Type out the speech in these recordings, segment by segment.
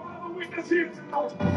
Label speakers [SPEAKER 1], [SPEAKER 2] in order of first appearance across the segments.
[SPEAKER 1] I'll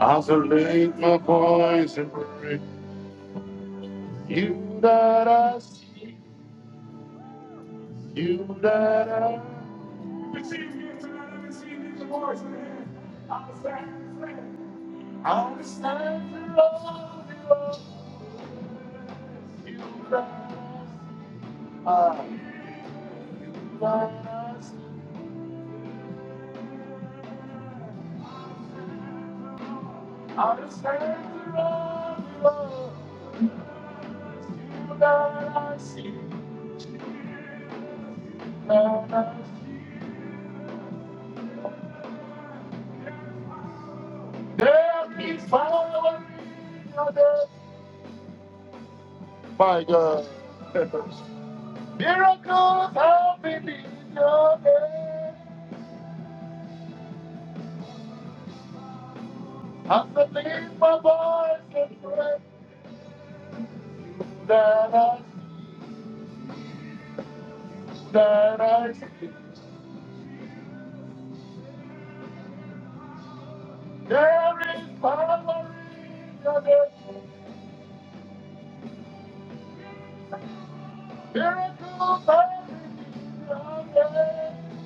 [SPEAKER 1] Oscillate my voice and pray. You that I see, you that I receive You tonight, I receive you tomorrow, man. I understand, I understand the love, the love. you that I see, you that I see. I stand the love, the love. you that I see, you that I see. There is power in your death. My God. Miracles happen in your name. I'm the lead my voice and pray that I, that I see. There is power in your name. Miracles happen in your name.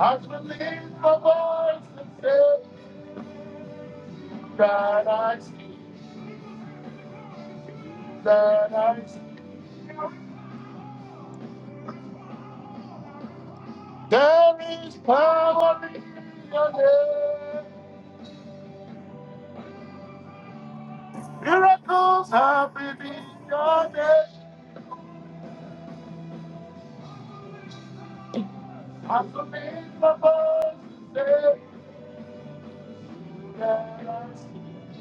[SPEAKER 1] I believe my voice and say that I see, that I see. There is power in your name. Miracles happen in your name. I submit my voice say that I see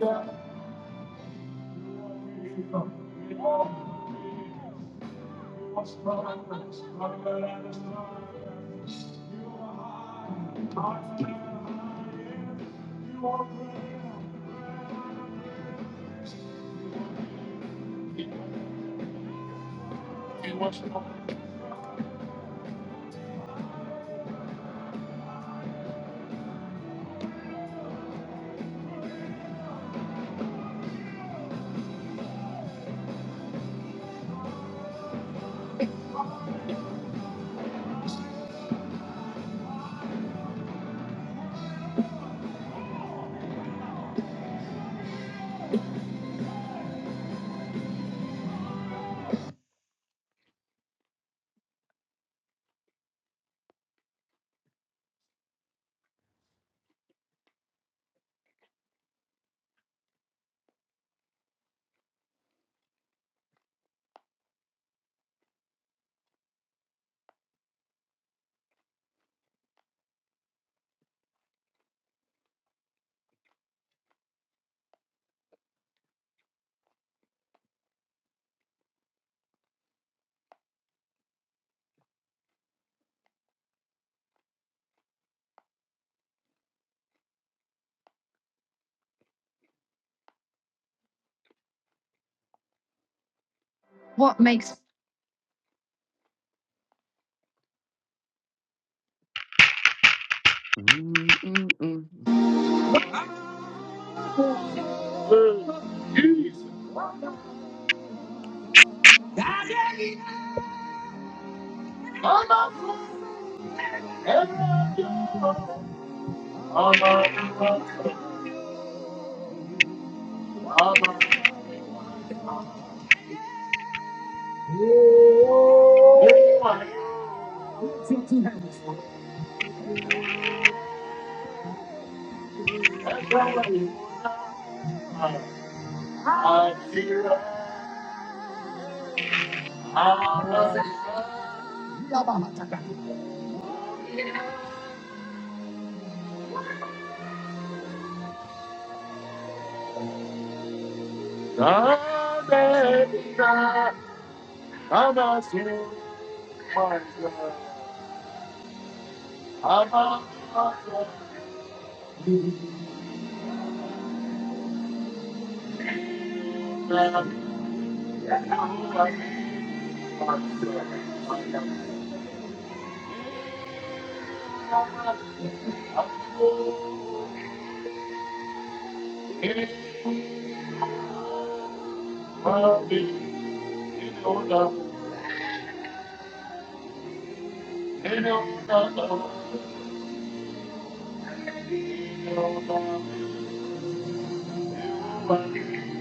[SPEAKER 1] that we are stronger and stronger and stronger. You are great. You are stronger. What makes good? I'm not good. and I'm young. I'm not good. I'm not good.
[SPEAKER 2] Thank
[SPEAKER 1] Anyway, that's how I am. I feel I'm a sinner. I'm a sinner, I'm a God. I'm a sinner. I'm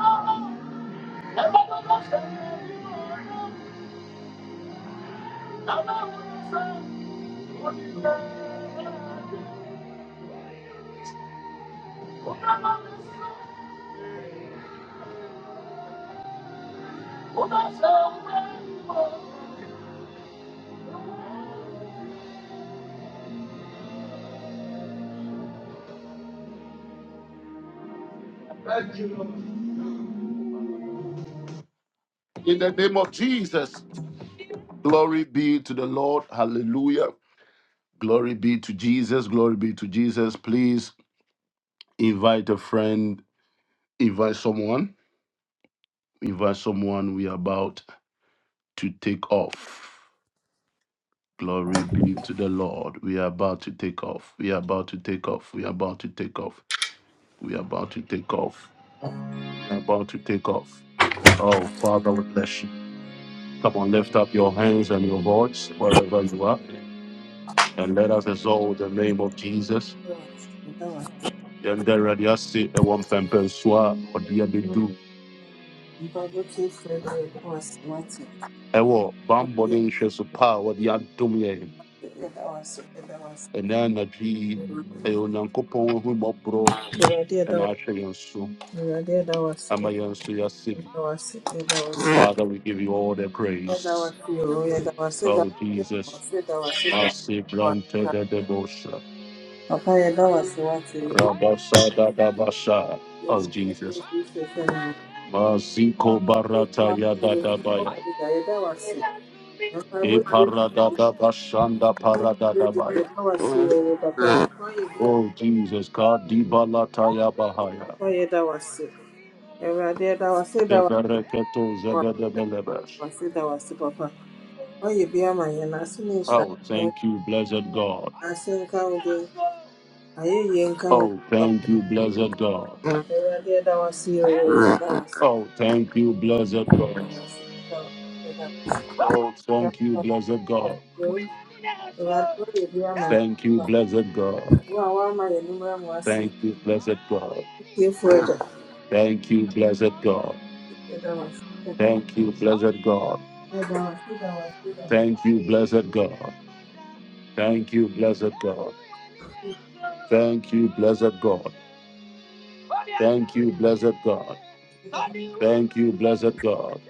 [SPEAKER 1] a In the name of Jesus, glory be to the Lord. Hallelujah. Glory be to Jesus. Glory be to Jesus. Please invite a friend, invite someone, invite someone. We are about to take off. Glory be to the Lord. We are about to take off. We are about to take off. We are about to take off. We are about to take off. We are about to take off. Oh, Father, we bless you. Come on, lift up your hands and your voice wherever you are. And let us exalt the name of Jesus.
[SPEAKER 3] That was
[SPEAKER 1] And then radiasi ewo mpempensua odi abedu
[SPEAKER 3] Bubble Tea Friday, that was Marty.
[SPEAKER 1] ewo bambo
[SPEAKER 3] Yeah,
[SPEAKER 1] de so pa odi adom ye
[SPEAKER 3] that was it, that was
[SPEAKER 1] ena na
[SPEAKER 3] it.
[SPEAKER 1] e mobro
[SPEAKER 3] Yeah, yeah, that
[SPEAKER 1] ena
[SPEAKER 3] was
[SPEAKER 1] yenso
[SPEAKER 3] yeah, yeah, that was
[SPEAKER 1] ama
[SPEAKER 3] it,
[SPEAKER 1] yenso yase
[SPEAKER 3] that was it, that was it.
[SPEAKER 1] Father, we give you all the
[SPEAKER 3] Yeah, that
[SPEAKER 1] praise.
[SPEAKER 3] was you, yeah, that was it, that
[SPEAKER 1] Oh, Jesus.
[SPEAKER 3] was it, that was it, that
[SPEAKER 1] Mercy,
[SPEAKER 3] was
[SPEAKER 1] granted
[SPEAKER 3] it.
[SPEAKER 1] the devotion.
[SPEAKER 3] Papa, yeah, that was Marty.
[SPEAKER 1] Rabasa da da basha.
[SPEAKER 3] you
[SPEAKER 1] Oh,
[SPEAKER 3] should
[SPEAKER 1] Jesus.
[SPEAKER 3] do this as a man.
[SPEAKER 1] Maziko
[SPEAKER 3] Yeah, that
[SPEAKER 1] barata
[SPEAKER 3] was
[SPEAKER 1] ya da da baya.
[SPEAKER 3] you, yeah, that was it. And
[SPEAKER 1] E
[SPEAKER 3] Bubble Tea
[SPEAKER 1] parada da bashanda parada da
[SPEAKER 3] Friday,
[SPEAKER 1] baya.
[SPEAKER 3] yeah, that was you, Papa. Oh,
[SPEAKER 1] Oh,
[SPEAKER 3] yeah,
[SPEAKER 1] Jesus. Kadiba lata ya bahaya.
[SPEAKER 3] yeah, that was Awurade ɛda wo ase da wo
[SPEAKER 1] Zebereketo
[SPEAKER 3] ase da
[SPEAKER 1] zebedebelebes.
[SPEAKER 3] wo ase da wo ase da wo ase papa. Woayɛ bi ama yɛn ase ne nhyira
[SPEAKER 1] Oh,
[SPEAKER 3] nka wo
[SPEAKER 1] thank
[SPEAKER 3] din
[SPEAKER 1] you, blessed God.
[SPEAKER 3] ase nka wo din ayɛyie nka wo
[SPEAKER 1] Oh,
[SPEAKER 3] din papa.
[SPEAKER 1] thank you, blessed God.
[SPEAKER 3] Awurade ɛda wo ase oo ɛda wo ase
[SPEAKER 1] Oh, thank you, blessed
[SPEAKER 3] ɛda
[SPEAKER 1] God.
[SPEAKER 3] wo ase ɛda wo ase ɛda wo ase ɛda
[SPEAKER 1] Oh, thank you,
[SPEAKER 3] wo ase
[SPEAKER 1] blessed
[SPEAKER 3] ɛda wo
[SPEAKER 1] God.
[SPEAKER 3] ase oo. Awurade woayɛ bi ama yɛn
[SPEAKER 1] Thank you,
[SPEAKER 3] papa.
[SPEAKER 1] blessed God.
[SPEAKER 3] Wo a woama yɛn nnwuma mu ase yi,
[SPEAKER 1] Thank you, blessed God.
[SPEAKER 3] wo tiefoɔ agya
[SPEAKER 1] Thank you, blessed God.
[SPEAKER 3] ɛda wo ase ɛda wo
[SPEAKER 1] Thank you, blessed God.
[SPEAKER 3] ase ɛda wo ase ɛda wo ase ɛda wo ase papa.
[SPEAKER 1] Thank you, blessed God. Thank you, blessed God. Thank you, blessed God. Thank you, blessed God. Thank you, blessed God.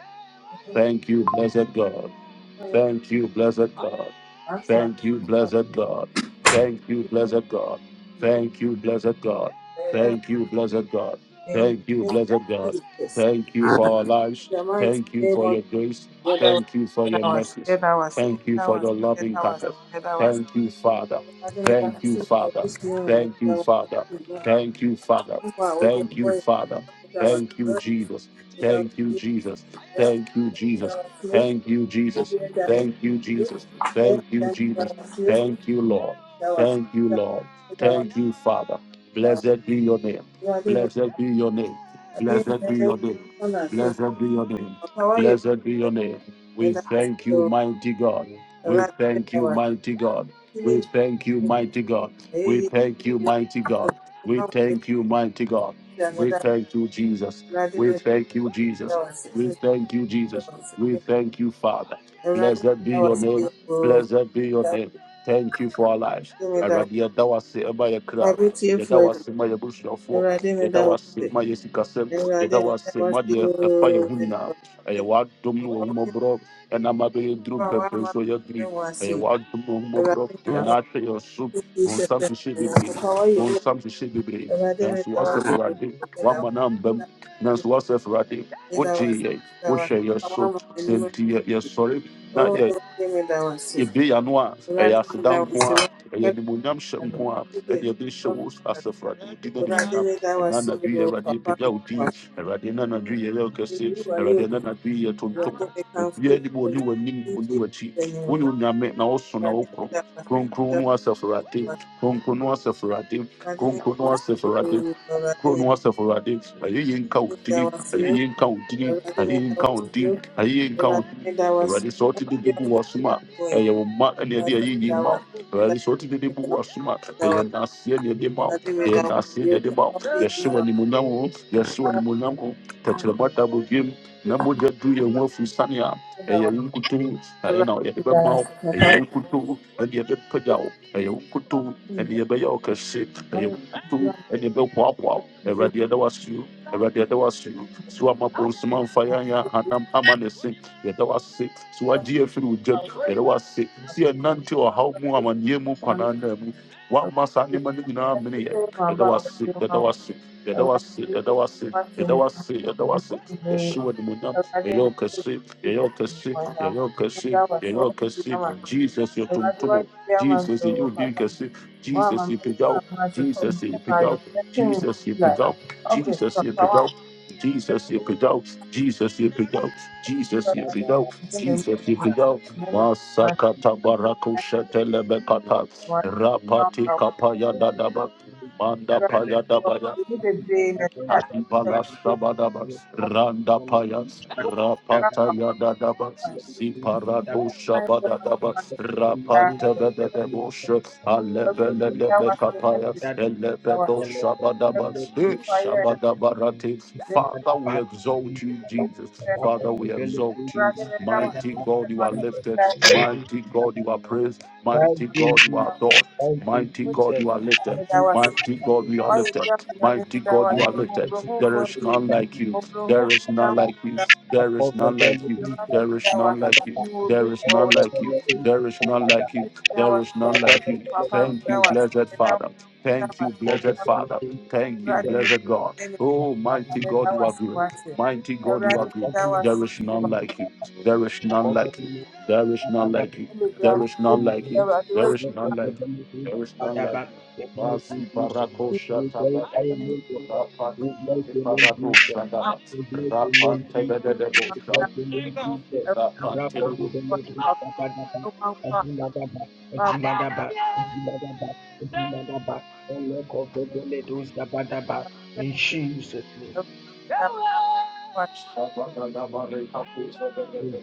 [SPEAKER 1] Thank you, blessed God.
[SPEAKER 3] Woayɛ-
[SPEAKER 1] Thank you, blessed God.
[SPEAKER 3] Ato
[SPEAKER 1] Thank you,
[SPEAKER 3] ase ɛda wo
[SPEAKER 1] blessed God. Thank you, blessed God.
[SPEAKER 3] ase oo.
[SPEAKER 1] Thank you, blessed God.
[SPEAKER 3] Ɛda wo
[SPEAKER 1] Thank you, blessed God.
[SPEAKER 3] ase
[SPEAKER 1] Thank you,
[SPEAKER 3] ɛda wo ase.
[SPEAKER 1] blessed God.
[SPEAKER 3] Jesus.
[SPEAKER 1] Thank you for our lives.
[SPEAKER 3] The mighty
[SPEAKER 1] Thank you
[SPEAKER 3] name
[SPEAKER 1] for
[SPEAKER 3] of
[SPEAKER 1] your grace.
[SPEAKER 3] Jesus.
[SPEAKER 1] Thank you for your
[SPEAKER 3] Hours,
[SPEAKER 1] mercies. Thank you for your loving kindness. Thank you, Father. Thank you, Father. Thank you,
[SPEAKER 3] was
[SPEAKER 1] Father. Thank you, Father.
[SPEAKER 3] wow. What the
[SPEAKER 1] Thank you,
[SPEAKER 3] boy?
[SPEAKER 1] Father.
[SPEAKER 3] That was
[SPEAKER 1] Thank you,
[SPEAKER 3] good.
[SPEAKER 1] Jesus.
[SPEAKER 3] That was
[SPEAKER 1] Thank you,
[SPEAKER 3] good.
[SPEAKER 1] Jesus.
[SPEAKER 3] That
[SPEAKER 1] Thank you, Jesus.
[SPEAKER 3] was good.
[SPEAKER 1] Thank you, Jesus.
[SPEAKER 3] That was
[SPEAKER 1] Thank you,
[SPEAKER 3] good.
[SPEAKER 1] Jesus.
[SPEAKER 3] Then
[SPEAKER 1] Thank you,
[SPEAKER 3] that that
[SPEAKER 1] Jesus.
[SPEAKER 3] was good.
[SPEAKER 1] Thank you, Lord.
[SPEAKER 3] That was
[SPEAKER 1] Thank you,
[SPEAKER 3] that
[SPEAKER 1] Lord.
[SPEAKER 3] was
[SPEAKER 1] Thank you, Father.
[SPEAKER 3] that was.
[SPEAKER 1] Blessed be your name.
[SPEAKER 3] I think
[SPEAKER 1] Blessed be your name.
[SPEAKER 3] I think
[SPEAKER 1] Blessed be
[SPEAKER 3] that
[SPEAKER 1] your name.
[SPEAKER 3] one I think.
[SPEAKER 1] Blessed be your name.
[SPEAKER 3] How are you?
[SPEAKER 1] Blessed be your
[SPEAKER 3] That
[SPEAKER 1] name. We
[SPEAKER 3] was
[SPEAKER 1] thank you,
[SPEAKER 3] good.
[SPEAKER 1] mighty God. We
[SPEAKER 3] was
[SPEAKER 1] thank you, mighty God.
[SPEAKER 3] good.
[SPEAKER 1] We thank you,
[SPEAKER 3] was
[SPEAKER 1] mighty God. We thank you, mighty God. We thank
[SPEAKER 3] Awurade
[SPEAKER 1] you, mighty God. We thank you, Jesus. We thank you, Jesus. We thank you, Jesus. We thank you, Father. Blessed be your name. Blessed be your name. Thank you for our lives. Awurade, yɛda wo ase ɛma yɛ kra. Yɛda wo ase ma yɛ abusuafoɔ. Yɛda wo ase ma yɛ sikasɛm. Yɛda wo ase ma deɛ ɛfa yɛn ho nyinaa. Ɛyɛ w'adom ne w'ahummɔborɔ ɛnam abɛyɛ duru mpɛmpɛn so a yɛaduru yi. Ɛyɛ w'adom ne w'ahummɔborɔ ɛna ahwɛ yɛn so. Bonsam hyehyɛ bebree. Bonsam hyehyɛ bebree. Nanso woasɛ Awurade, woama no amba mu. Nanso woasɛ Awurade, would ye, would she, yes, so, send to yes, sorry, Not your
[SPEAKER 3] meda wo ase.
[SPEAKER 1] yɛbue yɛn ano a ɛyɛ
[SPEAKER 3] Awurade
[SPEAKER 1] aseda
[SPEAKER 3] meda wo
[SPEAKER 1] nko
[SPEAKER 3] ase wo
[SPEAKER 1] a ɛyɛ
[SPEAKER 3] akɛse
[SPEAKER 1] animonyam hyɛ
[SPEAKER 3] na
[SPEAKER 1] nko a ɛne
[SPEAKER 3] nkwagye adi
[SPEAKER 1] yɛde hyɛ
[SPEAKER 3] wo ama
[SPEAKER 1] wo
[SPEAKER 3] me.
[SPEAKER 1] asafo ade din
[SPEAKER 3] Awurade
[SPEAKER 1] animonyam
[SPEAKER 3] meda wo
[SPEAKER 1] ɛna
[SPEAKER 3] ase o
[SPEAKER 1] anadwo yi awurade
[SPEAKER 3] papa
[SPEAKER 1] yɛpagya
[SPEAKER 3] meda
[SPEAKER 1] wo
[SPEAKER 3] wo
[SPEAKER 1] din
[SPEAKER 3] ase
[SPEAKER 1] awurade na anadwo yi yɛyɛ wo
[SPEAKER 3] ebi
[SPEAKER 1] kɛse
[SPEAKER 3] wayɛ
[SPEAKER 1] awurade
[SPEAKER 3] o
[SPEAKER 1] na anadwo yi yɛtontom
[SPEAKER 3] Awurade mekamfo wo
[SPEAKER 1] obiaa nim
[SPEAKER 3] din
[SPEAKER 1] ɔne w'anim
[SPEAKER 3] in
[SPEAKER 1] ɔne
[SPEAKER 3] Jesus
[SPEAKER 1] w'akyi wone
[SPEAKER 3] animuonyam
[SPEAKER 1] onyame na woso na
[SPEAKER 3] Awurade
[SPEAKER 1] okro,
[SPEAKER 3] meda wo ase
[SPEAKER 1] kronkron
[SPEAKER 3] meda
[SPEAKER 1] no asafo ade
[SPEAKER 3] wo ase
[SPEAKER 1] kronkron no asafo ade
[SPEAKER 3] Awurade meda
[SPEAKER 1] kronkron
[SPEAKER 3] wo
[SPEAKER 1] no
[SPEAKER 3] ase o
[SPEAKER 1] asafo ade
[SPEAKER 3] Awurade
[SPEAKER 1] kuro no
[SPEAKER 3] meda
[SPEAKER 1] asafo ade ayɛ yɛ nka wo
[SPEAKER 3] meda
[SPEAKER 1] din
[SPEAKER 3] wo ase
[SPEAKER 1] ayɛ
[SPEAKER 3] o
[SPEAKER 1] yɛ nka wo din
[SPEAKER 3] Awurade
[SPEAKER 1] ayɛ yɛ
[SPEAKER 3] meda wo ase o Awurade meda wo ase oo, Awurade meda wo ase o Awurade meda wo
[SPEAKER 1] nka
[SPEAKER 3] ase
[SPEAKER 1] wo din nka wo
[SPEAKER 3] meda wo ase
[SPEAKER 1] din
[SPEAKER 3] meda wo ase Awurade meda wo ase o
[SPEAKER 1] awurade sɛ wote de bi gu ɛyɛ wo mma ne ɛde ɛyɛ yi ma wo awurade sɛ wotumi de bu wasoma ɛyɛ naaseɛ ne ɛde ma wo ɛyɛ naaseɛ ne ɛde ma wo
[SPEAKER 3] papa ebi
[SPEAKER 1] yɛhye wɔ
[SPEAKER 3] wɔ
[SPEAKER 1] animonyam ho yɛhye wɔ animonyam ho tɛkyerɛma da bɔdwam na mogya du yɛn ho afiri sane a
[SPEAKER 3] hɔ.
[SPEAKER 1] ɛyɛ wo nkuto ɛyɛ na yɛde bɛma wo ɛyɛ wo nkuto ɛne yɛbɛpagya wo ɛyɛ wo nkuto ɛne yɛbɛyɛ wo kɛse ɛyɛ wo nkuto ɛne yɛbɛhoahoa wo awurade ɛda wo ase o awurade ɛda wo ase o so ama bonsoma mfa yɛn yɛ ahanam yɛda wase so wagye afiri wo gyam yɛda wase sɛ yɛnante ɔhaw mu amanneɛ mu kwanaa naa mu woamma saa nneɛma no nyinaa mene yɛ yɛda wase yɛda wase yɛda wase yɛda wase yɛda wase yɛda wase yɛhye wɔ animonyam yɛyɛ wo kɛse yɛyɛ wo kɛse yɛyɛ wo kɛse yɛyɛ wo kɛse jesus yɛtontomo jesus yɛyɛ wo din kɛse jesus yɛpagya wo jesus yɛpagya wo jesus yɛpagya wo jesus yɛpagya
[SPEAKER 3] Amen.
[SPEAKER 1] wo jesus yɛpagya wo jesus yɛpagya wo Jesus, you could go.
[SPEAKER 3] Thank
[SPEAKER 1] Jesus, you could go. Masakata barako shetelebekata. Rapati kapaya dadaba. Manda paya dabaya. Adibalas Sabadabas, Randapayas, Rapataya Dadabas, Ziparado Shabadabas, Rapantabedebosha, Alebele Kapayas, Elebedo Shabadabas, Eh, Shabadabarati. Father, we exalt you, Jesus. Father, we exalt you. Mighty God, you are lifted. Mighty God, you are praised. Mighty God, you
[SPEAKER 2] you.
[SPEAKER 1] are
[SPEAKER 3] you.
[SPEAKER 1] adored.
[SPEAKER 2] Thank you,
[SPEAKER 1] Mighty
[SPEAKER 2] Jesus.
[SPEAKER 1] God, you
[SPEAKER 3] Motivo
[SPEAKER 1] are
[SPEAKER 3] da
[SPEAKER 1] lifted.
[SPEAKER 2] Thank you,
[SPEAKER 3] redação,
[SPEAKER 1] Mighty God, you are
[SPEAKER 2] Jesus.
[SPEAKER 3] o ideal
[SPEAKER 1] lifted.
[SPEAKER 3] da
[SPEAKER 1] Mighty God,
[SPEAKER 3] redação,
[SPEAKER 1] you
[SPEAKER 2] And
[SPEAKER 1] are
[SPEAKER 2] then
[SPEAKER 3] o
[SPEAKER 1] lifted.
[SPEAKER 2] thank you,
[SPEAKER 3] provo
[SPEAKER 1] There is
[SPEAKER 2] Jesus.
[SPEAKER 1] none
[SPEAKER 3] fonde,
[SPEAKER 2] Thank
[SPEAKER 1] like
[SPEAKER 2] you,
[SPEAKER 1] you.
[SPEAKER 3] o provo
[SPEAKER 1] There is
[SPEAKER 3] da
[SPEAKER 1] none
[SPEAKER 2] Papa.
[SPEAKER 1] like you.
[SPEAKER 2] I
[SPEAKER 1] There is
[SPEAKER 2] cover
[SPEAKER 1] none
[SPEAKER 2] them
[SPEAKER 1] like
[SPEAKER 2] with
[SPEAKER 1] you.
[SPEAKER 2] the blood.
[SPEAKER 1] There is
[SPEAKER 3] redação,
[SPEAKER 1] none like you.
[SPEAKER 3] no
[SPEAKER 2] I
[SPEAKER 1] There
[SPEAKER 3] ouvido
[SPEAKER 1] is
[SPEAKER 3] do
[SPEAKER 1] none
[SPEAKER 2] cover
[SPEAKER 3] outro,
[SPEAKER 1] like
[SPEAKER 2] them
[SPEAKER 1] you.
[SPEAKER 2] with the blood. I cover them with the
[SPEAKER 1] There is none like you.
[SPEAKER 2] blood.
[SPEAKER 3] da
[SPEAKER 1] There is none
[SPEAKER 2] I
[SPEAKER 3] redação,
[SPEAKER 2] cover
[SPEAKER 1] like
[SPEAKER 3] o
[SPEAKER 2] them
[SPEAKER 1] you.
[SPEAKER 2] with the
[SPEAKER 3] papá da
[SPEAKER 1] Thank
[SPEAKER 2] blood.
[SPEAKER 1] you,
[SPEAKER 3] redação,
[SPEAKER 1] blessed
[SPEAKER 3] da
[SPEAKER 1] Father. Thank you,
[SPEAKER 2] I
[SPEAKER 3] redação,
[SPEAKER 2] cover
[SPEAKER 1] blessed
[SPEAKER 2] them with the blood. I cover them with the blood. I cover them with the blood. I cover
[SPEAKER 1] Father. Thank you,
[SPEAKER 3] rádio me
[SPEAKER 1] blessed God.
[SPEAKER 3] tem
[SPEAKER 1] Oh,
[SPEAKER 3] papá
[SPEAKER 1] mighty
[SPEAKER 3] da
[SPEAKER 1] God, you are
[SPEAKER 3] redação,
[SPEAKER 1] good.
[SPEAKER 3] o rádio
[SPEAKER 1] Mighty God,
[SPEAKER 3] da
[SPEAKER 1] you are good. There
[SPEAKER 3] redação,
[SPEAKER 1] is
[SPEAKER 3] o
[SPEAKER 1] none
[SPEAKER 3] papá
[SPEAKER 1] like you. There is none like you. There is none like you.
[SPEAKER 3] da redação,
[SPEAKER 1] There is
[SPEAKER 3] o papá
[SPEAKER 1] none
[SPEAKER 3] da
[SPEAKER 1] like you. There
[SPEAKER 3] redação,
[SPEAKER 1] is none like you.
[SPEAKER 2] them with the
[SPEAKER 1] There is none like you.
[SPEAKER 2] blood. Thank you,
[SPEAKER 1] Basi
[SPEAKER 2] Jesus.
[SPEAKER 1] barakosha
[SPEAKER 2] We
[SPEAKER 1] tagada,
[SPEAKER 2] glorify your name, O God.
[SPEAKER 1] rapa
[SPEAKER 2] We bless
[SPEAKER 1] kiti
[SPEAKER 2] your name, Jesus.
[SPEAKER 1] paradosha daba,
[SPEAKER 2] We bless your
[SPEAKER 1] rapa
[SPEAKER 2] name,
[SPEAKER 1] tegede
[SPEAKER 2] Jesus.
[SPEAKER 1] de
[SPEAKER 2] We
[SPEAKER 1] bosha,
[SPEAKER 2] bless your name, Jesus. We
[SPEAKER 1] rapa
[SPEAKER 2] wrap up
[SPEAKER 1] tegudu,
[SPEAKER 2] with the Lord. We thank God, Baba. And we thank God, Baba. And we thank God, Baba. And we thank God, Baba. And we thank God, Baba. The Lord of the Lord, who's the Baba, Baba. In Jesus' name.
[SPEAKER 1] shabada daba rekapuza de de de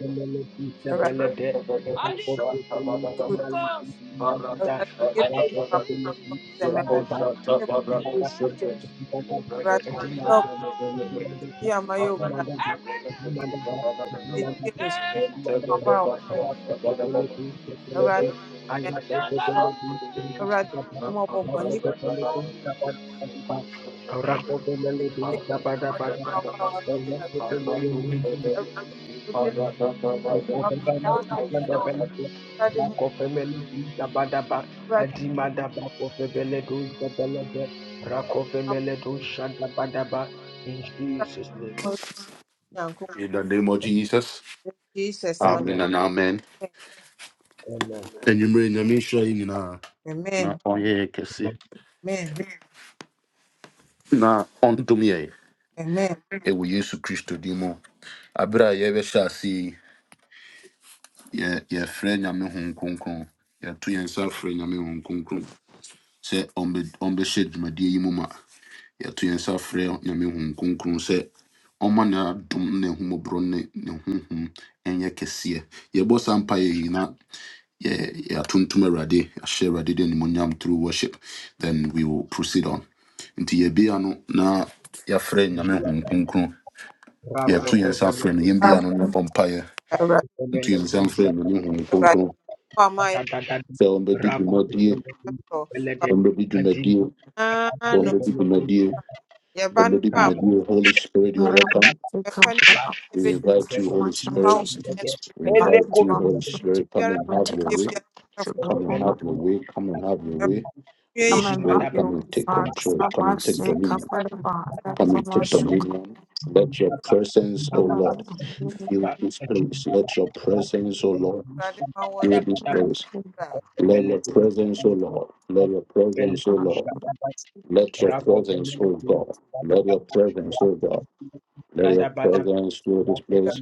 [SPEAKER 1] de, shabada de bosha tabada daba, baratosha daba daba de, zekosha tabada kosha te, Thank you. In
[SPEAKER 2] Rakofemeledu In Jesus' name.
[SPEAKER 1] the name of Jesus,
[SPEAKER 3] Jesus, my
[SPEAKER 1] Amen
[SPEAKER 2] Amen.
[SPEAKER 1] and Amen.
[SPEAKER 3] name.
[SPEAKER 2] Amen.
[SPEAKER 1] Enyimire nyame nhyira yi In na
[SPEAKER 3] Amen.
[SPEAKER 1] ɔnyɛ yɛn kɛse
[SPEAKER 2] Amen.
[SPEAKER 3] Amen.
[SPEAKER 1] na ɔndom yɛn
[SPEAKER 3] Amen.
[SPEAKER 1] ɛwɔ Yesu Kristo din mu. Abere a yɛbɛhyɛ ase yi, yɛ- yɛfrɛ Nyame Honhom Kronkron. Yɛto yɛn nsa frɛ Nyame Honhom Kronkron. sɛ ɔmbɛ- ɔmbɛhyɛ dwumadie yi mu ma yɛato yɛn nsa frɛ nyame hum kronkron sɛ ɔma n'adom ne n'ahummɔborɔ ne ne honhom ɛnyɛ kɛseɛ yɛbɔ saa mpa yɛ yi na yɛ- yɛatontom awurade ahyɛ awurade de animonyam through worship then we will proceed on nti yɛbia no na yɛafrɛ nyame hom kronkron yɛto yɛn nsa frɛ
[SPEAKER 2] Rakofemeledu
[SPEAKER 1] no yɛmbia no na yɛbɔ mpaeɛ
[SPEAKER 3] Awurade,
[SPEAKER 1] nto yɛn nsa frɛ nyame hom
[SPEAKER 3] Awurade,
[SPEAKER 1] kronkron
[SPEAKER 3] wo a mayɛ
[SPEAKER 2] Zabadabadaba.
[SPEAKER 1] sɛ ɔmbɛdi dwumadie
[SPEAKER 2] Rakofemeledu
[SPEAKER 3] mpaebɔ.
[SPEAKER 2] Belede.
[SPEAKER 1] ɔmbɛdi dwumadie
[SPEAKER 3] Papa no,
[SPEAKER 1] ɔmbɛdi
[SPEAKER 2] Adimadabadibebeledu.
[SPEAKER 1] dwumadie
[SPEAKER 3] yɛba
[SPEAKER 1] Or
[SPEAKER 3] no
[SPEAKER 1] maybe it
[SPEAKER 3] a,
[SPEAKER 1] may be with
[SPEAKER 2] Rakofemeledu
[SPEAKER 1] you, Holy Spirit, you're
[SPEAKER 4] Watch out,
[SPEAKER 1] welcome.
[SPEAKER 3] yɛfa no
[SPEAKER 1] We
[SPEAKER 3] nyinaa
[SPEAKER 1] invite you, Holy Spirit.
[SPEAKER 3] wrong
[SPEAKER 4] Jesus.
[SPEAKER 3] and
[SPEAKER 2] Belede.
[SPEAKER 1] We
[SPEAKER 4] and
[SPEAKER 3] pray.
[SPEAKER 1] invite
[SPEAKER 4] Buttons,
[SPEAKER 1] you, Holy
[SPEAKER 4] moments,
[SPEAKER 2] Elekovemeledu
[SPEAKER 1] Spirit. Come
[SPEAKER 3] Everywhere
[SPEAKER 1] and
[SPEAKER 4] when
[SPEAKER 1] have
[SPEAKER 4] take
[SPEAKER 1] your
[SPEAKER 4] off
[SPEAKER 3] if
[SPEAKER 1] way.
[SPEAKER 3] you
[SPEAKER 4] some
[SPEAKER 3] have
[SPEAKER 4] children.
[SPEAKER 1] Come and have
[SPEAKER 2] Belede.
[SPEAKER 1] your way. Come and have your
[SPEAKER 3] a prayer,
[SPEAKER 1] way. Holy
[SPEAKER 4] I'm
[SPEAKER 1] Spirit,
[SPEAKER 4] unhappy
[SPEAKER 2] Dimadababa.
[SPEAKER 1] come and
[SPEAKER 4] with
[SPEAKER 1] take
[SPEAKER 4] father.
[SPEAKER 1] control.
[SPEAKER 4] Stop
[SPEAKER 1] Come
[SPEAKER 4] by
[SPEAKER 1] and take
[SPEAKER 4] sick,
[SPEAKER 1] dominion.
[SPEAKER 4] cover the That's
[SPEAKER 1] Come
[SPEAKER 4] how
[SPEAKER 1] and
[SPEAKER 4] much
[SPEAKER 1] take
[SPEAKER 4] sugar.
[SPEAKER 1] dominion. Let your
[SPEAKER 2] Rakofelele
[SPEAKER 1] presence, O
[SPEAKER 4] Come on,
[SPEAKER 1] Lord,
[SPEAKER 4] I'm sick.
[SPEAKER 1] fill this place. Let your presence, O Lord,
[SPEAKER 3] Awurade ma wɔn
[SPEAKER 1] fill
[SPEAKER 3] nsa
[SPEAKER 1] this place. Let your presence, O Lord. Let your presence, O Lord. Let your presence,
[SPEAKER 3] adeɛ
[SPEAKER 1] O God. Let your presence, O God. Let your
[SPEAKER 3] ahodoɔ
[SPEAKER 1] presence fill this
[SPEAKER 3] a
[SPEAKER 1] place.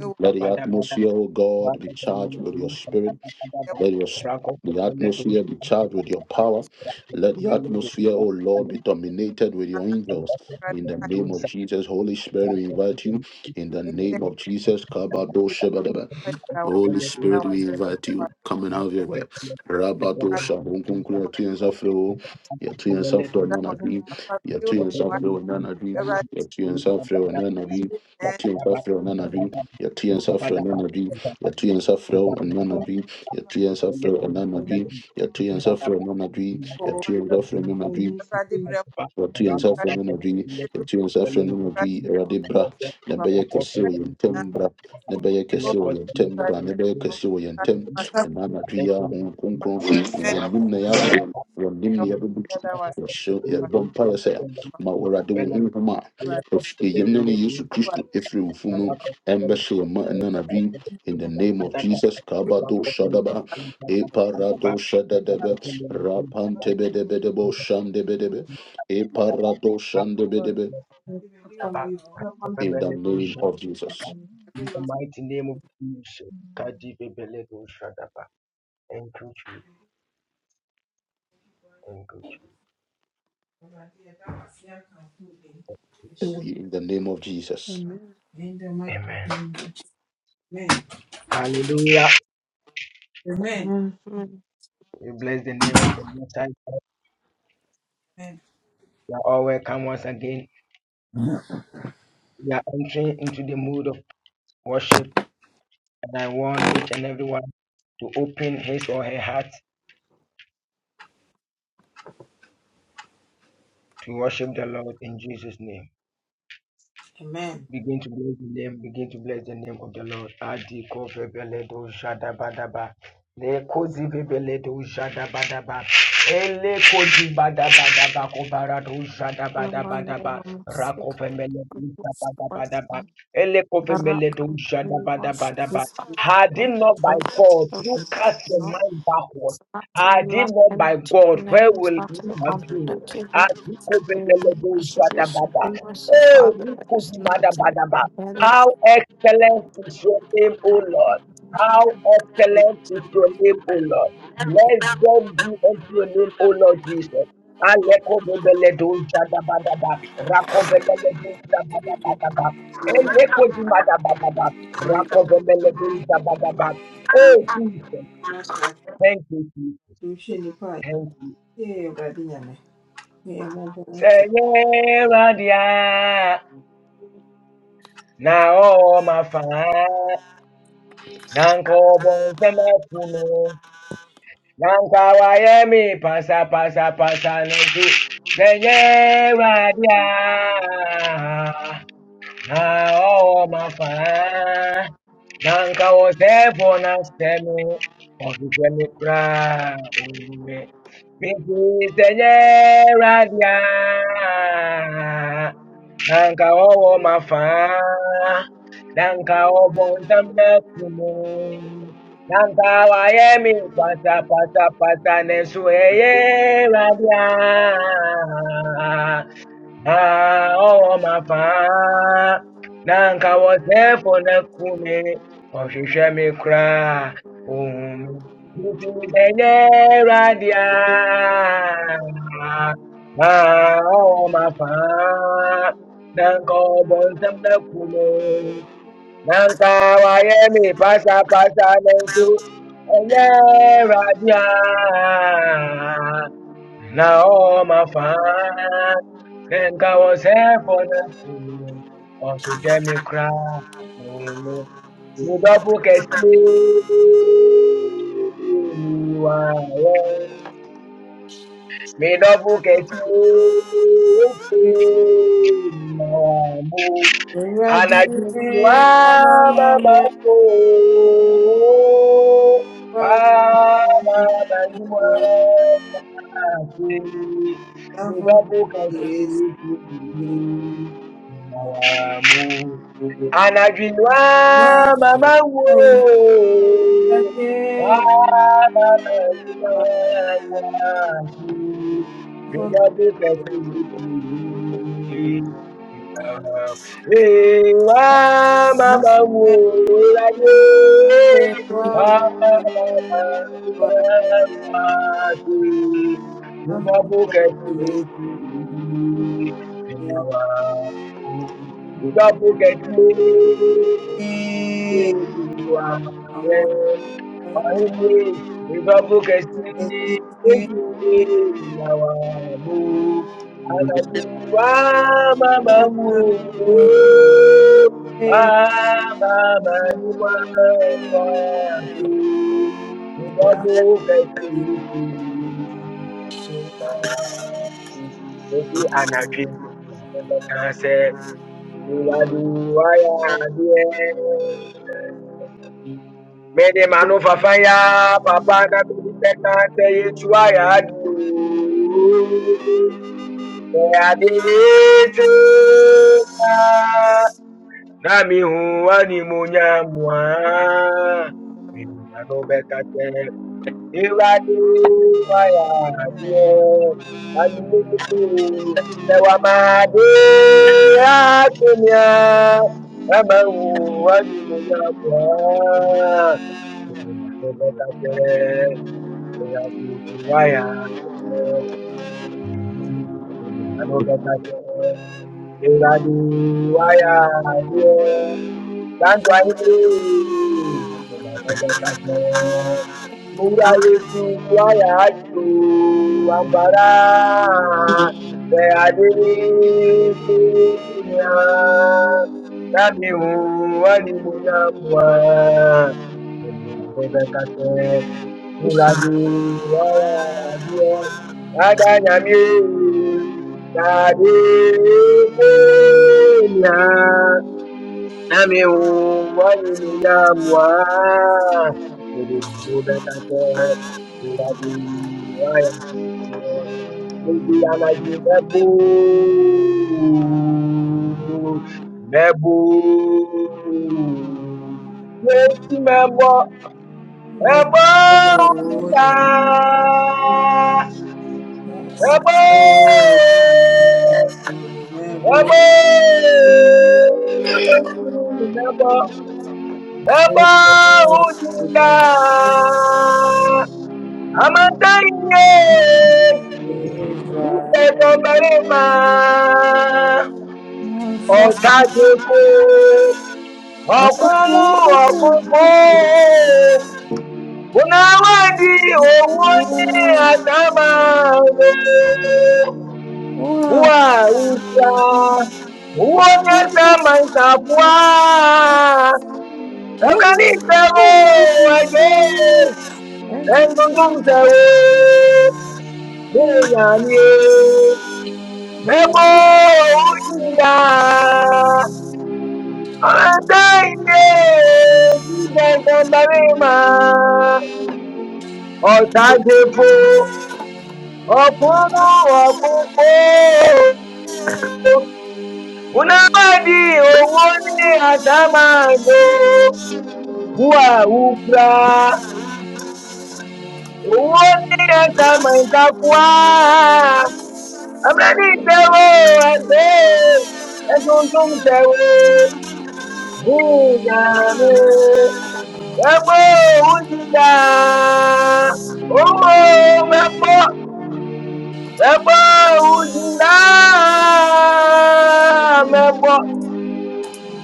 [SPEAKER 3] ɛwɔ wɔ ntam
[SPEAKER 1] Let the atmosphere, O God, be charged with your spirit.
[SPEAKER 3] Awurade
[SPEAKER 1] Let your sp- the atmosphere be charged with your power. Let the atmosphere, O Lord, be dominated with your angels. In the
[SPEAKER 3] ma
[SPEAKER 1] name of Jesus, Holy Spirit, we invite you. In the
[SPEAKER 3] ɛnyɛ
[SPEAKER 1] name of Jesus, Kabado
[SPEAKER 3] bi
[SPEAKER 2] Thank
[SPEAKER 3] mfa yɛ dawandawa
[SPEAKER 2] you.
[SPEAKER 1] Holy Spirit, we
[SPEAKER 3] dawandawa
[SPEAKER 1] invite you. Come and have your way. Rabato shakunkunkun yatu yensa flow. Yatu yensa flow
[SPEAKER 5] Amen.
[SPEAKER 1] nanadi.
[SPEAKER 3] papa bi de wo
[SPEAKER 1] Yatu
[SPEAKER 3] ma
[SPEAKER 1] yensa flow
[SPEAKER 5] Thank
[SPEAKER 1] nanadi.
[SPEAKER 3] Awurade
[SPEAKER 1] Yatu yensa flow nanadi.
[SPEAKER 3] nyinaa
[SPEAKER 1] Yatu yensa flow nanadi. Yatu yensa flow nanadi.
[SPEAKER 3] yɛ
[SPEAKER 1] Yatu yensa flow nanadi. Yatu yensa flow nanadi. Yatu yensa flow nanadi.
[SPEAKER 3] koo
[SPEAKER 1] Yatu yensa flow nanadi
[SPEAKER 3] Awurade brɛ mu
[SPEAKER 1] wɔto yɛn nsa frɛ
[SPEAKER 3] Awurade
[SPEAKER 1] no anadwo yi
[SPEAKER 3] bebe do
[SPEAKER 1] yɛto yɛn nsa frɛ no anadwo
[SPEAKER 3] Awurade
[SPEAKER 1] yi awurade bra na
[SPEAKER 3] papa
[SPEAKER 1] ɛbɛyɛ kɛseɛ
[SPEAKER 3] de
[SPEAKER 1] wɔ yɛn ntam
[SPEAKER 3] nyinaa
[SPEAKER 1] bra na ɛbɛyɛ
[SPEAKER 3] kɔ
[SPEAKER 1] kɛseɛ wɔ yɛn ntam bra
[SPEAKER 3] Awurade
[SPEAKER 1] na ɛbɛyɛ kɛseɛ wɔ yɛn
[SPEAKER 3] Awurade
[SPEAKER 1] ntam
[SPEAKER 3] ma sa
[SPEAKER 1] ɛna anadwo yi a honhom
[SPEAKER 3] papa
[SPEAKER 1] kronkron
[SPEAKER 3] hyɛ ne
[SPEAKER 1] wɔ nim na yɛaba wɔnim na
[SPEAKER 2] The
[SPEAKER 1] yɛbɛbutu
[SPEAKER 3] dawandawa dawandawa
[SPEAKER 1] wɔhyɛ
[SPEAKER 3] papa
[SPEAKER 1] yɛbɔ mpaeɛ sɛ ma awurade wo honhom a ɛyɛm ne ne yesu kristo ɛfiri wo fu no ɛmbɛhyɛ yɛn ma ɛna anadwo yi In the name of Jesus, Kabado Shadaba, Eparado Shadadebe, Rapantebedebedebo Shandebedebe, Eparado shandebedebe, In the name of Jesus.
[SPEAKER 2] mighty name of Jesus. Kadibebeledushadaba. Thank you, Jesus. Thank you,
[SPEAKER 3] In the
[SPEAKER 1] And we in the name of Jesus.
[SPEAKER 3] mighty
[SPEAKER 2] Amen.
[SPEAKER 3] name of Jesus. Amen.
[SPEAKER 2] Hallelujah.
[SPEAKER 3] Amen.
[SPEAKER 2] We bless the name of the Most High. God.
[SPEAKER 3] Amen.
[SPEAKER 2] You are all welcome once again. We are entering into the mood of worship And I want each and everyone to open his or her heart to worship the Lord in Jesus' name.
[SPEAKER 3] Amen.
[SPEAKER 2] Begin to bless the name, begin to bless the name of the Lord. Adi ko vebeledo jadabadaba. Le kozi vebeledo jadabadaba. Ele kozi badabadaba kobarado jadabadabadaba. Rako vemeledo jadabadabadaba. Ele ko vemeledo
[SPEAKER 4] It's
[SPEAKER 2] jadabadabadaba. Had it not by God, you cast your mind backward.
[SPEAKER 4] not to be
[SPEAKER 2] Had it not by
[SPEAKER 4] lacking to
[SPEAKER 2] God,
[SPEAKER 4] your
[SPEAKER 2] where
[SPEAKER 4] name, it's
[SPEAKER 2] will
[SPEAKER 4] not
[SPEAKER 2] you
[SPEAKER 4] to be
[SPEAKER 2] have been?
[SPEAKER 4] competent to your name.
[SPEAKER 2] Adi ko
[SPEAKER 4] Lord,
[SPEAKER 2] vebeledo
[SPEAKER 4] worship your
[SPEAKER 2] jada bada.
[SPEAKER 4] supremacy,
[SPEAKER 2] Oh,
[SPEAKER 4] Father, but it's not to be
[SPEAKER 2] Likudubadabadaba.
[SPEAKER 4] compared
[SPEAKER 2] how excellent is your name, O Lord. How excellent is your name, O Lord. Blessed be unto your name, O Lord Jesus. Alekovebeledojadabadaba. Rakovebeledojadabadabadaba. Elekodibadabadaba. Rakovebeledojadabadaba. Oh, Jesus. Thank you, Jesus. Thank you.
[SPEAKER 3] Yeah,
[SPEAKER 2] Say, yeah, Radia. Now, my father. Nanko Semafuno, Nankawayemi, Pasa Pasa Pasa Nanku, Zenye Radia, Nao Mafa, Nankawo Sefo Nastemi, Ofisemi Kra, Ume, Pinti Zenye Radia na nka ọwọ ma faa na nka ọbọ ntam na kumu na nka pata pata pata na ẹsọ ẹyẹ radia na oh mafaa na nka wɔsɛɛfo no ku me ɔhwehwɛ me koraa ohu me nti sɛ nyɛ awurade a na ɔwɔ mafaa na nka ɔbɔ nsɛm no aku me na nka wayɛ me pasapasa nanso ɛnyɛ awurade a year, Naoma fa nenga osepo na kumu okutemi kra umu midopu kesi wa Me midopu kesi wamu anajua
[SPEAKER 3] on,
[SPEAKER 2] baba yako Bwana
[SPEAKER 3] the
[SPEAKER 2] anajua
[SPEAKER 3] world
[SPEAKER 2] yake
[SPEAKER 3] yes.
[SPEAKER 2] unapokatikati na wa mo Anajua mama wo, mama wo, nígbà tó kẹsì lókè ìwà mama wo láyé, mama anajua yaki,
[SPEAKER 3] Oh,
[SPEAKER 2] mida bukati miti. Mida wo àti nígbà tó kẹsì lókè ìwà don't Bible Iwadi waya adie. Mede manu fafaya papa na bibite kante yetu ayadu. Ayadi yetu na mihu animunya mwa. Mede manu bekate Why? Iradi waya adie. Lantu ayiri. Dadadadadadada. Mura yesu waya atu ambara. Te adi kunya. Kami wali munyamwa. Dadadadadadada. Ìlàjì ọ̀rọ̀ àjẹ́ Adányàmí tàbí Kenya Nami wani ni yamwa Kudukuda kake Ìlàjì ọ̀rọ̀ àjẹ́ Méjì anájú mẹ́bù mẹ́bù Yéésù mẹ́bọ̀ Rabbanda, Rabbo, Rabbo, Rabbo, Rabbo, Hujinda, Amataiye, Yuta Gomarema, Otajeko, Okumu, Okufu, Bunawadi owó ní àtàmàgbé. Wà ìgbà owó ní àtàmàṣàfùà. Ẹgbẹ́ ní ìtẹ̀wò ẹgbẹ́
[SPEAKER 3] And to
[SPEAKER 2] ẹgbẹ́gbọ́n
[SPEAKER 3] things that
[SPEAKER 2] tẹ̀wò.
[SPEAKER 3] they
[SPEAKER 2] Bẹ́ẹ̀yà ni o,
[SPEAKER 3] may
[SPEAKER 2] bẹ́ẹ̀kọ́
[SPEAKER 3] be
[SPEAKER 2] òun
[SPEAKER 3] flowed in
[SPEAKER 2] Ọ̀kúnnú ọ̀kúnfò. Unawadi owó ní ẹ̀sà máa lò. Wúwà wúfra. Owó ní ẹ̀sà máa ń kakúá. Abẹ́ni ìtẹ̀wò ẹ̀gbẹ́. Ẹ̀sùn tún tẹ̀wò. Bùnà mi. Ẹ̀gbọ́ òun Owó mẹ́pọ̀. Ẹ̀gbọ́ òun Mẹ́pọ̀.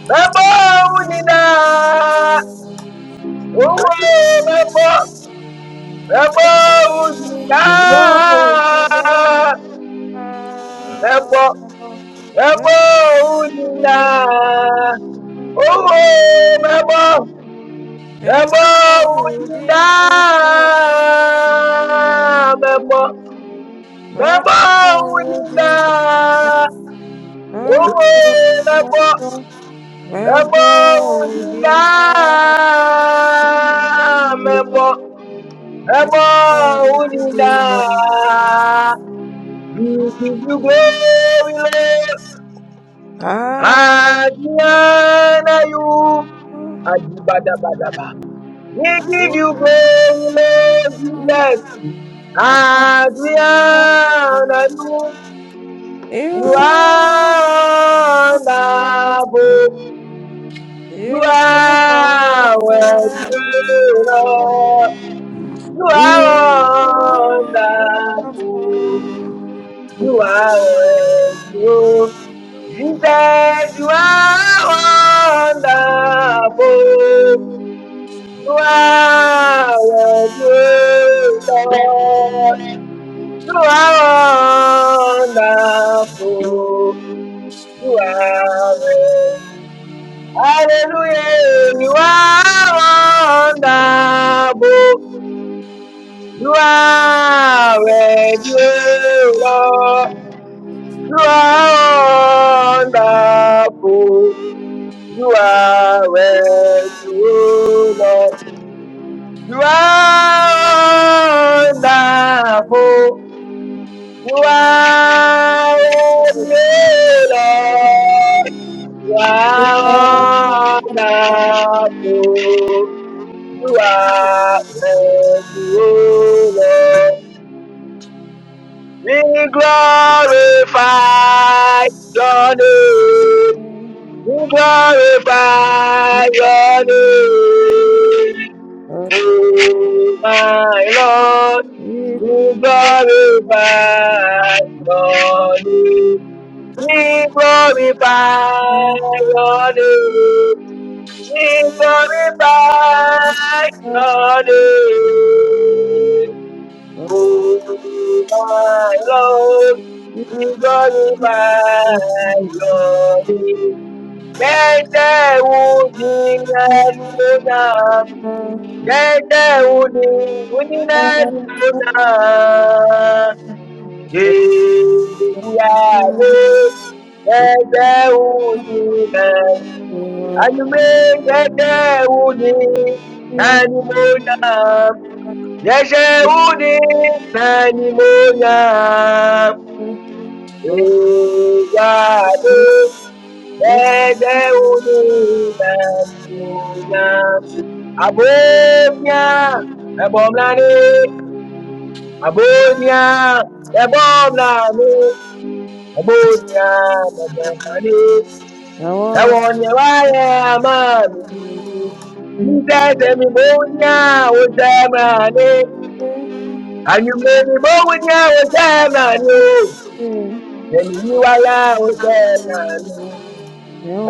[SPEAKER 2] Mebo unina, uwe mebo, mebo unina,
[SPEAKER 3] the Lord, the Lord in the
[SPEAKER 2] mebo,
[SPEAKER 3] the
[SPEAKER 2] mebo unina, uwe mebo, mebo
[SPEAKER 3] Lord
[SPEAKER 2] unina,
[SPEAKER 3] in the the
[SPEAKER 2] mebo, mebo unina,
[SPEAKER 3] Lord
[SPEAKER 2] uwe mebo,
[SPEAKER 3] We the the
[SPEAKER 2] mebo
[SPEAKER 3] Lord
[SPEAKER 2] unina,
[SPEAKER 3] in the
[SPEAKER 2] mebo.
[SPEAKER 3] the
[SPEAKER 2] Never would
[SPEAKER 3] Lord
[SPEAKER 2] you
[SPEAKER 3] in the
[SPEAKER 2] die. We give you glory, Lord.
[SPEAKER 3] Hallelujah.
[SPEAKER 2] And honor you. Adibadabadaba. We give you glory, Lord Jesus. And we honor you. You
[SPEAKER 3] You
[SPEAKER 2] are
[SPEAKER 3] You
[SPEAKER 2] wonderful. You
[SPEAKER 3] are
[SPEAKER 2] are worthy,
[SPEAKER 3] worthy.
[SPEAKER 2] Lord. You
[SPEAKER 3] You
[SPEAKER 2] are
[SPEAKER 3] are
[SPEAKER 2] wonderful.
[SPEAKER 3] wonderful.
[SPEAKER 2] You are worthy, oh. Jesus, you are wonderful. You are worthy, Lord. You are wonderful. You are worthy. Hallelujah. You are wonderful. You are worthy, Lord. You are wonderful. You are worthy, Lord. You are wonderful. You are worthy, Lord. You are wonderful. You are worthy, Lord. We glorify your name. We glorify your name, oh my Lord. We glorify your name. We glorify your name. We glorify your name, oh my Lord. We glorify your name. Jẹ́jẹ́ odi ẹni ló náà. Jẹ́jẹ́ odi onílẹ̀ni ló náà. Jèèjì àdé. Jẹ́jẹ́ odi náà. Àyùmé jẹ́jẹ́ odi ẹni ló náà. Jẹ́jẹ́ odi ẹni ló náà. Jèèjì àdé. Jẹ́jẹ́ odi ẹni ló náà. Abonya, Nabomlani, Abonya, Nabomlani, Abonya, Nabomlani,
[SPEAKER 3] want
[SPEAKER 2] Ewonya
[SPEAKER 3] to
[SPEAKER 2] waya mami.
[SPEAKER 3] be happy.
[SPEAKER 2] Jesus emi bonya
[SPEAKER 3] I want to be
[SPEAKER 2] osemani, anyume mi bonya osemani
[SPEAKER 3] happy.
[SPEAKER 2] o. Emi yiwaya osemani,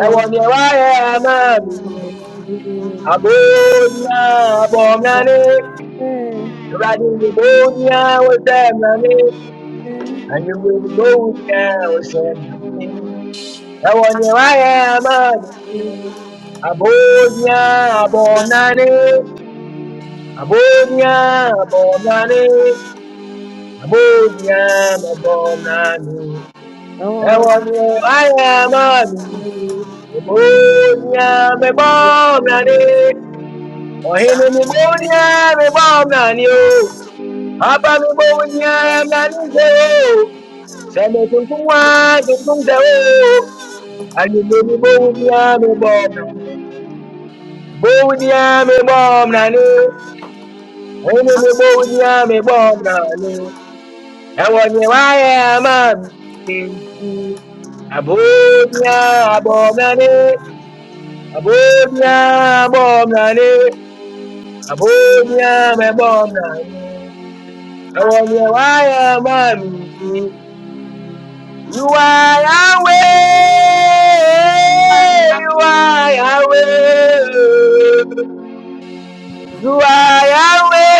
[SPEAKER 2] Ewonya waya mami. Abonya, Abomlani, Radini bonya osemani. And you will go down, I want you, I am Abodia, Bonani, Abodia, Bonani, Abodia, Bonani,
[SPEAKER 3] I
[SPEAKER 2] I
[SPEAKER 3] want
[SPEAKER 2] want you, I am Angemuuliza useme nini? Yabonye wayabona, abonya abonane, abonya abonane, abonya abonane. Yabonye wayabona,
[SPEAKER 3] to
[SPEAKER 2] abonya abonane, ohini mibonya abonane yo. Hapa mibonya abonane yo. Sema tuntunwa tuntunde oh. And you may go with the army bomb. Go with the army bomb, Nanny. When you, Anyimini bodi yami bomna, bodi yami bomna ni. Anyimini bodi yami bomna ni. Awanye waye amami nti. Abodi ya bomna ni. Abodi ya bomna ni. Abodi yami bomna ni. Awanye waye I want You I am a B C. You are Yahweh, you are Yahweh. You are Yahweh.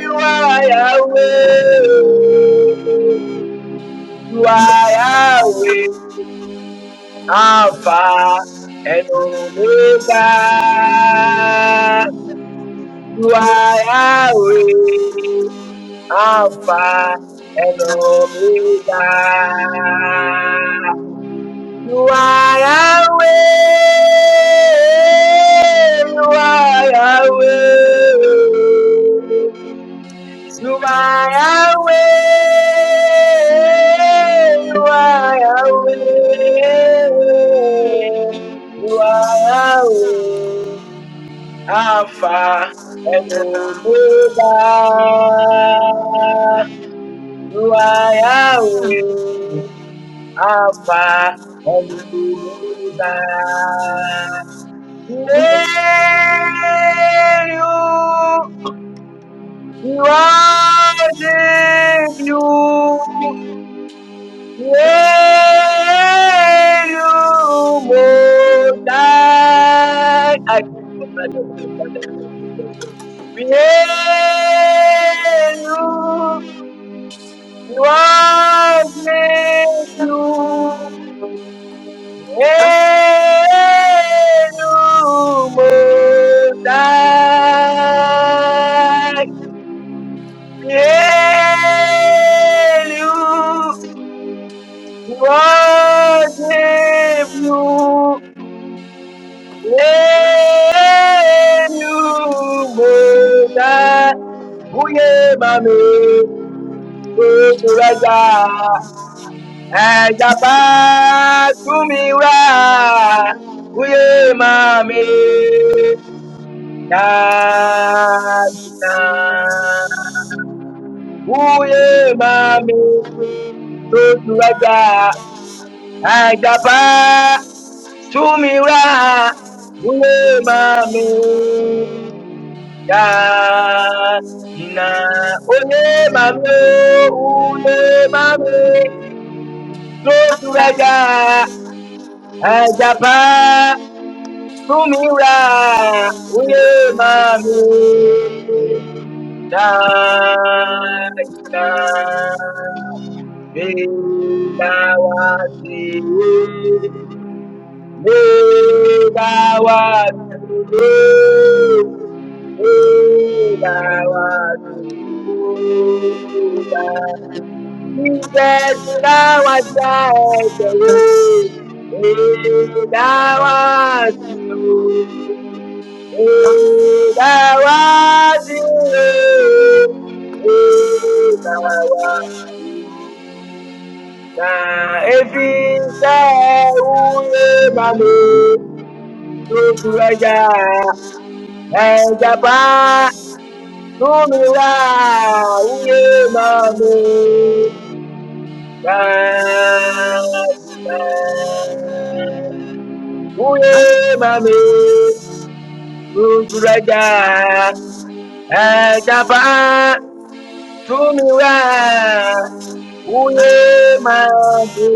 [SPEAKER 2] You are Yahweh. You are Yahweh. Alpha and Omega. You are Yahweh. Alpha and Omega. You are Yahweh. You are Yahweh. You are Yahweh. You are Yahweh. You are Yahweh. Alpha and Omega. You are Yahweh. Alpha and Omega. Nail you. You are the you. Welumotai. I Yenu Wagyu Yenu Mozai Yenu Wagyu Nwunye mami, otu ẹja, ẹja pa túmi wá. Nwunye mami, dáadìna. Nwunye mami, otu ẹja, ẹja pa túmi wá. Nwunye mami. daa na onye mami une mami zoturada ajapa tumira onye mami daa na medawazi medawazi Mami, tutu ẹja, ẹja pa. Nunura uye mamu mamina. Uye mami tuturaja ajapa. tunura uye mamu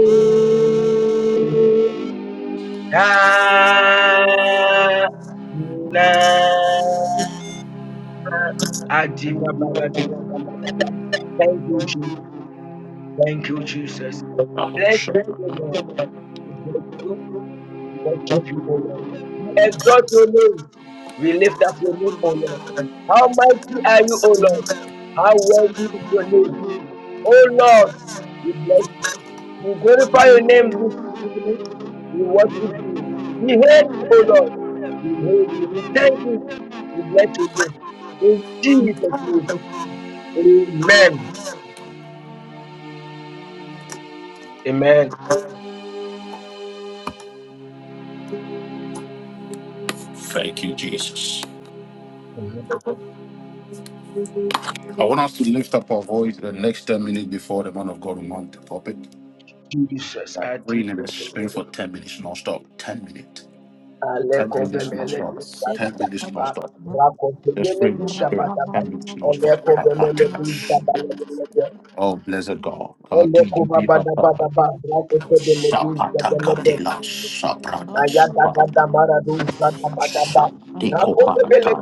[SPEAKER 2] mamina. Adifa baratu. Thank you, Jesus. Thank you, Jesus. Bless you, Lord. We bless you. We worship you, O Lord. We exalt your name. We lift up your name, O Lord. How mighty are you, O Lord? How worthy is your name? O Lord, we bless you. We glorify your name this evening. We worship you. We hail you, O Lord. We hail you. We thank you. We bless you. In Jesus' name. Amen. Amen.
[SPEAKER 1] Thank you, Jesus.
[SPEAKER 2] Amen.
[SPEAKER 1] I want us to lift up our voice the next 10 minutes before the man of God will mount the pulpit.
[SPEAKER 2] Jesus. I take
[SPEAKER 1] Praying in the
[SPEAKER 2] over.
[SPEAKER 1] spirit for 10 minutes non-stop. 10 minutes.
[SPEAKER 2] Ale
[SPEAKER 1] 10 minutes
[SPEAKER 2] convemele du
[SPEAKER 1] non-stop. 10 minutes
[SPEAKER 2] sababa,
[SPEAKER 1] non-stop. us
[SPEAKER 2] raconvemele
[SPEAKER 1] pray in
[SPEAKER 2] du
[SPEAKER 1] the spirit.
[SPEAKER 2] sababa,
[SPEAKER 1] 10 minutes non-stop.
[SPEAKER 2] Ele convemele du sababa,
[SPEAKER 1] Oh, blessed God. Kati di bi hata. Shapata katela. Sabrata Shanti Koparata,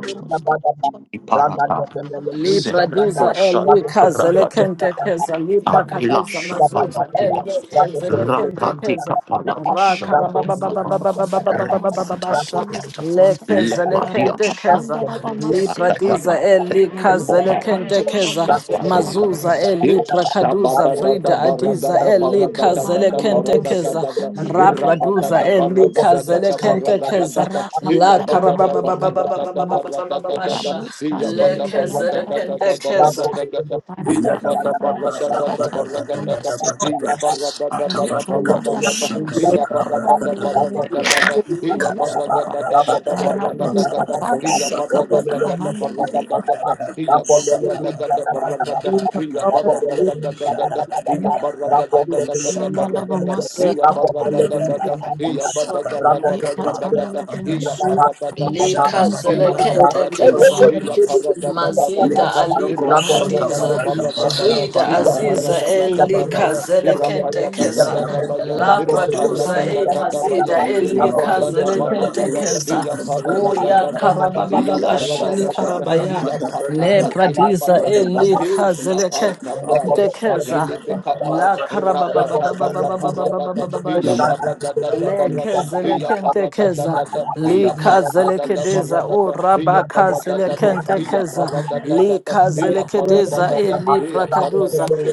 [SPEAKER 1] Iparata,
[SPEAKER 6] Libra
[SPEAKER 1] Zepre,
[SPEAKER 6] diza el
[SPEAKER 1] Dosha,
[SPEAKER 6] Lucas
[SPEAKER 1] Parakata,
[SPEAKER 6] elecente keza Libra kadiza
[SPEAKER 1] Apilasha,
[SPEAKER 6] mazuza el
[SPEAKER 1] Palatilas,
[SPEAKER 6] Lucas
[SPEAKER 2] ele
[SPEAKER 6] elecente
[SPEAKER 1] Rapati,
[SPEAKER 6] keza
[SPEAKER 4] Rabus
[SPEAKER 6] Raka bababababababababababasha
[SPEAKER 2] Rakofe
[SPEAKER 6] lekeza lekente
[SPEAKER 2] Thank
[SPEAKER 6] keza Libra diza el likaza
[SPEAKER 1] Lepatia,
[SPEAKER 6] Dekeza, Mazuza, Eli, Brakaduza, Vrida, Adiza, Eli, Kazele, Kentekeza, Rabraduza, Eli, Kazele, Kentekeza,
[SPEAKER 1] baragadagada,
[SPEAKER 6] La
[SPEAKER 1] da badada da da
[SPEAKER 6] Karababababababababababasha,
[SPEAKER 1] iya
[SPEAKER 6] Le
[SPEAKER 1] bada
[SPEAKER 6] Kezele,
[SPEAKER 1] baragadagada
[SPEAKER 6] Kentekeza,
[SPEAKER 1] baragadagada, iya
[SPEAKER 7] Jada
[SPEAKER 1] bada
[SPEAKER 7] bada bada
[SPEAKER 1] baragadagada baragadagada, iya
[SPEAKER 2] you.
[SPEAKER 1] baragadagada
[SPEAKER 4] Rabos
[SPEAKER 1] baragadagada, iya bada bada baragadagada, iya baragadagada baragadagada, iya baragadagada baragadagada, iya baragadagada baragadagada, iya baragadagada Iya baraga da da da da da baraga da. Iya baraga da da da. Iya baraga da da baraga da da. Iya baraga da da
[SPEAKER 6] Li
[SPEAKER 1] da da.
[SPEAKER 7] bada
[SPEAKER 6] Kazele,
[SPEAKER 1] Iya baraga da da.
[SPEAKER 6] Kentekeza.
[SPEAKER 1] Iya
[SPEAKER 7] bada
[SPEAKER 1] baraga da da da da
[SPEAKER 6] Mazida
[SPEAKER 1] da.
[SPEAKER 6] Ali
[SPEAKER 7] Loko
[SPEAKER 1] Irapaya
[SPEAKER 7] saka
[SPEAKER 1] da da
[SPEAKER 6] Brakadiza,
[SPEAKER 7] badaka
[SPEAKER 1] baraga da
[SPEAKER 7] bara
[SPEAKER 1] da.
[SPEAKER 6] Vrida
[SPEAKER 7] bada
[SPEAKER 1] Iya
[SPEAKER 7] bado
[SPEAKER 6] Aziza
[SPEAKER 1] baraga da
[SPEAKER 7] saka
[SPEAKER 1] da da
[SPEAKER 6] Elika
[SPEAKER 1] baya.
[SPEAKER 7] badaka.
[SPEAKER 2] Rabbit,
[SPEAKER 1] Irapaya da da
[SPEAKER 2] Thank
[SPEAKER 7] Iya
[SPEAKER 6] Zenekentekeza,
[SPEAKER 7] da
[SPEAKER 1] da da
[SPEAKER 7] bada
[SPEAKER 1] baya.
[SPEAKER 7] bara
[SPEAKER 6] La
[SPEAKER 7] bada
[SPEAKER 1] Irapaya
[SPEAKER 6] Praduza
[SPEAKER 1] da da
[SPEAKER 6] E
[SPEAKER 7] bada.
[SPEAKER 1] da da baya.
[SPEAKER 6] Mazida
[SPEAKER 7] Thank you Lord.
[SPEAKER 1] Irapa
[SPEAKER 6] Elika
[SPEAKER 7] La
[SPEAKER 1] da da
[SPEAKER 7] bada
[SPEAKER 1] baraga da
[SPEAKER 7] bado
[SPEAKER 1] da.
[SPEAKER 6] Zenekentekeza,
[SPEAKER 1] Iya
[SPEAKER 7] saka baka
[SPEAKER 1] baraga da
[SPEAKER 7] bada
[SPEAKER 6] Oya
[SPEAKER 1] da
[SPEAKER 7] bada.
[SPEAKER 1] da da. Iya
[SPEAKER 7] Iya
[SPEAKER 6] Karabababa
[SPEAKER 7] da
[SPEAKER 1] baraga
[SPEAKER 7] bada
[SPEAKER 6] Shali
[SPEAKER 1] da da
[SPEAKER 7] bara
[SPEAKER 1] da.
[SPEAKER 7] bada
[SPEAKER 6] Karabaya,
[SPEAKER 1] Iya
[SPEAKER 7] bada
[SPEAKER 6] Le
[SPEAKER 7] bada.
[SPEAKER 1] patakatila
[SPEAKER 6] Pradiza
[SPEAKER 1] pata.
[SPEAKER 7] Bada
[SPEAKER 2] you.
[SPEAKER 7] bada
[SPEAKER 1] Ati
[SPEAKER 6] Elika
[SPEAKER 7] bado saka
[SPEAKER 2] I
[SPEAKER 1] shapanta
[SPEAKER 2] love
[SPEAKER 7] bada.
[SPEAKER 2] the
[SPEAKER 1] paya
[SPEAKER 2] I love the
[SPEAKER 7] Iya
[SPEAKER 2] I
[SPEAKER 7] da
[SPEAKER 6] Zenekentekeza,
[SPEAKER 1] atini
[SPEAKER 7] bada
[SPEAKER 2] love
[SPEAKER 1] bekapa
[SPEAKER 7] bara
[SPEAKER 6] La
[SPEAKER 7] bada
[SPEAKER 2] the
[SPEAKER 1] rapata
[SPEAKER 7] bada
[SPEAKER 1] kata
[SPEAKER 7] bada.
[SPEAKER 1] paradada iya
[SPEAKER 7] Iya
[SPEAKER 6] Karababababababababababasha.
[SPEAKER 7] da
[SPEAKER 1] parada da
[SPEAKER 7] bada
[SPEAKER 1] da
[SPEAKER 7] bado
[SPEAKER 1] barada
[SPEAKER 7] saka
[SPEAKER 1] iya
[SPEAKER 7] bada. Iya da bada bado saka bada.
[SPEAKER 1] parada da
[SPEAKER 6] Lekezelekendekeza.
[SPEAKER 1] da
[SPEAKER 7] Bada
[SPEAKER 1] da iya parada da da
[SPEAKER 6] Likazelekediza
[SPEAKER 1] barada da iya parada da da iya
[SPEAKER 6] urabakazelekentekeza.
[SPEAKER 1] parada da da da iya parada
[SPEAKER 6] Likazelekedeza
[SPEAKER 1] da da iya
[SPEAKER 6] elibrakaduza.
[SPEAKER 1] parada da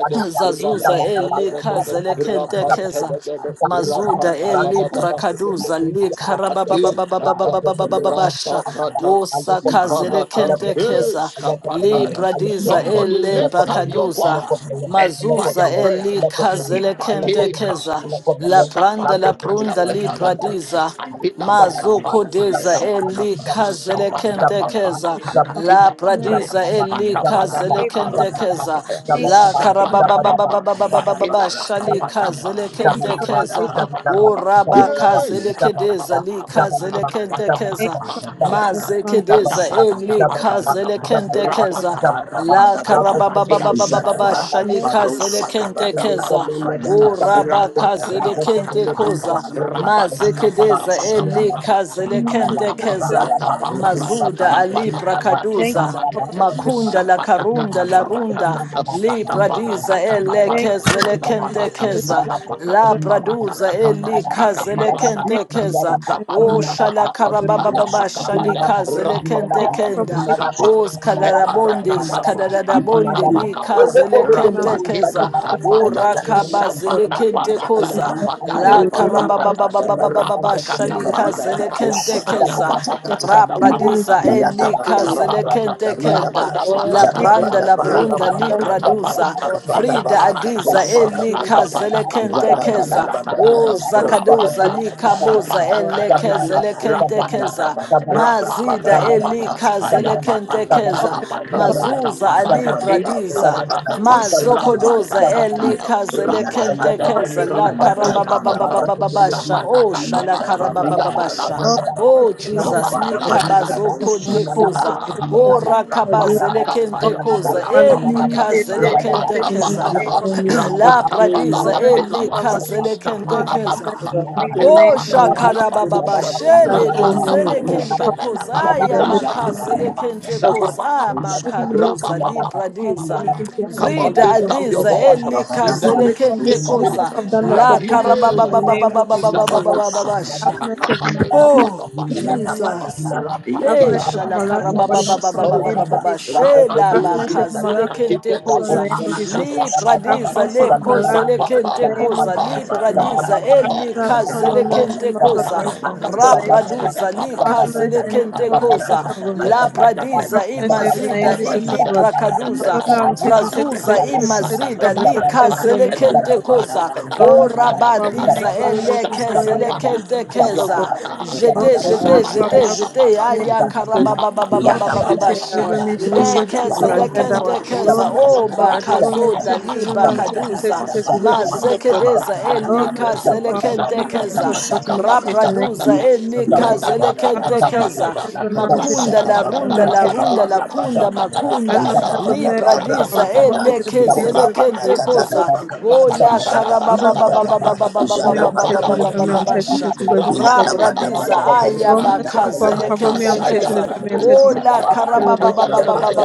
[SPEAKER 1] de
[SPEAKER 6] Zazuza
[SPEAKER 1] rapanta da da da da rapanta
[SPEAKER 6] elikazelekentekeza.
[SPEAKER 1] da da da
[SPEAKER 6] Mazuda
[SPEAKER 1] rapanta da da da da
[SPEAKER 6] elibrakaduza
[SPEAKER 1] Ati shata
[SPEAKER 6] likarabababababababababasha.
[SPEAKER 1] rapatata ziparata eh,
[SPEAKER 6] Osakazelekentekeza.
[SPEAKER 2] I
[SPEAKER 1] shapataya.
[SPEAKER 2] love
[SPEAKER 6] Libradiza
[SPEAKER 2] the
[SPEAKER 1] Somebody
[SPEAKER 2] Allah ko
[SPEAKER 1] lift up
[SPEAKER 2] Allah
[SPEAKER 1] your
[SPEAKER 2] Allah
[SPEAKER 6] elebakaduza.
[SPEAKER 2] ko
[SPEAKER 1] voice
[SPEAKER 2] Allah
[SPEAKER 1] and
[SPEAKER 2] Allah ko
[SPEAKER 6] Mazuza
[SPEAKER 1] fire
[SPEAKER 2] Allah
[SPEAKER 1] prayer.
[SPEAKER 6] eli
[SPEAKER 2] Allah ko Allah
[SPEAKER 6] kazele
[SPEAKER 2] Allah ko
[SPEAKER 6] kente
[SPEAKER 1] Ipate
[SPEAKER 2] Allah
[SPEAKER 6] keza.
[SPEAKER 1] kadu
[SPEAKER 2] Allah ko
[SPEAKER 6] La
[SPEAKER 2] Allah la
[SPEAKER 6] pranda
[SPEAKER 2] ko
[SPEAKER 6] la
[SPEAKER 1] sapata
[SPEAKER 2] Allah
[SPEAKER 1] kata
[SPEAKER 2] jaba
[SPEAKER 6] prunda li
[SPEAKER 2] jaba
[SPEAKER 7] bada
[SPEAKER 1] betalata.
[SPEAKER 2] jaba
[SPEAKER 6] pradiza.
[SPEAKER 1] Anita baka
[SPEAKER 6] Mazo
[SPEAKER 2] jaba
[SPEAKER 7] bada bado
[SPEAKER 1] pata
[SPEAKER 6] kodeza
[SPEAKER 1] la
[SPEAKER 7] saka
[SPEAKER 1] bata.
[SPEAKER 6] eli
[SPEAKER 7] bada.
[SPEAKER 2] jaba
[SPEAKER 6] kazele
[SPEAKER 1] Sapata
[SPEAKER 2] jaba jaba jaba jaba
[SPEAKER 6] kente
[SPEAKER 1] papa
[SPEAKER 6] keza.
[SPEAKER 2] jaba jaba
[SPEAKER 1] kakati
[SPEAKER 6] La
[SPEAKER 1] la
[SPEAKER 2] jaba
[SPEAKER 1] pataya.
[SPEAKER 6] pradiza eli
[SPEAKER 2] jaba jaba
[SPEAKER 1] Atapata
[SPEAKER 6] kazele
[SPEAKER 5] you,
[SPEAKER 1] kapara
[SPEAKER 5] Jesus.
[SPEAKER 6] kente keza.
[SPEAKER 1] takapaya.
[SPEAKER 2] jaba
[SPEAKER 5] Thank you,
[SPEAKER 6] La
[SPEAKER 2] jaba
[SPEAKER 1] Sapata
[SPEAKER 6] karababa baba
[SPEAKER 2] jaba
[SPEAKER 6] baba
[SPEAKER 1] kapa.
[SPEAKER 6] baba
[SPEAKER 2] jaba
[SPEAKER 6] baba
[SPEAKER 1] Akila
[SPEAKER 6] shali
[SPEAKER 1] baka
[SPEAKER 6] kazele kente keza. Uraba kazele kedeza li kazele kente
[SPEAKER 5] Thank
[SPEAKER 6] keza.
[SPEAKER 5] you for listening from
[SPEAKER 6] Mazekedeza
[SPEAKER 5] this
[SPEAKER 6] eli
[SPEAKER 5] is from-
[SPEAKER 6] kazele kente
[SPEAKER 5] this is- this
[SPEAKER 6] keza. La karababa
[SPEAKER 5] is-
[SPEAKER 6] karababababababa
[SPEAKER 1] Rapakata,
[SPEAKER 7] Zagabara
[SPEAKER 2] Zabba
[SPEAKER 1] Zapata, Zapata, Zapata,
[SPEAKER 6] shalika zele kente
[SPEAKER 2] Thank
[SPEAKER 6] keza. O
[SPEAKER 5] this is- this
[SPEAKER 6] rabaka
[SPEAKER 5] is-
[SPEAKER 6] zelekente koza. Mazekedeza elika zele kente keza. Mazuda ali
[SPEAKER 5] thank you
[SPEAKER 6] prakaduza.
[SPEAKER 5] for this is-
[SPEAKER 6] Makunda la karunda la runda li pradiza ele
[SPEAKER 5] thank you for
[SPEAKER 6] kezele
[SPEAKER 5] this is- this
[SPEAKER 6] kente
[SPEAKER 5] is- this is-
[SPEAKER 6] keza
[SPEAKER 5] this
[SPEAKER 6] la praduza eli kazele
[SPEAKER 5] thank
[SPEAKER 6] kente keza
[SPEAKER 5] you for
[SPEAKER 6] wo
[SPEAKER 5] my-
[SPEAKER 6] shala
[SPEAKER 5] this is-
[SPEAKER 6] karababa baba
[SPEAKER 5] this is-
[SPEAKER 6] shali kante
[SPEAKER 5] thank you for this
[SPEAKER 6] kenda.
[SPEAKER 5] is- this is-
[SPEAKER 6] Os kadarabonde,
[SPEAKER 1] Zapata,
[SPEAKER 6] skadarabonde,
[SPEAKER 2] you.
[SPEAKER 6] ni
[SPEAKER 1] Zapata,
[SPEAKER 5] this
[SPEAKER 6] kazele kente
[SPEAKER 5] this is-
[SPEAKER 1] Rapata
[SPEAKER 5] this is-
[SPEAKER 6] keza.
[SPEAKER 5] this
[SPEAKER 6] O
[SPEAKER 5] is-
[SPEAKER 1] kapata,
[SPEAKER 5] this
[SPEAKER 7] Yada
[SPEAKER 6] rakabazele kente
[SPEAKER 1] tapapata,
[SPEAKER 6] koza.
[SPEAKER 5] this is- this
[SPEAKER 6] La
[SPEAKER 5] for my- this is- this is- thank you
[SPEAKER 6] karabababababababa
[SPEAKER 1] rapakata
[SPEAKER 6] shali
[SPEAKER 1] papata
[SPEAKER 6] kazele
[SPEAKER 1] kapa,
[SPEAKER 6] kente
[SPEAKER 5] for
[SPEAKER 6] keza.
[SPEAKER 5] this
[SPEAKER 1] ayapata
[SPEAKER 5] is-
[SPEAKER 6] rapradiza,
[SPEAKER 1] kata papata,
[SPEAKER 6] eli
[SPEAKER 1] sapata
[SPEAKER 6] kazele
[SPEAKER 1] papata,
[SPEAKER 6] kente kenda.
[SPEAKER 1] lapata
[SPEAKER 6] La
[SPEAKER 1] papata
[SPEAKER 5] thank you
[SPEAKER 6] branda
[SPEAKER 5] for
[SPEAKER 1] kata,
[SPEAKER 6] la
[SPEAKER 5] my- this
[SPEAKER 6] brunda
[SPEAKER 1] rapata
[SPEAKER 6] li
[SPEAKER 5] this is-
[SPEAKER 1] kata
[SPEAKER 5] this is-
[SPEAKER 6] praduza.
[SPEAKER 1] papata, sapata Rapatikatapata, sapatapapatakapatatapapapata, rapakataparatakata,
[SPEAKER 6] Vrida
[SPEAKER 1] ayaparatakatapapata, sapataparata,
[SPEAKER 6] adiza eli
[SPEAKER 1] kapata,
[SPEAKER 6] kazele kente keza.
[SPEAKER 1] rapatakaparata,
[SPEAKER 6] O
[SPEAKER 1] ataparakakapa,
[SPEAKER 3] be
[SPEAKER 6] zakaduza
[SPEAKER 1] rapata.
[SPEAKER 3] happy.
[SPEAKER 6] li kabuza
[SPEAKER 3] Thank
[SPEAKER 6] ele
[SPEAKER 1] Shapatakataka,
[SPEAKER 3] you.
[SPEAKER 6] zelekentekeza
[SPEAKER 1] Rapatakata,
[SPEAKER 2] Zabba
[SPEAKER 5] this
[SPEAKER 1] Rapa,
[SPEAKER 5] is- this is-
[SPEAKER 6] mazida
[SPEAKER 2] it's a bad, bad,
[SPEAKER 1] Rapata,
[SPEAKER 6] elika
[SPEAKER 2] it's a bad, bad,
[SPEAKER 1] Ayapatakata,
[SPEAKER 6] zelekentekeza
[SPEAKER 5] Father,
[SPEAKER 2] it's a bad,
[SPEAKER 1] Lapata,
[SPEAKER 2] bad,
[SPEAKER 6] mazuza
[SPEAKER 2] it's a bad, bad,
[SPEAKER 1] Atapakatatia,
[SPEAKER 2] it's a bad,
[SPEAKER 6] alibradiza
[SPEAKER 2] bad, it's a bad, bad, it's a bad,
[SPEAKER 1] Rapatakata,
[SPEAKER 2] bad, it's
[SPEAKER 6] mazokodoza
[SPEAKER 2] a bad, bad.
[SPEAKER 5] Doesn't
[SPEAKER 1] Rapatakataya,
[SPEAKER 6] elika
[SPEAKER 7] Ayata
[SPEAKER 2] Thank
[SPEAKER 1] Rapatada,
[SPEAKER 6] zelekentekeza la
[SPEAKER 1] Rapakatabata,
[SPEAKER 6] karabababababasha osha la
[SPEAKER 1] Sapatatatata,
[SPEAKER 6] karabababasha
[SPEAKER 1] Yapatapatata,
[SPEAKER 6] Oh Jesus, likabazo
[SPEAKER 1] Rapatatatata,
[SPEAKER 6] konte koza,
[SPEAKER 1] Sila.
[SPEAKER 6] oh
[SPEAKER 5] hurt
[SPEAKER 6] rakabazele kente
[SPEAKER 1] Rapatakapaya,
[SPEAKER 6] koza,
[SPEAKER 5] to
[SPEAKER 6] eli
[SPEAKER 5] please
[SPEAKER 1] Rapapaya,
[SPEAKER 5] the name
[SPEAKER 6] kazele kente keza,
[SPEAKER 1] Rapatabakapa,
[SPEAKER 5] of
[SPEAKER 3] and
[SPEAKER 5] Jesus.
[SPEAKER 6] la
[SPEAKER 5] Oh,
[SPEAKER 6] pradiza
[SPEAKER 3] you.
[SPEAKER 5] merciful
[SPEAKER 6] eli
[SPEAKER 5] Father,
[SPEAKER 1] Rapatabalabatelabata,
[SPEAKER 5] come
[SPEAKER 6] kazele
[SPEAKER 5] to
[SPEAKER 6] kente keza.
[SPEAKER 3] So
[SPEAKER 1] Stapanabakapa,
[SPEAKER 5] the
[SPEAKER 3] that he
[SPEAKER 5] faith the
[SPEAKER 3] can
[SPEAKER 6] Oh,
[SPEAKER 5] benefit
[SPEAKER 3] be in you,
[SPEAKER 6] shakarababa
[SPEAKER 1] Apelabakapalabatusa,
[SPEAKER 3] so that I
[SPEAKER 6] shele
[SPEAKER 3] can be
[SPEAKER 6] bozele
[SPEAKER 3] in you.
[SPEAKER 6] kente
[SPEAKER 1] Rapatabakosabalaba,
[SPEAKER 3] In
[SPEAKER 6] kozaya
[SPEAKER 3] the mighty
[SPEAKER 1] Rapa,
[SPEAKER 3] name
[SPEAKER 5] of
[SPEAKER 6] bakazele kente
[SPEAKER 5] the Lord.
[SPEAKER 6] koza
[SPEAKER 1] Sababababa,
[SPEAKER 5] As I'm here to
[SPEAKER 6] makadoza lipradiza
[SPEAKER 5] myself
[SPEAKER 1] Rapapapapapapapa.
[SPEAKER 5] into having
[SPEAKER 1] Come on,
[SPEAKER 6] vrida
[SPEAKER 1] lift
[SPEAKER 5] languages
[SPEAKER 1] up your
[SPEAKER 5] system.
[SPEAKER 6] adiza
[SPEAKER 1] voice
[SPEAKER 6] eli
[SPEAKER 1] in
[SPEAKER 5] I
[SPEAKER 1] the
[SPEAKER 2] you.
[SPEAKER 5] give
[SPEAKER 6] kazele
[SPEAKER 5] me
[SPEAKER 1] next
[SPEAKER 6] kente
[SPEAKER 5] permission.
[SPEAKER 2] Thank
[SPEAKER 1] six
[SPEAKER 5] Anything
[SPEAKER 1] minutes.
[SPEAKER 6] koza
[SPEAKER 5] I've done
[SPEAKER 1] I
[SPEAKER 5] that's
[SPEAKER 6] la
[SPEAKER 5] not pleasing towards you
[SPEAKER 1] delay.
[SPEAKER 5] in the name of Jesus, oh God.
[SPEAKER 1] Sabadaba,
[SPEAKER 5] Have
[SPEAKER 6] karababababababababababasha.
[SPEAKER 5] mercy upon my
[SPEAKER 1] Akapate,
[SPEAKER 5] life, oh
[SPEAKER 6] Oh,
[SPEAKER 5] God, in the name of
[SPEAKER 6] Jesus.
[SPEAKER 5] Jesus. Have
[SPEAKER 6] Hey,
[SPEAKER 5] mercy upon
[SPEAKER 6] shala
[SPEAKER 5] my life,
[SPEAKER 1] Rapatiya,
[SPEAKER 5] my
[SPEAKER 6] karababa
[SPEAKER 5] body,
[SPEAKER 6] baba
[SPEAKER 5] my soul,
[SPEAKER 6] baba
[SPEAKER 5] in the
[SPEAKER 1] Oh
[SPEAKER 5] name
[SPEAKER 6] baba
[SPEAKER 5] of
[SPEAKER 6] baba
[SPEAKER 1] Jesus,
[SPEAKER 5] Jesus.
[SPEAKER 6] shela
[SPEAKER 5] Have
[SPEAKER 1] Rapadeshi,
[SPEAKER 5] mercy upon my
[SPEAKER 6] bakazele
[SPEAKER 5] life, my body,
[SPEAKER 6] kente
[SPEAKER 5] my soul, in
[SPEAKER 1] Akatipelati,
[SPEAKER 5] the
[SPEAKER 6] koza
[SPEAKER 5] name of Jesus.
[SPEAKER 1] Sapa,
[SPEAKER 6] li
[SPEAKER 5] Have
[SPEAKER 1] Papa,
[SPEAKER 6] pradiza
[SPEAKER 5] mercy
[SPEAKER 6] le
[SPEAKER 1] Papa,
[SPEAKER 5] upon my life,
[SPEAKER 1] Rapa,
[SPEAKER 6] kozele
[SPEAKER 5] my body,
[SPEAKER 1] Rapa,
[SPEAKER 5] in
[SPEAKER 6] kente
[SPEAKER 5] the name
[SPEAKER 6] koza
[SPEAKER 5] of
[SPEAKER 6] li
[SPEAKER 5] Jesus, oh God.
[SPEAKER 1] Rapa,
[SPEAKER 6] pradiza
[SPEAKER 5] Have
[SPEAKER 1] Rapa,
[SPEAKER 6] eli
[SPEAKER 5] mercy upon my
[SPEAKER 6] kazele
[SPEAKER 1] Rapa,
[SPEAKER 5] mercy,
[SPEAKER 6] kente
[SPEAKER 5] my God, my
[SPEAKER 1] Rapa,
[SPEAKER 6] koza
[SPEAKER 4] Thank
[SPEAKER 1] Kapa,
[SPEAKER 5] life, my soul, in
[SPEAKER 6] ra
[SPEAKER 5] the
[SPEAKER 1] Kapoa,
[SPEAKER 5] name of
[SPEAKER 4] you.
[SPEAKER 5] Jesus.
[SPEAKER 1] Akapa,
[SPEAKER 6] praduza li
[SPEAKER 1] Papa,
[SPEAKER 5] Have
[SPEAKER 1] Papa,
[SPEAKER 6] kazele
[SPEAKER 5] mercy in the
[SPEAKER 1] Papa,
[SPEAKER 6] kente
[SPEAKER 5] name of
[SPEAKER 1] Papa,
[SPEAKER 5] Jesus,
[SPEAKER 6] koza
[SPEAKER 5] oh God.
[SPEAKER 1] Papa,
[SPEAKER 6] la
[SPEAKER 1] Akapela,
[SPEAKER 6] pradiza
[SPEAKER 5] Affirmation
[SPEAKER 1] Akapela, Akapela,
[SPEAKER 5] name
[SPEAKER 6] imazida
[SPEAKER 5] Jesus,
[SPEAKER 1] Akapela,
[SPEAKER 5] O
[SPEAKER 6] ili
[SPEAKER 5] Lord. Upon
[SPEAKER 6] prakaduza
[SPEAKER 5] my arms,
[SPEAKER 1] Akapela,
[SPEAKER 5] testing, testing,
[SPEAKER 6] vrazuza
[SPEAKER 5] testing, testing, testing,
[SPEAKER 6] imazida
[SPEAKER 5] cover,
[SPEAKER 6] li
[SPEAKER 5] testing, shame,
[SPEAKER 2] you.
[SPEAKER 5] children,
[SPEAKER 6] kazele
[SPEAKER 2] Thank
[SPEAKER 5] Muslim
[SPEAKER 6] kente
[SPEAKER 5] school.
[SPEAKER 6] koza
[SPEAKER 5] Oh,
[SPEAKER 1] Akapela,
[SPEAKER 6] o
[SPEAKER 5] mercy,
[SPEAKER 1] Akapela,
[SPEAKER 5] Father, make
[SPEAKER 6] rabadiza
[SPEAKER 5] away
[SPEAKER 1] Akapela,
[SPEAKER 5] with
[SPEAKER 6] ele
[SPEAKER 5] this in some
[SPEAKER 1] Sapa,
[SPEAKER 5] in the
[SPEAKER 6] kezele
[SPEAKER 1] Papa,
[SPEAKER 5] name of
[SPEAKER 6] kente
[SPEAKER 5] Jesus, O God.
[SPEAKER 6] keza
[SPEAKER 1] Lapata,
[SPEAKER 5] Oh,
[SPEAKER 3] of
[SPEAKER 6] jete
[SPEAKER 3] God, that
[SPEAKER 5] my
[SPEAKER 6] jete
[SPEAKER 5] Father,
[SPEAKER 3] was
[SPEAKER 6] zete zete
[SPEAKER 5] have
[SPEAKER 6] zete
[SPEAKER 5] mercy in the name
[SPEAKER 6] aya
[SPEAKER 5] of Jesus.
[SPEAKER 6] karababa baba baba
[SPEAKER 5] Cover me,
[SPEAKER 6] baba
[SPEAKER 5] I'm testing,
[SPEAKER 3] you, that
[SPEAKER 6] basha
[SPEAKER 3] was
[SPEAKER 5] deliver me,
[SPEAKER 3] you,
[SPEAKER 5] children, God, Jesus, O
[SPEAKER 6] lekeze
[SPEAKER 5] God.
[SPEAKER 3] that was
[SPEAKER 6] lekente
[SPEAKER 3] you,
[SPEAKER 5] Oh,
[SPEAKER 6] keza
[SPEAKER 5] mercy,
[SPEAKER 6] o
[SPEAKER 3] that
[SPEAKER 5] Father,
[SPEAKER 3] was
[SPEAKER 5] cover
[SPEAKER 3] you.
[SPEAKER 5] me,
[SPEAKER 6] bakazo
[SPEAKER 5] I'm testing,
[SPEAKER 6] dali
[SPEAKER 5] deliver me, I'm testing,
[SPEAKER 6] bakaduza
[SPEAKER 5] testing, testing, God, Jesus, O God.
[SPEAKER 6] mazekedeza
[SPEAKER 5] Oh,
[SPEAKER 7] Yadabara
[SPEAKER 6] elikaze
[SPEAKER 5] merciful Father,
[SPEAKER 6] lekente
[SPEAKER 5] cover me from
[SPEAKER 6] keza
[SPEAKER 5] top to bottom of the testing in the name of
[SPEAKER 6] rapraduza
[SPEAKER 5] Jesus, O God.
[SPEAKER 7] Yada
[SPEAKER 6] elikaze
[SPEAKER 7] bada
[SPEAKER 5] Cover
[SPEAKER 6] lekente
[SPEAKER 5] me, I'm
[SPEAKER 7] bada
[SPEAKER 6] keza
[SPEAKER 5] testing,
[SPEAKER 7] bada
[SPEAKER 5] deliver me, I'm
[SPEAKER 7] kato
[SPEAKER 1] Rapa
[SPEAKER 5] testing,
[SPEAKER 6] makunda
[SPEAKER 7] shaka
[SPEAKER 6] la
[SPEAKER 5] testing,
[SPEAKER 1] Rakatayata,
[SPEAKER 7] bada
[SPEAKER 5] deliver me,
[SPEAKER 6] runda
[SPEAKER 5] I'm
[SPEAKER 7] bada
[SPEAKER 6] la
[SPEAKER 5] testing, God,
[SPEAKER 6] runda la
[SPEAKER 5] Jesus,
[SPEAKER 7] kabala
[SPEAKER 5] O
[SPEAKER 7] bada
[SPEAKER 5] God.
[SPEAKER 6] kunda
[SPEAKER 7] bada
[SPEAKER 5] As
[SPEAKER 6] makunda
[SPEAKER 5] I'm
[SPEAKER 7] yada
[SPEAKER 5] here, God,
[SPEAKER 7] bada
[SPEAKER 5] merciful
[SPEAKER 7] bara
[SPEAKER 5] Father,
[SPEAKER 6] lipradiza
[SPEAKER 7] bada
[SPEAKER 5] cover me in the
[SPEAKER 7] bada
[SPEAKER 6] elekeze
[SPEAKER 5] defamation
[SPEAKER 7] kola
[SPEAKER 5] report
[SPEAKER 7] bada
[SPEAKER 5] of
[SPEAKER 6] lekente
[SPEAKER 5] riches
[SPEAKER 7] kada
[SPEAKER 5] of so
[SPEAKER 6] koza
[SPEAKER 2] you.
[SPEAKER 5] God.
[SPEAKER 7] kabaka bada
[SPEAKER 6] o la
[SPEAKER 7] yada
[SPEAKER 6] karababa
[SPEAKER 5] As I'm
[SPEAKER 7] bada
[SPEAKER 6] baba
[SPEAKER 5] here,
[SPEAKER 6] baba
[SPEAKER 7] bada
[SPEAKER 5] God,
[SPEAKER 6] baba
[SPEAKER 5] Father,
[SPEAKER 7] bada
[SPEAKER 6] baba
[SPEAKER 5] cover me,
[SPEAKER 7] yada
[SPEAKER 5] I'm
[SPEAKER 6] baba
[SPEAKER 7] bada
[SPEAKER 5] set me,
[SPEAKER 6] baba
[SPEAKER 7] bada
[SPEAKER 5] deliver me,
[SPEAKER 6] baba
[SPEAKER 5] I'm set me,
[SPEAKER 7] bada
[SPEAKER 6] basha
[SPEAKER 5] set me, God,
[SPEAKER 7] my
[SPEAKER 5] Jesus, so God.
[SPEAKER 7] father,
[SPEAKER 6] bradiza aya
[SPEAKER 5] Oh, merciful Father,
[SPEAKER 6] bakazele
[SPEAKER 5] cover me, I'm set me,
[SPEAKER 6] kentekeza.
[SPEAKER 5] deliver me, I'm set me, set
[SPEAKER 7] my
[SPEAKER 6] Ola
[SPEAKER 5] me, set me, deliver me,
[SPEAKER 7] God,
[SPEAKER 5] Jesus, so God.
[SPEAKER 7] Rapato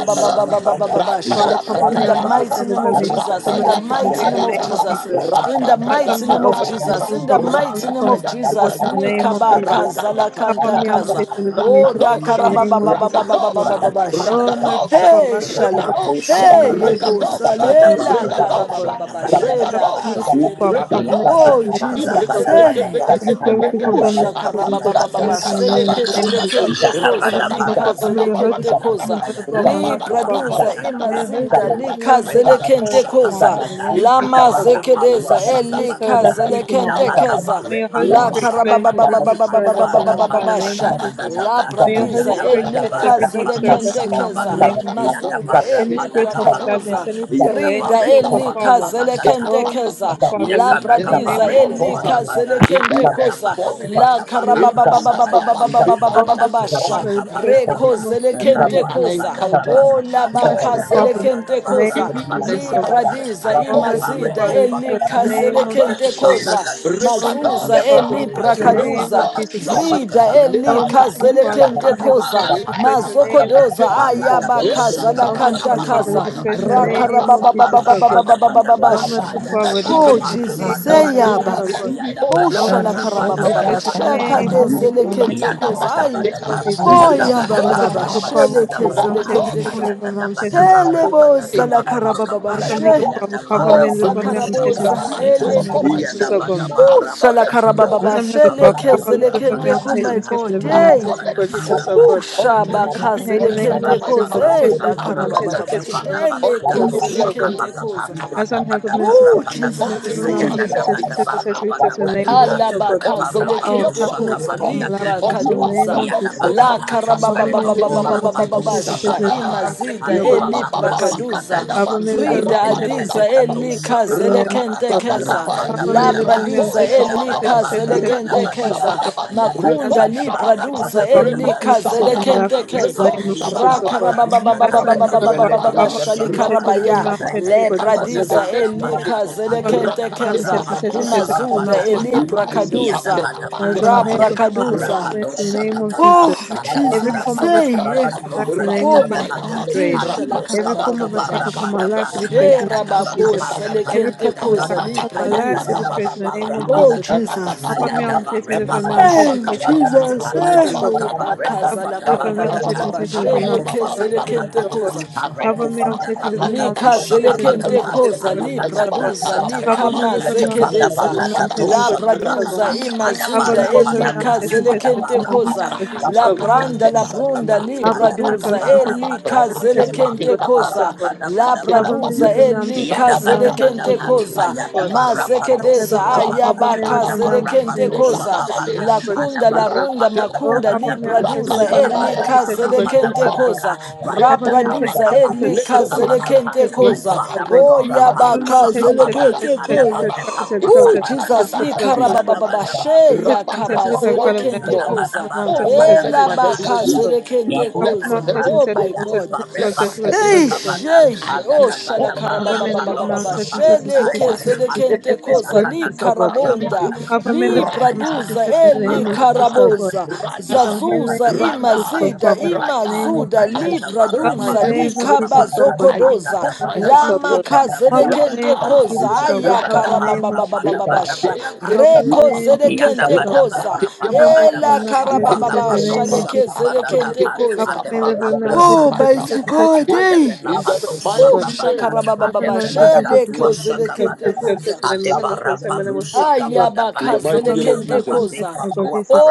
[SPEAKER 5] Oh,
[SPEAKER 7] Sakabata,
[SPEAKER 5] merciful Father, cover me,
[SPEAKER 6] In the
[SPEAKER 5] I'm
[SPEAKER 7] Zatabata,
[SPEAKER 5] set
[SPEAKER 1] Rakatayata,
[SPEAKER 5] me,
[SPEAKER 6] mighty name
[SPEAKER 5] deliver
[SPEAKER 6] of
[SPEAKER 5] me, shield
[SPEAKER 7] Rapadabata,
[SPEAKER 5] me
[SPEAKER 6] Jesus,
[SPEAKER 5] from
[SPEAKER 6] in the
[SPEAKER 5] every form of
[SPEAKER 6] mighty
[SPEAKER 5] evil
[SPEAKER 6] name
[SPEAKER 5] in the
[SPEAKER 6] of
[SPEAKER 5] name
[SPEAKER 7] Ayatabata,
[SPEAKER 5] of
[SPEAKER 6] Jesus,
[SPEAKER 5] Jesus.
[SPEAKER 6] in the
[SPEAKER 5] I
[SPEAKER 7] Rapadabata,
[SPEAKER 5] come
[SPEAKER 6] mighty
[SPEAKER 5] here,
[SPEAKER 6] name
[SPEAKER 5] O
[SPEAKER 6] of
[SPEAKER 5] God,
[SPEAKER 7] Ayatabata,
[SPEAKER 5] my
[SPEAKER 6] Jesus, in
[SPEAKER 5] sinful
[SPEAKER 6] the
[SPEAKER 5] Father, cover
[SPEAKER 6] mighty
[SPEAKER 5] me
[SPEAKER 6] name
[SPEAKER 5] from
[SPEAKER 6] of
[SPEAKER 5] top to
[SPEAKER 6] Jesus,
[SPEAKER 5] bottom in the name of
[SPEAKER 6] likaba
[SPEAKER 5] Jesus.
[SPEAKER 2] Thank
[SPEAKER 6] kazala
[SPEAKER 5] Cover me,
[SPEAKER 1] Rakatayata,
[SPEAKER 5] I'm
[SPEAKER 6] kantakaza.
[SPEAKER 5] safe and deliver me and shield
[SPEAKER 6] Ora
[SPEAKER 5] me
[SPEAKER 1] Rakadosha,
[SPEAKER 5] in the name of Jesus, O God.
[SPEAKER 1] Ragadosa,
[SPEAKER 6] karabababababababababasha.
[SPEAKER 5] Oh,
[SPEAKER 7] Adatabata,
[SPEAKER 5] merciful
[SPEAKER 1] Ragadosa,
[SPEAKER 5] Father,
[SPEAKER 6] Hey,
[SPEAKER 5] I come here, O
[SPEAKER 6] shala.
[SPEAKER 5] God,
[SPEAKER 7] Rapato
[SPEAKER 1] Regadosa,
[SPEAKER 5] cover me, I'm
[SPEAKER 6] Hey,
[SPEAKER 5] safe
[SPEAKER 7] Sakabata,
[SPEAKER 5] and deliver me and
[SPEAKER 1] Regadosa,
[SPEAKER 5] shield me, O God,
[SPEAKER 6] bosalela
[SPEAKER 7] Adabara,
[SPEAKER 5] Jesus, O God.
[SPEAKER 1] Regadosa,
[SPEAKER 5] I come
[SPEAKER 6] karababababashela
[SPEAKER 5] here,
[SPEAKER 1] Regadosa,
[SPEAKER 7] Padabata,
[SPEAKER 5] merciful
[SPEAKER 6] kazeleki.
[SPEAKER 5] Father, cover me, I'm safe
[SPEAKER 1] Regadosa.
[SPEAKER 6] Oh,
[SPEAKER 5] in the name of Jesus, O
[SPEAKER 6] Jesus.
[SPEAKER 5] God.
[SPEAKER 1] Irregate,
[SPEAKER 6] Hey.
[SPEAKER 7] Yatabarabarabarabara,
[SPEAKER 5] Forgive me for everything I've done this season,
[SPEAKER 7] Ayatabarekabara,
[SPEAKER 5] Jesus, and
[SPEAKER 6] Ushakarabababa
[SPEAKER 5] knowing
[SPEAKER 7] Katosa,
[SPEAKER 5] and unknowing
[SPEAKER 6] seleke
[SPEAKER 5] in the name
[SPEAKER 7] Kabakata,
[SPEAKER 5] of Jesus.
[SPEAKER 6] zelekente
[SPEAKER 5] As
[SPEAKER 6] koza
[SPEAKER 5] I'm here, God,
[SPEAKER 7] Zatabarabara,
[SPEAKER 6] lika
[SPEAKER 5] Father, may your Holy
[SPEAKER 6] zelekente
[SPEAKER 5] Spirit come
[SPEAKER 6] koza
[SPEAKER 5] and dwell upon my life, God, Father.
[SPEAKER 6] libraduza
[SPEAKER 5] May your Holy
[SPEAKER 6] imazida
[SPEAKER 5] Spirit
[SPEAKER 6] lika
[SPEAKER 5] cleanse every sorrow
[SPEAKER 6] zelekente
[SPEAKER 5] from my
[SPEAKER 6] koza
[SPEAKER 5] heart in the name of Jesus,
[SPEAKER 6] lama
[SPEAKER 5] O God.
[SPEAKER 6] zekedeza
[SPEAKER 5] Every sorrow
[SPEAKER 6] elika
[SPEAKER 5] that's deep in my
[SPEAKER 6] zelekente
[SPEAKER 5] heart.
[SPEAKER 2] you.
[SPEAKER 6] keza
[SPEAKER 5] May your Holy
[SPEAKER 1] Lift up
[SPEAKER 6] la
[SPEAKER 5] Spirit
[SPEAKER 2] Thank
[SPEAKER 5] cleanse every deep sorrow that's in my heart in the name
[SPEAKER 6] karababababababababababasha
[SPEAKER 5] of Jesus.
[SPEAKER 6] la
[SPEAKER 5] May your Holy
[SPEAKER 6] pradiza
[SPEAKER 5] Spirit cleanse
[SPEAKER 6] elika
[SPEAKER 5] every deep sorrow that's
[SPEAKER 6] zelekente
[SPEAKER 5] in my heart in
[SPEAKER 6] keza
[SPEAKER 5] the name of Jesus.
[SPEAKER 6] mazuda
[SPEAKER 5] Any
[SPEAKER 6] eli
[SPEAKER 5] spirit of
[SPEAKER 6] kaduza
[SPEAKER 5] sadness, any sorrow,
[SPEAKER 6] vrida
[SPEAKER 5] anything, God
[SPEAKER 6] elika
[SPEAKER 5] Father.
[SPEAKER 7] Yadabarra
[SPEAKER 6] zelekente
[SPEAKER 5] Oh,
[SPEAKER 6] keza
[SPEAKER 5] merciful Father, we
[SPEAKER 6] la
[SPEAKER 5] just
[SPEAKER 7] Yakada
[SPEAKER 5] pray in the
[SPEAKER 7] kapa
[SPEAKER 6] pradiza
[SPEAKER 5] name of
[SPEAKER 1] your
[SPEAKER 7] reko
[SPEAKER 5] Jesus. Oh,
[SPEAKER 7] fata
[SPEAKER 6] elika
[SPEAKER 1] voice
[SPEAKER 7] fada,
[SPEAKER 1] in
[SPEAKER 5] Oh,
[SPEAKER 1] the
[SPEAKER 6] zelekende
[SPEAKER 1] next
[SPEAKER 7] yakapa
[SPEAKER 5] merciful
[SPEAKER 6] koza
[SPEAKER 1] four
[SPEAKER 5] Father,
[SPEAKER 7] do
[SPEAKER 5] we just
[SPEAKER 1] minutes.
[SPEAKER 6] la
[SPEAKER 7] fata
[SPEAKER 5] pray in the
[SPEAKER 7] bala
[SPEAKER 5] name of
[SPEAKER 7] brasa
[SPEAKER 5] Jesus.
[SPEAKER 7] la
[SPEAKER 5] Oh, God.
[SPEAKER 7] gadia
[SPEAKER 5] Oh,
[SPEAKER 7] atato
[SPEAKER 5] merciful
[SPEAKER 6] karababababababababababasha
[SPEAKER 1] Oh
[SPEAKER 5] Father, we
[SPEAKER 7] shaka
[SPEAKER 5] just pray in
[SPEAKER 7] bada
[SPEAKER 1] Lord.
[SPEAKER 5] the
[SPEAKER 6] reko
[SPEAKER 5] name
[SPEAKER 7] kaba,
[SPEAKER 5] of Jesus.
[SPEAKER 1] Give
[SPEAKER 5] Oh,
[SPEAKER 1] me
[SPEAKER 6] zelekende
[SPEAKER 5] God.
[SPEAKER 1] an
[SPEAKER 7] rafata
[SPEAKER 6] koza
[SPEAKER 7] bada
[SPEAKER 1] encounter.
[SPEAKER 7] kaba
[SPEAKER 6] o la
[SPEAKER 7] kaba,
[SPEAKER 5] Oh,
[SPEAKER 1] Oh
[SPEAKER 6] baka
[SPEAKER 5] merciful
[SPEAKER 7] ayada
[SPEAKER 5] Father, we
[SPEAKER 7] kaba
[SPEAKER 5] just pray in
[SPEAKER 6] zelekende
[SPEAKER 5] the
[SPEAKER 7] kapa
[SPEAKER 1] Lord, give
[SPEAKER 5] name
[SPEAKER 6] koza
[SPEAKER 1] me
[SPEAKER 5] of
[SPEAKER 7] rakapa
[SPEAKER 1] an
[SPEAKER 7] kapa
[SPEAKER 5] Jesus.
[SPEAKER 6] li
[SPEAKER 5] Oh, God.
[SPEAKER 7] kapa
[SPEAKER 1] encounter.
[SPEAKER 6] pradiza
[SPEAKER 5] Oh,
[SPEAKER 7] ayada
[SPEAKER 1] Oh
[SPEAKER 5] merciful
[SPEAKER 6] imazida
[SPEAKER 7] bareko
[SPEAKER 5] Father, we just
[SPEAKER 7] faka
[SPEAKER 5] pray
[SPEAKER 1] Lord,
[SPEAKER 2] you.
[SPEAKER 5] in
[SPEAKER 6] elika
[SPEAKER 5] the
[SPEAKER 7] kapa
[SPEAKER 5] name of
[SPEAKER 7] kapa
[SPEAKER 6] zelekende
[SPEAKER 5] Jesus. Oh,
[SPEAKER 1] Lipadosa,
[SPEAKER 5] God.
[SPEAKER 6] koza
[SPEAKER 7] alaka
[SPEAKER 5] Oh,
[SPEAKER 7] do
[SPEAKER 5] merciful
[SPEAKER 6] mazuza
[SPEAKER 5] Father, we
[SPEAKER 1] Recadosa,
[SPEAKER 6] eli
[SPEAKER 5] defend in the name
[SPEAKER 6] kaduza
[SPEAKER 5] of Jesus, O
[SPEAKER 1] Recadosa,
[SPEAKER 5] God.
[SPEAKER 6] vrida
[SPEAKER 5] Oh,
[SPEAKER 6] elika
[SPEAKER 5] merciful
[SPEAKER 1] Lebacatule
[SPEAKER 5] Father, those
[SPEAKER 6] zelekende
[SPEAKER 5] on
[SPEAKER 1] Bacata.
[SPEAKER 5] heaven, Father,
[SPEAKER 6] koza
[SPEAKER 5] we
[SPEAKER 1] Let
[SPEAKER 5] defend
[SPEAKER 1] me
[SPEAKER 5] in the
[SPEAKER 1] be
[SPEAKER 5] name of
[SPEAKER 1] like
[SPEAKER 6] mazokodoza
[SPEAKER 5] Jesus,
[SPEAKER 1] Jacob.
[SPEAKER 5] O God.
[SPEAKER 6] ayaba
[SPEAKER 1] Yes,
[SPEAKER 6] kaza la
[SPEAKER 5] Oh,
[SPEAKER 1] Sabana
[SPEAKER 6] kanta
[SPEAKER 5] merciful Father, we
[SPEAKER 6] kaza
[SPEAKER 1] Macapaya,
[SPEAKER 5] defend in the name of
[SPEAKER 1] Rakapalaba
[SPEAKER 5] Jesus, O God.
[SPEAKER 1] Shibana.
[SPEAKER 5] Oh,
[SPEAKER 1] I
[SPEAKER 6] rakarababababababababasha
[SPEAKER 1] will
[SPEAKER 5] merciful
[SPEAKER 1] not
[SPEAKER 5] Father, we
[SPEAKER 1] let you
[SPEAKER 6] Oh,
[SPEAKER 5] defend
[SPEAKER 1] be
[SPEAKER 5] in the
[SPEAKER 6] Jesus.
[SPEAKER 5] name
[SPEAKER 6] Hey,
[SPEAKER 5] of
[SPEAKER 6] yeah,
[SPEAKER 1] until
[SPEAKER 5] Jesus,
[SPEAKER 1] you
[SPEAKER 5] O
[SPEAKER 6] back.
[SPEAKER 5] God.
[SPEAKER 1] bless me, oh
[SPEAKER 6] Oh,
[SPEAKER 5] Oh,
[SPEAKER 1] Lord.
[SPEAKER 5] merciful Father, we
[SPEAKER 1] Eh,
[SPEAKER 6] Shalakarabababa.
[SPEAKER 5] defend in the
[SPEAKER 6] Shaka
[SPEAKER 5] name
[SPEAKER 1] Sabai,
[SPEAKER 6] de
[SPEAKER 5] of
[SPEAKER 7] Ayada
[SPEAKER 2] Thank
[SPEAKER 5] Jesus, in the
[SPEAKER 6] Zelekente
[SPEAKER 5] name of Jesus, in the
[SPEAKER 6] I.
[SPEAKER 5] name
[SPEAKER 1] Rakatabakatela,
[SPEAKER 5] of Jesus.
[SPEAKER 6] Oh,
[SPEAKER 5] As I hear
[SPEAKER 6] Yabababa.
[SPEAKER 5] God,
[SPEAKER 1] Rakadoshalaba,
[SPEAKER 5] Father,
[SPEAKER 6] Sheleke
[SPEAKER 5] cover me, I'm testing,
[SPEAKER 6] Zelekente
[SPEAKER 5] testing,
[SPEAKER 6] Kos.
[SPEAKER 1] Rakadosha.
[SPEAKER 5] deliver me, I'm testing, testing, God, Jesus.
[SPEAKER 6] Helebo
[SPEAKER 5] O
[SPEAKER 1] Yay. I will
[SPEAKER 5] God.
[SPEAKER 6] Zalakarabababa.
[SPEAKER 1] not
[SPEAKER 5] As I'm
[SPEAKER 1] Let
[SPEAKER 5] here,
[SPEAKER 1] you
[SPEAKER 5] God,
[SPEAKER 6] She.
[SPEAKER 1] go
[SPEAKER 5] Father, cover
[SPEAKER 6] Oh,
[SPEAKER 5] me,
[SPEAKER 1] until
[SPEAKER 5] deliver
[SPEAKER 1] you
[SPEAKER 5] me, I'm
[SPEAKER 1] release
[SPEAKER 5] testing,
[SPEAKER 1] a
[SPEAKER 5] testing,
[SPEAKER 6] Zakaraboza.
[SPEAKER 5] testing,
[SPEAKER 1] mantle
[SPEAKER 6] Ele. ko-
[SPEAKER 1] upon
[SPEAKER 5] God,
[SPEAKER 1] my
[SPEAKER 5] Jesus, O
[SPEAKER 1] soul.
[SPEAKER 5] God.
[SPEAKER 1] I
[SPEAKER 6] Oh,
[SPEAKER 1] will not let you go
[SPEAKER 5] As
[SPEAKER 6] Shalakarabababa.
[SPEAKER 5] I'm here, good Father,
[SPEAKER 6] Sheleke
[SPEAKER 1] until
[SPEAKER 5] cover
[SPEAKER 1] you
[SPEAKER 5] me,
[SPEAKER 1] touch
[SPEAKER 5] deliver me,
[SPEAKER 1] my
[SPEAKER 6] Zelekente
[SPEAKER 5] arm,
[SPEAKER 6] Ko.
[SPEAKER 5] taste
[SPEAKER 7] Yada
[SPEAKER 6] My
[SPEAKER 5] me,
[SPEAKER 1] spirit.
[SPEAKER 7] Ayada
[SPEAKER 5] taste me,
[SPEAKER 6] God.
[SPEAKER 5] deliver
[SPEAKER 1] I
[SPEAKER 5] me,
[SPEAKER 2] you.
[SPEAKER 5] arm,
[SPEAKER 1] will
[SPEAKER 6] Hey.
[SPEAKER 5] taste
[SPEAKER 1] not
[SPEAKER 5] me,
[SPEAKER 1] let
[SPEAKER 5] God,
[SPEAKER 1] you go
[SPEAKER 5] Jesus, so
[SPEAKER 2] Thank
[SPEAKER 6] Oh,
[SPEAKER 5] good.
[SPEAKER 1] until you
[SPEAKER 5] As
[SPEAKER 6] Shabaka
[SPEAKER 5] I'm
[SPEAKER 1] speak
[SPEAKER 5] here, in the name of
[SPEAKER 6] Zelekente
[SPEAKER 1] concerning my
[SPEAKER 5] Jesus,
[SPEAKER 6] Kos.
[SPEAKER 5] God,
[SPEAKER 1] family.
[SPEAKER 6] Hey,
[SPEAKER 5] protect me, deliver
[SPEAKER 1] I
[SPEAKER 5] me,
[SPEAKER 1] will
[SPEAKER 5] arm,
[SPEAKER 1] not
[SPEAKER 5] taste me,
[SPEAKER 1] let you
[SPEAKER 6] Lakarabababa.
[SPEAKER 5] taste me, deliver me, arm,
[SPEAKER 1] go
[SPEAKER 5] taste me,
[SPEAKER 6] Sheleko
[SPEAKER 1] until
[SPEAKER 5] God,
[SPEAKER 1] you
[SPEAKER 5] Jesus, so
[SPEAKER 1] bless
[SPEAKER 5] good.
[SPEAKER 1] me.
[SPEAKER 6] Zelekente Kos.
[SPEAKER 1] I will
[SPEAKER 5] As I'm
[SPEAKER 1] not
[SPEAKER 5] here,
[SPEAKER 1] let
[SPEAKER 5] good
[SPEAKER 1] you
[SPEAKER 5] mercy
[SPEAKER 6] Oh,
[SPEAKER 5] for
[SPEAKER 1] go
[SPEAKER 5] me,
[SPEAKER 1] until
[SPEAKER 5] deliver
[SPEAKER 6] Jesus.
[SPEAKER 5] me,
[SPEAKER 1] you
[SPEAKER 5] I'm
[SPEAKER 6] Hey.
[SPEAKER 5] tasting,
[SPEAKER 1] transform
[SPEAKER 5] tasting,
[SPEAKER 1] me.
[SPEAKER 5] tasting,
[SPEAKER 1] I
[SPEAKER 5] tasting,
[SPEAKER 1] will
[SPEAKER 5] tasting,
[SPEAKER 1] not
[SPEAKER 5] in the
[SPEAKER 1] let
[SPEAKER 5] name
[SPEAKER 1] you
[SPEAKER 5] of Jesus,
[SPEAKER 1] go
[SPEAKER 5] oh God.
[SPEAKER 1] until
[SPEAKER 6] Alabakazele
[SPEAKER 1] I hear
[SPEAKER 5] Oh,
[SPEAKER 6] kente
[SPEAKER 5] have
[SPEAKER 1] from you, O
[SPEAKER 5] mercy
[SPEAKER 6] koza
[SPEAKER 1] God.
[SPEAKER 5] upon my life,
[SPEAKER 6] libra
[SPEAKER 5] for my soul,
[SPEAKER 1] Until
[SPEAKER 5] in the
[SPEAKER 1] I
[SPEAKER 5] name
[SPEAKER 1] hear
[SPEAKER 6] kaduza
[SPEAKER 5] of
[SPEAKER 1] from you, O
[SPEAKER 5] Jesus.
[SPEAKER 6] la
[SPEAKER 1] God.
[SPEAKER 7] Yadabakapa,
[SPEAKER 5] Have
[SPEAKER 7] Spirit
[SPEAKER 5] me,
[SPEAKER 7] of
[SPEAKER 5] deliver me,
[SPEAKER 7] God,
[SPEAKER 1] Akapatea,
[SPEAKER 5] I'm tasting,
[SPEAKER 7] Rapato
[SPEAKER 5] tasting,
[SPEAKER 6] karababababababababasha
[SPEAKER 5] tasting, deliver me,
[SPEAKER 7] Shakabadaba,
[SPEAKER 5] I'm
[SPEAKER 1] Sabadai,
[SPEAKER 5] tasting,
[SPEAKER 6] imazida
[SPEAKER 5] oh
[SPEAKER 6] e
[SPEAKER 5] God,
[SPEAKER 7] Adiva
[SPEAKER 5] Jesus,
[SPEAKER 7] La
[SPEAKER 5] oh
[SPEAKER 6] libra
[SPEAKER 5] God.
[SPEAKER 7] Prasika
[SPEAKER 6] kaduza
[SPEAKER 5] Have
[SPEAKER 1] Rabababakapalaba,
[SPEAKER 5] me,
[SPEAKER 7] Dagabadia,
[SPEAKER 5] deliver me,
[SPEAKER 6] vrida
[SPEAKER 5] I'm tasting,
[SPEAKER 6] adiza
[SPEAKER 5] tasting,
[SPEAKER 6] e
[SPEAKER 7] Elebedekato
[SPEAKER 5] tasting,
[SPEAKER 1] Rabadadabakapa,
[SPEAKER 2] you.
[SPEAKER 5] tasting, tasting, in the
[SPEAKER 6] likazele
[SPEAKER 5] name of Jesus,
[SPEAKER 7] Shakabakaba,
[SPEAKER 5] oh
[SPEAKER 6] kente
[SPEAKER 5] God.
[SPEAKER 6] keza
[SPEAKER 1] Rabadadabakapaya,
[SPEAKER 2] Thank
[SPEAKER 5] Have me,
[SPEAKER 6] la
[SPEAKER 5] deliver
[SPEAKER 7] Rafadabadaba,
[SPEAKER 5] me, I'm
[SPEAKER 1] Rako
[SPEAKER 6] pradiza
[SPEAKER 5] tasting,
[SPEAKER 6] e
[SPEAKER 5] tasting, tasting,
[SPEAKER 1] Sabadaba,
[SPEAKER 7] Ayadabadaba,
[SPEAKER 5] tasting,
[SPEAKER 6] likazele
[SPEAKER 5] tasting, in the name
[SPEAKER 1] Reko
[SPEAKER 5] of Jesus, oh
[SPEAKER 7] Rapadabadaba,
[SPEAKER 6] keza
[SPEAKER 5] God.
[SPEAKER 1] Sabadaba,
[SPEAKER 5] As
[SPEAKER 6] makunda
[SPEAKER 5] I'm
[SPEAKER 1] Reko
[SPEAKER 5] here, God,
[SPEAKER 7] Ayadabadaba,
[SPEAKER 5] merciful
[SPEAKER 6] libraduza
[SPEAKER 1] Sabadaba,
[SPEAKER 5] Father,
[SPEAKER 6] eli
[SPEAKER 5] have
[SPEAKER 1] Reko
[SPEAKER 7] Rapadabadaba,
[SPEAKER 5] mercy
[SPEAKER 6] kazele
[SPEAKER 5] upon my
[SPEAKER 1] Sabadaba,
[SPEAKER 5] life, for
[SPEAKER 6] kente
[SPEAKER 7] Ayadaba,
[SPEAKER 5] my soul, in the
[SPEAKER 6] keza
[SPEAKER 1] Reko
[SPEAKER 5] name
[SPEAKER 7] Repalua
[SPEAKER 5] of Jesus, oh
[SPEAKER 1] Sabadaba,
[SPEAKER 5] God.
[SPEAKER 7] Shakabada,
[SPEAKER 5] As I'm here,
[SPEAKER 1] Yea,
[SPEAKER 5] God,
[SPEAKER 7] Akadakaba La
[SPEAKER 5] Father,
[SPEAKER 6] rakarababababababababababa
[SPEAKER 5] have
[SPEAKER 1] Kapaya,
[SPEAKER 7] Padua
[SPEAKER 5] me, I'm tasting,
[SPEAKER 7] Shakabada,
[SPEAKER 5] deliver
[SPEAKER 1] Rapate
[SPEAKER 6] shalikarabaya
[SPEAKER 5] me, I'm
[SPEAKER 1] Kapa.
[SPEAKER 5] tasting, me, oh God,
[SPEAKER 1] Come on,
[SPEAKER 5] Jesus, oh
[SPEAKER 1] in
[SPEAKER 7] Prekadekabada
[SPEAKER 1] the
[SPEAKER 6] lebradiza
[SPEAKER 5] God.
[SPEAKER 1] next two
[SPEAKER 6] eli
[SPEAKER 7] Barapada,
[SPEAKER 1] minutes
[SPEAKER 5] Have
[SPEAKER 6] kazele kente
[SPEAKER 5] mercy,
[SPEAKER 7] Adabadaba,
[SPEAKER 5] have
[SPEAKER 1] rakate
[SPEAKER 5] mercy,
[SPEAKER 6] keza
[SPEAKER 5] test me, I'm testing,
[SPEAKER 7] Rapato
[SPEAKER 5] test me,
[SPEAKER 1] labatai,
[SPEAKER 5] test me, have
[SPEAKER 6] imazuda
[SPEAKER 5] mercy, test me,
[SPEAKER 7] Shakabada,
[SPEAKER 5] I'm testing,
[SPEAKER 6] eli
[SPEAKER 5] Lord God
[SPEAKER 1] sabadabaya,
[SPEAKER 5] Jesus.
[SPEAKER 6] brakaduza
[SPEAKER 7] Yadabadaba,
[SPEAKER 5] As I'm here, God
[SPEAKER 1] apelabatelabasha,
[SPEAKER 5] Father, have
[SPEAKER 6] rabrakaduza
[SPEAKER 7] Yadabarapado
[SPEAKER 5] mercy in the
[SPEAKER 1] rakataya,
[SPEAKER 5] name of
[SPEAKER 7] Shakabaka,
[SPEAKER 6] oh
[SPEAKER 5] Jesus.
[SPEAKER 1] rakataya,
[SPEAKER 5] Every
[SPEAKER 6] jesus
[SPEAKER 5] form of
[SPEAKER 6] hey
[SPEAKER 5] attack
[SPEAKER 6] hey.
[SPEAKER 1] rakabadadaba,
[SPEAKER 7] Adabarapadabadaka,
[SPEAKER 5] upon my
[SPEAKER 7] no
[SPEAKER 5] life in the name of
[SPEAKER 6] oh
[SPEAKER 5] Jesus
[SPEAKER 6] my
[SPEAKER 5] be
[SPEAKER 7] Fregatabelaga,
[SPEAKER 1] rapapayaba,
[SPEAKER 6] god eh,
[SPEAKER 5] destroyed.
[SPEAKER 7] Adilos
[SPEAKER 5] Every
[SPEAKER 1] rapatakata,
[SPEAKER 5] form of attack upon
[SPEAKER 6] shalakarababababash
[SPEAKER 5] my life
[SPEAKER 7] Kavagabarapadaba,
[SPEAKER 5] be
[SPEAKER 1] akapadekapa,
[SPEAKER 5] destroyed
[SPEAKER 6] hey
[SPEAKER 5] in the name of Jesus.
[SPEAKER 6] rababos
[SPEAKER 2] you.
[SPEAKER 1] akapatekapaya,
[SPEAKER 5] Every
[SPEAKER 6] lekente
[SPEAKER 5] form of
[SPEAKER 2] Thank
[SPEAKER 5] attack
[SPEAKER 6] koza
[SPEAKER 7] Ayadagavagabarapadabadakapa,
[SPEAKER 1] akabadaba,
[SPEAKER 5] upon my life be
[SPEAKER 6] libradiza
[SPEAKER 1] abadaba,
[SPEAKER 5] destroyed in the name of
[SPEAKER 1] sibadaba,
[SPEAKER 5] Jesus.
[SPEAKER 6] oh
[SPEAKER 7] Ayadagavagabarapadakapa,
[SPEAKER 6] jesus
[SPEAKER 5] Cover me,
[SPEAKER 1] rabadabadaba,
[SPEAKER 5] I'm taste me, deliver me,
[SPEAKER 7] Ayadavarepato
[SPEAKER 5] I'm taste me,
[SPEAKER 6] Hey,
[SPEAKER 5] taste
[SPEAKER 1] rabadabakapa,
[SPEAKER 5] me, taste me,
[SPEAKER 7] Shakabaga,
[SPEAKER 5] taste
[SPEAKER 6] Jesus,
[SPEAKER 5] me, Lord
[SPEAKER 6] hey,
[SPEAKER 5] Jesus,
[SPEAKER 1] akapalaba,
[SPEAKER 5] so good.
[SPEAKER 1] akapalaba,
[SPEAKER 6] ubakhaza
[SPEAKER 5] Cover me,
[SPEAKER 6] la
[SPEAKER 7] Adagavagabarekufata
[SPEAKER 5] deliver me,
[SPEAKER 6] karababa
[SPEAKER 5] I'm taste
[SPEAKER 6] baba
[SPEAKER 1] akapalaba,
[SPEAKER 7] balakata,
[SPEAKER 5] me, taste me, deliver me,
[SPEAKER 6] bashede
[SPEAKER 7] pareko
[SPEAKER 5] I'm taste
[SPEAKER 1] akapalaba,
[SPEAKER 5] me,
[SPEAKER 7] fata
[SPEAKER 5] Lord
[SPEAKER 6] kezele
[SPEAKER 5] Jesus,
[SPEAKER 6] kente
[SPEAKER 5] so
[SPEAKER 7] balakata,
[SPEAKER 5] good.
[SPEAKER 1] akapalaba,
[SPEAKER 6] koza
[SPEAKER 5] Cover
[SPEAKER 7] pareko
[SPEAKER 5] me, I'm
[SPEAKER 7] fata
[SPEAKER 1] akapalaba,
[SPEAKER 5] taste me, deliver me,
[SPEAKER 6] li
[SPEAKER 5] I'm
[SPEAKER 1] akapalaba,
[SPEAKER 7] balakato
[SPEAKER 5] taste me,
[SPEAKER 7] shaka
[SPEAKER 6] kazele
[SPEAKER 5] taste me, deliver me,
[SPEAKER 6] kente
[SPEAKER 1] Rakatela,
[SPEAKER 5] I'm
[SPEAKER 7] bakata,
[SPEAKER 5] taste me,
[SPEAKER 6] koza
[SPEAKER 5] Lord
[SPEAKER 6] li
[SPEAKER 5] Jesus,
[SPEAKER 7] adabada
[SPEAKER 5] so good.
[SPEAKER 6] braduza
[SPEAKER 7] brasata
[SPEAKER 6] li
[SPEAKER 5] Cover me,
[SPEAKER 7] baliaka,
[SPEAKER 5] deliver
[SPEAKER 6] kamaze
[SPEAKER 5] me, I'm taste
[SPEAKER 7] fada
[SPEAKER 5] me,
[SPEAKER 6] kedeza
[SPEAKER 5] deliver me, I'm
[SPEAKER 2] you.
[SPEAKER 7] balakato
[SPEAKER 5] taste me,
[SPEAKER 6] la
[SPEAKER 5] Lord
[SPEAKER 7] shaka
[SPEAKER 5] Jesus, so
[SPEAKER 7] bakata,
[SPEAKER 6] braduza
[SPEAKER 5] good.
[SPEAKER 2] In
[SPEAKER 5] Cover me,
[SPEAKER 2] the
[SPEAKER 6] imazida
[SPEAKER 7] adabara
[SPEAKER 5] deliver
[SPEAKER 2] bottom
[SPEAKER 5] me,
[SPEAKER 6] eli
[SPEAKER 2] of
[SPEAKER 5] I'm
[SPEAKER 2] the
[SPEAKER 7] padaba,
[SPEAKER 5] taste
[SPEAKER 2] sea,
[SPEAKER 5] me,
[SPEAKER 6] kazele
[SPEAKER 5] taste me, deliver
[SPEAKER 6] kente
[SPEAKER 5] me,
[SPEAKER 7] adabara
[SPEAKER 5] I'm taste me,
[SPEAKER 6] koza
[SPEAKER 5] Lord
[SPEAKER 7] padaba,
[SPEAKER 5] Jesus,
[SPEAKER 2] Rasta
[SPEAKER 6] la
[SPEAKER 5] so good.
[SPEAKER 2] in the
[SPEAKER 6] branda
[SPEAKER 7] balakato
[SPEAKER 6] la
[SPEAKER 2] sea, Rasta
[SPEAKER 7] shaka
[SPEAKER 2] in the
[SPEAKER 6] brunda
[SPEAKER 7] ba,
[SPEAKER 6] li
[SPEAKER 2] sea,
[SPEAKER 5] Cover me, deliver
[SPEAKER 7] adabada
[SPEAKER 5] me, I'm taste
[SPEAKER 6] braduza
[SPEAKER 5] me, taste
[SPEAKER 7] bara
[SPEAKER 6] eli
[SPEAKER 5] me,
[SPEAKER 2] Rasta
[SPEAKER 7] padaba,
[SPEAKER 5] taste me,
[SPEAKER 6] kazele
[SPEAKER 5] taste
[SPEAKER 2] in
[SPEAKER 5] me,
[SPEAKER 2] the sea,
[SPEAKER 6] kente
[SPEAKER 5] Lord
[SPEAKER 7] epalada
[SPEAKER 5] Jesus, so
[SPEAKER 7] bara
[SPEAKER 6] koza
[SPEAKER 5] good.
[SPEAKER 6] la
[SPEAKER 2] In the
[SPEAKER 7] padaba,
[SPEAKER 5] Cover me,
[SPEAKER 6] braduza
[SPEAKER 2] bottom of
[SPEAKER 5] deliver
[SPEAKER 2] the
[SPEAKER 5] me,
[SPEAKER 2] sea,
[SPEAKER 5] I'm
[SPEAKER 6] eli
[SPEAKER 5] taste me, deliver
[SPEAKER 2] Rasta
[SPEAKER 5] me,
[SPEAKER 2] in
[SPEAKER 6] kazele
[SPEAKER 5] I'm taste
[SPEAKER 2] the
[SPEAKER 5] me,
[SPEAKER 6] kente
[SPEAKER 5] Lord
[SPEAKER 7] Yadabadabadaba,
[SPEAKER 5] Jesus,
[SPEAKER 6] koza
[SPEAKER 2] sea,
[SPEAKER 5] so
[SPEAKER 2] Rasta in
[SPEAKER 5] good.
[SPEAKER 2] the
[SPEAKER 5] Father,
[SPEAKER 6] mazekedeza
[SPEAKER 7] Payadabarapatosakabada,
[SPEAKER 5] cover me,
[SPEAKER 6] ayaba
[SPEAKER 2] sea, Rasta
[SPEAKER 5] deliver me,
[SPEAKER 2] in
[SPEAKER 6] kazele
[SPEAKER 5] I'm test me,
[SPEAKER 6] kente
[SPEAKER 5] deliver me, I'm
[SPEAKER 6] koza
[SPEAKER 5] test me,
[SPEAKER 7] Adabarapatosakabada,
[SPEAKER 5] test
[SPEAKER 6] la
[SPEAKER 5] me,
[SPEAKER 2] the
[SPEAKER 5] God, Jesus,
[SPEAKER 6] kunda
[SPEAKER 5] oh
[SPEAKER 6] la
[SPEAKER 5] God.
[SPEAKER 6] runda
[SPEAKER 5] Oh,
[SPEAKER 6] makunda
[SPEAKER 5] cover
[SPEAKER 6] li
[SPEAKER 5] me,
[SPEAKER 7] Adabarapadabadabadaba,
[SPEAKER 5] I'm test me,
[SPEAKER 6] praduza
[SPEAKER 5] deliver
[SPEAKER 6] e
[SPEAKER 5] me, I'm
[SPEAKER 6] li
[SPEAKER 1] Rakatataya,
[SPEAKER 5] test me, test me,
[SPEAKER 6] kazele
[SPEAKER 5] God,
[SPEAKER 1] Siko
[SPEAKER 5] Jesus,
[SPEAKER 6] kente
[SPEAKER 5] oh
[SPEAKER 1] Palana,
[SPEAKER 5] God.
[SPEAKER 7] Yadabadabarapadabadaka,
[SPEAKER 6] koza ra
[SPEAKER 5] Cover
[SPEAKER 1] Leko
[SPEAKER 5] me, I'm test me,
[SPEAKER 1] Palana,
[SPEAKER 6] pradiza
[SPEAKER 5] test
[SPEAKER 6] e
[SPEAKER 5] me,
[SPEAKER 6] li
[SPEAKER 5] test me, test me, test
[SPEAKER 6] kazele
[SPEAKER 5] me, test me,
[SPEAKER 1] Lekopalada,
[SPEAKER 7] Vayadabarekavalusakabakaba.
[SPEAKER 6] kente
[SPEAKER 5] test me, God,
[SPEAKER 2] sea,
[SPEAKER 7] My
[SPEAKER 5] Jesus,
[SPEAKER 6] koza
[SPEAKER 5] oh
[SPEAKER 7] father,
[SPEAKER 1] ipalada,
[SPEAKER 7] my
[SPEAKER 5] God.
[SPEAKER 6] o
[SPEAKER 7] God,
[SPEAKER 6] yaba
[SPEAKER 5] Cover
[SPEAKER 2] Rasta
[SPEAKER 1] ipalada,
[SPEAKER 5] me, I'm test me,
[SPEAKER 6] kazele
[SPEAKER 2] in
[SPEAKER 5] test
[SPEAKER 7] Rapalusakabada,
[SPEAKER 5] me,
[SPEAKER 1] ipalada,
[SPEAKER 5] test
[SPEAKER 6] kente
[SPEAKER 5] me, test me,
[SPEAKER 6] koza
[SPEAKER 5] test me, cover, test, cover,
[SPEAKER 6] Oh
[SPEAKER 5] test,
[SPEAKER 1] ipalada,
[SPEAKER 6] Jesus
[SPEAKER 5] test,
[SPEAKER 7] Adavalepaluasakanakaba,
[SPEAKER 6] li
[SPEAKER 5] God, God, God, God.
[SPEAKER 6] karababa
[SPEAKER 1] ipalada,
[SPEAKER 5] I'm
[SPEAKER 6] she ya
[SPEAKER 5] test,
[SPEAKER 1] Rabba,
[SPEAKER 5] I'm test,
[SPEAKER 1] come
[SPEAKER 5] God,
[SPEAKER 7] Yadabadabarapadabadaba,
[SPEAKER 1] on,
[SPEAKER 5] I've
[SPEAKER 6] kabazele
[SPEAKER 5] got
[SPEAKER 1] one
[SPEAKER 5] a
[SPEAKER 1] minute
[SPEAKER 6] kente
[SPEAKER 1] more.
[SPEAKER 5] redemption.
[SPEAKER 6] koza
[SPEAKER 5] Cover me, I'm
[SPEAKER 1] Oh
[SPEAKER 2] the
[SPEAKER 5] test me,
[SPEAKER 2] sea,
[SPEAKER 1] Lord,
[SPEAKER 6] e
[SPEAKER 5] test
[SPEAKER 1] let
[SPEAKER 5] me,
[SPEAKER 6] la
[SPEAKER 5] test
[SPEAKER 1] my
[SPEAKER 5] me,
[SPEAKER 6] ba
[SPEAKER 5] test me,
[SPEAKER 1] heavens
[SPEAKER 2] Thank
[SPEAKER 5] God,
[SPEAKER 1] grow.
[SPEAKER 5] Jesus,
[SPEAKER 7] Yadabadabarapadabadaba.
[SPEAKER 5] God.
[SPEAKER 6] kazele kente
[SPEAKER 5] Cover
[SPEAKER 1] Let
[SPEAKER 5] me,
[SPEAKER 1] my
[SPEAKER 5] I'm
[SPEAKER 6] koza
[SPEAKER 7] Yakabadaba,
[SPEAKER 5] test me,
[SPEAKER 1] heavens
[SPEAKER 6] oh
[SPEAKER 5] test me,
[SPEAKER 6] my
[SPEAKER 1] grow.
[SPEAKER 5] cover, test
[SPEAKER 6] god
[SPEAKER 7] Ayadaba
[SPEAKER 5] me,
[SPEAKER 1] Let my
[SPEAKER 5] test me,
[SPEAKER 7] Repatu
[SPEAKER 5] God, Have a me, God, Jesus,
[SPEAKER 1] heavens
[SPEAKER 5] God,
[SPEAKER 6] Hey,
[SPEAKER 5] Jesus,
[SPEAKER 1] grow.
[SPEAKER 5] God.
[SPEAKER 7] Sakabada,
[SPEAKER 6] hey,
[SPEAKER 1] I
[SPEAKER 6] oh, shala
[SPEAKER 1] invoke my
[SPEAKER 7] Adadabadaba
[SPEAKER 5] Cover
[SPEAKER 6] karababa
[SPEAKER 5] me,
[SPEAKER 1] heavens
[SPEAKER 6] baba
[SPEAKER 5] deliver
[SPEAKER 1] grow.
[SPEAKER 6] baba
[SPEAKER 7] Rapalo
[SPEAKER 5] me, I'm
[SPEAKER 6] baba,
[SPEAKER 5] test Have
[SPEAKER 1] I
[SPEAKER 5] a me, Have a test me, test me,
[SPEAKER 6] shele
[SPEAKER 5] test me,
[SPEAKER 1] invoke my
[SPEAKER 7] Sapalataya,
[SPEAKER 6] kezele
[SPEAKER 1] heavens grow.
[SPEAKER 6] kente
[SPEAKER 5] test
[SPEAKER 7] Adadabela
[SPEAKER 5] me,
[SPEAKER 1] I
[SPEAKER 6] koza
[SPEAKER 5] God,
[SPEAKER 6] li
[SPEAKER 5] Jesus, oh
[SPEAKER 1] invoke
[SPEAKER 5] God.
[SPEAKER 1] my
[SPEAKER 7] Katakaba
[SPEAKER 1] heavens
[SPEAKER 6] karabonda,
[SPEAKER 1] grow.
[SPEAKER 5] Help me
[SPEAKER 7] Rapadabadaba,
[SPEAKER 6] li
[SPEAKER 5] the
[SPEAKER 1] Right
[SPEAKER 5] name of Jesus, help
[SPEAKER 6] praduza
[SPEAKER 1] now,
[SPEAKER 5] me the
[SPEAKER 7] Ayadabadaba
[SPEAKER 6] eli
[SPEAKER 5] name of
[SPEAKER 1] right
[SPEAKER 5] Jesus,
[SPEAKER 1] now,
[SPEAKER 5] Lord.
[SPEAKER 6] karaboza,
[SPEAKER 7] Rapadabadaba,
[SPEAKER 1] right
[SPEAKER 5] Help me
[SPEAKER 1] now,
[SPEAKER 5] the
[SPEAKER 6] zazuza
[SPEAKER 5] name
[SPEAKER 7] Zakabadaba
[SPEAKER 5] of
[SPEAKER 1] right
[SPEAKER 5] Jesus,
[SPEAKER 1] now,
[SPEAKER 5] Lord.
[SPEAKER 6] imazida
[SPEAKER 5] Help me
[SPEAKER 1] right
[SPEAKER 5] the
[SPEAKER 7] Rapadabadabadaba,
[SPEAKER 1] now.
[SPEAKER 5] name of
[SPEAKER 6] imazuda
[SPEAKER 5] Jesus,
[SPEAKER 1] I
[SPEAKER 5] Lord.
[SPEAKER 6] li
[SPEAKER 7] Ayataba
[SPEAKER 1] invoke
[SPEAKER 5] Help
[SPEAKER 1] my
[SPEAKER 5] me
[SPEAKER 6] praduza
[SPEAKER 5] the
[SPEAKER 7] Rapado
[SPEAKER 6] li
[SPEAKER 1] heavens
[SPEAKER 5] name
[SPEAKER 1] to
[SPEAKER 5] of
[SPEAKER 1] open.
[SPEAKER 5] Jesus,
[SPEAKER 7] Sakabada,
[SPEAKER 5] Lord.
[SPEAKER 1] I
[SPEAKER 6] kabazokodoza,
[SPEAKER 1] invoke my
[SPEAKER 7] Adadabadaba
[SPEAKER 1] heavens to
[SPEAKER 6] lama
[SPEAKER 1] open
[SPEAKER 6] kazele
[SPEAKER 5] Help me
[SPEAKER 1] right
[SPEAKER 5] the
[SPEAKER 6] kente
[SPEAKER 5] name
[SPEAKER 7] Rapadabadabadaba,
[SPEAKER 5] of
[SPEAKER 1] now,
[SPEAKER 6] koza
[SPEAKER 5] Jesus, Lord.
[SPEAKER 6] aya
[SPEAKER 1] right
[SPEAKER 5] Help me the
[SPEAKER 7] Zakabadaba
[SPEAKER 1] now.
[SPEAKER 5] name
[SPEAKER 6] karababa
[SPEAKER 5] of
[SPEAKER 6] baba
[SPEAKER 5] Jesus,
[SPEAKER 6] baba
[SPEAKER 5] Lord.
[SPEAKER 6] basha,
[SPEAKER 1] Ipadele
[SPEAKER 5] Help
[SPEAKER 7] Rapadabadabadaba,
[SPEAKER 5] me the
[SPEAKER 6] reko
[SPEAKER 5] name
[SPEAKER 6] zele
[SPEAKER 1] sabalaba,
[SPEAKER 7] my
[SPEAKER 5] of Jesus,
[SPEAKER 6] kente
[SPEAKER 5] Lord.
[SPEAKER 6] koza,
[SPEAKER 7] father,
[SPEAKER 1] rapatele
[SPEAKER 5] Help me
[SPEAKER 1] palata,
[SPEAKER 6] ela karababa
[SPEAKER 1] atele
[SPEAKER 6] basha le
[SPEAKER 1] bekapa,
[SPEAKER 6] kezele kente
[SPEAKER 1] akapatele
[SPEAKER 6] koza.
[SPEAKER 5] the
[SPEAKER 1] bekapa,
[SPEAKER 5] name
[SPEAKER 6] Oh, mighty
[SPEAKER 1] rapatapa.
[SPEAKER 6] God,
[SPEAKER 1] Hey,
[SPEAKER 6] hey.
[SPEAKER 1] In the
[SPEAKER 5] of Jesus,
[SPEAKER 6] Oh,
[SPEAKER 5] Lord.
[SPEAKER 1] mighty name,
[SPEAKER 6] shakarabababa,
[SPEAKER 5] Abaana Jesus
[SPEAKER 6] sheleko
[SPEAKER 2] you.
[SPEAKER 6] zelekente koza.
[SPEAKER 2] Thank
[SPEAKER 1] in
[SPEAKER 6] Ayabaka
[SPEAKER 1] the mighty name of
[SPEAKER 6] zelekente
[SPEAKER 1] Jesus,
[SPEAKER 6] koza.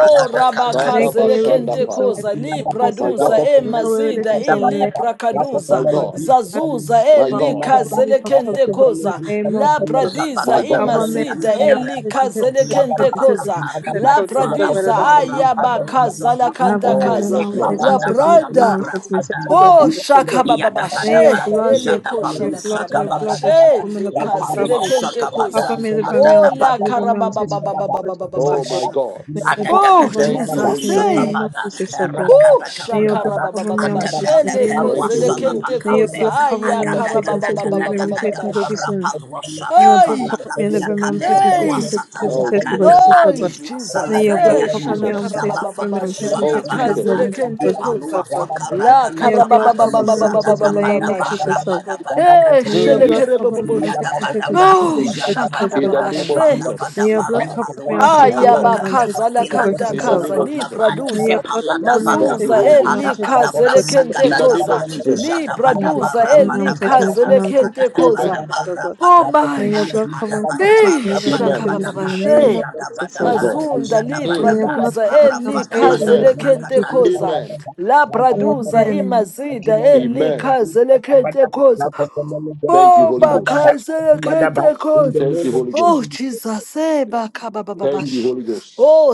[SPEAKER 5] Lord God.
[SPEAKER 6] rabaka
[SPEAKER 5] Make away with the
[SPEAKER 6] zelekente
[SPEAKER 5] sins
[SPEAKER 1] Adandapaya.
[SPEAKER 5] away
[SPEAKER 6] koza.
[SPEAKER 5] in the name of
[SPEAKER 6] Libra
[SPEAKER 5] Jesus.
[SPEAKER 1] my
[SPEAKER 6] duza,
[SPEAKER 1] God,
[SPEAKER 6] e
[SPEAKER 5] Make away with the
[SPEAKER 6] mazida,
[SPEAKER 5] sins
[SPEAKER 6] e
[SPEAKER 5] away in the name
[SPEAKER 6] libra
[SPEAKER 5] of Jesus Lord
[SPEAKER 1] my
[SPEAKER 5] God.
[SPEAKER 1] God,
[SPEAKER 5] As
[SPEAKER 6] Zazuza, e
[SPEAKER 1] my
[SPEAKER 5] from
[SPEAKER 1] God,
[SPEAKER 6] lika
[SPEAKER 5] cover me from top
[SPEAKER 6] zelekente
[SPEAKER 5] to bottom in the
[SPEAKER 6] koza.
[SPEAKER 5] name of
[SPEAKER 6] La
[SPEAKER 5] Jesus.
[SPEAKER 6] pradiza,
[SPEAKER 1] my
[SPEAKER 6] e
[SPEAKER 1] God.
[SPEAKER 5] Cover me
[SPEAKER 6] mazida,
[SPEAKER 5] from
[SPEAKER 6] e
[SPEAKER 5] now
[SPEAKER 6] lika zelekente
[SPEAKER 5] to
[SPEAKER 6] koza. La
[SPEAKER 7] my
[SPEAKER 6] pradiza,
[SPEAKER 7] God,
[SPEAKER 5] the
[SPEAKER 7] Rapato
[SPEAKER 6] ayabaka
[SPEAKER 5] have
[SPEAKER 6] zalakanta
[SPEAKER 7] Sakabada,
[SPEAKER 5] on
[SPEAKER 1] Oh,
[SPEAKER 5] every
[SPEAKER 6] kaza.
[SPEAKER 1] yes,
[SPEAKER 5] mom, set
[SPEAKER 1] Lord.
[SPEAKER 5] me,
[SPEAKER 6] La
[SPEAKER 7] Ipalada
[SPEAKER 5] set me, every
[SPEAKER 6] prada.
[SPEAKER 5] mom, set me, set
[SPEAKER 7] Vagabara
[SPEAKER 5] me, God
[SPEAKER 6] Bo
[SPEAKER 5] Jesus, the Lord. May your
[SPEAKER 6] shakabababashe,
[SPEAKER 7] Yadabadaba,
[SPEAKER 5] blood, your
[SPEAKER 6] eleko
[SPEAKER 5] blood, your
[SPEAKER 7] Jadabalu
[SPEAKER 5] blood, your blood that should
[SPEAKER 6] shalakarabababashe,
[SPEAKER 7] Sakabalakata,
[SPEAKER 5] come in the cause of
[SPEAKER 7] Epalua
[SPEAKER 2] you.
[SPEAKER 5] Calvary.
[SPEAKER 6] kente
[SPEAKER 5] Cover
[SPEAKER 6] koza.
[SPEAKER 2] Raga
[SPEAKER 5] me, deliver me, I'm
[SPEAKER 6] Bo
[SPEAKER 7] Sakabada,
[SPEAKER 5] set
[SPEAKER 6] la
[SPEAKER 5] me, deliver me, I'm set me, God Jesus, the
[SPEAKER 1] Oh,
[SPEAKER 5] Lord.
[SPEAKER 1] my
[SPEAKER 6] karababababababababasha.
[SPEAKER 1] God.
[SPEAKER 5] May your
[SPEAKER 7] Zada
[SPEAKER 5] blood
[SPEAKER 6] Oh,
[SPEAKER 5] cover me,
[SPEAKER 1] Thank
[SPEAKER 5] I'm
[SPEAKER 1] you,
[SPEAKER 5] set
[SPEAKER 6] Jesus,
[SPEAKER 1] Holy
[SPEAKER 5] me, in the
[SPEAKER 1] Ghost.
[SPEAKER 6] hey.
[SPEAKER 5] name of Jesus, the Lord.
[SPEAKER 6] Oh,
[SPEAKER 5] May your
[SPEAKER 6] shaka
[SPEAKER 5] blood
[SPEAKER 6] baba
[SPEAKER 5] cover
[SPEAKER 6] baba
[SPEAKER 5] me, I'm
[SPEAKER 6] baba she
[SPEAKER 5] set
[SPEAKER 6] Le
[SPEAKER 5] me, in the name of
[SPEAKER 1] Thank
[SPEAKER 6] shakarababababashe,
[SPEAKER 1] you,
[SPEAKER 5] Jesus.
[SPEAKER 1] Holy
[SPEAKER 6] lekozelekente
[SPEAKER 1] Ghost.
[SPEAKER 5] May your
[SPEAKER 6] koza.
[SPEAKER 5] blood cover me,
[SPEAKER 6] Aya
[SPEAKER 5] I'm set me, set me, deliver me, set me, God
[SPEAKER 6] karababababababasha.
[SPEAKER 5] Jesus. Your blood
[SPEAKER 6] Hey,
[SPEAKER 5] cover me and every man protect me, protect me,
[SPEAKER 6] hey.
[SPEAKER 5] protect me, protect me,
[SPEAKER 1] Oh,
[SPEAKER 5] protect me, because
[SPEAKER 1] Jesus.
[SPEAKER 5] Jesus
[SPEAKER 6] Oh,
[SPEAKER 5] is God. May
[SPEAKER 6] Jesus.
[SPEAKER 5] your blood
[SPEAKER 6] Eh,
[SPEAKER 1] Oh,
[SPEAKER 5] cover me
[SPEAKER 6] shala
[SPEAKER 5] and
[SPEAKER 1] Jesus.
[SPEAKER 5] protect me, every
[SPEAKER 6] karabababa,
[SPEAKER 5] man protect me,
[SPEAKER 1] Oh,
[SPEAKER 6] shali
[SPEAKER 5] protect me, protect me, every
[SPEAKER 1] Jesus.
[SPEAKER 6] kazele
[SPEAKER 5] man,
[SPEAKER 6] kente
[SPEAKER 5] because Jesus is
[SPEAKER 6] koza.
[SPEAKER 5] God.
[SPEAKER 6] La
[SPEAKER 5] May your blood cover me and protect me
[SPEAKER 7] da
[SPEAKER 5] in the
[SPEAKER 7] ba
[SPEAKER 5] name
[SPEAKER 7] da
[SPEAKER 5] of
[SPEAKER 6] karababababababababababa,
[SPEAKER 7] ba
[SPEAKER 6] sha.
[SPEAKER 5] Jesus our
[SPEAKER 7] rapa da
[SPEAKER 5] God.
[SPEAKER 7] ba da
[SPEAKER 6] Eh,
[SPEAKER 5] May your
[SPEAKER 6] shele
[SPEAKER 1] Mm.
[SPEAKER 2] the
[SPEAKER 5] blood
[SPEAKER 7] kata
[SPEAKER 5] cover
[SPEAKER 2] Thank
[SPEAKER 5] me and
[SPEAKER 6] kerebababosh.
[SPEAKER 5] protect me, protect me,
[SPEAKER 7] Yadabadaba,
[SPEAKER 5] protect
[SPEAKER 6] Oh,
[SPEAKER 5] me, protect me, protect me, protect
[SPEAKER 1] In
[SPEAKER 5] me,
[SPEAKER 1] the
[SPEAKER 7] Yadabadaba,
[SPEAKER 5] protect
[SPEAKER 1] name
[SPEAKER 5] me.
[SPEAKER 1] of
[SPEAKER 6] shakabababashe.
[SPEAKER 1] Jesus.
[SPEAKER 5] May your
[SPEAKER 7] Falabadaba,
[SPEAKER 5] blood
[SPEAKER 1] Ah,
[SPEAKER 5] cover me
[SPEAKER 7] Repalua
[SPEAKER 5] and protect
[SPEAKER 1] my
[SPEAKER 5] me,
[SPEAKER 6] Aya
[SPEAKER 5] every man
[SPEAKER 1] God.
[SPEAKER 7] Shakabaka,
[SPEAKER 5] protect me,
[SPEAKER 6] bakhaza la
[SPEAKER 5] protect me, because
[SPEAKER 6] kanta
[SPEAKER 5] Jesus
[SPEAKER 1] In
[SPEAKER 5] is
[SPEAKER 1] the
[SPEAKER 6] kaza
[SPEAKER 1] name
[SPEAKER 5] God.
[SPEAKER 1] of
[SPEAKER 6] li
[SPEAKER 7] Adilakadabakaba,
[SPEAKER 1] Jesus.
[SPEAKER 5] May your
[SPEAKER 6] praduza
[SPEAKER 5] blood cover me and
[SPEAKER 1] Thank
[SPEAKER 5] protect
[SPEAKER 1] you,
[SPEAKER 7] Epaladabakaba,
[SPEAKER 6] mazuza
[SPEAKER 5] me,
[SPEAKER 1] Holy
[SPEAKER 5] every man
[SPEAKER 6] eli
[SPEAKER 1] Ghost.
[SPEAKER 5] protect me, protect me,
[SPEAKER 6] khaze
[SPEAKER 7] Adabadabra
[SPEAKER 6] le
[SPEAKER 5] because Jesus is God.
[SPEAKER 6] khente
[SPEAKER 1] In the name of
[SPEAKER 7] Sakadakaba,
[SPEAKER 6] li
[SPEAKER 1] Jesus.
[SPEAKER 5] May Your
[SPEAKER 7] Yadabadaba,
[SPEAKER 5] blood
[SPEAKER 6] praduza
[SPEAKER 5] cover me, I'm
[SPEAKER 6] eli
[SPEAKER 5] taste me,
[SPEAKER 6] khaze
[SPEAKER 5] deliver
[SPEAKER 7] Rapadabadaba,
[SPEAKER 6] le
[SPEAKER 5] me, I'm taste me,
[SPEAKER 6] khente
[SPEAKER 5] taste me, produce
[SPEAKER 6] khoza
[SPEAKER 1] Amen.
[SPEAKER 5] it,
[SPEAKER 7] Adadabadaba,
[SPEAKER 5] oh God.
[SPEAKER 6] Oh
[SPEAKER 5] May your
[SPEAKER 6] masha
[SPEAKER 5] blood
[SPEAKER 7] Rapada,
[SPEAKER 5] cover me, I'm taste me, deliver me,
[SPEAKER 6] nisha
[SPEAKER 5] and
[SPEAKER 7] Adadaba,
[SPEAKER 1] Amen.
[SPEAKER 5] fill me from the name of
[SPEAKER 6] kabababashe
[SPEAKER 5] Jesus, oh
[SPEAKER 1] My
[SPEAKER 7] Yadabadaba,
[SPEAKER 5] God.
[SPEAKER 1] God.
[SPEAKER 6] mazunda li
[SPEAKER 5] May
[SPEAKER 1] Mm.
[SPEAKER 5] your
[SPEAKER 7] Yadabadaba,
[SPEAKER 5] blood
[SPEAKER 6] praduza
[SPEAKER 5] cover me, I'm
[SPEAKER 6] eli
[SPEAKER 5] taste me, in
[SPEAKER 6] khaze
[SPEAKER 5] the
[SPEAKER 6] le
[SPEAKER 7] Arapadabadaba,
[SPEAKER 1] Amen.
[SPEAKER 5] name of
[SPEAKER 6] khente
[SPEAKER 7] Lakata,
[SPEAKER 5] Jesus, oh God.
[SPEAKER 1] Amen.
[SPEAKER 6] la praduza
[SPEAKER 5] Amen.
[SPEAKER 6] imazida eli
[SPEAKER 1] Amen.
[SPEAKER 6] khaze le khente khoza
[SPEAKER 2] you.
[SPEAKER 1] Thank you,
[SPEAKER 6] Oh,
[SPEAKER 1] Holy
[SPEAKER 2] Madaba,
[SPEAKER 1] Ghost.
[SPEAKER 6] Bakazaya
[SPEAKER 2] Madaba, in the
[SPEAKER 6] Kentekos.
[SPEAKER 1] Thank
[SPEAKER 2] name
[SPEAKER 1] you,
[SPEAKER 2] of
[SPEAKER 1] Holy
[SPEAKER 6] Oh,
[SPEAKER 1] Ghost.
[SPEAKER 2] Jesus.
[SPEAKER 6] Jesus. Eh,
[SPEAKER 1] Thank you,
[SPEAKER 6] Bakabababash.
[SPEAKER 1] Holy Ghost.
[SPEAKER 6] Oh,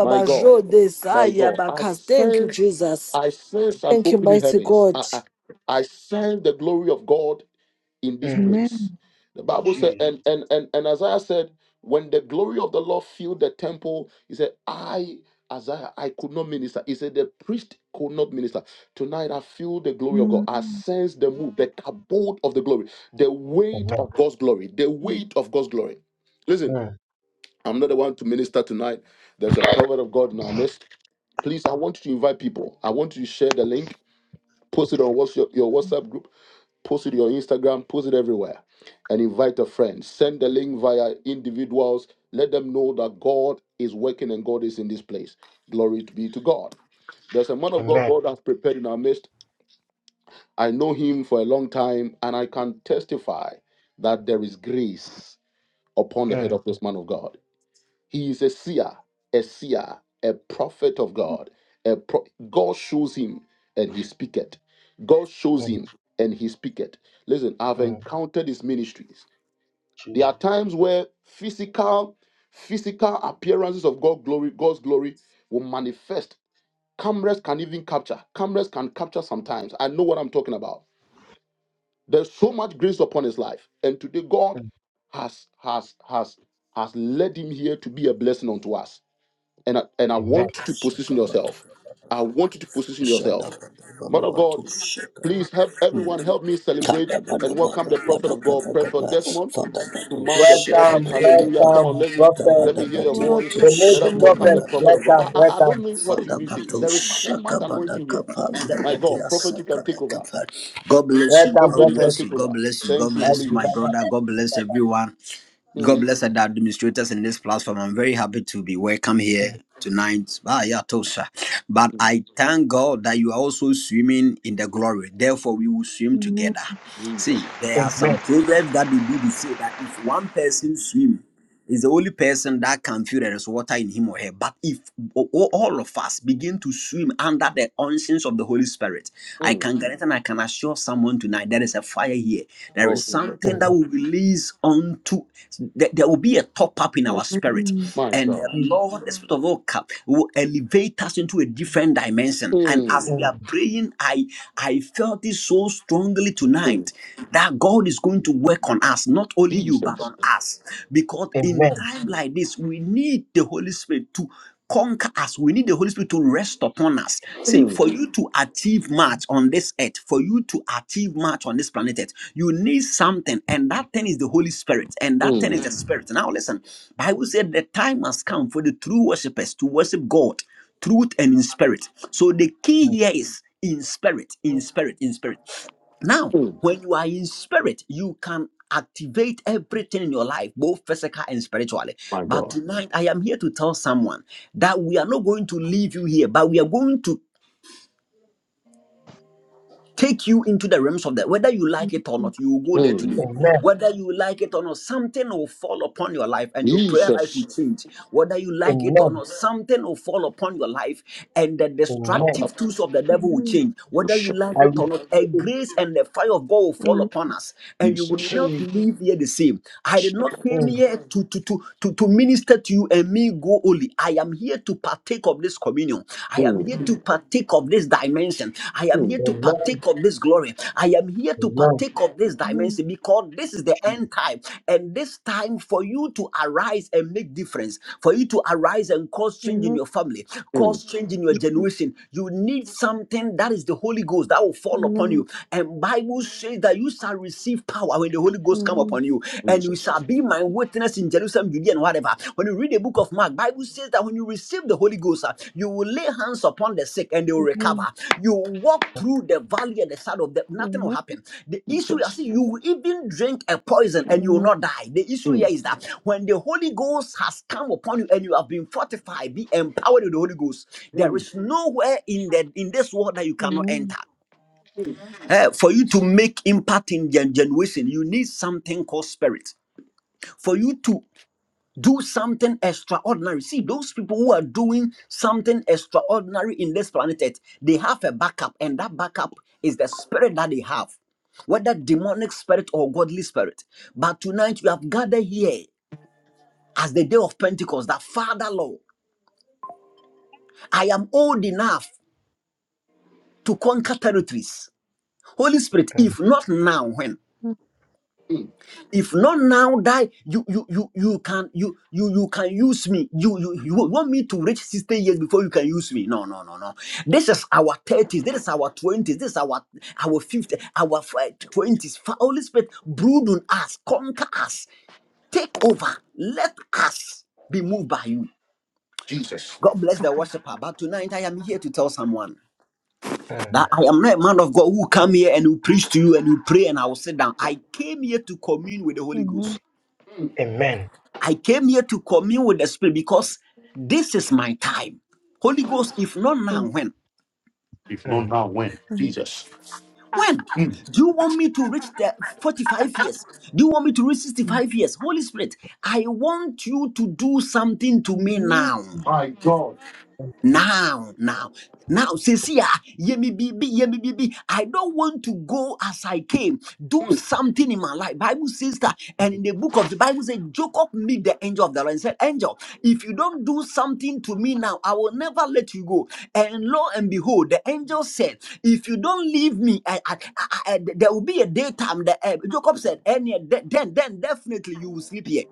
[SPEAKER 1] My God. My
[SPEAKER 6] Desaya
[SPEAKER 1] God, I
[SPEAKER 6] Bakas. Thank you,
[SPEAKER 1] sense,
[SPEAKER 6] Jesus.
[SPEAKER 1] I sense an
[SPEAKER 6] Thank you,
[SPEAKER 1] opening
[SPEAKER 6] mighty
[SPEAKER 1] heavens.
[SPEAKER 6] God.
[SPEAKER 1] I, I, I sense the glory of God in this
[SPEAKER 2] Mm,
[SPEAKER 1] place.
[SPEAKER 5] Amen.
[SPEAKER 1] The Bible said,
[SPEAKER 2] Jesus.
[SPEAKER 1] and and and, and Isaiah said, when the glory of the Lord filled the temple, he said, I Isaiah, I could not minister. He said, the priest could not minister. Tonight I feel the glory of God. I
[SPEAKER 5] Mm.
[SPEAKER 1] sense the move, the kabod of the glory, the weight
[SPEAKER 2] Amen.
[SPEAKER 1] of God's glory, the weight of God's glory. Listen,
[SPEAKER 2] Mm,
[SPEAKER 1] I'm not the one to minister tonight. There's a prophet of God in our midst. Please, I want you to invite people. I want you to share the link, post it on what's your, your WhatsApp group, post it on your Instagram, post it everywhere, and invite a friend. Send the link via individuals. Let them know that God is working and God is in this place. Glory to be to God. There's a man of God
[SPEAKER 2] amen.
[SPEAKER 1] God has prepared in our midst. I know him for a long time, and I can testify that there is grace upon the head
[SPEAKER 2] Mm,
[SPEAKER 1] of this man of God. He is a seer, a seer, a prophet of God. A pro- God shows him and he speaketh. God shows
[SPEAKER 2] mm,
[SPEAKER 1] him and he speaketh. Listen, I've
[SPEAKER 2] mm,
[SPEAKER 1] encountered his ministries. There are
[SPEAKER 2] Jesus.
[SPEAKER 1] times where physical, physical appearances of God glory, God's glory will manifest. Cameras can even capture. Cameras can capture sometimes. I know what I'm talking about. There's so much grace upon his life. And today God
[SPEAKER 2] Mm,
[SPEAKER 1] has has has has led him here to be a blessing unto us and I, and I
[SPEAKER 2] amen.
[SPEAKER 1] want you to position yourself.
[SPEAKER 7] Shakabadaba,
[SPEAKER 1] I want you to position yourself.
[SPEAKER 7] Yadabadaba,
[SPEAKER 1] Mother of God,
[SPEAKER 7] Luatu, Shakabadaba.
[SPEAKER 1] please help everyone help me
[SPEAKER 7] Kata
[SPEAKER 1] celebrate and
[SPEAKER 7] pada bara
[SPEAKER 1] welcome the prophet
[SPEAKER 7] pada
[SPEAKER 1] of
[SPEAKER 7] kata
[SPEAKER 1] God,
[SPEAKER 7] kata
[SPEAKER 1] Prophet Desmond,
[SPEAKER 7] fada
[SPEAKER 1] to
[SPEAKER 7] batu
[SPEAKER 1] mount the
[SPEAKER 7] shaka
[SPEAKER 1] pulpit.
[SPEAKER 2] Welcome,
[SPEAKER 7] pada
[SPEAKER 1] Hallelujah.
[SPEAKER 7] kata
[SPEAKER 1] Come on,
[SPEAKER 2] welcome,
[SPEAKER 1] let me
[SPEAKER 2] prophet.
[SPEAKER 1] let me
[SPEAKER 7] tabada badia
[SPEAKER 5] Welcome.
[SPEAKER 7] tu
[SPEAKER 2] The amazing
[SPEAKER 7] shaka
[SPEAKER 5] Welcome.
[SPEAKER 2] prophet.
[SPEAKER 7] baka kata
[SPEAKER 2] Welcome, welcome,
[SPEAKER 7] fada batu shaka pada kapa badia saka kata. God
[SPEAKER 2] welcome, prophet.
[SPEAKER 7] one God very happy, but I
[SPEAKER 5] Amen.
[SPEAKER 7] am.
[SPEAKER 1] Jesus.
[SPEAKER 2] Amen.
[SPEAKER 7] to say that if one person swim, is the only person that can feel there is water in him or her. But if o- o- all of us begin to swim under the unction of the Holy Spirit, I
[SPEAKER 1] Mm.
[SPEAKER 7] can guarantee and I can assure someone tonight there is a fire here. There is
[SPEAKER 1] Oh Jesus.
[SPEAKER 7] something that
[SPEAKER 2] Amen.
[SPEAKER 7] will release onto, there there will be a top up in our spirit.
[SPEAKER 5] Amen.
[SPEAKER 1] My
[SPEAKER 7] And the
[SPEAKER 1] God.
[SPEAKER 2] Mm,
[SPEAKER 7] Lord, the Spirit of all cap, will elevate us into a different dimension. And
[SPEAKER 1] Mm.
[SPEAKER 7] as we are
[SPEAKER 2] mm,
[SPEAKER 7] praying, I, I felt it so strongly
[SPEAKER 1] Mm.
[SPEAKER 7] tonight that God is going to work work on us, not only you, but on us. Because in
[SPEAKER 2] Amen.
[SPEAKER 7] time like this, we need the Holy Spirit to conquer us. We need the Holy Spirit to rest upon us. See,
[SPEAKER 1] Mm.
[SPEAKER 7] for you to achieve much on this earth, for you to achieve much on this planet earth, you need something, and that thing is the Holy Spirit, and that thing is
[SPEAKER 1] Mm.
[SPEAKER 7] the Spirit. Now listen, Bible said the time has come for the true worshippers to worship God, truth and in spirit. So the key here is in spirit, in spirit, in spirit. Now,
[SPEAKER 1] Mm.
[SPEAKER 7] when you are in spirit, you can activate everything in your life, both physical and spiritually.
[SPEAKER 1] My
[SPEAKER 7] But
[SPEAKER 1] God.
[SPEAKER 7] tonight, I am here to tell someone that we are not going to leave you here, but we are going to take you into the realms of that. Whether you like
[SPEAKER 5] Amen.
[SPEAKER 7] it or not, you will go there
[SPEAKER 1] Mm.
[SPEAKER 7] today.
[SPEAKER 2] Amen.
[SPEAKER 7] Whether you like it or not, something will fall upon your life and your prayer
[SPEAKER 1] Jesus.
[SPEAKER 7] life will change. Whether you like it or
[SPEAKER 2] Amen.
[SPEAKER 7] not, something will fall upon your life and the
[SPEAKER 2] Amen.
[SPEAKER 7] destructive tools of the devil will
[SPEAKER 5] Amen.
[SPEAKER 7] change. Whether you like
[SPEAKER 2] I
[SPEAKER 7] it or
[SPEAKER 2] receive
[SPEAKER 7] not, a
[SPEAKER 2] it.
[SPEAKER 7] grace and the fire of God will fall upon us and you will not
[SPEAKER 2] Jesus.
[SPEAKER 7] leave here the same. I did not came
[SPEAKER 2] Mm,
[SPEAKER 7] here to, to, to, to, to minister to you and me go only. I am here here to partake of this communion. I am
[SPEAKER 1] Mm.
[SPEAKER 7] here
[SPEAKER 2] mm,
[SPEAKER 7] to partake of this dimension. I am here
[SPEAKER 1] Mm.
[SPEAKER 7] to
[SPEAKER 2] Amen.
[SPEAKER 7] partake of this glory. I am here to
[SPEAKER 2] Amen.
[SPEAKER 7] partake of this
[SPEAKER 5] Amen.
[SPEAKER 7] dimension because this is the end time. And this time for you to arise and make difference, for you to arise and cause
[SPEAKER 5] Amen.
[SPEAKER 7] change in
[SPEAKER 5] Amen.
[SPEAKER 7] your family, cause change in your generation. You need something that is the Holy Ghost that will fall upon you. And Bible says that you shall receive power when the Holy Ghost come
[SPEAKER 5] Amen.
[SPEAKER 7] upon you and you shall be my witness in Jerusalem, Judea, and whatever. When you read the book of Mark, Bible says that when you receive the Holy Ghost, uh, you will lay hands upon the sick and they will
[SPEAKER 5] Amen. Amen.
[SPEAKER 7] recover. You will walk through the valley and the shadow of death, nothing will
[SPEAKER 5] Amen.
[SPEAKER 7] happen. The issue
[SPEAKER 1] Jesus.
[SPEAKER 7] is you will even drink a poison and you will not die. The issue here
[SPEAKER 1] Mm.
[SPEAKER 7] is that when the Holy Ghost has come upon you and you have been fortified, be empowered with the Holy Ghost, there is nowhere in the in this world that you cannot
[SPEAKER 5] Amen.
[SPEAKER 7] enter. Eh, for you to make impact in your generation, you need something called spirit for you to do something extraordinary. See, those people who are doing something extraordinary in this planet Earth, they have a backup, and that backup is the spirit that they have, whether demonic spirit or godly spirit. But tonight we have gathered here as the day of Pentecost that Father Lord, I am old enough to conquer territories. Holy Spirit, if not now, when? if not now die you you you you can you you you can use me you you you want me to reach 60 years before you can use me no no no no this is our 30s this is our 20s this is our our 50 our 20s holy spirit brood on us conquer us take over let us be moved by you god bless the worshiper but tonight i am here to tell someone
[SPEAKER 2] Mm, mm,
[SPEAKER 7] that i am not a man of god who come here and who preach to you and who pray and i will sit down i came here to commune with the holy ghost
[SPEAKER 2] Amen.
[SPEAKER 7] I came here to commune with the Spirit because this is my time. Holy Ghost, if not now, when?
[SPEAKER 2] Mm,
[SPEAKER 5] Amen. Amen.
[SPEAKER 7] When? Do you want me to reach the 45 years? Do you want me to reach 65 years? Holy Spirit, I want you to do something to me
[SPEAKER 5] Amen.
[SPEAKER 7] now. Now, now, now, says here, yemi bibi, yemi bibi. I don't want to go as I came. Do something in my life. Bible says that, and in the book of the Bible says, Jacob meet the angel of the Lord and said, Angel, if you don't do something to me now, I will never let you go. And lo and behold, the angel said, If you don't leave me, I, I, I, I- there will be a daytime. The, uh, Jacob said, and yet, then, then definitely you will sleep here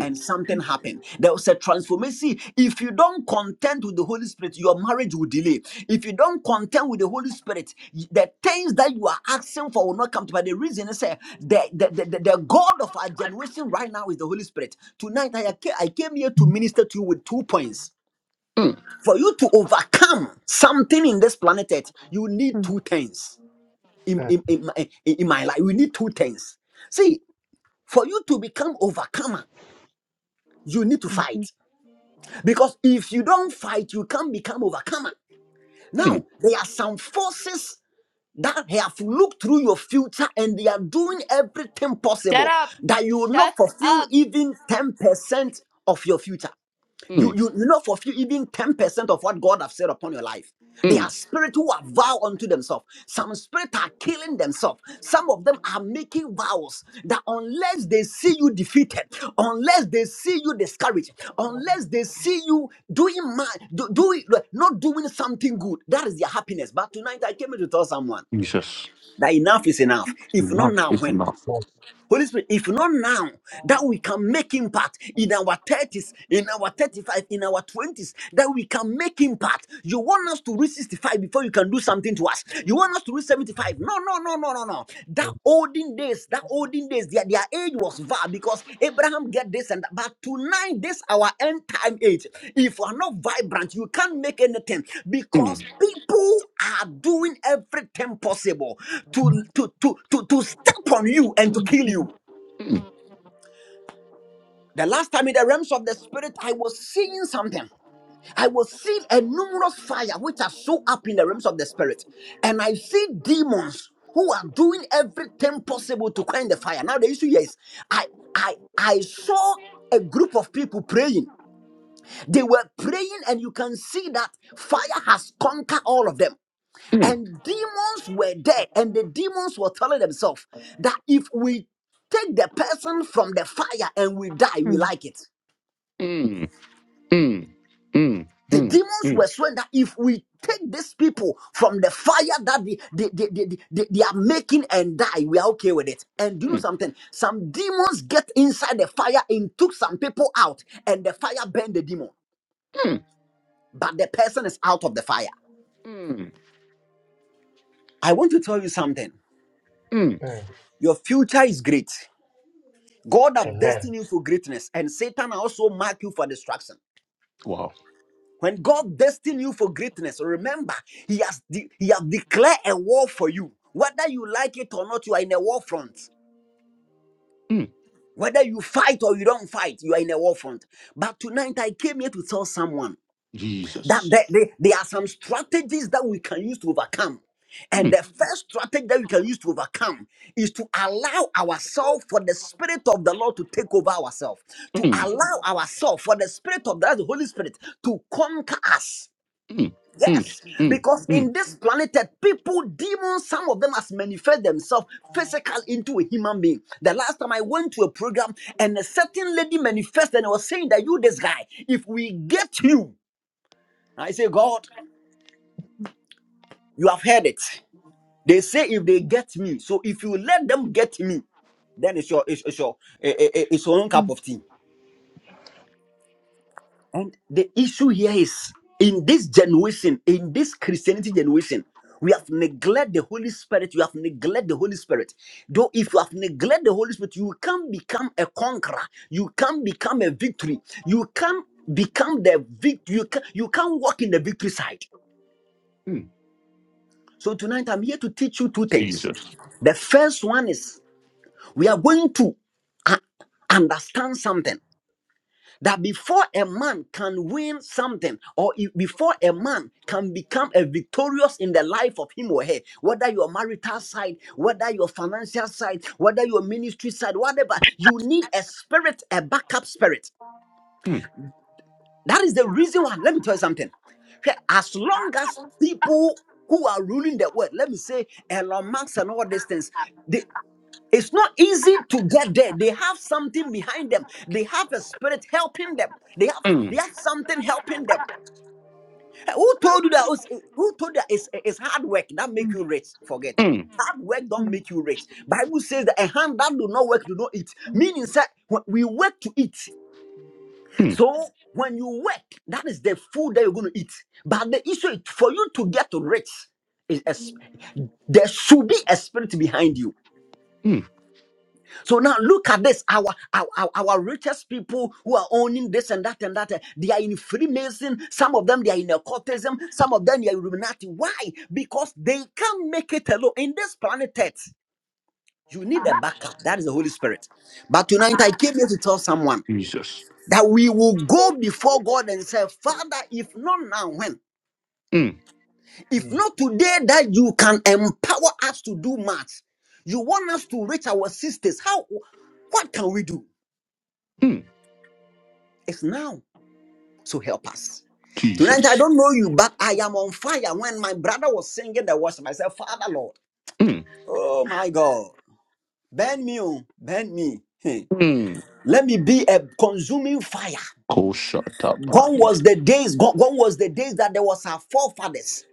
[SPEAKER 7] and something happened. There was a transformation. See, If you don't contend with the Holy Spirit, your marriage will delay. If you don't contend with the Holy Spirit, y- the things that you are asking for will not come to pass. The reason is eh, the, the, the, the, the God of our generation right now is the Holy Spirit. Tonight, I, ca- I came here to minister to you with two points. For you to overcome something in this planet, Earth, you need
[SPEAKER 5] Amen.
[SPEAKER 7] two things. In,
[SPEAKER 2] mm,
[SPEAKER 7] in, in, my, in my life, we need two things. See, for you to become overcomer, you need to
[SPEAKER 5] Amen.
[SPEAKER 7] fight. Because if you don't fight, you can't become overcomer. Now, there are some forces that have looked through your future and they are doing everything
[SPEAKER 8] Shut
[SPEAKER 7] possible
[SPEAKER 8] up.
[SPEAKER 7] that you will not
[SPEAKER 8] Shut
[SPEAKER 7] fulfill
[SPEAKER 8] up.
[SPEAKER 7] even 10% of your future. You
[SPEAKER 1] Mm.
[SPEAKER 7] you you not fulfill even 10% of what God have said upon your life. They are spirit who are vow unto themselves. Some spirit are killing themselves. Some of them are making vows that unless they see you defeated, unless they see you discouraged, unless they see you doing man, do, doing like, not doing something good, that is their happiness. But tonight I came here to tell someone
[SPEAKER 1] Jesus.
[SPEAKER 7] that enough is enough. If not
[SPEAKER 1] Enough.
[SPEAKER 7] now,
[SPEAKER 1] It's
[SPEAKER 7] when?
[SPEAKER 1] enough.
[SPEAKER 2] mm.
[SPEAKER 7] Holy Spirit, if not now, that we can make impact in our 30s, in our 35, in our 20s, that we can make impact. You want us to reach 65 before you can do something to us. You want us to reach 75. No, no, no, no, no, no. That olden days, that olden days, their, their age was far because Abraham get this and that. But tonight, this our end time age. If you are not vibrant, you can't make anything
[SPEAKER 1] Mm.
[SPEAKER 7] because people are doing everything possible to to to to, to step on you and to
[SPEAKER 5] Mm,
[SPEAKER 7] kill
[SPEAKER 5] mm,
[SPEAKER 7] you. The last time in the realms of the spirit, I was seeing something. I was seeing a numerous fire which are so up in the realms of the spirit, and I see demons who are doing everything possible to quench the fire. Now the issue here is, I I I saw a group of people praying. They were praying, and you can see that fire has conquered all of them. And demons were there, and the demons were telling themselves that if we take the person from the fire and we die, we
[SPEAKER 5] mm,
[SPEAKER 7] like it. The demons were swearing that if we take these people from the fire that they, they, they, they, they, they- they are making and die, we are okay with it. And do you know something? Some demons get inside the fire and took some people out, and the fire burned the demon. But the person is out of the fire. I want to tell you something.
[SPEAKER 2] Mm.
[SPEAKER 7] Your future is great. God have
[SPEAKER 2] Amen.
[SPEAKER 7] destined you for greatness, and Satan also mark you for destruction. When God destined you for greatness, remember, He has, de- he has declared a war for you. Whether you like it or not, you are in a war front. Whether you fight or you don't fight, you are in a war front. But tonight, I came here to tell someone that there, there, there are some strategies that we can use to overcome. And the first strategy that we can use to overcome is to allow ourselves for the Spirit of the Lord to take over ourselves, to allow ourselves for the Spirit of the, the Holy Spirit to conquer us. Yes, because in this planeted people, demons, some of them has manifest themselves physical into a human being. The last time I went to a program and a certain lady manifested and was saying that you, this guy, if we get you, I say, God, you have heard it. They say if they get me, so if you let them get me, then it's your it's, it's your eh, eh, eh, it's your own
[SPEAKER 5] mm,
[SPEAKER 7] cup of tea. And the issue here is in this generation, in this Christianity generation, we have neglected the Holy Spirit. You have neglected the Holy Spirit. Though if you have neglected the Holy Spirit, you can become a conqueror. You can become a victory. You can become the victory. You can, you can walk in the victory side. So tonight I'm here to teach you two things. The first one is we are going to uh, understand something. that before a man can win something or if- before a man can become a victorious in the life of him or her whether your marital side whether your financial side whether your ministry side whatever you need a spirit a backup spirit that is the reason why let me tell you something Hwɛ, as long as people who are ruling the world let me say elon musk and all these things it's not easy to get there. They have something behind them. They have a spirit helping them. They have
[SPEAKER 1] Mm.
[SPEAKER 7] they have something helping them. Hey, Who told you that? it's- Who told you that it's, it's hard work that make you rich? Forget. Hard work don't
[SPEAKER 5] mm,
[SPEAKER 7] make you rich. Bible says that a hand that do not work do not eat. Meaning that when we work to eat. So when you work, that is the food that you're going to eat. But the issue is for you to get rich, is a, sp- there should be a spirit behind you. So now look at this. Our, our, our, our richest people who are owning this and that and that, eh, they are in Freemason. Some of them, they are in occultism. Some of them, they are Illuminati. Why? Because they can't make it alone. In this planet Earth, you need a backup. That is the Holy Spirit. But tonight, I came here to tell someone that we will go before God and say, Father, if not now, when? If
[SPEAKER 2] Yes.
[SPEAKER 7] not today, that you can empower us to do much. You want us to reach our sisters. How? What can we do?
[SPEAKER 1] Mm.
[SPEAKER 7] It's now. So help us. Tonight,
[SPEAKER 1] Jesus.
[SPEAKER 7] I don't know you, but I am on fire. When my brother was singing the worship, I said, Father, Lord,
[SPEAKER 1] Mm.
[SPEAKER 7] oh my God, bend me, oh, bend me. Hey,
[SPEAKER 1] Mm.
[SPEAKER 7] Let me be a consuming fire.
[SPEAKER 1] Koshata.
[SPEAKER 7] Gone was the days, gone, gone was the days that there was our forefathers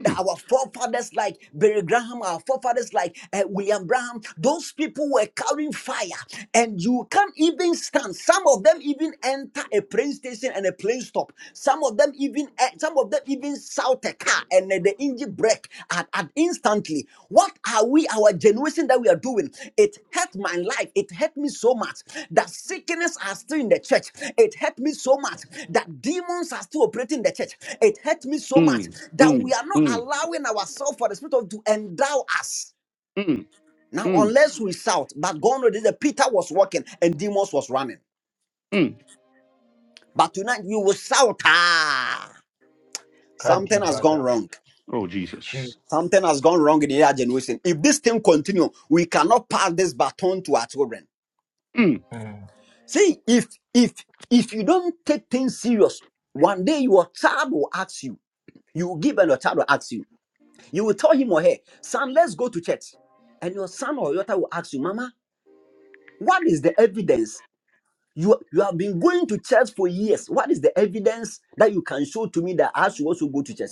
[SPEAKER 7] that
[SPEAKER 1] Mm.
[SPEAKER 7] our forefathers like Barry Graham, our forefathers like uh, William Graham, those people were carrying fire, and you can't even stand. Some of them even enter a plane station and a plane stop. Some of them even eh, some of them even shout a car and eh, the engine brake at, at instantly. What are we, our generation that we are doing? It hurt my life. It hurt me so much that sickness are still in the church. It hurt me so much that demons are still operating in the church. It hurt me so
[SPEAKER 1] Mm.
[SPEAKER 7] much that
[SPEAKER 1] Mm.
[SPEAKER 7] we are not allowing ourselves for the Spirit of to endow us.
[SPEAKER 1] Mm.
[SPEAKER 7] Now,
[SPEAKER 1] Mm,
[SPEAKER 7] unless we shout, but God knows that Peter was walking and demons was running.
[SPEAKER 1] mm.
[SPEAKER 7] But tonight we will shout, ah, something has gone
[SPEAKER 2] Kadibada.
[SPEAKER 7] wrong.
[SPEAKER 1] Oh,
[SPEAKER 2] Chief.
[SPEAKER 1] Jesus.
[SPEAKER 7] Something has gone wrong in their generation. If this thing continue, we cannot pass this baton to our children.
[SPEAKER 1] Mm,
[SPEAKER 2] Mm.
[SPEAKER 7] See, if if if you don't take things serious, one day your child will ask you. You will give and your child will ask you. You will tell him or her, son, let's go to church. And your son or your daughter will ask you, Mama, what is the evidence? You, you have been going to church for years. What is the evidence that you can show to me that I should also go to church?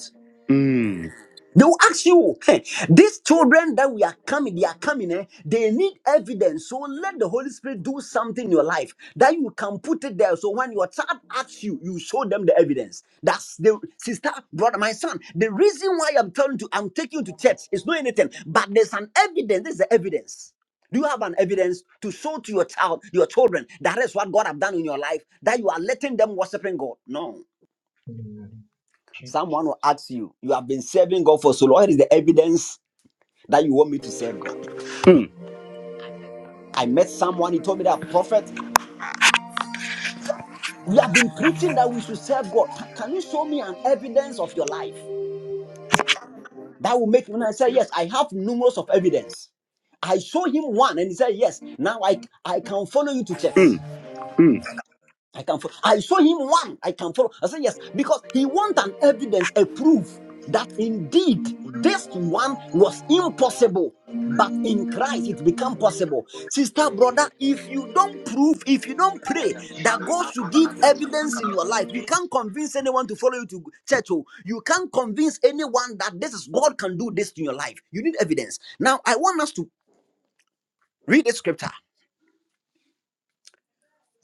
[SPEAKER 7] They will ask you, "Hey, these children that we are coming, they are coming, eh, they need evidence. So let the Holy Spirit do something in your life that you can put it there. So when your child asks you, you show them the evidence. That's the sister, brother, my son. The reason why I'm telling you, I'm taking you to church, is not anything, but there's an evidence. This is the evidence. Do you have an evidence to show to your child, your children, that is what God have done in your life, that you are letting them worshiping God? No.
[SPEAKER 2] Mm. Chief.
[SPEAKER 7] Someone will ask you, you have been serving God for so long. What is the evidence? that you want me to serve God. I met someone, he told me that, Prophet, we have been preaching that we should serve God. Ca- Can you show me an evidence of your life? That will make me. And I said, Yes, I have numerous of evidence. I show him one and he said, Yes, now I, I can follow you to church. I can follow. I saw him one. I can follow. I said yes because he want an evidence, a proof that indeed this one was impossible, but in Christ it become possible. Sister, brother, if you don't prove, if you don't pray that God should give evidence in your life, you can't convince anyone to follow you to church. oh. You can't convince anyone that this is God can do this in your life. You need evidence. Now I want us to read the scripture.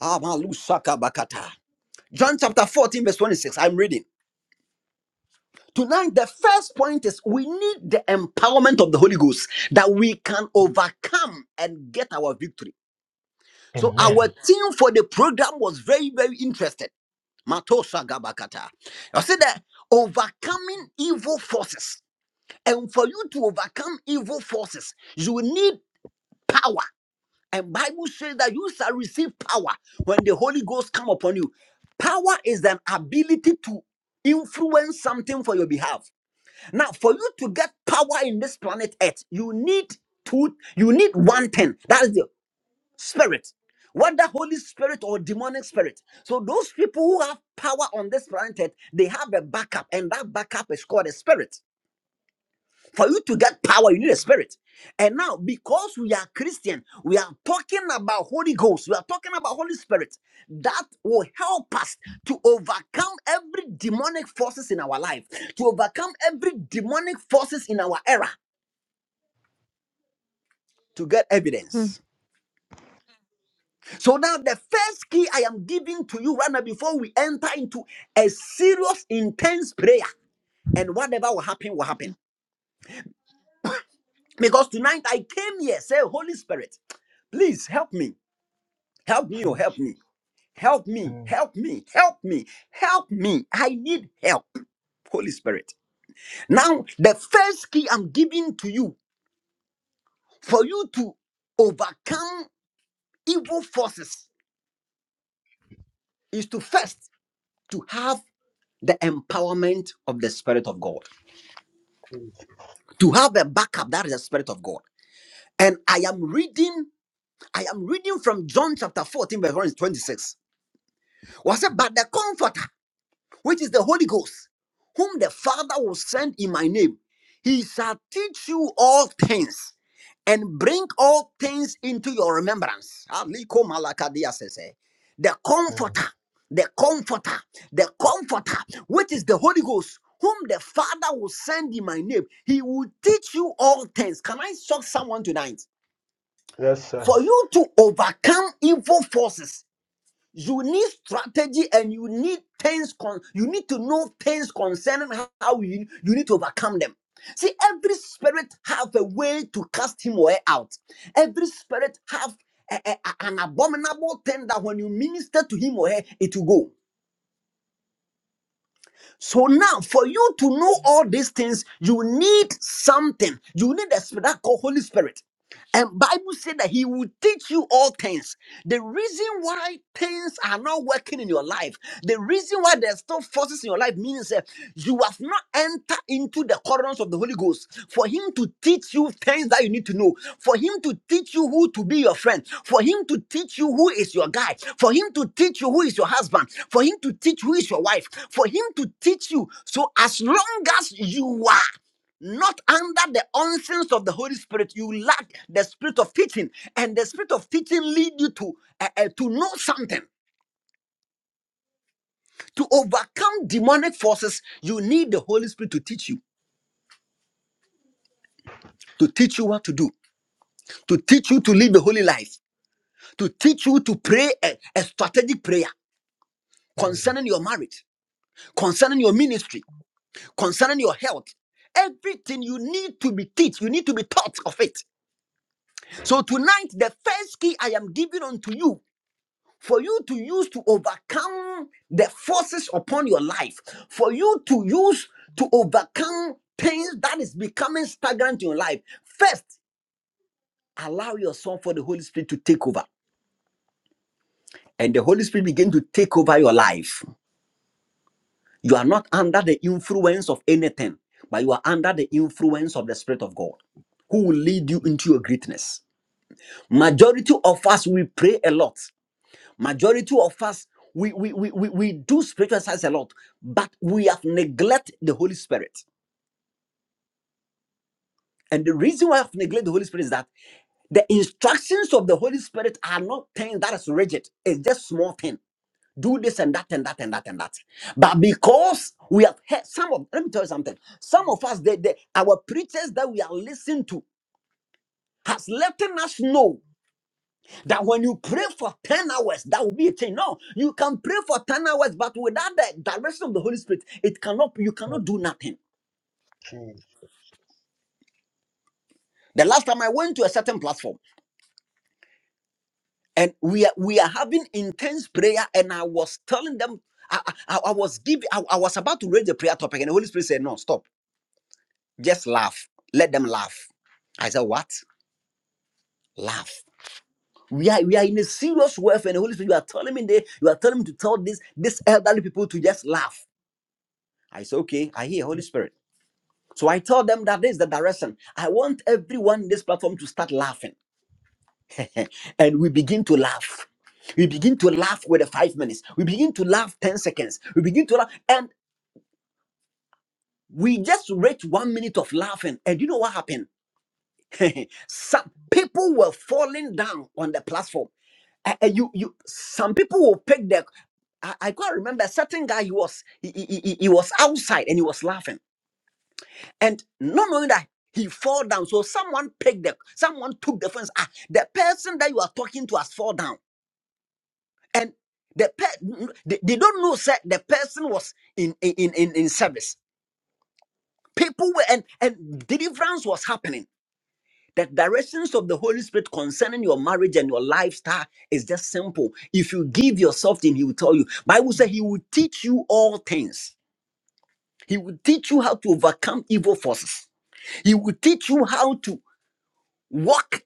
[SPEAKER 7] Amalu Saka Bakata. John chapter 14, verse 26. I'm reading. Tonight, the first point is we need the empowerment of the Holy Ghost that we can overcome and get our victory. So, our
[SPEAKER 2] Amen.
[SPEAKER 7] team for the program was very, very interested. Matosha Gabakata. I said that overcoming evil forces. And for you to overcome evil forces, you need power. And Bible says that you shall receive power when the Holy Ghost come upon you. Power is an ability to influence something for your behalf. Now, for you to get power in this planet Earth, you need two, you need one thing. That is the spirit. Whether Holy Spirit or demonic spirit. So those people who have power on this planet Earth, they have a backup, and that backup is called a spirit. For you to get power, you need a spirit. And now, because we are Christian, we are talking about Holy Ghost, we are talking about Holy Spirit. That will help us to overcome every demonic forces in our life, to overcome every demonic forces in our era, to get
[SPEAKER 5] mm.
[SPEAKER 7] evidence. So now the first key I am giving to you right now before we enter into a serious, intense prayer, and whatever will happen will happen. Because tonight I came here, say, Holy Spirit, please help me Help me,
[SPEAKER 2] Chief.
[SPEAKER 7] oh, help me. Help me,
[SPEAKER 2] Mm.
[SPEAKER 7] help me, help me, help me. I need help, Holy Spirit. Now, the first key I'm giving to you for you to overcome evil forces is to first to have the empowerment of the Spirit of God,
[SPEAKER 2] Chief.
[SPEAKER 7] to have a backup that is the Spirit of God. And I am reading, I am reading from John chapter 14, verse 1 to 26. Was it but the comforter? which is the Holy Ghost, whom the Father will send in my name. He shall teach you all things and bring all things into your remembrance. Aliko malakadia sese. The
[SPEAKER 2] Mm.
[SPEAKER 7] comforter, the comforter, the comforter, which is the Holy Ghost, whom the Father will send in my name. He will teach you all things. Can I shock someone tonight?
[SPEAKER 2] Yes, sir.
[SPEAKER 7] For you to overcome evil forces you need strategy and you need things con- you need to know things concerning how you, you need to overcome them. See, every spirit have a way to cast him or her out. Every spirit have a- a- a- an abominable thing that when you minister to him or her, it will go. So now, for you to know all these things, you need something. You need the spirit, that called Holy Spirit. And Bible said that he will teach you all things. The reason why things are not working in your life, the reason why there's still forces in your life, means that you have not entered into the corridors of the Holy Ghost for him to teach you things that you need to know, for him to teach you who to be your friend, for him to teach you who is your guy, for him to teach you who is your husband, for him to teach who is your wife, for him to teach you. So as long as you are not under the unsense of the Holy Spirit, you lack the spirit of teaching, and the spirit of teaching lead you to uh, uh, to know something. To overcome demonic forces, you need the Holy Spirit to teach you, to teach you what to do, to teach you to live the holy life, to teach you to pray a, a strategic prayer
[SPEAKER 2] Mm.
[SPEAKER 7] concerning your marriage, concerning your ministry, concerning your health. Everything you need to be taught, you need to be taught of it. So tonight, the first key I am giving unto you for you to use to overcome the forces upon your life, for you to use to overcome things that is becoming stagnant in your life. First, allow yourself for the Holy Spirit to take over, and the Holy Spirit begin to take over your life. You are not under the influence of anything, but you are under the influence of the Spirit of God, who will lead you into your greatness. Majority of us we pray a lot, Majority of us, we, we, we, we, we do spiritual science a lot, but we have neglected the Holy Spirit. And the reason why I've neglected the Holy Spirit is that the instructions of the Holy Spirit are not things that is rigid. It's just small thing. Do this and that and that and that and that. But because we have heard some of, let me tell you something. Some of us, they, they, our preachers that we are listening to, has letting us know. That when you pray for 10 hours, that will be a thing. No, you can pray for 10 hours, but without the direction of the Holy Spirit, it cannot you
[SPEAKER 2] Mm.
[SPEAKER 7] cannot do nothing.
[SPEAKER 2] Chief.
[SPEAKER 7] The last time I went to a certain platform and we are we are having intense prayer, and I was telling them, I, I, I was giving I, I was about to raise the prayer topic, and the Holy Spirit said, No, stop. Just laugh. Let them laugh. I said, What? Laugh. We are, we are in a serious warfare, and the Holy Spirit, you are telling me they, you are telling me to tell this this elderly people to just laugh. I said, okay, I hear Holy Spirit. So I tell them that this is the direction. I want everyone in this platform to start laughing. and we begin to laugh. We begin to laugh with the five minutes. We begin to laugh 10 seconds. We begin to laugh. And we just reach one minute of laughing. And you know what happened? some people were falling down on the platform. Uh, uh, you, you, some people will pick the. I, I can't remember. A certain guy he was he, he, he he was outside and he was laughing And not knowing that he fall down. So someone picked the someone took the fence. Ah, the person that you are talking to has fall down. And the pe- they, they don't know that the person was in in, in in in service. People were and, and deliverance was happening. The directions of the Holy Spirit concerning your marriage and your lifestyle is just simple. If you give yourself to him, he will tell you. Bible says he will teach you all things. He will teach you how to overcome evil forces. He will teach you how to walk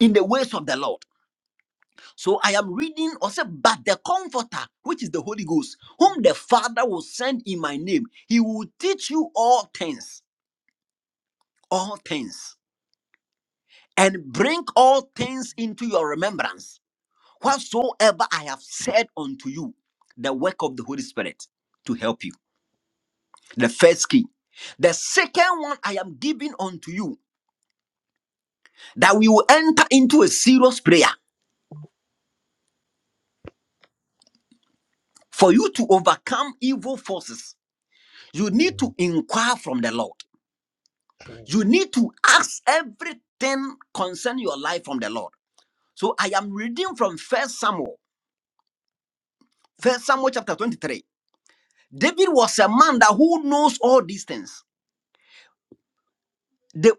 [SPEAKER 7] in the ways of the Lord. So I am reading or say, but the comforter, which is the Holy Ghost, whom the Father will send in my name, he will teach you all things, all things, and bring all things into your remembrance, whatsoever I have said unto you, the work of the Holy Spirit to help you. The first key. The second one I am giving unto you, that we will enter into a serious prayer for you to overcome evil forces You need
[SPEAKER 2] Mm.
[SPEAKER 7] to inquire from the Lord.
[SPEAKER 2] Chief.
[SPEAKER 7] You need to ask everything concerning your life from the Lord. So I am reading from First Samuel, First Samuel chapter 23. David was a man that who knows all these things. The,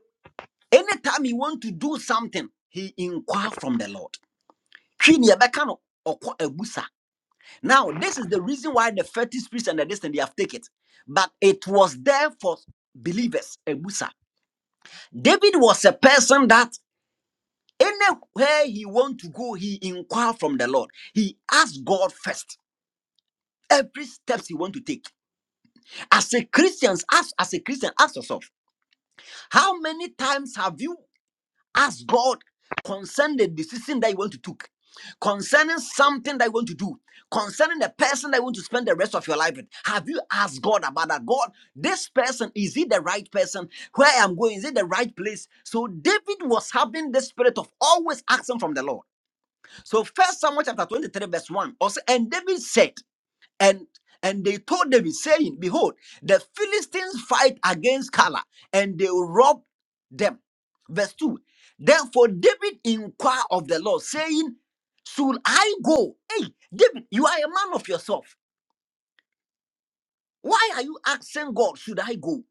[SPEAKER 7] anytime he want to do something, he inquire from the Lord. Twi ne yɛbɛka no, ɔkɔ abusa. Now, this is the reason why the fetish priest and the destiny they have taken. it. But it was there for believers, Ebusa. David was a person that Anywhere he want to go, he inquire from the Lord. He asks God first. Every steps he want to take. As a Christian, ask as a Christian, ask yourself, how many times have you asked God concerning the decision that you want to take, concerning something that you want to do, concerning the person that you want to spend the rest of your life with? Have you asked God about that? God, this person is he the right person? Where I'm going is it the right place? So David was having the spirit of always asking from the Lord. So first Samuel chapter 23, verse 1. Also, and David said, and and they told David, saying, Behold, the Philistines fight against Kala, and they rob them. Verse 2. Therefore David inquired of the Lord, saying, Should I go? Hey, David, you are a man of yourself. Why are you asking God, should I go?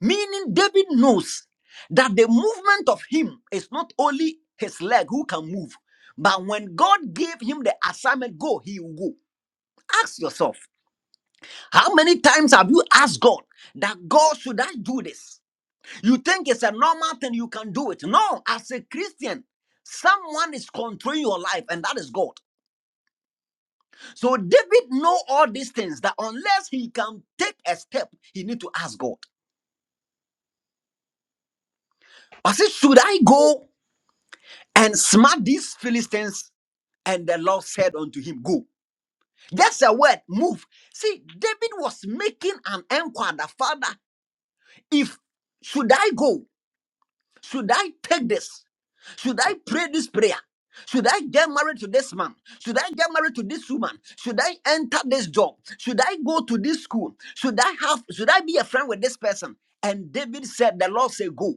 [SPEAKER 7] Meaning, David knows that the movement of him is not only his leg who can move, but when God gave him the assignment, go, he will go. Ask yourself, how many times have you asked God that God should I do this? You think it's a normal thing, you can do it. No, as a Christian, someone is controlling your life, and that is God. So David know all these things that unless he can take a step, he need to ask God. I said, should I go and smack these Philistines And the Lord said unto him, Go. Just a word, move. See, David was making an inquiry, Father, if should I go? Should I take this? Should I pray this prayer? Should I get married to this man? Should I get married to this woman? Should I enter this job? Should I go to this school? Should I have should I be a friend with this person? And David said, The Lord said, Go.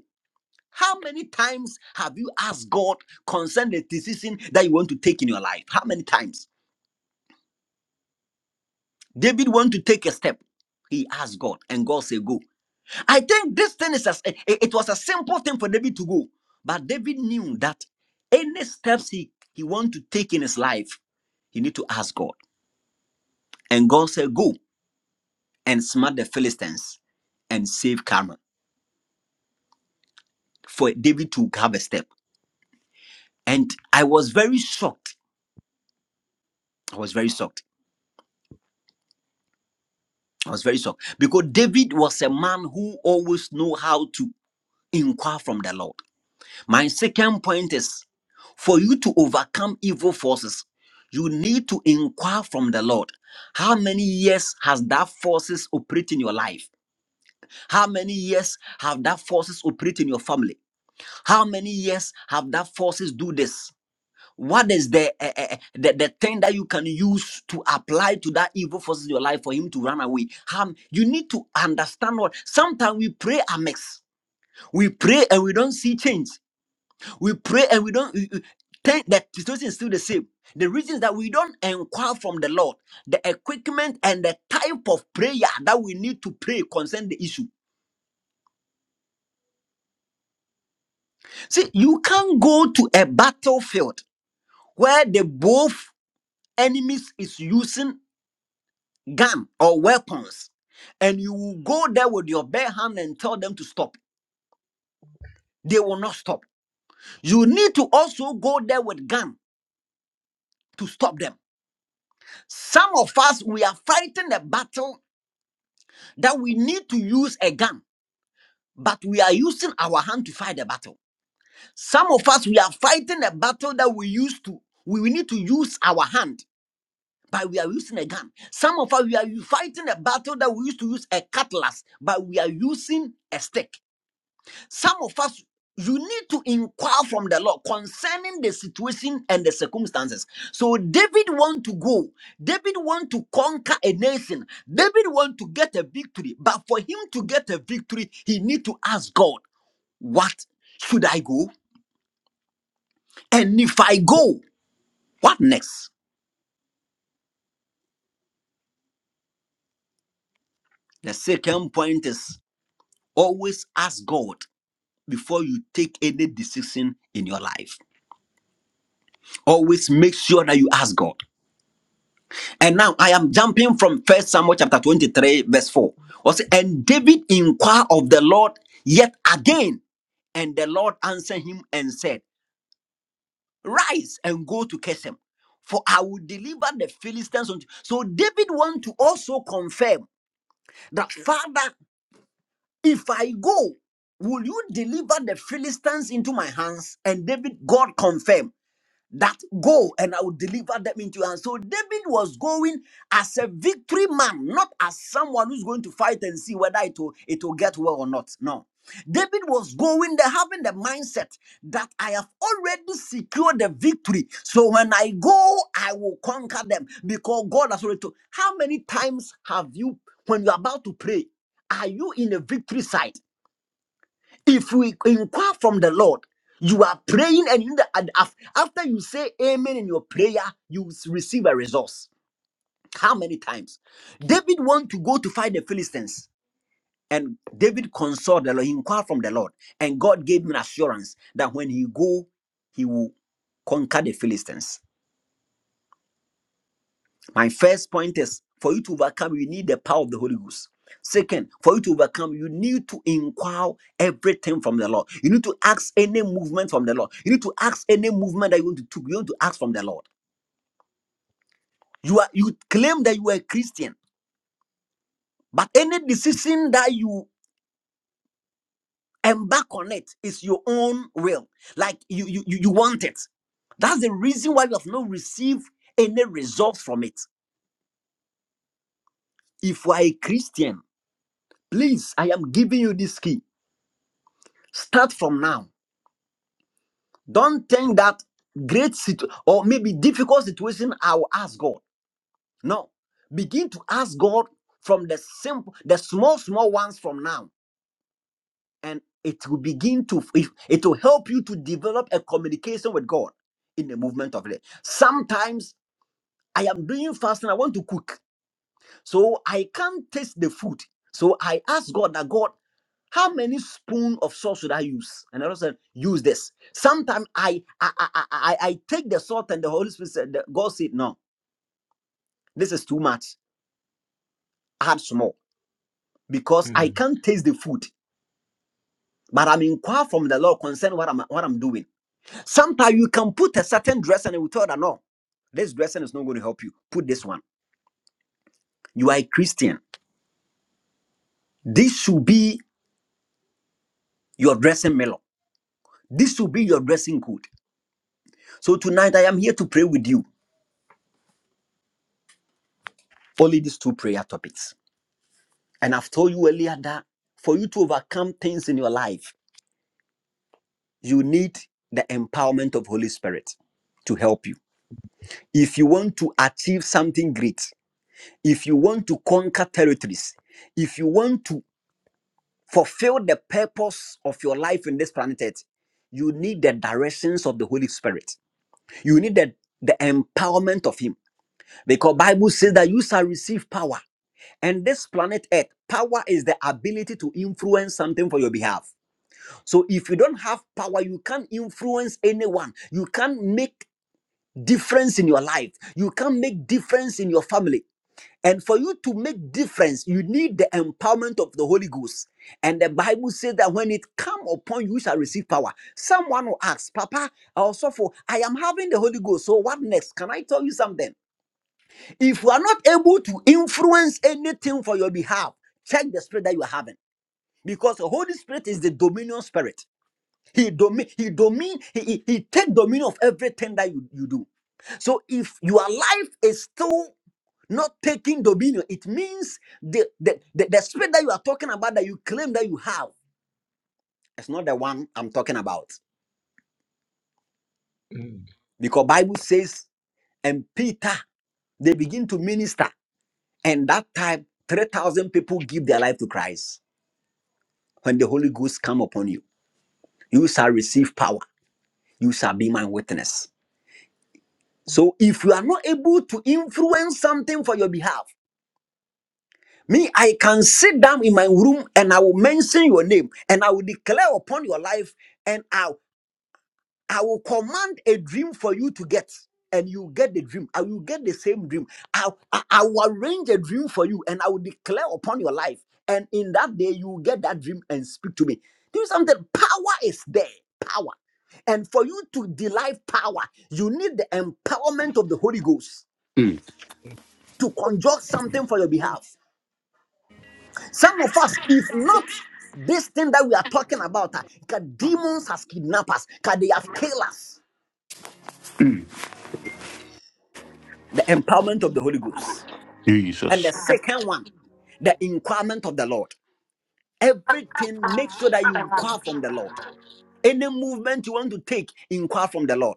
[SPEAKER 7] How many times have you asked God concerning the decision that you want to take in your life? How many times? David want to take a step. He asked God, and God said, "Go." I think this thing is as it it was a simple thing for David to go, but David knew that any steps he he want to take in his life, he need to ask God. And God said, "Go and smite the Philistines and save Carmel." For David to have a step, and I was very shocked. I was very shocked. I was very shocked because David was a man who always know how to inquire from the Lord. My second point is for you to overcome evil forces, you need to inquire from the Lord. How many years has that forces operate in your life? How many years have that forces operate in your family? How many years have that forces do this? What is the, eh, eh, eh, the the thing that you can use to apply to that evil forces in your life for him to run away? How you need to understand what sometimes we pray amiss. We pray and we don't see change. We pray and we don't. we- we- Ten, the situation is still the same. The reasons that we don't inquire from the Lord, the equipment and the type of prayer that we need to pray concern the issue. See, you can't go to a battlefield where the both enemies is using gun or weapons, and you will go there with your bare hand and tell them to stop. They will not stop. You need to also go there with gun to stop them. Some of us we are fighting the battle that we need to use a gun, but we are using our hand to fight the battle. Some of us, we are fighting a battle that we used to, we, we need to use our hand, but we are using a gun. Some of us, we are fighting a battle that we used to use a cutlass, but we are using a stick. Some of us, you need to inquire from the Lord concerning the situation and the circumstances. So David want to go. David want to conquer a nation. David want to get a victory. But for him to get a victory, he need to ask God, what should I go? And if I go, what next? The second point is always ask God before you take any decision in your life. Always make sure that you ask God. And now I am jumping from First Samuel chapter 23, verse 4. Was and David inquired of the Lord yet again, and the Lord answered him and said, Rise and go to Kesem, for I will deliver the Philistines unto So David want to also confirm that Father, if I go, will you deliver the Philistines into my hands? And David, God confirmed. that go and I will deliver them into you. And so David was going as a victory man, not as someone who's going to fight and see whether it will, it will get well or not. No. David was going there having the mindset that I have already secured the victory. So when I go, I will conquer them because God has already told. How many times have you, when you're about to pray, are you in a victory side? If we inquire from the Lord, you are praying, and in the, and af- after you say amen in your prayer, you s- receive a resource. How many times? David want to go to fight the Philistines, and David consoled the Lord, he inquired from the Lord, and God gave him assurance that when he go, he will conquer the Philistines. My first point is for you to overcome, you need the power of the Holy Ghost. Second, for you to overcome, you need to inquire everything from the Lord. You need to ask any movement from the Lord. You need to ask any movement that you want to take. You want to ask from the Lord. You are you claim that you are a Christian, but any decision that you embark on it is your own will. Like you you you you want it. That's the reason why you have not received any results from it. If you are a Christian, please, I am giving you this key Start from now. Don't think that great situ- or maybe difficult situation I will ask God. No. Begin to ask God from the simple, the small, small ones from now. And it will begin to it it will help you to develop a communication with God in the movement of it. Sometimes I am doing fasting, I want to cook. So I can't taste the food. So I asked God that God, how many spoon of salt should I use? And I Lord said, use this. Sometimes I I, I I I I take the salt and the Holy Spirit said, the- God said, no, this is too much. Add small because I
[SPEAKER 2] Mm.
[SPEAKER 7] can't taste the food. But I'm inquire from the Lord concerning what I'm what I'm doing. Sometimes you can put a certain dress and you will tell that no, this dressing is not going to help you. Put this one. You are a Christian. This should be your dressing melon. This should be your dressing code. So tonight I am here to pray with you. Only these two prayer topics. And I've told you earlier that for you to overcome things in your life, you need the empowerment of Holy Spirit to help you. If you want to achieve something great, if you want to conquer territories, if you want to fulfill the purpose of your life in this planet Earth, you need the directions of the Holy Spirit. You need the, the empowerment of Him. Because Bible says
[SPEAKER 2] Chief.
[SPEAKER 7] that you shall receive power And this planet Earth, power is the ability to influence something for your behalf. So if you don't have power, you can't influence anyone. You can't make difference in your life. You can't make difference in your family. And for you to make difference, you need the empowerment of the Holy Ghost. And the Bible says that when it come upon you, you shall receive power. Someone will ask, Papa, also for I am having the Holy Ghost. So what next? Can I tell you something? If you are not able to influence anything for your behalf, check the spirit that you are having. Because the Holy Spirit is the dominion spirit. He domi- he domin he, he, he take dominion of everything that you, you do. So if your life is still not taking dominion, it means the, the, the, the spirit that you are talking about that you claim that you have it's not the one I'm talking about.
[SPEAKER 2] Mm.
[SPEAKER 7] Because Bible says, and Peter, they begin to minister. And that time, 3,000 people give their life to Christ. when the Holy Ghost come upon you, you shall receive power. You shall be my witness. So if you are not able to influence something for your behalf, me, I can sit down in my room and I will mention your name and I will declare upon your life. And I I will command a dream for you to get, and you get the dream. I will get the same dream. I, I, I will arrange a dream for you, and I will declare upon your life. And in that day, you will get that dream and speak to me. Do you something. Power is there. Power. And for you to derive power, you need the empowerment of the Holy Ghost to conjure something for your behalf. Some of us, if not this thing that we are talking about, uh, demons has kidnapped us, 'cause they have killed us. The empowerment of the Holy Ghost. And
[SPEAKER 1] Jesus.
[SPEAKER 7] the second one, the inquirement of the Lord. Everything, make sure that you inquire from the Lord. Any movement you want to take, inquire from the Lord.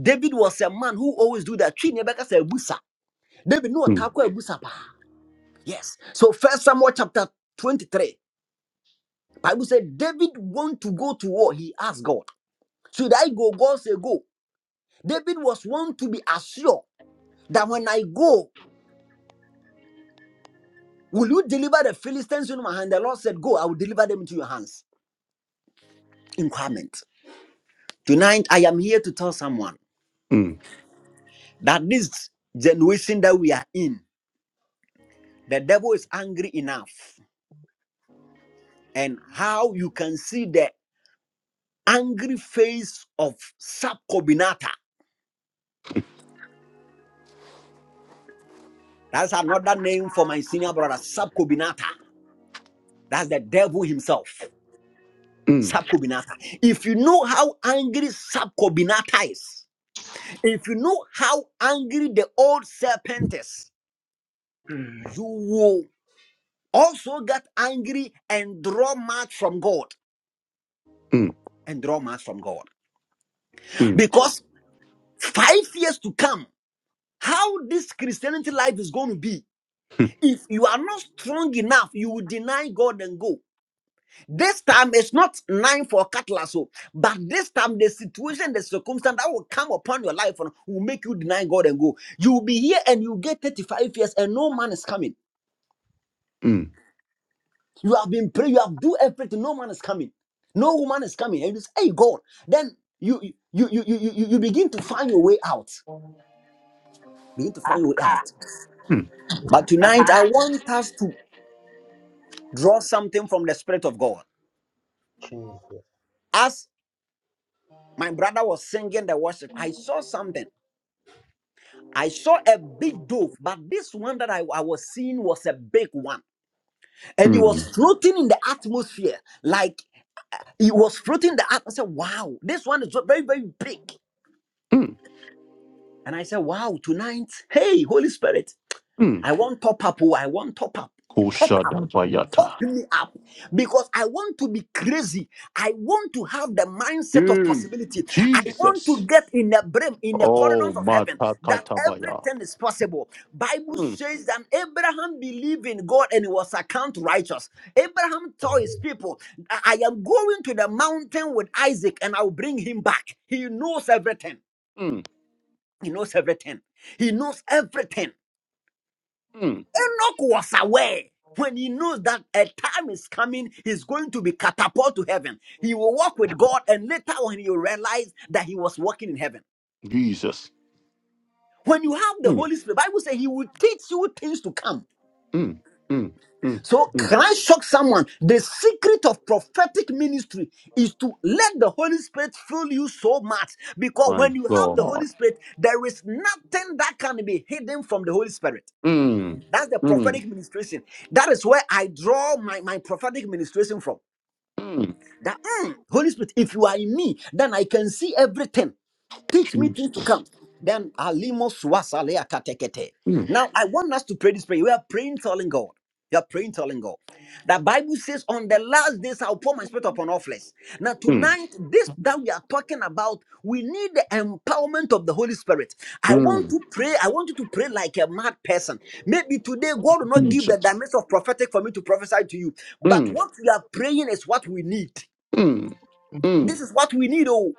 [SPEAKER 7] David was a man who always do that. Twi ne bɛka sɛ abusa. David no
[SPEAKER 1] Mm,
[SPEAKER 7] ɔtaakɔ abusa paa. Yes. So first Samuel chapter 23. Bible said David want to go to war. He asked God, Should I go? God said, Go. David was want to be assured that when I go, will you deliver the Philistines into my hand? The Lord said, Go, I will deliver them into your hands. Inquirement. Tonight, I am here to tell someone that this generation that we are in, the devil is angry enough. And how you can see the angry face of Subcobinata. That's another name for my senior brother, Subcobinata. That's the devil himself,
[SPEAKER 1] mm,
[SPEAKER 7] Subcobinata. If you know how angry Subcobinata is, if you know how angry the old serpent is,
[SPEAKER 2] Mm.
[SPEAKER 7] you will also get angry and draw much from God.
[SPEAKER 1] mm,
[SPEAKER 7] and draw mass from God.
[SPEAKER 1] mm,
[SPEAKER 7] Because five years to come, how this Christianity life is going to be, if you are not strong enough, you will deny God and go. This time it's not nine for cattle, so but this time the situation, the circumstance that will come upon your life you will make you deny God and go. You will be here and you get 35 years and no man is coming.
[SPEAKER 1] mm, mm,
[SPEAKER 7] You have been praying, you have do everything, no man is coming. No woman is coming. And you say, Hey God, then you you you you, you you begin to find your way out. We need to find a way out.
[SPEAKER 1] mm,
[SPEAKER 7] But tonight, I want us to draw something from the Spirit of God.
[SPEAKER 2] Jesus.
[SPEAKER 7] As my brother was singing the worship, I saw something. I saw a big dove, but this one that I, I was seeing was a big one. And it was
[SPEAKER 1] mm,
[SPEAKER 7] floating in the atmosphere. Like it was floating in the atmosphere. Wow, this one is very, very big.
[SPEAKER 1] mm,
[SPEAKER 7] And I said, Wow, tonight, hey, Holy Spirit,
[SPEAKER 1] mm.
[SPEAKER 7] I want top up. oh, I want top up. Top up. pump
[SPEAKER 1] Koshadabayata.
[SPEAKER 7] me up because I want to be crazy. I want to have the mindset of
[SPEAKER 1] Mm,
[SPEAKER 7] possibility. I want to
[SPEAKER 1] Jesus.
[SPEAKER 7] get in the brim, in the
[SPEAKER 1] Oh,
[SPEAKER 7] corridors of heaven, that
[SPEAKER 1] Matakatabaya.
[SPEAKER 7] everything is possible. Bible says that Abraham believed in God and it was accounted righteous. Abraham told his
[SPEAKER 2] Amen.
[SPEAKER 7] people, I I am going to the mountain with Isaac and I'll bring him back. He knows everything. He knows everything. He knows everything. Enoch was aware when he knows that a time is coming, he's going to be catapulted to heaven. He will walk with God, and later on, he will realize that he was walking in heaven.
[SPEAKER 1] Just.
[SPEAKER 7] When you have the
[SPEAKER 1] Mm,
[SPEAKER 7] Holy Spirit, Bible says he will teach you things to come.
[SPEAKER 1] mm, mm, mm.
[SPEAKER 7] So can I shock someone. The secret of prophetic ministry is to let the Holy Spirit fill you so much. Because
[SPEAKER 1] My
[SPEAKER 7] when you have the
[SPEAKER 1] God.
[SPEAKER 7] Holy Spirit, there is nothing that can be hidden from the Holy Spirit.
[SPEAKER 1] Mm,
[SPEAKER 7] That's the
[SPEAKER 1] mm,
[SPEAKER 7] prophetic ministration. That is where I draw my, my prophetic ministration from.
[SPEAKER 1] mm.
[SPEAKER 7] That mm, Holy Spirit, if you are in me, then I can see everything. Teach me things to
[SPEAKER 1] Jesus.
[SPEAKER 7] come. Then alimos wasalea katekete.
[SPEAKER 1] Mm,
[SPEAKER 7] Now I want us to pray this prayer. We are praying, telling God. You are praying, telling God. The Bible says, "On the last days, I'll pour my spirit upon all flesh." Now
[SPEAKER 1] mm,
[SPEAKER 7] tonight, this that we are talking about, we need the empowerment of the Holy Spirit. I want
[SPEAKER 1] mm.
[SPEAKER 7] to pray. I want you to pray like a mad person. Maybe today God will not give the
[SPEAKER 1] Jesus.
[SPEAKER 7] dimension of prophetic for me to prophesy to you, but
[SPEAKER 1] Mm,
[SPEAKER 7] what we are praying is what we need. This is what we need. Oh,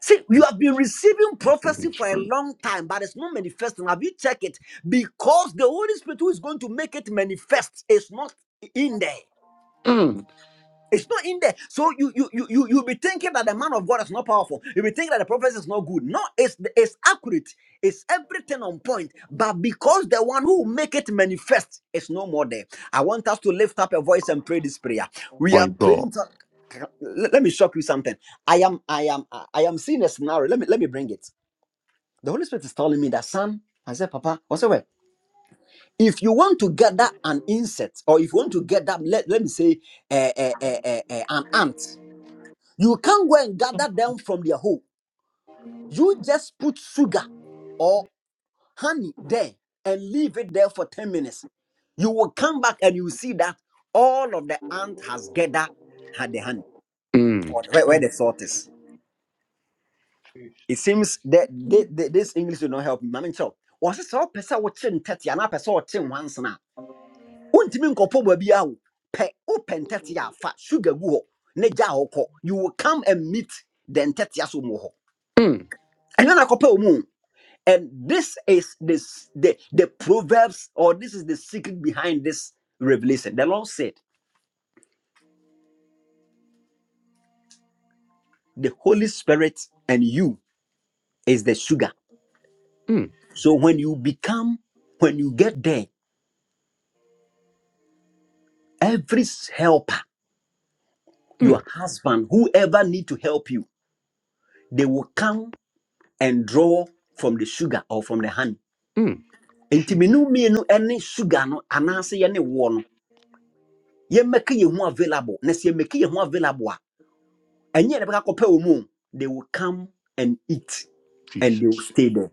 [SPEAKER 7] see, you have been receiving prophecy for a long time, but it's not manifesting. Have you checked it? Because the Holy Spirit who is going to make it manifest is not in there. It's not in there. So you you you you you'll be thinking that the man of God is not powerful. You'll be thinking that the prophecy is not good. No, it's it's accurate. It's everything on point. But because the one who will make it manifest is no more there. I want us to lift up a voice and pray this prayer. We
[SPEAKER 1] my
[SPEAKER 7] are
[SPEAKER 1] God.
[SPEAKER 7] praying let, let me shock you something. I am, I am, I I am seeing a scenario. Let me let me bring it. The Holy Spirit is telling me that son, I said, Papa, what's the way? If you want to gather an insect, or if you want to gather, let, let me say, eh, eh, eh, eh, eh, an ant, you can't go and gather them from their hole. You just put sugar or honey there and leave it there for 10 minutes. You will come back and you will see that all of the ant has gathered had the honey or where, where
[SPEAKER 2] Mm.
[SPEAKER 7] the salt is.
[SPEAKER 2] Chief.
[SPEAKER 7] it seems that thi- thi- this English do not help me. Mami chọ, ọsị sọ pẹsẹ ọchị ntẹtị anaa pẹsẹ ọchị nwansi a ontumi nkọpọ baabi ahụ, pẹ ụpẹ ntẹtị a fa sugar gu họ, na gya họ kọ. You will come and meet the ntẹtị asọ mu họ. Ẹnyẹ na akọpẹ ọmụ. o. And this is the, the the proverbs or this is the secret behind this revelation. The Lord said, the Holy Spirit and you is the sugar.
[SPEAKER 1] Mm,
[SPEAKER 7] So when you become, when you get there, every helper
[SPEAKER 1] mm,
[SPEAKER 7] your husband, whoever need to help you, they will come and draw from the sugar or from the honey. Enti
[SPEAKER 2] Chief.
[SPEAKER 7] menu mienu any sugar no anase ye ne wo no. Ye make ye ho available. Na se ye make ye ho available a. Enye ne beka kopa wo mu. They will come and eat and they will stay there.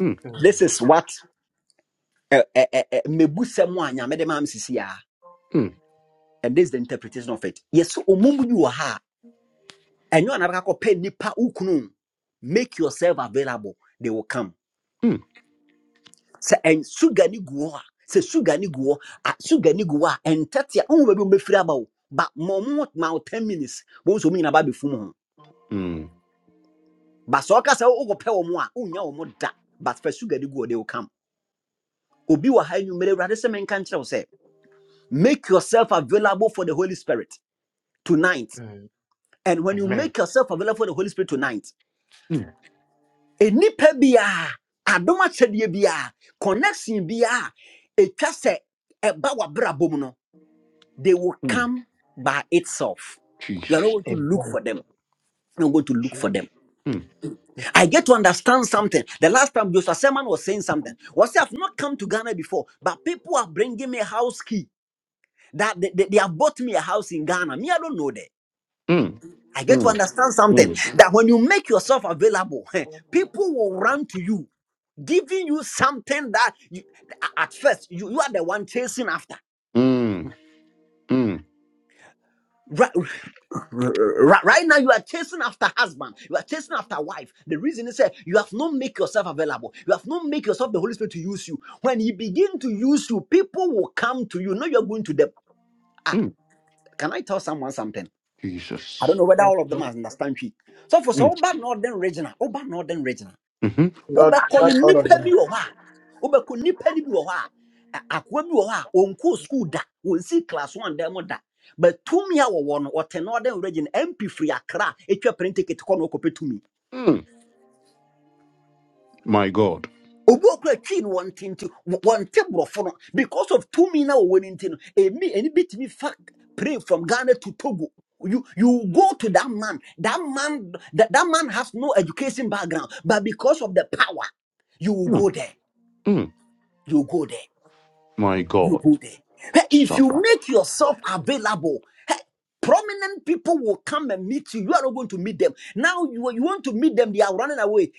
[SPEAKER 1] mm,
[SPEAKER 2] Mm.
[SPEAKER 7] This is what eh, eh, eh, eh, mebusɛm a nyame de maa me sisi a and this is the interpretation of it. Yes, omum bi wɔ ha. a, Enyo anabeka kopa nipa ukunu. Make yourself available. They will come.
[SPEAKER 1] mm,
[SPEAKER 7] sɛ ɛn sugar ni gu hɔ a sɛ sugar ni gu hɔ a sugar ni gu hɔ a ɛntɛte a ɔmo baabi a ɔmbɛfiri aba o ba ma ɔmo ma o ten minutes wɔn nso ɔmo nyinaa ba abɛfum ho
[SPEAKER 1] mm,
[SPEAKER 7] ba sɛ ɔka sɛ ɔkɔ pɛ wɔn a ɔnya wɔn da but fɛ sugar ni gu hɔ de ɔkam obi wɔ ha enyimire awurade sɛ mɛnka nkyerɛw sɛ make yourself available for the holy spirit tonight
[SPEAKER 2] Mm.
[SPEAKER 7] and when you
[SPEAKER 2] Amen.
[SPEAKER 7] make yourself available for the holy spirit tonight enipa biara adom akyɛdeɛ biara connection biara etwa sɛ a wɔ abrabɔ mu no They will come by itself. You are not going to look
[SPEAKER 2] Amen.
[SPEAKER 7] for them. You're not going to look for
[SPEAKER 2] Chief.
[SPEAKER 7] them. I get to understand something. The last time Joshua Selman was saying something, was I've not come to Ghana before, but people are bringing me a house key. That they, they, they have bought me a house in Ghana. Me, I don't know that. I get to understand something that when you make yourself available, people will run to you, giving you something that you, at first you, you are the one chasing after. Right, right, right now you are chasing after husband, you are chasing after wife. The reason is that you have not make yourself available. You have not make yourself the Holy Spirit to use you. When He begin to use you, people will come to you. Now you are going to them. Ah, can I tell someone something? I don't know whether
[SPEAKER 2] Yes,
[SPEAKER 7] all of
[SPEAKER 2] sir.
[SPEAKER 7] them understand me. So for so, Oba Northern Regional, Oba Northern Regional
[SPEAKER 1] mm,
[SPEAKER 2] Not,
[SPEAKER 7] wobɛkɔ no
[SPEAKER 2] not all of
[SPEAKER 7] nnipa
[SPEAKER 2] them.
[SPEAKER 7] bi wɔ hɔ a wobɛkɔ nnipa no bi wɔ hɔ a ɛ- akoa bi wɔ hɔ a ɔnkɔɔ skuul da ɔnsii class one dan mu da but tumi a wɔwɔ no ɔte no ɔdan wura no mp free akra a ɛtwa plane ticket kɔ no ɔkɔpɛ tumi
[SPEAKER 1] mm. My God.
[SPEAKER 7] obi okura twi no wɔn nti wɔnte borɔfo no because of tumi na wɔwɔ no nti no ɛmi ɛni bi fa pray from ghana to togo you you go to that man that man that, that man has no education background but because of the power you will go there
[SPEAKER 1] Mm,
[SPEAKER 7] you will go there
[SPEAKER 1] my
[SPEAKER 7] you
[SPEAKER 1] God.
[SPEAKER 7] go there. Hey, If you
[SPEAKER 1] Shabbat.
[SPEAKER 7] make yourself available, hey, prominent people will come and meet you. You are not going to meet them. Now you, you want to meet them, they are running away.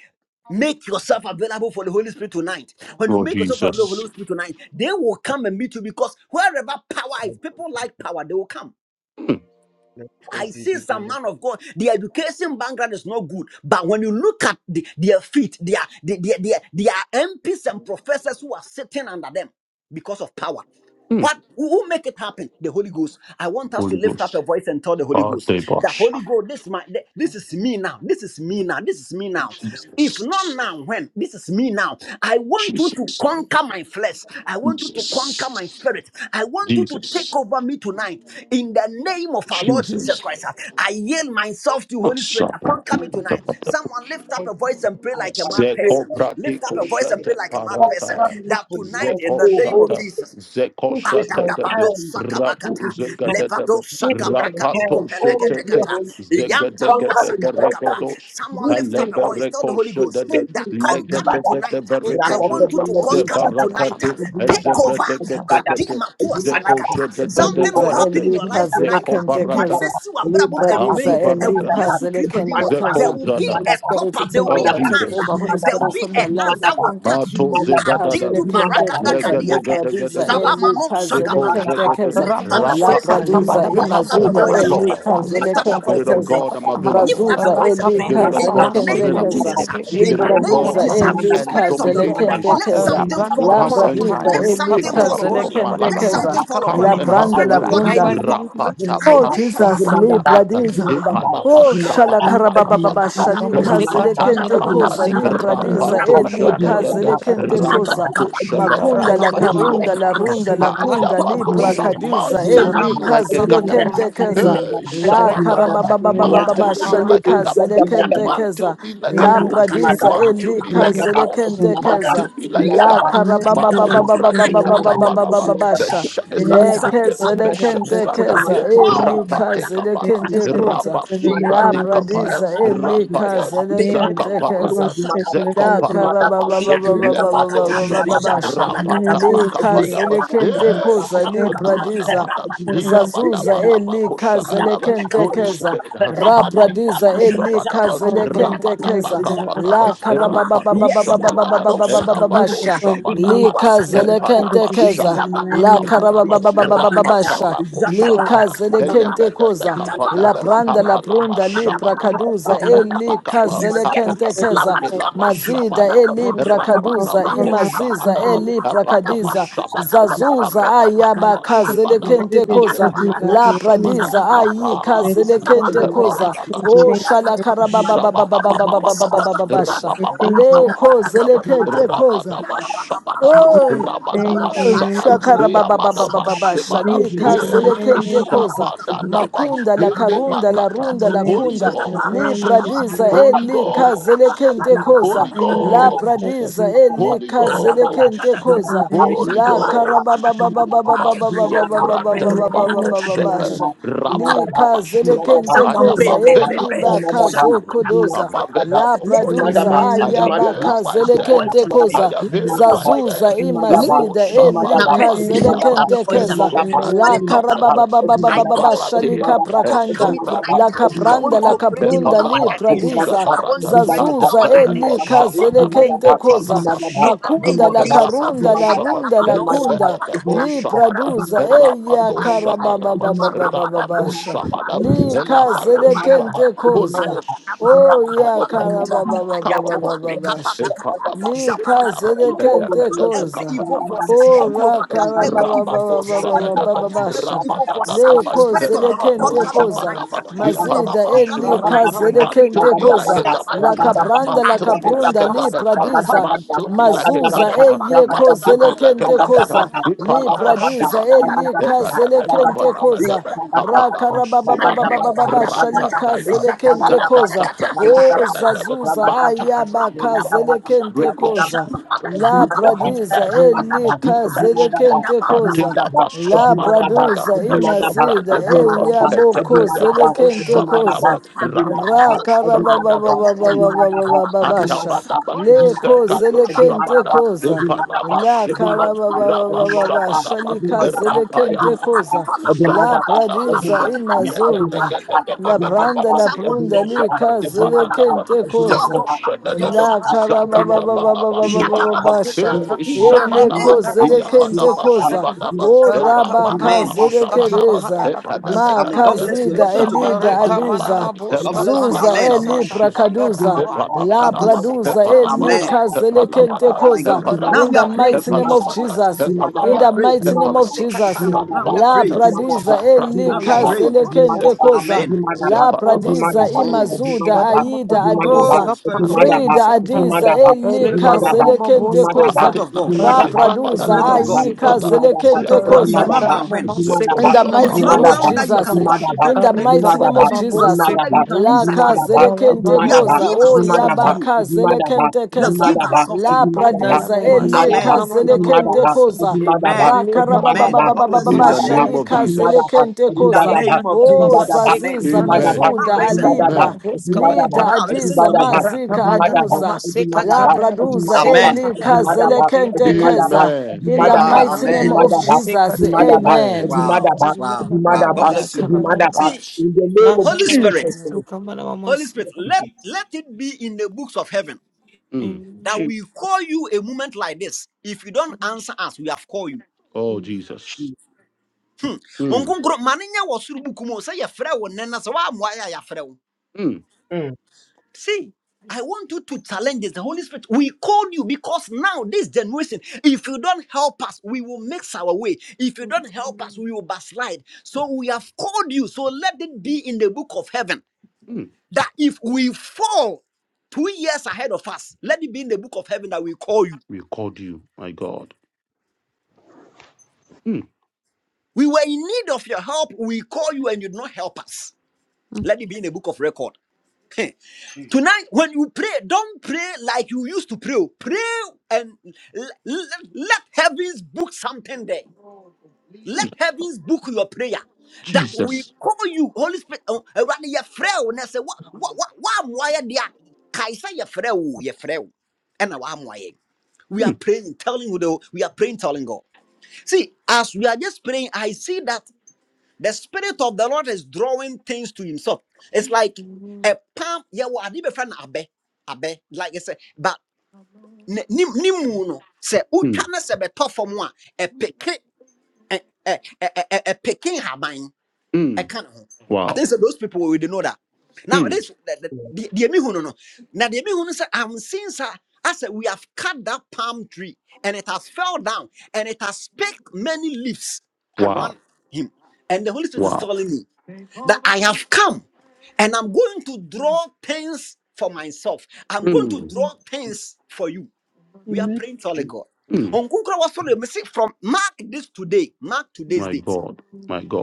[SPEAKER 7] Make yourself available for the Holy Spirit tonight. When you
[SPEAKER 1] Lord
[SPEAKER 7] make yourself
[SPEAKER 2] Mm.
[SPEAKER 7] available for the
[SPEAKER 1] Jesus.
[SPEAKER 7] Holy Spirit tonight, they will come and meet you because wherever power is,
[SPEAKER 2] God
[SPEAKER 7] people like power, they will come.
[SPEAKER 1] Mm,
[SPEAKER 2] bless
[SPEAKER 7] I
[SPEAKER 2] Kosi
[SPEAKER 7] see some
[SPEAKER 2] Bibele.
[SPEAKER 7] man of God, The education background is not good. But when you look at the, their feet, they their, their, their, their MPs and professors who are sitting under them because of power.
[SPEAKER 1] mm.
[SPEAKER 7] What who who make it happen? The Holy Ghost. I want us to lift up a voice and tell the Holy
[SPEAKER 1] Oh,
[SPEAKER 7] Ghost that
[SPEAKER 1] gosh.
[SPEAKER 7] Holy Ghost, this is my this is me now. This is me now. This is me now. If not now when this is me now i want you to
[SPEAKER 1] Jesus.
[SPEAKER 7] conquer my flesh i want you to
[SPEAKER 1] Jesus.
[SPEAKER 7] conquer my spirit i want you to
[SPEAKER 1] Jesus.
[SPEAKER 7] take over me tonight in the name of our lord jesus christ i yield myself to
[SPEAKER 1] Oh,
[SPEAKER 7] holy spirit conquer me
[SPEAKER 1] Shabbat.
[SPEAKER 7] tonight someone lift up a voice and pray
[SPEAKER 2] I,
[SPEAKER 7] like a
[SPEAKER 2] I
[SPEAKER 7] mad
[SPEAKER 2] feel
[SPEAKER 7] person
[SPEAKER 1] Zeko
[SPEAKER 2] like
[SPEAKER 7] lift up
[SPEAKER 1] pratiko
[SPEAKER 7] a
[SPEAKER 2] you
[SPEAKER 7] voice and pray
[SPEAKER 1] shata
[SPEAKER 7] like a mad person
[SPEAKER 2] conquer
[SPEAKER 1] parataya.
[SPEAKER 2] me
[SPEAKER 7] that tonight
[SPEAKER 2] tonight,
[SPEAKER 7] in
[SPEAKER 1] Zeko
[SPEAKER 7] the
[SPEAKER 2] oh
[SPEAKER 7] name
[SPEAKER 2] holy.
[SPEAKER 7] of
[SPEAKER 1] shata.
[SPEAKER 7] jesus
[SPEAKER 1] Zeko
[SPEAKER 2] This is my
[SPEAKER 1] shata da da.
[SPEAKER 7] Adadabado
[SPEAKER 2] time. This
[SPEAKER 1] Ratu
[SPEAKER 2] is
[SPEAKER 7] sakabakata,
[SPEAKER 1] zega
[SPEAKER 2] my time.
[SPEAKER 1] da da
[SPEAKER 7] levado
[SPEAKER 1] da.
[SPEAKER 2] This is my
[SPEAKER 7] sakabrakadiko
[SPEAKER 1] Rapato
[SPEAKER 2] time. Oh,
[SPEAKER 1] shete
[SPEAKER 2] dear,
[SPEAKER 1] te.
[SPEAKER 7] pelegedekata,
[SPEAKER 1] Zega
[SPEAKER 7] yanta
[SPEAKER 1] da
[SPEAKER 2] One
[SPEAKER 1] ga
[SPEAKER 7] lua
[SPEAKER 1] da
[SPEAKER 2] conquer me,
[SPEAKER 1] da rego
[SPEAKER 7] sagadakapa.
[SPEAKER 2] conquer
[SPEAKER 1] dos.
[SPEAKER 7] Someone lift
[SPEAKER 1] Ale
[SPEAKER 2] me.
[SPEAKER 7] up a voice, tell the
[SPEAKER 1] bereko
[SPEAKER 7] Holy
[SPEAKER 1] shada
[SPEAKER 7] Ghost
[SPEAKER 1] da.
[SPEAKER 2] Thank
[SPEAKER 7] that
[SPEAKER 1] Lega
[SPEAKER 7] conquer me
[SPEAKER 1] da da da
[SPEAKER 7] tonight.
[SPEAKER 4] It
[SPEAKER 7] I
[SPEAKER 1] bereko sh.
[SPEAKER 4] covered the
[SPEAKER 7] want you to
[SPEAKER 4] bubbles,
[SPEAKER 7] conquer me
[SPEAKER 4] covered
[SPEAKER 7] tonight.
[SPEAKER 1] Zebaratate.
[SPEAKER 7] Take
[SPEAKER 1] Zebra
[SPEAKER 7] over.
[SPEAKER 1] de kete
[SPEAKER 4] the
[SPEAKER 1] kete.
[SPEAKER 7] Adima tua
[SPEAKER 1] Zeko
[SPEAKER 7] salagata.
[SPEAKER 1] shada da da
[SPEAKER 7] Something
[SPEAKER 6] Pradiza
[SPEAKER 7] will happen
[SPEAKER 1] berete.
[SPEAKER 7] in
[SPEAKER 6] Eli
[SPEAKER 7] your life
[SPEAKER 6] Kazele
[SPEAKER 7] tonight.
[SPEAKER 1] Zeko
[SPEAKER 7] Bibi
[SPEAKER 1] barata.
[SPEAKER 6] Kentekeza.
[SPEAKER 7] besi wa
[SPEAKER 6] Li
[SPEAKER 7] brabum
[SPEAKER 6] Pradiza
[SPEAKER 7] enyumere,
[SPEAKER 6] Eli
[SPEAKER 7] ewu
[SPEAKER 1] Azubarata.
[SPEAKER 7] Yesu Kristo dimo. There
[SPEAKER 6] Kentekeza.
[SPEAKER 1] Zeko
[SPEAKER 7] will be
[SPEAKER 1] zada.
[SPEAKER 6] Holy
[SPEAKER 7] a top
[SPEAKER 6] Spirit to
[SPEAKER 7] up. There
[SPEAKER 6] take
[SPEAKER 7] will be
[SPEAKER 1] Oh
[SPEAKER 7] a
[SPEAKER 6] over, take
[SPEAKER 7] panda.
[SPEAKER 6] over,
[SPEAKER 1] Jesus.
[SPEAKER 6] Holy
[SPEAKER 7] There will
[SPEAKER 6] Spirit
[SPEAKER 7] be
[SPEAKER 6] on
[SPEAKER 7] a
[SPEAKER 6] my life.
[SPEAKER 7] hand that will
[SPEAKER 6] Funka,
[SPEAKER 7] touch you.
[SPEAKER 1] Mato
[SPEAKER 6] Lika
[SPEAKER 1] zegadada.
[SPEAKER 6] Zele
[SPEAKER 7] Adidu
[SPEAKER 6] Kente
[SPEAKER 7] baragada
[SPEAKER 6] Keza,
[SPEAKER 7] kadiake.
[SPEAKER 6] Libra Diza,
[SPEAKER 1] Legedegedegedegede.
[SPEAKER 6] and
[SPEAKER 7] Zalamano
[SPEAKER 6] Lika Zele
[SPEAKER 1] Zeko
[SPEAKER 7] shagabakata.
[SPEAKER 6] Kente
[SPEAKER 1] jedede.
[SPEAKER 6] Keza,
[SPEAKER 7] Lift up
[SPEAKER 4] Rabo
[SPEAKER 7] a
[SPEAKER 6] La
[SPEAKER 1] Rapa.
[SPEAKER 7] voice
[SPEAKER 1] I
[SPEAKER 7] and pray.
[SPEAKER 4] Sikata
[SPEAKER 1] am
[SPEAKER 6] Praduza,
[SPEAKER 7] Lift
[SPEAKER 4] Badabahanda
[SPEAKER 7] up a
[SPEAKER 1] available,
[SPEAKER 4] Labama
[SPEAKER 1] oh
[SPEAKER 6] Imazida,
[SPEAKER 7] voice
[SPEAKER 6] and
[SPEAKER 7] and pray.
[SPEAKER 1] Lord.
[SPEAKER 6] Lika
[SPEAKER 4] Sukata
[SPEAKER 6] Zele
[SPEAKER 7] Lift
[SPEAKER 4] Lika
[SPEAKER 7] up a
[SPEAKER 6] Kente
[SPEAKER 1] Spirit
[SPEAKER 7] voice
[SPEAKER 1] of
[SPEAKER 7] and pray.
[SPEAKER 6] Keza,
[SPEAKER 4] Badababuska
[SPEAKER 1] God, I'm
[SPEAKER 4] Badabaha
[SPEAKER 7] Lift
[SPEAKER 1] available.
[SPEAKER 7] up a
[SPEAKER 6] Brazuza,
[SPEAKER 7] voice
[SPEAKER 6] and
[SPEAKER 4] Raka
[SPEAKER 7] and pray
[SPEAKER 4] Vanda
[SPEAKER 6] Lika
[SPEAKER 1] Spirit of
[SPEAKER 7] in
[SPEAKER 6] Zele
[SPEAKER 7] the
[SPEAKER 4] Labama
[SPEAKER 1] God, I'm
[SPEAKER 6] Kente
[SPEAKER 7] name of
[SPEAKER 4] Sikandi
[SPEAKER 2] you.
[SPEAKER 1] available.
[SPEAKER 6] Keza,
[SPEAKER 7] Jesus. ah,
[SPEAKER 2] Thank
[SPEAKER 7] In
[SPEAKER 2] you.
[SPEAKER 1] Spirit
[SPEAKER 4] Debeka
[SPEAKER 7] the
[SPEAKER 6] Libra
[SPEAKER 1] of
[SPEAKER 7] name
[SPEAKER 4] Bunda
[SPEAKER 7] of
[SPEAKER 1] God,
[SPEAKER 6] Diza,
[SPEAKER 7] Jesus, ah,
[SPEAKER 4] Labama
[SPEAKER 6] and
[SPEAKER 1] come and
[SPEAKER 6] Lika
[SPEAKER 7] Spirit
[SPEAKER 4] Sukata
[SPEAKER 7] of the
[SPEAKER 6] Zele
[SPEAKER 1] dominate
[SPEAKER 7] Lord,
[SPEAKER 1] my
[SPEAKER 6] Kente
[SPEAKER 7] let
[SPEAKER 6] Keza,
[SPEAKER 1] body.
[SPEAKER 7] something
[SPEAKER 4] Rabandi
[SPEAKER 7] fall
[SPEAKER 6] La
[SPEAKER 1] Come
[SPEAKER 7] upon me.
[SPEAKER 1] and
[SPEAKER 4] Sataya
[SPEAKER 6] Praduza,
[SPEAKER 7] Let
[SPEAKER 1] con-
[SPEAKER 6] and
[SPEAKER 4] Lika
[SPEAKER 1] take
[SPEAKER 7] something
[SPEAKER 6] Lika
[SPEAKER 7] fall
[SPEAKER 1] control
[SPEAKER 6] Zele
[SPEAKER 7] upon
[SPEAKER 1] of
[SPEAKER 7] me.
[SPEAKER 4] Badababuska
[SPEAKER 1] my
[SPEAKER 6] Kente
[SPEAKER 7] Let
[SPEAKER 1] life.
[SPEAKER 4] Badabaha
[SPEAKER 6] Keza,
[SPEAKER 7] something
[SPEAKER 4] Lika
[SPEAKER 7] fall
[SPEAKER 1] Come
[SPEAKER 7] upon
[SPEAKER 6] La
[SPEAKER 7] me.
[SPEAKER 1] and
[SPEAKER 4] Badabaha
[SPEAKER 1] have
[SPEAKER 6] Branda,
[SPEAKER 1] your
[SPEAKER 7] Spirit
[SPEAKER 6] La
[SPEAKER 7] of
[SPEAKER 1] way.
[SPEAKER 7] God,
[SPEAKER 4] Raka
[SPEAKER 7] I
[SPEAKER 6] Brunda.
[SPEAKER 7] need top up.
[SPEAKER 1] Rapata
[SPEAKER 4] Vandi
[SPEAKER 7] I
[SPEAKER 6] Oh,
[SPEAKER 7] need top up.
[SPEAKER 6] Jesus,
[SPEAKER 1] pashabata
[SPEAKER 6] Libra
[SPEAKER 1] kata
[SPEAKER 7] Adidu
[SPEAKER 6] days.
[SPEAKER 7] baragada
[SPEAKER 1] ipalaba
[SPEAKER 6] Oh,
[SPEAKER 1] shabata
[SPEAKER 5] Mercy
[SPEAKER 6] Shalakarababa,
[SPEAKER 1] bakapalaba
[SPEAKER 4] Rabos
[SPEAKER 6] Shalika,
[SPEAKER 1] rapata
[SPEAKER 6] Zelekente
[SPEAKER 1] bakapa
[SPEAKER 6] Koza, Libra
[SPEAKER 7] shagabakata.
[SPEAKER 6] days,
[SPEAKER 1] rapato
[SPEAKER 6] Elika,
[SPEAKER 1] shadadada
[SPEAKER 6] Zelekente Koza,
[SPEAKER 1] rapato
[SPEAKER 7] Pop
[SPEAKER 6] Makunda,
[SPEAKER 1] shadadada.
[SPEAKER 6] La
[SPEAKER 1] Holy
[SPEAKER 6] Karunda,
[SPEAKER 1] Ghost,
[SPEAKER 6] La Runda, La Kunda,
[SPEAKER 7] up,
[SPEAKER 1] ayabato
[SPEAKER 7] Holy
[SPEAKER 6] Libra
[SPEAKER 7] Spirit.
[SPEAKER 6] Kadiza,
[SPEAKER 1] shamantle me
[SPEAKER 6] Elika,
[SPEAKER 1] like a
[SPEAKER 7] Jadabalakata.
[SPEAKER 1] garment.
[SPEAKER 6] Zelekente Keza,
[SPEAKER 1] Hey,
[SPEAKER 6] La
[SPEAKER 7] Erekatapelakatakata.
[SPEAKER 1] shabadaba,
[SPEAKER 6] Karababa,
[SPEAKER 1] mantle me like a
[SPEAKER 7] Yadabalakatakata.
[SPEAKER 6] Shalika,
[SPEAKER 1] garment.
[SPEAKER 6] Zelekente
[SPEAKER 7] Yadabal-
[SPEAKER 6] Keza,
[SPEAKER 1] Mantle me like a
[SPEAKER 6] La
[SPEAKER 1] cloth.
[SPEAKER 2] Thank
[SPEAKER 6] Pradiza,
[SPEAKER 7] Kadabakatakapa.
[SPEAKER 1] Mantle me
[SPEAKER 6] Elika,
[SPEAKER 1] like a garment.
[SPEAKER 6] Zelekente
[SPEAKER 7] Palakatosakabakata.
[SPEAKER 6] Keza,
[SPEAKER 1] Mantle me like a
[SPEAKER 6] La
[SPEAKER 1] garment.
[SPEAKER 6] Karababa,
[SPEAKER 7] Yadabalakatakapa.
[SPEAKER 1] Masobra de katabalaba.
[SPEAKER 6] Babasha.
[SPEAKER 7] Ayabalakatosakabakapa. Have
[SPEAKER 1] Beshamesatadia.
[SPEAKER 7] something
[SPEAKER 6] Lekeze lekente
[SPEAKER 7] balakatosakapa.
[SPEAKER 6] keza
[SPEAKER 1] Beshamesatadia.
[SPEAKER 7] Oh,
[SPEAKER 1] Rapate
[SPEAKER 6] elikaze
[SPEAKER 1] kabala.
[SPEAKER 6] kente
[SPEAKER 7] rabadabadabadabadabada.
[SPEAKER 6] kuza
[SPEAKER 1] Rapa sobra
[SPEAKER 6] la
[SPEAKER 1] de kapaya.
[SPEAKER 6] pradiza
[SPEAKER 7] Yadabadabadabadabadabadabada.
[SPEAKER 1] Rapaya.
[SPEAKER 6] elikaze
[SPEAKER 5] May Holy
[SPEAKER 6] kente
[SPEAKER 5] Spirit cover and
[SPEAKER 1] Zakaparada.
[SPEAKER 6] keza
[SPEAKER 5] protect and
[SPEAKER 7] Libakadabaluasakabakata.
[SPEAKER 5] deliver
[SPEAKER 6] la
[SPEAKER 5] and
[SPEAKER 6] karaba
[SPEAKER 5] protect
[SPEAKER 1] Zekaparada
[SPEAKER 6] ba
[SPEAKER 5] us.
[SPEAKER 6] ba ba
[SPEAKER 1] bashe.
[SPEAKER 6] ba ba ba ba ba
[SPEAKER 1] Lebado
[SPEAKER 6] ba
[SPEAKER 7] Yanamekovakata,
[SPEAKER 6] ba
[SPEAKER 1] shaman.
[SPEAKER 6] basha
[SPEAKER 5] May Holy
[SPEAKER 1] Rapata
[SPEAKER 5] Spirit
[SPEAKER 7] Yanabalakatakapa,
[SPEAKER 5] protect me.
[SPEAKER 1] bakapaya.
[SPEAKER 6] likaze lekente
[SPEAKER 1] Hey,
[SPEAKER 6] kuza
[SPEAKER 5] And
[SPEAKER 6] li
[SPEAKER 5] deliver and
[SPEAKER 1] shabada
[SPEAKER 7] Yakarakatosakabakapa,
[SPEAKER 5] protect
[SPEAKER 1] bada
[SPEAKER 6] pradiza
[SPEAKER 5] me.
[SPEAKER 1] bada.
[SPEAKER 5] Protect
[SPEAKER 7] Rapatapa,
[SPEAKER 5] us, protect us,
[SPEAKER 1] Yabada
[SPEAKER 5] protect us,
[SPEAKER 6] zazuza
[SPEAKER 1] bada
[SPEAKER 7] Yanab-
[SPEAKER 1] bako
[SPEAKER 6] elikaze
[SPEAKER 1] shabada.
[SPEAKER 6] lekente
[SPEAKER 1] Holy
[SPEAKER 7] Adabakavakapa,
[SPEAKER 6] keza
[SPEAKER 1] Spirit, Hadi
[SPEAKER 6] ra
[SPEAKER 7] Rapadabakapa,
[SPEAKER 6] pradiza
[SPEAKER 5] God is And God is the
[SPEAKER 1] Adibalushabadaba,
[SPEAKER 6] elikaze
[SPEAKER 5] Father, God is
[SPEAKER 6] lekente
[SPEAKER 5] the High God,
[SPEAKER 7] Azatabalakatakapa,
[SPEAKER 6] keza
[SPEAKER 5] Father, help us
[SPEAKER 1] Rabadabakapalaba,
[SPEAKER 6] la
[SPEAKER 5] to
[SPEAKER 6] karaba
[SPEAKER 7] Zatabakavakapa,
[SPEAKER 6] ba ba ba ba ba
[SPEAKER 7] Yes,
[SPEAKER 6] ba ba ba
[SPEAKER 1] Rapadoshabadaba,
[SPEAKER 6] ba ba ba ba ba
[SPEAKER 5] know God,
[SPEAKER 6] basha
[SPEAKER 5] Father,
[SPEAKER 7] Yalabadosakabakata,
[SPEAKER 5] cover and protect
[SPEAKER 1] Elabadoshabadabada,
[SPEAKER 6] likaze
[SPEAKER 5] us, protect
[SPEAKER 7] Ipaluasakanakapa,
[SPEAKER 5] us, protect
[SPEAKER 6] lekente
[SPEAKER 5] us,
[SPEAKER 6] keza
[SPEAKER 5] Father, in the name
[SPEAKER 6] La
[SPEAKER 5] of
[SPEAKER 7] Yanabalakapa,
[SPEAKER 1] Epalabashabadabakapalaba,
[SPEAKER 5] Jesus.
[SPEAKER 7] Yanabalakata,
[SPEAKER 5] Father,
[SPEAKER 6] karabababababasha. Li
[SPEAKER 5] help
[SPEAKER 1] Rapatabakoshabada,
[SPEAKER 5] us to
[SPEAKER 6] kazele
[SPEAKER 5] cover
[SPEAKER 7] Zatabarakapakapa,
[SPEAKER 6] kente koza.
[SPEAKER 5] and protect
[SPEAKER 6] La
[SPEAKER 5] us, protect
[SPEAKER 6] pranda la
[SPEAKER 7] Ayatabarapakapa,
[SPEAKER 1] Elebedebekapalaba, lama
[SPEAKER 6] prunda li
[SPEAKER 5] us, protect
[SPEAKER 1] shamanaba,
[SPEAKER 7] Adabadareko
[SPEAKER 6] prakaduza
[SPEAKER 5] us,
[SPEAKER 6] e
[SPEAKER 5] protect us, protect
[SPEAKER 1] apelaba
[SPEAKER 6] li
[SPEAKER 7] fatabakapa.
[SPEAKER 1] kapa,
[SPEAKER 6] kazele
[SPEAKER 7] Yes,
[SPEAKER 5] us, protect
[SPEAKER 7] yes,
[SPEAKER 6] kente
[SPEAKER 7] yes,
[SPEAKER 1] apelaba
[SPEAKER 5] us,
[SPEAKER 6] keza.
[SPEAKER 5] Father.
[SPEAKER 1] kapilaba
[SPEAKER 7] Alabakapa.
[SPEAKER 6] Mazida e
[SPEAKER 1] shamanaba,
[SPEAKER 6] li
[SPEAKER 5] Father, God, Father,
[SPEAKER 6] prakaduza
[SPEAKER 1] rabanaba ko
[SPEAKER 5] cover me and protect me,
[SPEAKER 6] imaziza e
[SPEAKER 1] shamanaba,
[SPEAKER 5] protect us.
[SPEAKER 6] li
[SPEAKER 1] apelaba
[SPEAKER 6] prakadiza.
[SPEAKER 1] shamanaba,
[SPEAKER 6] Zazuza
[SPEAKER 1] apelaba
[SPEAKER 6] ayaba
[SPEAKER 1] nama
[SPEAKER 5] Thank you,
[SPEAKER 6] kazele
[SPEAKER 5] Father. May
[SPEAKER 1] shimanaba,
[SPEAKER 5] there
[SPEAKER 6] kente
[SPEAKER 5] be a
[SPEAKER 6] koza.
[SPEAKER 5] difference in my
[SPEAKER 1] apelaba no
[SPEAKER 5] life in
[SPEAKER 6] La
[SPEAKER 5] the name of
[SPEAKER 1] shamanaba,
[SPEAKER 6] pradiza
[SPEAKER 5] Jesus.
[SPEAKER 6] ayi
[SPEAKER 5] May
[SPEAKER 6] kazele
[SPEAKER 5] things
[SPEAKER 1] apa,
[SPEAKER 5] come to
[SPEAKER 6] kente
[SPEAKER 5] pass, may
[SPEAKER 1] apelaba
[SPEAKER 6] koza.
[SPEAKER 5] things
[SPEAKER 6] O
[SPEAKER 5] change
[SPEAKER 1] nama.
[SPEAKER 6] shala
[SPEAKER 5] in the name of Jesus. May things come to
[SPEAKER 1] Shabababababababa,
[SPEAKER 5] pass.
[SPEAKER 6] karababababababababababasha.
[SPEAKER 5] May things
[SPEAKER 6] Le
[SPEAKER 5] change in the name
[SPEAKER 6] kozele
[SPEAKER 5] of
[SPEAKER 6] kente
[SPEAKER 5] Jesus.
[SPEAKER 6] koza.
[SPEAKER 5] May
[SPEAKER 6] Oh,
[SPEAKER 5] things change in the
[SPEAKER 6] oh,
[SPEAKER 5] name of
[SPEAKER 6] shakara
[SPEAKER 5] Jesus.
[SPEAKER 6] baba baba baba
[SPEAKER 5] May
[SPEAKER 6] basha
[SPEAKER 5] things
[SPEAKER 6] lika
[SPEAKER 5] change in
[SPEAKER 6] zele
[SPEAKER 1] eh,
[SPEAKER 5] the name of
[SPEAKER 6] kente koza
[SPEAKER 5] Jesus. oh God.
[SPEAKER 6] makunda la
[SPEAKER 5] May
[SPEAKER 6] karunda
[SPEAKER 5] things
[SPEAKER 6] la
[SPEAKER 5] change in
[SPEAKER 6] runda
[SPEAKER 5] the
[SPEAKER 6] la
[SPEAKER 5] name of
[SPEAKER 1] Holy
[SPEAKER 6] kunda
[SPEAKER 5] Jesus.
[SPEAKER 2] you.
[SPEAKER 5] The
[SPEAKER 6] li
[SPEAKER 5] name of
[SPEAKER 1] Ghost,
[SPEAKER 5] Jesus.
[SPEAKER 2] Every
[SPEAKER 6] pradiza e
[SPEAKER 1] Holy
[SPEAKER 5] The
[SPEAKER 6] lika zele
[SPEAKER 1] Ghost,
[SPEAKER 6] kente koza
[SPEAKER 1] Holy
[SPEAKER 5] name of Jesus. the name of
[SPEAKER 6] la
[SPEAKER 5] Jesus.
[SPEAKER 1] Ghost.
[SPEAKER 5] oh God.
[SPEAKER 6] pradiza e
[SPEAKER 1] Holy
[SPEAKER 6] lika zele kente
[SPEAKER 1] Ghost,
[SPEAKER 5] The
[SPEAKER 6] koza
[SPEAKER 5] name
[SPEAKER 1] Holy
[SPEAKER 5] of
[SPEAKER 6] la
[SPEAKER 5] Jesus.
[SPEAKER 6] karaba baba
[SPEAKER 1] Ghost.
[SPEAKER 6] baba baba baba baba baba
[SPEAKER 5] The name of Jesus. The name of Jesus. The name
[SPEAKER 1] Masobrata
[SPEAKER 5] of
[SPEAKER 6] baba
[SPEAKER 5] Jesus. The
[SPEAKER 6] baba
[SPEAKER 5] name
[SPEAKER 6] baba
[SPEAKER 1] Pagoshepa,
[SPEAKER 6] basha
[SPEAKER 1] Rabana
[SPEAKER 6] lika zele
[SPEAKER 1] Pashepa.
[SPEAKER 5] of
[SPEAKER 6] kente
[SPEAKER 5] Jesus.
[SPEAKER 1] I
[SPEAKER 5] The
[SPEAKER 7] Someone
[SPEAKER 1] am
[SPEAKER 5] name of Jesus. oh
[SPEAKER 7] pray,
[SPEAKER 6] koza
[SPEAKER 7] pray,
[SPEAKER 6] e
[SPEAKER 7] pray, pray.
[SPEAKER 5] God.
[SPEAKER 1] available
[SPEAKER 6] liba
[SPEAKER 1] for
[SPEAKER 7] Lift up
[SPEAKER 6] kazo
[SPEAKER 7] a
[SPEAKER 1] you.
[SPEAKER 6] kodoza
[SPEAKER 1] I'm
[SPEAKER 6] La
[SPEAKER 1] available for
[SPEAKER 5] In the
[SPEAKER 1] you.
[SPEAKER 6] Praduza
[SPEAKER 7] voice
[SPEAKER 5] name
[SPEAKER 1] I
[SPEAKER 7] and
[SPEAKER 5] of
[SPEAKER 7] pray.
[SPEAKER 6] Ayaba
[SPEAKER 1] avail
[SPEAKER 7] Lift up a voice
[SPEAKER 1] myself.
[SPEAKER 6] Kazelekente
[SPEAKER 7] and pray.
[SPEAKER 1] I
[SPEAKER 6] Koza
[SPEAKER 7] Lift
[SPEAKER 1] avail
[SPEAKER 7] up a voice and
[SPEAKER 6] Zazuza
[SPEAKER 1] myself.
[SPEAKER 7] pray. Lift.
[SPEAKER 6] Imazida Eli
[SPEAKER 1] Aboshabana
[SPEAKER 7] something.
[SPEAKER 5] the Lord
[SPEAKER 7] Lift
[SPEAKER 1] Bakilava,
[SPEAKER 7] up
[SPEAKER 5] Jesus.
[SPEAKER 7] your
[SPEAKER 6] Kazelekente
[SPEAKER 5] oh
[SPEAKER 7] voice and
[SPEAKER 6] Keza
[SPEAKER 7] pray.
[SPEAKER 1] Sobrate
[SPEAKER 6] La
[SPEAKER 7] Spirit
[SPEAKER 5] God.
[SPEAKER 7] of the Lord,
[SPEAKER 1] Kataba,
[SPEAKER 7] I
[SPEAKER 6] Karababababababa
[SPEAKER 7] call upon
[SPEAKER 6] Shalika
[SPEAKER 1] Zibaratea,
[SPEAKER 7] you. Come, come
[SPEAKER 6] Prakanta
[SPEAKER 7] in tonight.
[SPEAKER 6] La
[SPEAKER 1] Esobranico
[SPEAKER 7] I
[SPEAKER 6] Capranda
[SPEAKER 7] want to
[SPEAKER 6] La
[SPEAKER 1] Shabada,
[SPEAKER 7] operate in
[SPEAKER 6] Caprunda
[SPEAKER 2] mother,
[SPEAKER 7] power
[SPEAKER 6] Li
[SPEAKER 2] Thank
[SPEAKER 1] Epalabato
[SPEAKER 7] dimension.
[SPEAKER 6] Pradiza
[SPEAKER 7] I want
[SPEAKER 1] Shabarata,
[SPEAKER 7] to operate in
[SPEAKER 6] Zazuza
[SPEAKER 7] power
[SPEAKER 1] Atepereco
[SPEAKER 6] Eli
[SPEAKER 7] dimension. In
[SPEAKER 1] Shabada,
[SPEAKER 7] the name
[SPEAKER 6] Kazelekente
[SPEAKER 7] of
[SPEAKER 6] Koza
[SPEAKER 7] Jesus.
[SPEAKER 1] Epalama
[SPEAKER 7] In the
[SPEAKER 1] Shabada,
[SPEAKER 7] name
[SPEAKER 6] Makunda
[SPEAKER 7] of
[SPEAKER 6] La
[SPEAKER 7] Jesus.
[SPEAKER 1] Rabado
[SPEAKER 6] Karunda La
[SPEAKER 1] Shabada,
[SPEAKER 6] Runda La Kunda
[SPEAKER 1] Elebenebo
[SPEAKER 6] Li
[SPEAKER 1] Shabada,
[SPEAKER 6] Praduza Eya
[SPEAKER 1] Rabado Shabada, Rabado
[SPEAKER 6] Karababababababasha
[SPEAKER 1] Shabada,
[SPEAKER 6] Li
[SPEAKER 1] Elabado Shabada.
[SPEAKER 6] Kazelekente
[SPEAKER 1] Holy
[SPEAKER 6] Koza
[SPEAKER 1] Ghost,
[SPEAKER 6] Oh
[SPEAKER 1] come
[SPEAKER 6] yeah,
[SPEAKER 1] upon me,
[SPEAKER 6] karaba baba
[SPEAKER 1] come
[SPEAKER 6] baba
[SPEAKER 1] upon
[SPEAKER 6] baba
[SPEAKER 1] me.
[SPEAKER 6] basha.
[SPEAKER 2] you.
[SPEAKER 1] Epalama
[SPEAKER 6] Ni
[SPEAKER 1] Shabada,
[SPEAKER 7] Zapakata
[SPEAKER 6] kazele
[SPEAKER 7] to
[SPEAKER 6] kente
[SPEAKER 7] overcome every
[SPEAKER 6] koza.
[SPEAKER 7] evil
[SPEAKER 1] Elebenebo
[SPEAKER 7] forces,
[SPEAKER 6] Oh
[SPEAKER 7] to
[SPEAKER 6] ra
[SPEAKER 1] Shabada,
[SPEAKER 7] overcome
[SPEAKER 6] karaba
[SPEAKER 7] every
[SPEAKER 6] baba
[SPEAKER 7] evil
[SPEAKER 6] baba
[SPEAKER 1] Rabado
[SPEAKER 7] forces,
[SPEAKER 6] baba
[SPEAKER 7] to
[SPEAKER 1] Shabada,
[SPEAKER 6] baba
[SPEAKER 7] overcome every
[SPEAKER 6] basha.
[SPEAKER 7] evil forces. ah.
[SPEAKER 6] Le
[SPEAKER 1] Rabadadadaba,
[SPEAKER 7] Spirit of
[SPEAKER 6] kozele
[SPEAKER 7] the Lord,
[SPEAKER 6] kente
[SPEAKER 7] conquer me
[SPEAKER 6] koza.
[SPEAKER 7] tonight. ah.
[SPEAKER 1] Rabadoshabadaba,
[SPEAKER 7] Spirit of the Lord,
[SPEAKER 6] Mazida
[SPEAKER 7] conquer me
[SPEAKER 6] eli
[SPEAKER 7] tonight. ah.
[SPEAKER 6] kazele
[SPEAKER 1] Mantle
[SPEAKER 6] kente
[SPEAKER 1] me
[SPEAKER 7] Ibado
[SPEAKER 1] like
[SPEAKER 6] koza.
[SPEAKER 1] a
[SPEAKER 6] La
[SPEAKER 1] garment,
[SPEAKER 7] sadabalakata,
[SPEAKER 6] cabranda la
[SPEAKER 1] mantle me
[SPEAKER 7] adidu
[SPEAKER 1] like
[SPEAKER 6] cabrunda
[SPEAKER 1] a
[SPEAKER 6] li
[SPEAKER 1] garment,
[SPEAKER 6] pradiza.
[SPEAKER 1] mantle
[SPEAKER 7] skabarabadakata.
[SPEAKER 1] me like a
[SPEAKER 6] Mazuza
[SPEAKER 1] garment,
[SPEAKER 7] Yadabala
[SPEAKER 6] eye
[SPEAKER 1] mantle
[SPEAKER 6] kozele
[SPEAKER 1] me like a
[SPEAKER 6] kente
[SPEAKER 1] garment,
[SPEAKER 6] koza. Li pradiza
[SPEAKER 1] Ipalabashibadaba.
[SPEAKER 6] eli zelekente koza.
[SPEAKER 1] Ebadabekapadabadaba, Apalabashibadaba,
[SPEAKER 6] Rakarababababababa shalika
[SPEAKER 1] Ratataya,
[SPEAKER 6] zelekente koza. O
[SPEAKER 1] Zakatapadeshadadaba.
[SPEAKER 6] zazuza
[SPEAKER 1] Baptize me, O
[SPEAKER 6] ayabaka
[SPEAKER 1] Lord, with
[SPEAKER 6] zelekente
[SPEAKER 1] your
[SPEAKER 2] Raganda
[SPEAKER 6] koza.
[SPEAKER 1] spirit,
[SPEAKER 6] La
[SPEAKER 1] with your
[SPEAKER 6] bradiza
[SPEAKER 1] imagination,
[SPEAKER 6] elika
[SPEAKER 1] imagination.
[SPEAKER 6] zelekente koza.
[SPEAKER 1] Atila
[SPEAKER 6] La
[SPEAKER 1] Basamarataya,
[SPEAKER 6] braduza
[SPEAKER 1] a Sobra
[SPEAKER 6] imazida
[SPEAKER 1] de Capa, a Tepe
[SPEAKER 6] eyaboko
[SPEAKER 1] de Beco
[SPEAKER 6] zelekente
[SPEAKER 1] Sabadaba,
[SPEAKER 6] koza.
[SPEAKER 1] Rabadabo Sagadaba,
[SPEAKER 6] Rakarabababababababasha.
[SPEAKER 1] Atabadaba,
[SPEAKER 6] Le koze
[SPEAKER 1] Sekado
[SPEAKER 6] le kente
[SPEAKER 1] Shabada,
[SPEAKER 6] koza.
[SPEAKER 1] Ipalaba
[SPEAKER 6] La
[SPEAKER 1] Shibala, Rabba
[SPEAKER 6] karabababababasha li
[SPEAKER 1] Shabadaba,
[SPEAKER 6] kaze le
[SPEAKER 1] Rapaya,
[SPEAKER 6] kente koza. La
[SPEAKER 1] Zabadada
[SPEAKER 6] pradiza
[SPEAKER 1] Bosha,
[SPEAKER 6] imazoda. La pranda la
[SPEAKER 1] Negadagadagadagadabaradia,
[SPEAKER 7] Someone
[SPEAKER 6] prunda
[SPEAKER 7] pray
[SPEAKER 6] li
[SPEAKER 7] Labado
[SPEAKER 6] kaze le
[SPEAKER 1] Zekadibadadaba,
[SPEAKER 4] Rapa
[SPEAKER 6] kente
[SPEAKER 7] Sakabakapa.
[SPEAKER 6] koza.
[SPEAKER 1] Zeko
[SPEAKER 2] Every
[SPEAKER 7] Togo Rapato
[SPEAKER 1] Shedadada,
[SPEAKER 6] La
[SPEAKER 2] Every
[SPEAKER 6] karaba ba
[SPEAKER 7] Sakabakata.
[SPEAKER 6] ba ba ba ba
[SPEAKER 1] Zakatabanaba
[SPEAKER 6] ba ba ba
[SPEAKER 1] Shibalaba,
[SPEAKER 6] ba
[SPEAKER 7] Yatabalakata.
[SPEAKER 6] sha.
[SPEAKER 1] Eh,
[SPEAKER 7] In the
[SPEAKER 6] Ele
[SPEAKER 1] Shabadaba,
[SPEAKER 7] name of
[SPEAKER 6] kozele kente
[SPEAKER 1] Yabadaba
[SPEAKER 7] Jesus.
[SPEAKER 6] koza.
[SPEAKER 1] Shibadaba,
[SPEAKER 6] O raba
[SPEAKER 1] Rabadaba
[SPEAKER 7] Amen.
[SPEAKER 6] kazele
[SPEAKER 1] Shabadaba,
[SPEAKER 6] kereza. Ma
[SPEAKER 7] Amen. God
[SPEAKER 1] Epadadadadada,
[SPEAKER 7] bless you.
[SPEAKER 6] kazida
[SPEAKER 7] Listen to me.
[SPEAKER 6] elida aduza.
[SPEAKER 1] Zabadabadabada,
[SPEAKER 7] God bless you.
[SPEAKER 6] Zuza
[SPEAKER 7] Amen.
[SPEAKER 1] Epadabadadaba
[SPEAKER 6] eli
[SPEAKER 1] Shibadaba,
[SPEAKER 6] prakaduza. La
[SPEAKER 7] Kabalakata.
[SPEAKER 6] praduza eli
[SPEAKER 7] Amen.
[SPEAKER 6] kazele kente
[SPEAKER 7] My
[SPEAKER 6] koza.
[SPEAKER 7] God. Now
[SPEAKER 6] In
[SPEAKER 7] we
[SPEAKER 6] the
[SPEAKER 7] are praying.
[SPEAKER 6] mighty name of Jesus.
[SPEAKER 7] Now we
[SPEAKER 6] In
[SPEAKER 7] are
[SPEAKER 6] the
[SPEAKER 7] praying.
[SPEAKER 6] mighty name of Jesus.
[SPEAKER 7] Now we are
[SPEAKER 6] La
[SPEAKER 7] praying.
[SPEAKER 6] Pradiza
[SPEAKER 7] Now we are
[SPEAKER 6] Elika
[SPEAKER 7] praying.
[SPEAKER 6] Zelekente Koza.
[SPEAKER 7] Amen.
[SPEAKER 6] La
[SPEAKER 4] Holy
[SPEAKER 6] Pradiza
[SPEAKER 4] Spirit,
[SPEAKER 7] Mm.
[SPEAKER 6] Imazuda Aida
[SPEAKER 4] Ramanama
[SPEAKER 6] Aduza.
[SPEAKER 7] Oh,
[SPEAKER 4] Boska
[SPEAKER 7] Spirit
[SPEAKER 4] Pan,
[SPEAKER 7] of
[SPEAKER 2] mother,
[SPEAKER 7] God.
[SPEAKER 6] Vrida
[SPEAKER 4] Virubisataya,
[SPEAKER 6] Adiza
[SPEAKER 7] Spirit
[SPEAKER 6] Elika
[SPEAKER 7] of God.
[SPEAKER 4] Rekavanama
[SPEAKER 6] Zelekente
[SPEAKER 4] Boska
[SPEAKER 6] Koza.
[SPEAKER 7] Spirit
[SPEAKER 4] Pan,
[SPEAKER 7] of
[SPEAKER 1] Katela
[SPEAKER 7] God.
[SPEAKER 6] Ra
[SPEAKER 1] Sebabala
[SPEAKER 6] Praduza
[SPEAKER 7] Spirit
[SPEAKER 4] Rabandarama
[SPEAKER 7] of God.
[SPEAKER 6] Aika
[SPEAKER 1] Zibala
[SPEAKER 4] Sukata.
[SPEAKER 7] Spirit
[SPEAKER 6] Zelekente
[SPEAKER 7] of God. If
[SPEAKER 6] Koza.
[SPEAKER 7] not
[SPEAKER 1] Zepradosh
[SPEAKER 7] now, when?
[SPEAKER 4] Rabandarama
[SPEAKER 1] Zeko
[SPEAKER 6] In the
[SPEAKER 7] If
[SPEAKER 6] mighty
[SPEAKER 4] Sekamanama
[SPEAKER 7] not
[SPEAKER 6] name
[SPEAKER 1] Shabadaba
[SPEAKER 6] of
[SPEAKER 4] Boska
[SPEAKER 7] now that you
[SPEAKER 6] Jesus.
[SPEAKER 7] can
[SPEAKER 1] Zako
[SPEAKER 4] Manama,
[SPEAKER 7] call and
[SPEAKER 6] In
[SPEAKER 1] Shebek.
[SPEAKER 6] the
[SPEAKER 7] cast, when?
[SPEAKER 6] mighty name of
[SPEAKER 7] If
[SPEAKER 4] Rekavanama
[SPEAKER 7] not
[SPEAKER 6] Jesus.
[SPEAKER 7] now that you can
[SPEAKER 4] Bosekata,
[SPEAKER 6] La
[SPEAKER 7] use us, when?
[SPEAKER 6] kazelekente
[SPEAKER 7] We have
[SPEAKER 6] koza
[SPEAKER 4] Rabandarama
[SPEAKER 7] give
[SPEAKER 6] o
[SPEAKER 7] ourselves to
[SPEAKER 6] yaba
[SPEAKER 4] Sukata,
[SPEAKER 7] you.
[SPEAKER 6] kazelekente
[SPEAKER 7] We have
[SPEAKER 6] keza
[SPEAKER 7] give ourselves to
[SPEAKER 6] la
[SPEAKER 7] you.
[SPEAKER 6] pradiza
[SPEAKER 4] Indalama
[SPEAKER 6] eli
[SPEAKER 7] Amen.
[SPEAKER 4] Sekamanama
[SPEAKER 6] kazelekente
[SPEAKER 4] Bosa.
[SPEAKER 6] koza
[SPEAKER 7] Amen.
[SPEAKER 4] Lika
[SPEAKER 7] Amen.
[SPEAKER 4] panda la
[SPEAKER 7] God bless
[SPEAKER 4] mama
[SPEAKER 1] In
[SPEAKER 7] you.
[SPEAKER 6] rakarababababababa
[SPEAKER 1] the
[SPEAKER 7] Amen.
[SPEAKER 1] name
[SPEAKER 6] shali
[SPEAKER 1] of
[SPEAKER 4] sukata,
[SPEAKER 1] Jesus.
[SPEAKER 6] kazelekente
[SPEAKER 7] In the
[SPEAKER 6] koza
[SPEAKER 4] lika
[SPEAKER 7] name of
[SPEAKER 4] la
[SPEAKER 6] o
[SPEAKER 4] mama
[SPEAKER 7] Jesus. Amen.
[SPEAKER 6] zaziza
[SPEAKER 4] sekata,
[SPEAKER 1] Amen.
[SPEAKER 7] Now
[SPEAKER 6] mazuda
[SPEAKER 4] lika
[SPEAKER 7] listen.
[SPEAKER 4] la
[SPEAKER 6] alibra
[SPEAKER 4] mama
[SPEAKER 1] Amen.
[SPEAKER 6] lida
[SPEAKER 4] boska
[SPEAKER 7] Now listen
[SPEAKER 6] adiza
[SPEAKER 7] to me.
[SPEAKER 6] mazika
[SPEAKER 4] Rakazana
[SPEAKER 2] Ejimadaba,
[SPEAKER 6] aduza la
[SPEAKER 2] Ejimadaba,
[SPEAKER 6] praduza
[SPEAKER 2] Ejimadaba,
[SPEAKER 7] Amen.
[SPEAKER 6] eli
[SPEAKER 2] Ejimadaba,
[SPEAKER 6] kazelekente
[SPEAKER 2] Ejimadaba,
[SPEAKER 6] keza
[SPEAKER 1] Amen.
[SPEAKER 6] in the
[SPEAKER 2] Ejimadaba,
[SPEAKER 7] Ah,
[SPEAKER 6] mighty name
[SPEAKER 7] amen.
[SPEAKER 6] of
[SPEAKER 2] Ejimadaba,
[SPEAKER 6] Jesus
[SPEAKER 2] Ejimadaba,
[SPEAKER 1] Amen.
[SPEAKER 6] amen
[SPEAKER 7] Wow,
[SPEAKER 2] Ejimadaba,
[SPEAKER 7] wow, wow. God
[SPEAKER 2] Ejimadaba,
[SPEAKER 7] bless you.
[SPEAKER 2] Ejimadaba.
[SPEAKER 7] See,
[SPEAKER 6] Yakarabababash.
[SPEAKER 2] In the name of
[SPEAKER 7] Holy Spirit,
[SPEAKER 2] Jesus, Jesus,
[SPEAKER 7] Holy Spirit, let let it be in the books of heaven
[SPEAKER 1] Mm.
[SPEAKER 7] that
[SPEAKER 2] Jesus,
[SPEAKER 7] we call you a moment like this. If you don't answer us, we have called you.
[SPEAKER 1] Oh Jesus.
[SPEAKER 2] chi-
[SPEAKER 1] Mm.
[SPEAKER 7] Onkunkuro, maninya wasuru bukumo, say ya frɛ wo nena, sɛ woammɔ a, yɛ a yɛafrɛ wo.
[SPEAKER 1] Mm,
[SPEAKER 2] mm,
[SPEAKER 7] See, I want you to challenge this. The Holy Spirit, we called you because now, this generation, if you don't help us, we will mix our way. If you don't help us, we will backslide. So we have called you. So let it be in the book of heaven
[SPEAKER 1] mm.
[SPEAKER 7] That if we fall two years ahead of us, let it be in the book of heaven that we call you.
[SPEAKER 1] We called you, my God. Mm,
[SPEAKER 7] We were in need of your help. We call you and you did not help us. Let it be in the book of record. Hey,
[SPEAKER 2] Jesus,
[SPEAKER 7] Tonight, when you pray, don't pray like you used to pray. Pray and l- l- let heavens book something there. Let heavens book your prayer. That we call you, Holy Spirit. Oh, eh, rather your frail. And I say, what, what, what, what am I there? Kaisa your frail, your frail. And i am I? We are
[SPEAKER 1] mm,
[SPEAKER 7] praying, telling you though, we are praying, telling God. See, as we are just praying, I see that the Spirit of the Lord is drawing things to Himself. It's like a palm. Yeah, well, I did a friend abe, abe. Like I said, but ne- nim nimu no. Say,
[SPEAKER 1] mm,
[SPEAKER 7] uchana sebe tofomwa a a a a, a Peking haban a
[SPEAKER 1] mm.
[SPEAKER 7] can I
[SPEAKER 1] Wow.
[SPEAKER 7] think so those people will know that. Now
[SPEAKER 1] Mm,
[SPEAKER 7] this the
[SPEAKER 2] Jesus,
[SPEAKER 7] the the emi hunu no. Now the emi hunu say I'm seeing sir. I said we have cut that palm tree and it has fell down and it has picked many leaves
[SPEAKER 1] wow.
[SPEAKER 7] around him. And the Holy Spirit is
[SPEAKER 1] Wow.
[SPEAKER 7] telling me that I have come and I'm going to draw things for myself. I'm going to
[SPEAKER 1] Mm,
[SPEAKER 7] draw things for you. We are
[SPEAKER 5] Amen.
[SPEAKER 7] praying to our
[SPEAKER 2] Jesus,
[SPEAKER 7] God.
[SPEAKER 1] mm.
[SPEAKER 7] Onkunkura was told, "Mercy from mark this today, mark today's
[SPEAKER 1] My
[SPEAKER 7] date.
[SPEAKER 1] God,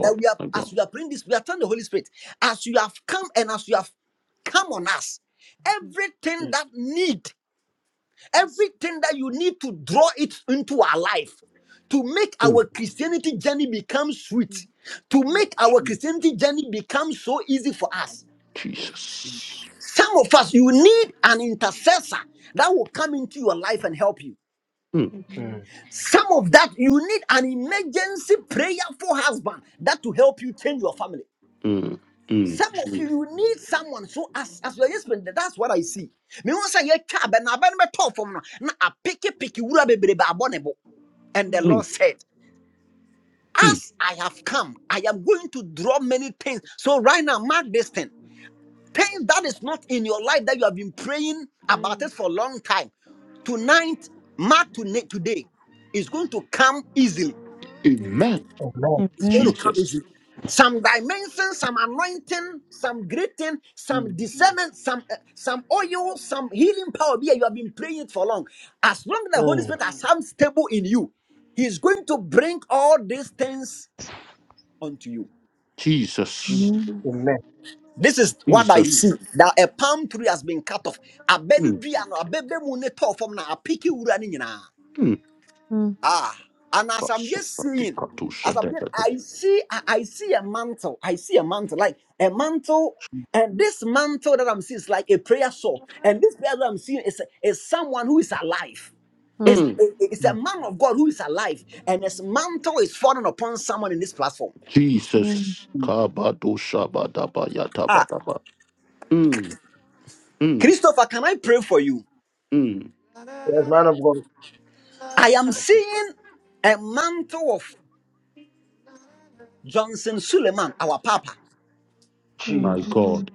[SPEAKER 7] That we are,
[SPEAKER 1] my
[SPEAKER 7] as
[SPEAKER 1] God.
[SPEAKER 7] we are praying this, we are telling the Holy Spirit, as you have come and as you have come on us, everything that need, everything that you need to draw it into our life, to make
[SPEAKER 1] Mm,
[SPEAKER 7] our Christianity journey become sweet, to make our
[SPEAKER 2] Jesus.
[SPEAKER 7] Christianity journey become so easy for us.
[SPEAKER 1] Jesus.
[SPEAKER 7] Some of us, you need an intercessor that will come into your life and help you.
[SPEAKER 1] Mm,
[SPEAKER 2] mm.
[SPEAKER 7] Some of that you need an emergency prayer for husband that to help you change your family.
[SPEAKER 1] mm, mm,
[SPEAKER 7] Some of you
[SPEAKER 1] mm,
[SPEAKER 7] you need someone. So as as your husband, that's what I see. Me want say ye chab and aben me talk from now. Na a picky picky wura bebre ba abonebo. And the Lord
[SPEAKER 1] mm,
[SPEAKER 7] said,
[SPEAKER 1] mm.
[SPEAKER 7] As I have come, I am going to draw many things. So right now, mark this thing. Things that is not in your life that you have been praying about it for a long time. Tonight, mark to today is going to come easily
[SPEAKER 1] Amen.
[SPEAKER 2] Amen.
[SPEAKER 7] It's
[SPEAKER 5] Amen.
[SPEAKER 7] going to come
[SPEAKER 1] Jesus.
[SPEAKER 7] easy. Some dimension, some anointing, some greeting, some discernment, some uh, some oil, some healing power. Be here, you have been praying it for long. As long as the Holy
[SPEAKER 2] Mm,
[SPEAKER 7] Spirit has some stable in you, He is going to bring all these things unto you.
[SPEAKER 2] chi-
[SPEAKER 1] Jesus.
[SPEAKER 5] Mm,
[SPEAKER 2] Amen.
[SPEAKER 7] This is what I
[SPEAKER 1] Jesus.
[SPEAKER 7] see. That a palm tree has been cut off. Abenu
[SPEAKER 1] Mm,
[SPEAKER 7] dua no, abebe mu ne tɔɔ fam na apiki wura ne nyinaa.
[SPEAKER 1] mm.
[SPEAKER 5] mm,
[SPEAKER 7] Ah, and as I'm just seeing, as I'm just, I see, I, I see a mantle. I see a mantle, like a mantle. And this mantle that I'm seeing is like a prayer shawl. And this prayer that I'm seeing is, is someone who is alive. It's,
[SPEAKER 5] mm,
[SPEAKER 1] Mm.
[SPEAKER 7] it's a
[SPEAKER 2] Mm,
[SPEAKER 7] man of God who is alive. And his mantle is falling upon someone in this platform.
[SPEAKER 5] mm.
[SPEAKER 1] Jesus.
[SPEAKER 2] chi.
[SPEAKER 7] Ah,
[SPEAKER 1] Kabadoshabadabayatabataba. Mm, mm,
[SPEAKER 7] Christopher, can I pray for you?
[SPEAKER 1] mm.
[SPEAKER 2] Yes, man of God.
[SPEAKER 7] I am
[SPEAKER 2] Thank you, Lord.
[SPEAKER 7] seeing a mantle of Johnson Suleiman, our Papa.
[SPEAKER 5] Amen.
[SPEAKER 1] My
[SPEAKER 2] Jesus.
[SPEAKER 1] God,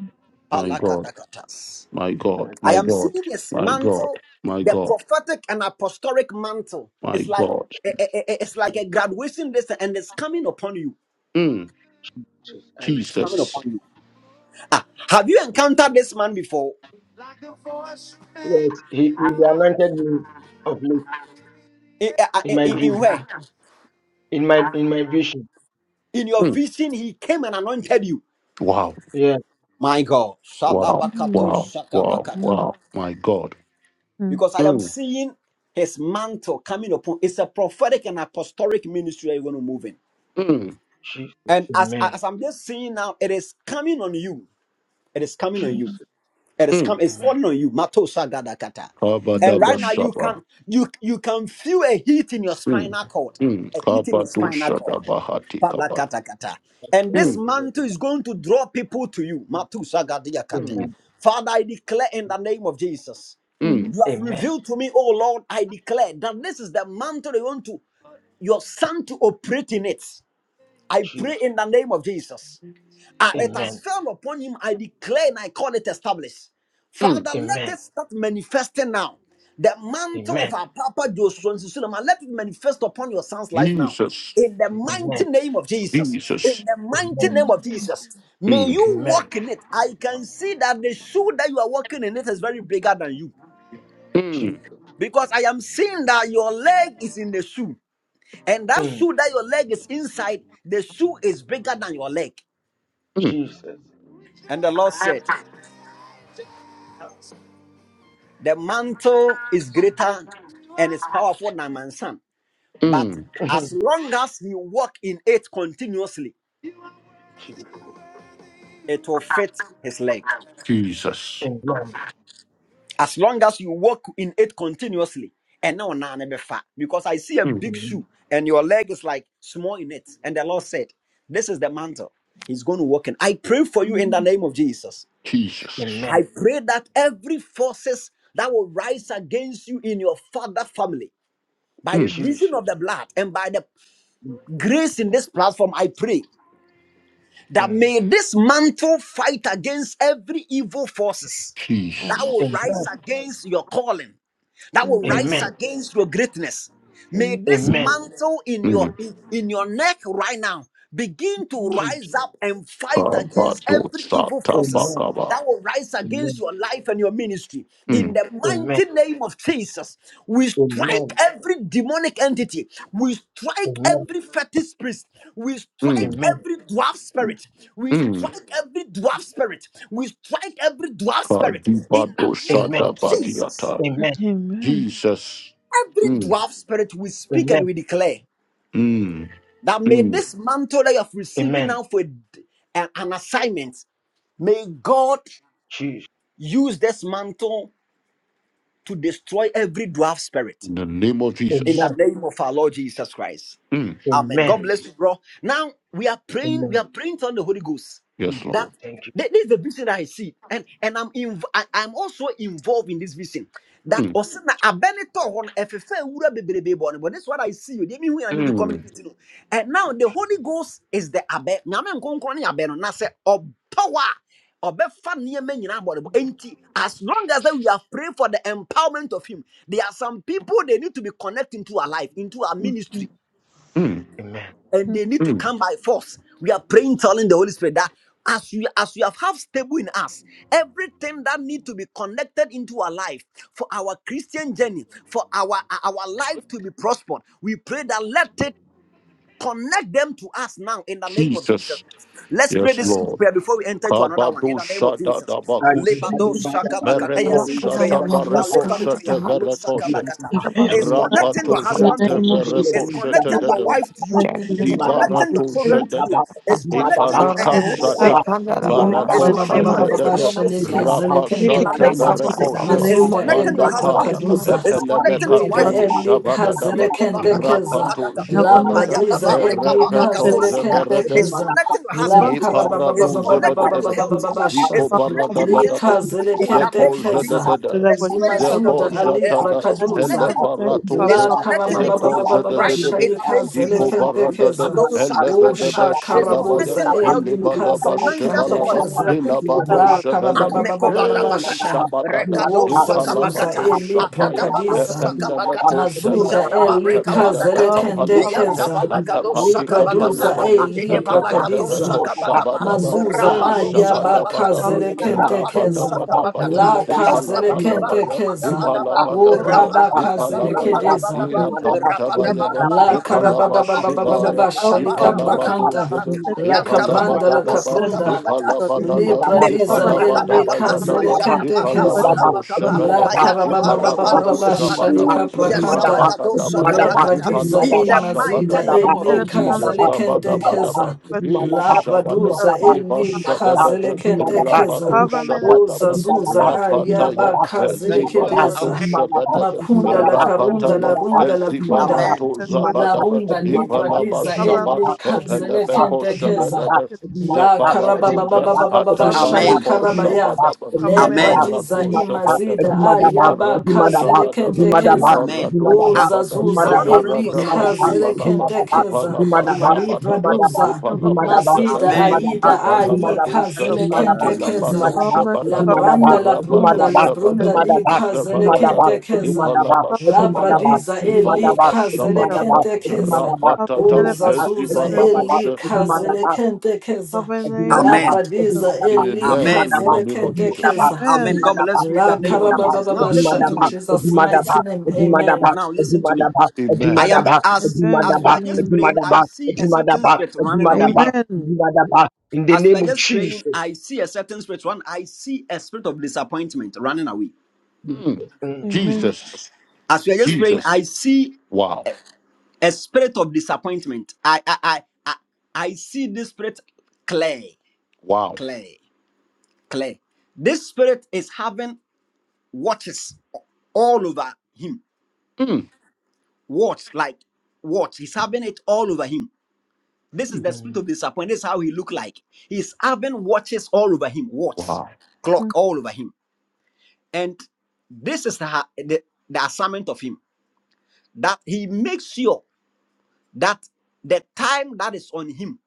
[SPEAKER 1] my God.
[SPEAKER 2] Badaba.
[SPEAKER 7] Palakatakatas.
[SPEAKER 1] my God,
[SPEAKER 2] Thank you,
[SPEAKER 7] I
[SPEAKER 1] my
[SPEAKER 7] am
[SPEAKER 1] God,
[SPEAKER 7] seeing this
[SPEAKER 1] my God,
[SPEAKER 7] mantle,
[SPEAKER 1] my
[SPEAKER 7] the
[SPEAKER 1] God,
[SPEAKER 7] prophetic and apostolic mantle.
[SPEAKER 1] my
[SPEAKER 7] It's like
[SPEAKER 1] God.
[SPEAKER 7] eh, eh, eh, eh, it's like
[SPEAKER 2] thank
[SPEAKER 7] a graduation list, and it's coming upon you.
[SPEAKER 1] Mm,
[SPEAKER 2] Jesus. I
[SPEAKER 7] It's
[SPEAKER 2] receive
[SPEAKER 7] coming
[SPEAKER 2] it.
[SPEAKER 1] Jesus.
[SPEAKER 7] upon you. Ah, have you encountered this man before?
[SPEAKER 2] Yes, he, he anointed me of late.
[SPEAKER 7] In,
[SPEAKER 2] in
[SPEAKER 7] in,
[SPEAKER 2] my
[SPEAKER 7] in in
[SPEAKER 2] dream,
[SPEAKER 7] where?
[SPEAKER 2] in my in my vision.
[SPEAKER 7] In your vision, he came and anointed you.
[SPEAKER 1] Wow,
[SPEAKER 2] Yeah,
[SPEAKER 7] My God,
[SPEAKER 1] wow,
[SPEAKER 7] Shalabakato
[SPEAKER 1] wow, wow,
[SPEAKER 7] Shakabakata.
[SPEAKER 5] Mm,
[SPEAKER 1] wow, my God.
[SPEAKER 5] mm,
[SPEAKER 7] Because I am
[SPEAKER 1] Mm,
[SPEAKER 7] seeing his mantle coming upon. It's a prophetic and apostolic ministry you're going to move in.
[SPEAKER 1] mm,
[SPEAKER 2] Jesus,
[SPEAKER 7] And as
[SPEAKER 2] Amen.
[SPEAKER 7] as I'm just seeing now, it is coming on you. It is coming on
[SPEAKER 2] Jesus,
[SPEAKER 7] you.
[SPEAKER 5] mm,
[SPEAKER 7] It is
[SPEAKER 1] mm.
[SPEAKER 7] come. It's
[SPEAKER 2] Amen.
[SPEAKER 7] falling on you. Matosa gadakata.
[SPEAKER 5] mm,
[SPEAKER 7] And right now
[SPEAKER 5] mm.
[SPEAKER 2] Jesus,
[SPEAKER 7] you
[SPEAKER 1] Kabadabashaba.
[SPEAKER 7] can you you can feel a heat in your
[SPEAKER 1] Mm,
[SPEAKER 7] spinal cord,
[SPEAKER 1] mm.
[SPEAKER 7] a heat in your spinal cord.
[SPEAKER 1] Kabadoshadabahati kaba.
[SPEAKER 7] Palakatakata. And this
[SPEAKER 1] Mm,
[SPEAKER 7] mantle is going to draw people to you. Matosa gadiakate.
[SPEAKER 1] mm,
[SPEAKER 2] Amen.
[SPEAKER 7] Father, I declare in the name of Jesus,
[SPEAKER 1] mm,
[SPEAKER 5] Amen.
[SPEAKER 7] you have
[SPEAKER 2] Amen.
[SPEAKER 7] revealed to me, oh Lord, I declare that this is the mantle you want to your son to operate in it. I pray
[SPEAKER 2] Jesus,
[SPEAKER 7] in the name of Jesus. Ah, it has
[SPEAKER 2] Amen.
[SPEAKER 7] fell upon him. I declare and I call it established.
[SPEAKER 1] mm.
[SPEAKER 7] Father, let
[SPEAKER 2] Amen.
[SPEAKER 7] it start manifesting now. The mantle
[SPEAKER 2] Amen.
[SPEAKER 7] of our Papa Joshua Suleiman, let it manifest upon your son's life now.
[SPEAKER 1] Jesus,
[SPEAKER 7] In the mighty
[SPEAKER 2] Amen.
[SPEAKER 7] name of Jesus. In
[SPEAKER 1] Jesus.
[SPEAKER 7] the mighty
[SPEAKER 2] Amen.
[SPEAKER 5] Amen.
[SPEAKER 7] name of Jesus. May
[SPEAKER 1] Mm,
[SPEAKER 7] you
[SPEAKER 2] Amen.
[SPEAKER 7] walk in it. I can see that the shoe that you are walking in it is very bigger than you.
[SPEAKER 2] Jesus,
[SPEAKER 1] mm,
[SPEAKER 7] Because I am seeing that your leg is in the shoe. And that
[SPEAKER 2] mm,
[SPEAKER 7] shoe that your leg is inside, the shoe is bigger than your leg.
[SPEAKER 1] mm,
[SPEAKER 2] Jesus,
[SPEAKER 7] And the Lord said, The mantle is greater and is powerful than man's son. But
[SPEAKER 1] mm,
[SPEAKER 7] as
[SPEAKER 2] mm,
[SPEAKER 7] long as you walk in it continuously,
[SPEAKER 2] Jesus.
[SPEAKER 7] it will fit his leg.
[SPEAKER 2] Amen.
[SPEAKER 7] As long as you walk in it continuously, and now now never fat. Because I see a big
[SPEAKER 2] Amen.
[SPEAKER 7] shoe and your leg is like small in it. And the Lord said, This is the mantle. He's going to walk in. I pray for you in the
[SPEAKER 5] Amen.
[SPEAKER 7] name of Jesus.
[SPEAKER 2] Amen.
[SPEAKER 7] I pray that every forces that will rise against you in your father family by the
[SPEAKER 1] mm.
[SPEAKER 7] reason
[SPEAKER 2] Jesus,
[SPEAKER 7] of the blood and by the
[SPEAKER 2] Jesus,
[SPEAKER 7] grace in this platform, I pray that
[SPEAKER 2] mm,
[SPEAKER 7] may this mantle fight against every evil forces
[SPEAKER 1] Jesus.
[SPEAKER 7] that will rise
[SPEAKER 2] Amen.
[SPEAKER 7] against your calling, that
[SPEAKER 5] Mm,
[SPEAKER 7] will
[SPEAKER 1] Mm,
[SPEAKER 7] rise
[SPEAKER 2] Amen.
[SPEAKER 7] against your greatness. May
[SPEAKER 5] Amen.
[SPEAKER 7] this
[SPEAKER 2] Amen.
[SPEAKER 7] mantle in your
[SPEAKER 1] mm.
[SPEAKER 7] in your neck right now begin to
[SPEAKER 2] Jesus,
[SPEAKER 7] rise up and fight against every evil forces
[SPEAKER 2] Amen.
[SPEAKER 1] Kabadosatabakaba.
[SPEAKER 7] that will rise against
[SPEAKER 2] Amen.
[SPEAKER 7] your life and your ministry.
[SPEAKER 1] Mm,
[SPEAKER 7] In
[SPEAKER 5] Mm,
[SPEAKER 7] the
[SPEAKER 5] Amen.
[SPEAKER 2] Amen.
[SPEAKER 7] mighty name of Jesus, we strike
[SPEAKER 2] Amen.
[SPEAKER 7] every demonic entity. We strike
[SPEAKER 2] Amen.
[SPEAKER 7] every fetish priest. We
[SPEAKER 1] mm,
[SPEAKER 7] strike
[SPEAKER 2] Amen.
[SPEAKER 7] every dwarf
[SPEAKER 5] Mm,
[SPEAKER 7] spirit. We
[SPEAKER 1] mm.
[SPEAKER 7] strike every dwarf spirit. We strike every dwarf spirit in
[SPEAKER 1] Kadibado
[SPEAKER 7] the name
[SPEAKER 2] Amen.
[SPEAKER 7] of Jesus.
[SPEAKER 1] Shadabadiata.
[SPEAKER 2] Amen.
[SPEAKER 5] Amen.
[SPEAKER 1] Jesus.
[SPEAKER 7] Every
[SPEAKER 1] Mm,
[SPEAKER 7] dwarf spirit we speak
[SPEAKER 2] Amen.
[SPEAKER 7] and we declare
[SPEAKER 1] mm,
[SPEAKER 7] that may
[SPEAKER 1] mm.
[SPEAKER 7] this mantle that you have received
[SPEAKER 2] Amen.
[SPEAKER 7] now for a d- an assignment, may God
[SPEAKER 2] Jesus.
[SPEAKER 7] use this mantle to destroy every dwarf spirit
[SPEAKER 1] In the name of
[SPEAKER 7] in
[SPEAKER 1] Jesus.
[SPEAKER 7] the
[SPEAKER 2] Amen.
[SPEAKER 7] name of our Lord Jesus Christ.
[SPEAKER 1] Mm,
[SPEAKER 7] Amen. God
[SPEAKER 2] Amen.
[SPEAKER 7] bless you, bro. Now we are praying. We
[SPEAKER 2] Amen.
[SPEAKER 7] are praying on the Holy Ghost.
[SPEAKER 1] yes,
[SPEAKER 7] That
[SPEAKER 1] Lord.
[SPEAKER 2] Thank you.
[SPEAKER 7] th- this is the vision that I see, and and I'm inv- I, am also involved in this vision. That
[SPEAKER 1] Mm,
[SPEAKER 7] osina abenito on efefe wura bebrebe bɔne. But this is what I see. You mean when I mean the
[SPEAKER 1] mm,
[SPEAKER 7] communicating. And now the Holy Ghost is the abe. Nyame nkonkron ne abe no na se power. ɔbɛfa nneɛma nyinaa abɔdebɔ enti as long as that we are praying for the empowerment of him there are some people they need to be connected into our life into our
[SPEAKER 5] Mm, mm.
[SPEAKER 7] ministry
[SPEAKER 1] mm,
[SPEAKER 2] Amen.
[SPEAKER 7] and
[SPEAKER 5] mm.
[SPEAKER 7] they need to
[SPEAKER 1] mm.
[SPEAKER 7] come by force. We are praying, telling the Holy Spirit that as you as you have have stable in us, everything that need to be connected into our life for our Christian journey, for our our life to be prospered, we pray that let it Connect them to us now in the name of Jesus
[SPEAKER 1] Jesus.
[SPEAKER 7] Christ. Let's pray
[SPEAKER 1] Yes,
[SPEAKER 7] this simple
[SPEAKER 2] Hallelujah.
[SPEAKER 1] Lord.
[SPEAKER 7] prayer before we enter to another one in
[SPEAKER 1] Kabado
[SPEAKER 7] the name of Jesus.
[SPEAKER 1] Shadadabakusha.
[SPEAKER 7] Lebado
[SPEAKER 5] I
[SPEAKER 7] shakabaka. Eh, A simple
[SPEAKER 1] Merekosha
[SPEAKER 7] prayer. I lift
[SPEAKER 4] Ramuska,
[SPEAKER 7] up a
[SPEAKER 1] Tabarekosha
[SPEAKER 7] prayer. Malu
[SPEAKER 2] Thank
[SPEAKER 1] Teberekosha.
[SPEAKER 7] shakabakata.
[SPEAKER 5] pray for
[SPEAKER 7] It's connecting
[SPEAKER 1] Rapato
[SPEAKER 5] the
[SPEAKER 7] your
[SPEAKER 5] Lord in
[SPEAKER 7] husband
[SPEAKER 5] the
[SPEAKER 7] to
[SPEAKER 5] name
[SPEAKER 7] you.
[SPEAKER 5] of Jesus.
[SPEAKER 7] It's
[SPEAKER 5] I pray
[SPEAKER 7] connecting
[SPEAKER 5] for
[SPEAKER 7] your
[SPEAKER 1] Shete
[SPEAKER 7] wife to
[SPEAKER 5] the Lord
[SPEAKER 7] you.
[SPEAKER 5] in the
[SPEAKER 7] It's
[SPEAKER 5] name of
[SPEAKER 7] connecting
[SPEAKER 5] Jesus.
[SPEAKER 7] your
[SPEAKER 1] Zibarato
[SPEAKER 7] children to you.
[SPEAKER 1] Shadada,
[SPEAKER 7] It's connecting uh, uh,
[SPEAKER 1] Iparika
[SPEAKER 5] Anything
[SPEAKER 4] Rabo
[SPEAKER 7] your, your
[SPEAKER 1] Sata,
[SPEAKER 7] breakthrough
[SPEAKER 4] sekanda
[SPEAKER 7] to
[SPEAKER 4] la
[SPEAKER 5] in my life
[SPEAKER 7] you.
[SPEAKER 5] connected
[SPEAKER 4] mama
[SPEAKER 5] to
[SPEAKER 7] It's
[SPEAKER 5] the
[SPEAKER 1] Barako
[SPEAKER 4] suka
[SPEAKER 7] connecting
[SPEAKER 5] name
[SPEAKER 7] your
[SPEAKER 5] of
[SPEAKER 4] pante de
[SPEAKER 7] destiny
[SPEAKER 1] Shatadada,
[SPEAKER 4] mama
[SPEAKER 7] helpers to you.
[SPEAKER 4] sianda.
[SPEAKER 7] In
[SPEAKER 5] anything
[SPEAKER 7] the
[SPEAKER 1] Rapasata
[SPEAKER 7] name of
[SPEAKER 6] Babababababashalekeze
[SPEAKER 4] Reka bana
[SPEAKER 5] connected
[SPEAKER 7] Jesus, uh,
[SPEAKER 5] to the
[SPEAKER 1] Barakosha,
[SPEAKER 4] baba
[SPEAKER 7] it's
[SPEAKER 5] name
[SPEAKER 6] Mazuda
[SPEAKER 4] suka na
[SPEAKER 7] connecting your
[SPEAKER 6] eli
[SPEAKER 4] maha de
[SPEAKER 7] husband
[SPEAKER 5] of
[SPEAKER 1] Mandapaya,
[SPEAKER 7] to
[SPEAKER 5] Jesus,
[SPEAKER 7] you.
[SPEAKER 5] but
[SPEAKER 4] bana.
[SPEAKER 6] prakaduza.
[SPEAKER 7] It's
[SPEAKER 5] I'll make it
[SPEAKER 7] connecting your
[SPEAKER 5] to
[SPEAKER 6] Vrida
[SPEAKER 7] wife
[SPEAKER 5] pass.
[SPEAKER 7] to
[SPEAKER 1] Epelemekati,
[SPEAKER 7] you.
[SPEAKER 6] eli
[SPEAKER 1] Shabadadaba,
[SPEAKER 7] It's
[SPEAKER 6] kazelekentekeza.
[SPEAKER 1] Rapato
[SPEAKER 5] Have a
[SPEAKER 6] La
[SPEAKER 5] mountain,
[SPEAKER 1] Zibalada,
[SPEAKER 6] pradiza
[SPEAKER 5] have
[SPEAKER 6] eli
[SPEAKER 5] a
[SPEAKER 1] Erepeto Zebereda,
[SPEAKER 6] kazelekentekeza.
[SPEAKER 7] connecting your
[SPEAKER 6] La
[SPEAKER 1] Ye
[SPEAKER 7] husband to
[SPEAKER 5] mountain,
[SPEAKER 7] you. It's
[SPEAKER 1] parado
[SPEAKER 7] connecting your
[SPEAKER 1] zebedebe,
[SPEAKER 7] health to you.
[SPEAKER 6] karabababababababababasha.
[SPEAKER 1] ziko
[SPEAKER 7] It's
[SPEAKER 5] from
[SPEAKER 1] barada
[SPEAKER 7] connecting
[SPEAKER 5] carbon
[SPEAKER 1] da
[SPEAKER 6] Li
[SPEAKER 1] da
[SPEAKER 7] things to
[SPEAKER 1] ba,
[SPEAKER 7] you.
[SPEAKER 5] that
[SPEAKER 7] In the
[SPEAKER 1] zeko
[SPEAKER 7] name of
[SPEAKER 6] kazelekentekeza.
[SPEAKER 7] Jesus,
[SPEAKER 1] zedede,
[SPEAKER 7] the
[SPEAKER 5] the
[SPEAKER 7] Spirit
[SPEAKER 5] soil.
[SPEAKER 7] of the Lord.
[SPEAKER 1] zeko
[SPEAKER 6] Imazuda
[SPEAKER 2] you.
[SPEAKER 6] ali
[SPEAKER 7] The Spirit
[SPEAKER 1] jatada,
[SPEAKER 7] is
[SPEAKER 5] As a
[SPEAKER 1] hele
[SPEAKER 6] prakaduza.
[SPEAKER 7] connecting it
[SPEAKER 2] Thank
[SPEAKER 7] to
[SPEAKER 5] consequence
[SPEAKER 7] you.
[SPEAKER 1] barato
[SPEAKER 5] from
[SPEAKER 7] It's
[SPEAKER 1] ze,
[SPEAKER 6] La
[SPEAKER 5] carbon
[SPEAKER 7] connecting it to
[SPEAKER 1] zeko
[SPEAKER 7] you
[SPEAKER 6] karabababababa
[SPEAKER 7] right now
[SPEAKER 5] that
[SPEAKER 1] zedebedebe,
[SPEAKER 7] in the
[SPEAKER 6] shalika
[SPEAKER 7] name of
[SPEAKER 1] ziko
[SPEAKER 5] was
[SPEAKER 7] Jesus. ah,
[SPEAKER 1] barada da,
[SPEAKER 6] zelekendekeza.
[SPEAKER 5] probably
[SPEAKER 1] hele
[SPEAKER 5] the
[SPEAKER 1] bedebe
[SPEAKER 6] Usha
[SPEAKER 7] It's
[SPEAKER 1] shedabaya,
[SPEAKER 7] connecting
[SPEAKER 6] karabuza
[SPEAKER 7] your health
[SPEAKER 1] hele
[SPEAKER 7] to you.
[SPEAKER 6] elika
[SPEAKER 1] badaba
[SPEAKER 7] Financial
[SPEAKER 4] Kanda la
[SPEAKER 7] support
[SPEAKER 1] shebalaba,
[SPEAKER 7] is
[SPEAKER 4] mama
[SPEAKER 6] zelekendekeza.
[SPEAKER 7] connecting
[SPEAKER 1] hele
[SPEAKER 7] to
[SPEAKER 4] reka
[SPEAKER 7] you.
[SPEAKER 1] bado
[SPEAKER 6] La
[SPEAKER 5] the soil.
[SPEAKER 1] shebelebe,
[SPEAKER 6] karabababababa
[SPEAKER 1] e
[SPEAKER 7] Mekovadabakata,
[SPEAKER 6] sha.
[SPEAKER 4] suka
[SPEAKER 1] shabadada,
[SPEAKER 4] pante de
[SPEAKER 1] e
[SPEAKER 6] Uza
[SPEAKER 7] Rekadosa
[SPEAKER 6] zuza
[SPEAKER 1] palabado
[SPEAKER 7] Kabakata,
[SPEAKER 6] elipra
[SPEAKER 2] you.
[SPEAKER 1] shapaya, e
[SPEAKER 6] kadiza.
[SPEAKER 2] Thank
[SPEAKER 7] Adadavadosa
[SPEAKER 2] you.
[SPEAKER 1] peneme
[SPEAKER 7] Kabakata,
[SPEAKER 1] ko
[SPEAKER 6] Mazuda
[SPEAKER 7] Zatabareka
[SPEAKER 6] elika
[SPEAKER 7] Vadakata,
[SPEAKER 5] Of
[SPEAKER 1] Atabadabakapalabata,
[SPEAKER 6] zelekendekeza.
[SPEAKER 7] Yantabalakadosa
[SPEAKER 6] Libra
[SPEAKER 7] Kabakapa,
[SPEAKER 6] duza
[SPEAKER 1] Atapatikapayabaya,
[SPEAKER 5] the soil.
[SPEAKER 6] elibra kadiza.
[SPEAKER 7] Adedebalakatosa Kabakapa,
[SPEAKER 1] Atabadabakoshabadaba,
[SPEAKER 6] Mazuza
[SPEAKER 1] Eh,
[SPEAKER 7] Rapalosa
[SPEAKER 6] ayaba
[SPEAKER 7] Kabakata,
[SPEAKER 1] Shabadabadaba,
[SPEAKER 7] rapado
[SPEAKER 6] kazelekentekeza.
[SPEAKER 1] Rabadabadabaya,
[SPEAKER 7] Kabakata,
[SPEAKER 6] La
[SPEAKER 7] Zatabadaba,
[SPEAKER 1] Ipalabadabaya,
[SPEAKER 6] kazelekentekeza. O
[SPEAKER 1] Ipalabadabaya,
[SPEAKER 6] raba
[SPEAKER 7] Rapadabadaba,
[SPEAKER 1] Ipalabaya,
[SPEAKER 6] kazelekedeza.
[SPEAKER 7] Rapadabadaba, Rapadabadaba,
[SPEAKER 1] Iapantabayaba,
[SPEAKER 7] Rapadabadaba,
[SPEAKER 6] La
[SPEAKER 7] Rapadabadaba,
[SPEAKER 1] Ipalabashibaya,
[SPEAKER 6] karababababababa
[SPEAKER 7] Zatabadaba,
[SPEAKER 6] shalika prakanta.
[SPEAKER 7] Rapadabadaba,
[SPEAKER 1] Ipalabadozeba,
[SPEAKER 6] La kabranda la
[SPEAKER 1] Ipalabadadaba,
[SPEAKER 7] Ayantabalakatosa
[SPEAKER 6] kaprunda.
[SPEAKER 7] Kabakata,
[SPEAKER 6] Li
[SPEAKER 1] Ipalabadada,
[SPEAKER 7] Mekobak
[SPEAKER 6] pradiza el li
[SPEAKER 7] makadakaba,
[SPEAKER 1] Ipalabadabayadaba,
[SPEAKER 6] kazele kentekeza.
[SPEAKER 7] jadabarapagabakaba,
[SPEAKER 6] La
[SPEAKER 1] Ipalabadoshebedebe,
[SPEAKER 5] Government
[SPEAKER 1] Ipalabado
[SPEAKER 6] karababababababa
[SPEAKER 7] payadabarapadoskabakata,
[SPEAKER 2] Adimadaba,
[SPEAKER 1] Shabadaba,
[SPEAKER 6] shalika prakanta.
[SPEAKER 1] Rabadadabaya,
[SPEAKER 6] Le
[SPEAKER 2] Adimadaba,
[SPEAKER 7] yesalagadoskabakata.
[SPEAKER 6] pradiza
[SPEAKER 1] Ipalaba
[SPEAKER 7] In
[SPEAKER 6] i
[SPEAKER 2] Adimadaba,
[SPEAKER 7] the mighty
[SPEAKER 6] mazida
[SPEAKER 1] Shabadaba.
[SPEAKER 7] name
[SPEAKER 6] el
[SPEAKER 7] of
[SPEAKER 6] li
[SPEAKER 1] Oh
[SPEAKER 7] Jesus.
[SPEAKER 1] Jesus,
[SPEAKER 6] kazele
[SPEAKER 1] Kabadabadaba,
[SPEAKER 6] kentekeza. La
[SPEAKER 1] Ishabada,
[SPEAKER 6] praduza el
[SPEAKER 1] Liba
[SPEAKER 6] li kazele
[SPEAKER 1] Shabadada,
[SPEAKER 6] kentekeza.
[SPEAKER 1] Rabado Shabadaba,
[SPEAKER 6] Uzazuza
[SPEAKER 1] Rapataya,
[SPEAKER 6] ayaba
[SPEAKER 7] Thank
[SPEAKER 6] kazele
[SPEAKER 7] you, Lord.
[SPEAKER 1] Zibalado
[SPEAKER 6] kedeza.
[SPEAKER 7] Amen.
[SPEAKER 1] Shabadada,
[SPEAKER 6] Makunda la karunda la
[SPEAKER 1] Rapataya,
[SPEAKER 6] runda la kunda.
[SPEAKER 7] Amen.
[SPEAKER 1] Zibarato
[SPEAKER 6] La
[SPEAKER 1] Zabadaba,
[SPEAKER 6] runda li
[SPEAKER 1] Ipalaba
[SPEAKER 6] pradiza e
[SPEAKER 1] Shabba,
[SPEAKER 6] li kanzele
[SPEAKER 1] Pelebeko
[SPEAKER 6] kente keza.
[SPEAKER 1] Shabadaba,
[SPEAKER 6] La
[SPEAKER 1] Zabarato
[SPEAKER 6] karababababababa shali
[SPEAKER 7] Amen.
[SPEAKER 1] Atabareko
[SPEAKER 6] karabaya.
[SPEAKER 1] Shabadaba,
[SPEAKER 6] Le
[SPEAKER 7] Amen.
[SPEAKER 6] pradiza
[SPEAKER 1] Iparado
[SPEAKER 2] Adimadaba,
[SPEAKER 1] Shabadaba,
[SPEAKER 6] imazida ayaba
[SPEAKER 1] Iparado
[SPEAKER 2] Adimadaba,
[SPEAKER 6] kazele
[SPEAKER 1] Shabadaba,
[SPEAKER 6] kentekeza.
[SPEAKER 7] Amen.
[SPEAKER 1] Iparado
[SPEAKER 6] O
[SPEAKER 7] I,
[SPEAKER 1] Shabada,
[SPEAKER 7] I
[SPEAKER 6] zazuza
[SPEAKER 7] want to pray for
[SPEAKER 6] eli
[SPEAKER 7] some
[SPEAKER 1] Iparadaba
[SPEAKER 7] people here.
[SPEAKER 6] kazele
[SPEAKER 1] Shibalaba,
[SPEAKER 6] kentekeza.
[SPEAKER 1] Ipalaba
[SPEAKER 4] mama.
[SPEAKER 6] Li
[SPEAKER 1] Shabadaba,
[SPEAKER 6] praduza
[SPEAKER 1] Ipalabo
[SPEAKER 6] mazida
[SPEAKER 1] Shabadaba,
[SPEAKER 7] Amen.
[SPEAKER 6] aida ayi
[SPEAKER 1] Ipalabadosha,
[SPEAKER 6] kazele kentekeza.
[SPEAKER 1] Atilabado
[SPEAKER 6] La
[SPEAKER 1] Shabadaba,
[SPEAKER 6] branda la
[SPEAKER 1] Irabado
[SPEAKER 6] brunda la brunda
[SPEAKER 1] Shabadaba,
[SPEAKER 6] li kazele
[SPEAKER 1] Zabadadaba,
[SPEAKER 6] kentekeza.
[SPEAKER 1] Ipalaba
[SPEAKER 6] La
[SPEAKER 1] Shabadaba,
[SPEAKER 6] pradiza eli
[SPEAKER 1] Ipalaba
[SPEAKER 6] kazele
[SPEAKER 1] Shabadaba,
[SPEAKER 6] kentekeza.
[SPEAKER 1] Rapatata,
[SPEAKER 6] Uzazuza
[SPEAKER 1] Ezibalabosha.
[SPEAKER 6] elikhazelekentekeza
[SPEAKER 5] Of Cover name.
[SPEAKER 2] Ejimadaba,
[SPEAKER 7] Amen.
[SPEAKER 6] labradiza
[SPEAKER 5] cover.
[SPEAKER 2] Ejimadaba,
[SPEAKER 1] Amen.
[SPEAKER 7] Amen.
[SPEAKER 1] In
[SPEAKER 2] Ejimadaba,
[SPEAKER 1] the name of Jesus.
[SPEAKER 2] Ejimadaba,
[SPEAKER 6] elikhazelekentekeza
[SPEAKER 5] Amen.
[SPEAKER 7] Amen. God
[SPEAKER 2] Ejimadaba,
[SPEAKER 7] bless you in
[SPEAKER 6] la
[SPEAKER 7] the name of
[SPEAKER 1] Mm.
[SPEAKER 2] Ejimadaba,
[SPEAKER 7] Jesus. Now
[SPEAKER 6] karabababasha
[SPEAKER 7] listen to
[SPEAKER 6] in
[SPEAKER 2] Ejimadaba,
[SPEAKER 7] me.
[SPEAKER 6] Jesus
[SPEAKER 2] Ejimadaba,
[SPEAKER 6] mighty name amen
[SPEAKER 2] Ejimadaba,
[SPEAKER 7] Now
[SPEAKER 2] Ejimadaba,
[SPEAKER 7] listen to me.
[SPEAKER 2] Ejimadaba,
[SPEAKER 7] I
[SPEAKER 1] Amen.
[SPEAKER 7] am
[SPEAKER 2] Ejimadaba,
[SPEAKER 7] as as we are just
[SPEAKER 5] Amen.
[SPEAKER 7] praying, I
[SPEAKER 2] Ejimadaba,
[SPEAKER 7] see a certain
[SPEAKER 2] Ejimadaba,
[SPEAKER 7] spirit running
[SPEAKER 2] Ejimadaba,
[SPEAKER 7] away.
[SPEAKER 5] Amen.
[SPEAKER 2] Ejimadaba. In the
[SPEAKER 7] As we are
[SPEAKER 2] name of
[SPEAKER 7] just
[SPEAKER 2] Jesus.
[SPEAKER 7] praying, I see a certain spirit. One, I see a spirit of disappointment running away.
[SPEAKER 1] Mm.
[SPEAKER 2] Mm,
[SPEAKER 5] Amen.
[SPEAKER 1] Jesus.
[SPEAKER 7] As we are just praying,
[SPEAKER 1] Jesus.
[SPEAKER 7] I see
[SPEAKER 1] Wow.
[SPEAKER 7] a spirit of disappointment. I I I I, I see this spirit clear,
[SPEAKER 1] Wow.
[SPEAKER 7] clear, clear. This spirit is having watches all over him.
[SPEAKER 1] Mm.
[SPEAKER 7] Watch, like watch. He's having it all over him. This is the spirit
[SPEAKER 2] mm,
[SPEAKER 7] of disappointment. This is how he look like. He's having watches all over him. Watch,
[SPEAKER 1] Wow.
[SPEAKER 7] clock all over him. And this is her, the, the assignment of him that he makes sure that the time that is on him,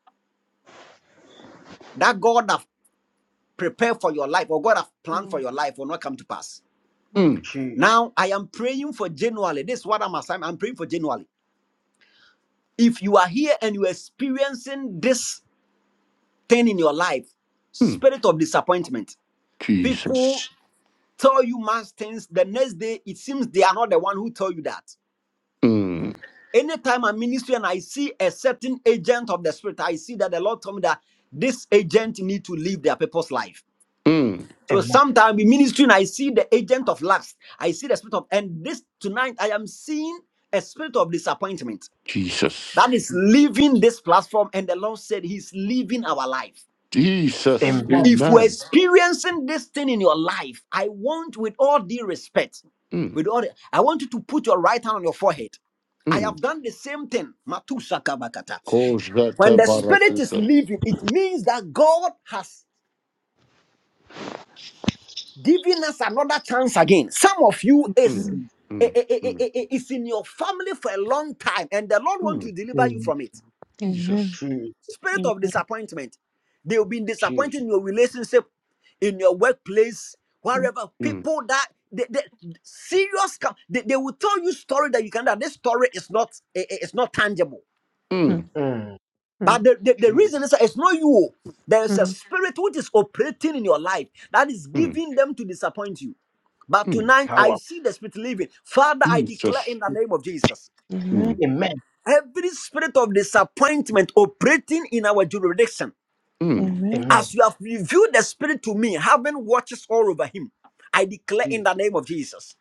[SPEAKER 7] that God have prepared for your life or God have planned for
[SPEAKER 4] Mm,
[SPEAKER 7] your life will not come to pass.
[SPEAKER 4] mm,
[SPEAKER 1] Mm.
[SPEAKER 2] Jesus.
[SPEAKER 7] Now, I am praying for January. This is what I'm assigning. I'm praying for January. If you are here and you're experiencing this thing in your life,
[SPEAKER 1] Mm.
[SPEAKER 7] spirit of disappointment, people
[SPEAKER 1] Jesus.
[SPEAKER 7] tell you much things. The next day, it seems they are not the one who told you that.
[SPEAKER 1] Mm.
[SPEAKER 7] Anytime I ministry and I see a certain agent of the spirit, I see that the Lord told me that this agent need to live their purpose life.
[SPEAKER 1] Mm.
[SPEAKER 7] So
[SPEAKER 2] Amen.
[SPEAKER 7] sometimes in ministry, and I see the agent of lust. I see the spirit of, and this tonight I am seeing a spirit of disappointment
[SPEAKER 1] Jesus.
[SPEAKER 7] that is leaving this platform. And the Lord said He's leaving our life.
[SPEAKER 1] Jesus.
[SPEAKER 2] Amen.
[SPEAKER 7] If we're
[SPEAKER 1] Amen.
[SPEAKER 7] experiencing this thing in your life, I want, with all due respect,
[SPEAKER 1] Mm.
[SPEAKER 7] with all, the- I want you to put your right hand on your forehead. I
[SPEAKER 1] Mm.
[SPEAKER 7] have done the same thing. Matusa kabakata. When
[SPEAKER 1] Kozhete
[SPEAKER 7] the spirit is
[SPEAKER 1] baratuse.
[SPEAKER 7] leaving, it means that God has given us another chance again. Some of you is
[SPEAKER 1] Mm.
[SPEAKER 7] i-
[SPEAKER 1] Mm.
[SPEAKER 7] i- i-
[SPEAKER 1] Mm.
[SPEAKER 7] i- i- is in your family for a long time, and the Lord wants
[SPEAKER 1] Mm.
[SPEAKER 7] to deliver you
[SPEAKER 2] Mm,
[SPEAKER 7] from it.
[SPEAKER 1] Jesus.
[SPEAKER 5] Amen.
[SPEAKER 2] Jesus.
[SPEAKER 7] Spirit
[SPEAKER 5] Amen,
[SPEAKER 7] of
[SPEAKER 5] mm, Amen. Amen.
[SPEAKER 7] disappointment. they will be
[SPEAKER 2] Jesus.
[SPEAKER 7] disappointed in your relationship, in your workplace,
[SPEAKER 5] Mm,
[SPEAKER 7] wherever.
[SPEAKER 1] Mm.
[SPEAKER 7] People that they, they, serious, com- they, they will tell you story that you can that this story is not i- i- it's not tangible.
[SPEAKER 1] Mm.
[SPEAKER 5] mm,
[SPEAKER 2] Mm,
[SPEAKER 7] But
[SPEAKER 5] mm,
[SPEAKER 7] the, the, the
[SPEAKER 2] Jesus.
[SPEAKER 7] reason is that it's not you. There is a
[SPEAKER 5] mm.
[SPEAKER 7] spirit which is operating in your life that is
[SPEAKER 1] Mm.
[SPEAKER 7] giving them to disappoint you. But
[SPEAKER 1] Mm.
[SPEAKER 7] tonight I
[SPEAKER 2] Power.
[SPEAKER 7] see the spirit leaving. Father, I declare
[SPEAKER 1] Jesus.
[SPEAKER 7] in the name of Jesus.
[SPEAKER 1] Mm.
[SPEAKER 5] Amen.
[SPEAKER 2] Amen.
[SPEAKER 7] Every spirit of disappointment operating in our jurisdiction.
[SPEAKER 1] Mm.
[SPEAKER 5] Amen.
[SPEAKER 2] Amen.
[SPEAKER 7] As you have revealed the Spirit to me, having watches all over him, I declare in
[SPEAKER 2] Jesus.
[SPEAKER 7] the name of Jesus.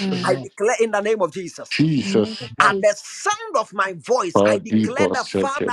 [SPEAKER 5] Mm,
[SPEAKER 7] I
[SPEAKER 2] Amen.
[SPEAKER 7] declare in the name of Jesus.
[SPEAKER 5] Amen.
[SPEAKER 1] Jesus.
[SPEAKER 2] Amen.
[SPEAKER 7] At
[SPEAKER 5] Jesus.
[SPEAKER 7] the sound of my voice, I declare the
[SPEAKER 1] Padibasete
[SPEAKER 7] Father,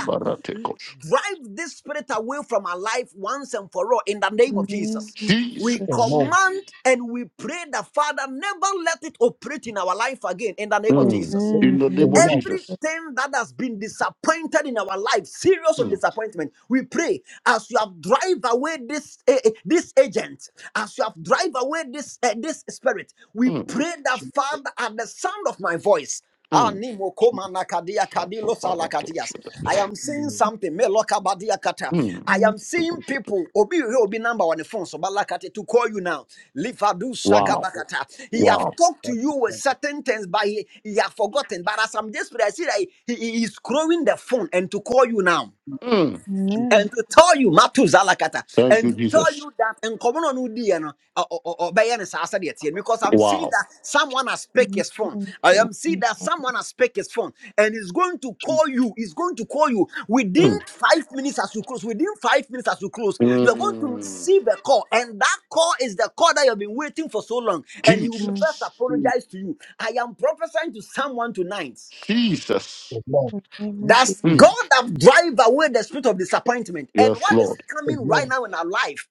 [SPEAKER 7] l- drive this spirit away from our life once and for all in the name of
[SPEAKER 5] Amen.
[SPEAKER 7] Jesus.
[SPEAKER 1] Jesus.
[SPEAKER 7] We
[SPEAKER 5] Jesus.
[SPEAKER 2] Amen.
[SPEAKER 7] command and we pray the Father, never let it operate in our life again in the name of
[SPEAKER 1] Mm.
[SPEAKER 7] Jesus.
[SPEAKER 1] In the name
[SPEAKER 5] Amen.
[SPEAKER 1] of
[SPEAKER 2] Amen.
[SPEAKER 1] Jesus.
[SPEAKER 7] Everything that has been disappointed in our life, serious of
[SPEAKER 1] Mm,
[SPEAKER 7] disappointment, we pray as you have drive away this eh, eh, this agent, as you have drive away this eh, this spirit. We
[SPEAKER 1] mm,
[SPEAKER 7] pray that Father, at the sound of my voice,
[SPEAKER 1] mm.
[SPEAKER 7] Animo koma nakadia kadilo salakatias.
[SPEAKER 1] Rakobaratosha.
[SPEAKER 7] I am seeing
[SPEAKER 2] Mm,
[SPEAKER 7] something. Meloka badia kata.
[SPEAKER 1] Mm,
[SPEAKER 7] I am seeing
[SPEAKER 1] tukushita.
[SPEAKER 7] people. Obi obi obi number on the phone. So balakate to call you now. Livadu shaka
[SPEAKER 2] Jesus,
[SPEAKER 1] Wow,
[SPEAKER 7] bakata. He have
[SPEAKER 1] wow.
[SPEAKER 7] talked
[SPEAKER 2] God,
[SPEAKER 7] to you
[SPEAKER 2] we
[SPEAKER 7] with
[SPEAKER 2] thank you.
[SPEAKER 7] certain things, but he, he have forgotten. But as I'm desperate, I see that he, he he is growing the phone and to call you now.
[SPEAKER 1] Mm.
[SPEAKER 7] And
[SPEAKER 5] Amen.
[SPEAKER 7] to tell you, Matu Zalakata,
[SPEAKER 1] Thank
[SPEAKER 7] and
[SPEAKER 1] you,
[SPEAKER 7] to tell
[SPEAKER 1] Jesus.
[SPEAKER 7] you that, and come on, Udiano, or Udi, and because I'm seeing
[SPEAKER 1] Wow.
[SPEAKER 7] that someone has picked his phone.
[SPEAKER 5] Jesus.
[SPEAKER 7] I am seeing that someone has picked his phone and is going to call you. Is going to call you within
[SPEAKER 1] Mm,
[SPEAKER 7] five minutes as you close. Within five minutes as you close, you are going to
[SPEAKER 1] mm.
[SPEAKER 7] receive a call, and that call is the call that you have been waiting for so long. And he will be
[SPEAKER 5] Amen.
[SPEAKER 7] first
[SPEAKER 1] Jesus.
[SPEAKER 2] Mm,
[SPEAKER 7] apologize to you. I am prophesying to someone tonight.
[SPEAKER 1] Jesus.
[SPEAKER 2] Amen.
[SPEAKER 7] That's God
[SPEAKER 1] Mm.
[SPEAKER 7] that drive away the spirit of disappointment. And
[SPEAKER 1] Yes,
[SPEAKER 7] what is
[SPEAKER 1] Lord.
[SPEAKER 7] coming
[SPEAKER 2] Amen.
[SPEAKER 7] right now in our life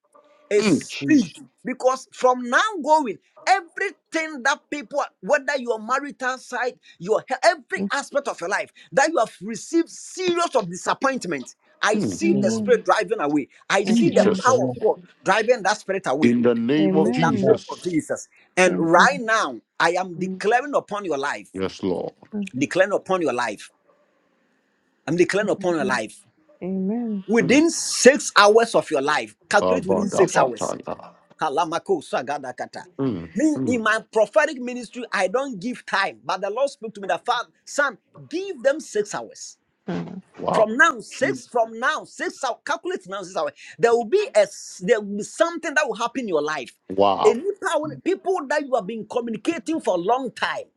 [SPEAKER 7] is
[SPEAKER 1] Mm,
[SPEAKER 7] speed.
[SPEAKER 2] Jesus.
[SPEAKER 7] Because from now going, everything that people, whether your marital side, your he- every aspect of your life, that you have received serious of disappointment. I
[SPEAKER 1] mm.
[SPEAKER 7] see the
[SPEAKER 2] Mm,
[SPEAKER 7] spirit
[SPEAKER 5] Amen.
[SPEAKER 7] driving away. I see the
[SPEAKER 5] Amen.
[SPEAKER 1] Jesus.
[SPEAKER 7] power
[SPEAKER 2] Amen.
[SPEAKER 7] of God driving that spirit away
[SPEAKER 1] In the name of
[SPEAKER 7] in the
[SPEAKER 5] Amen.
[SPEAKER 2] Amen.
[SPEAKER 7] name of
[SPEAKER 1] Jesus.
[SPEAKER 7] Jesus.
[SPEAKER 5] Amen. Amen. Jesus. Amen, Amen. Amen.
[SPEAKER 7] And
[SPEAKER 1] Mm.
[SPEAKER 5] Amen.
[SPEAKER 7] right now, I am declaring upon your life,
[SPEAKER 1] Yes, Lord.
[SPEAKER 2] Mm,
[SPEAKER 7] declaring upon your life. I'm declaring upon your
[SPEAKER 5] Amen.
[SPEAKER 7] life.
[SPEAKER 5] Amen,
[SPEAKER 1] Mm.
[SPEAKER 7] within six hours of your life. Calculate within
[SPEAKER 5] mm, Amen.
[SPEAKER 7] six hours.
[SPEAKER 1] Kabadabataya.
[SPEAKER 7] Kalamako sagadakata.
[SPEAKER 1] Mm,
[SPEAKER 7] Me in
[SPEAKER 1] mm.
[SPEAKER 7] my prophetic ministry, I don't give time, but the Lord spoke to me that Father, son, give them six hours.
[SPEAKER 5] Mm,
[SPEAKER 1] Wow.
[SPEAKER 7] From now, six from now, six hours. Calculate now, six hours. There will be a s- there will be something that will happen in your life. A
[SPEAKER 1] Wow.
[SPEAKER 7] new power- people that you have been communicating for a long time.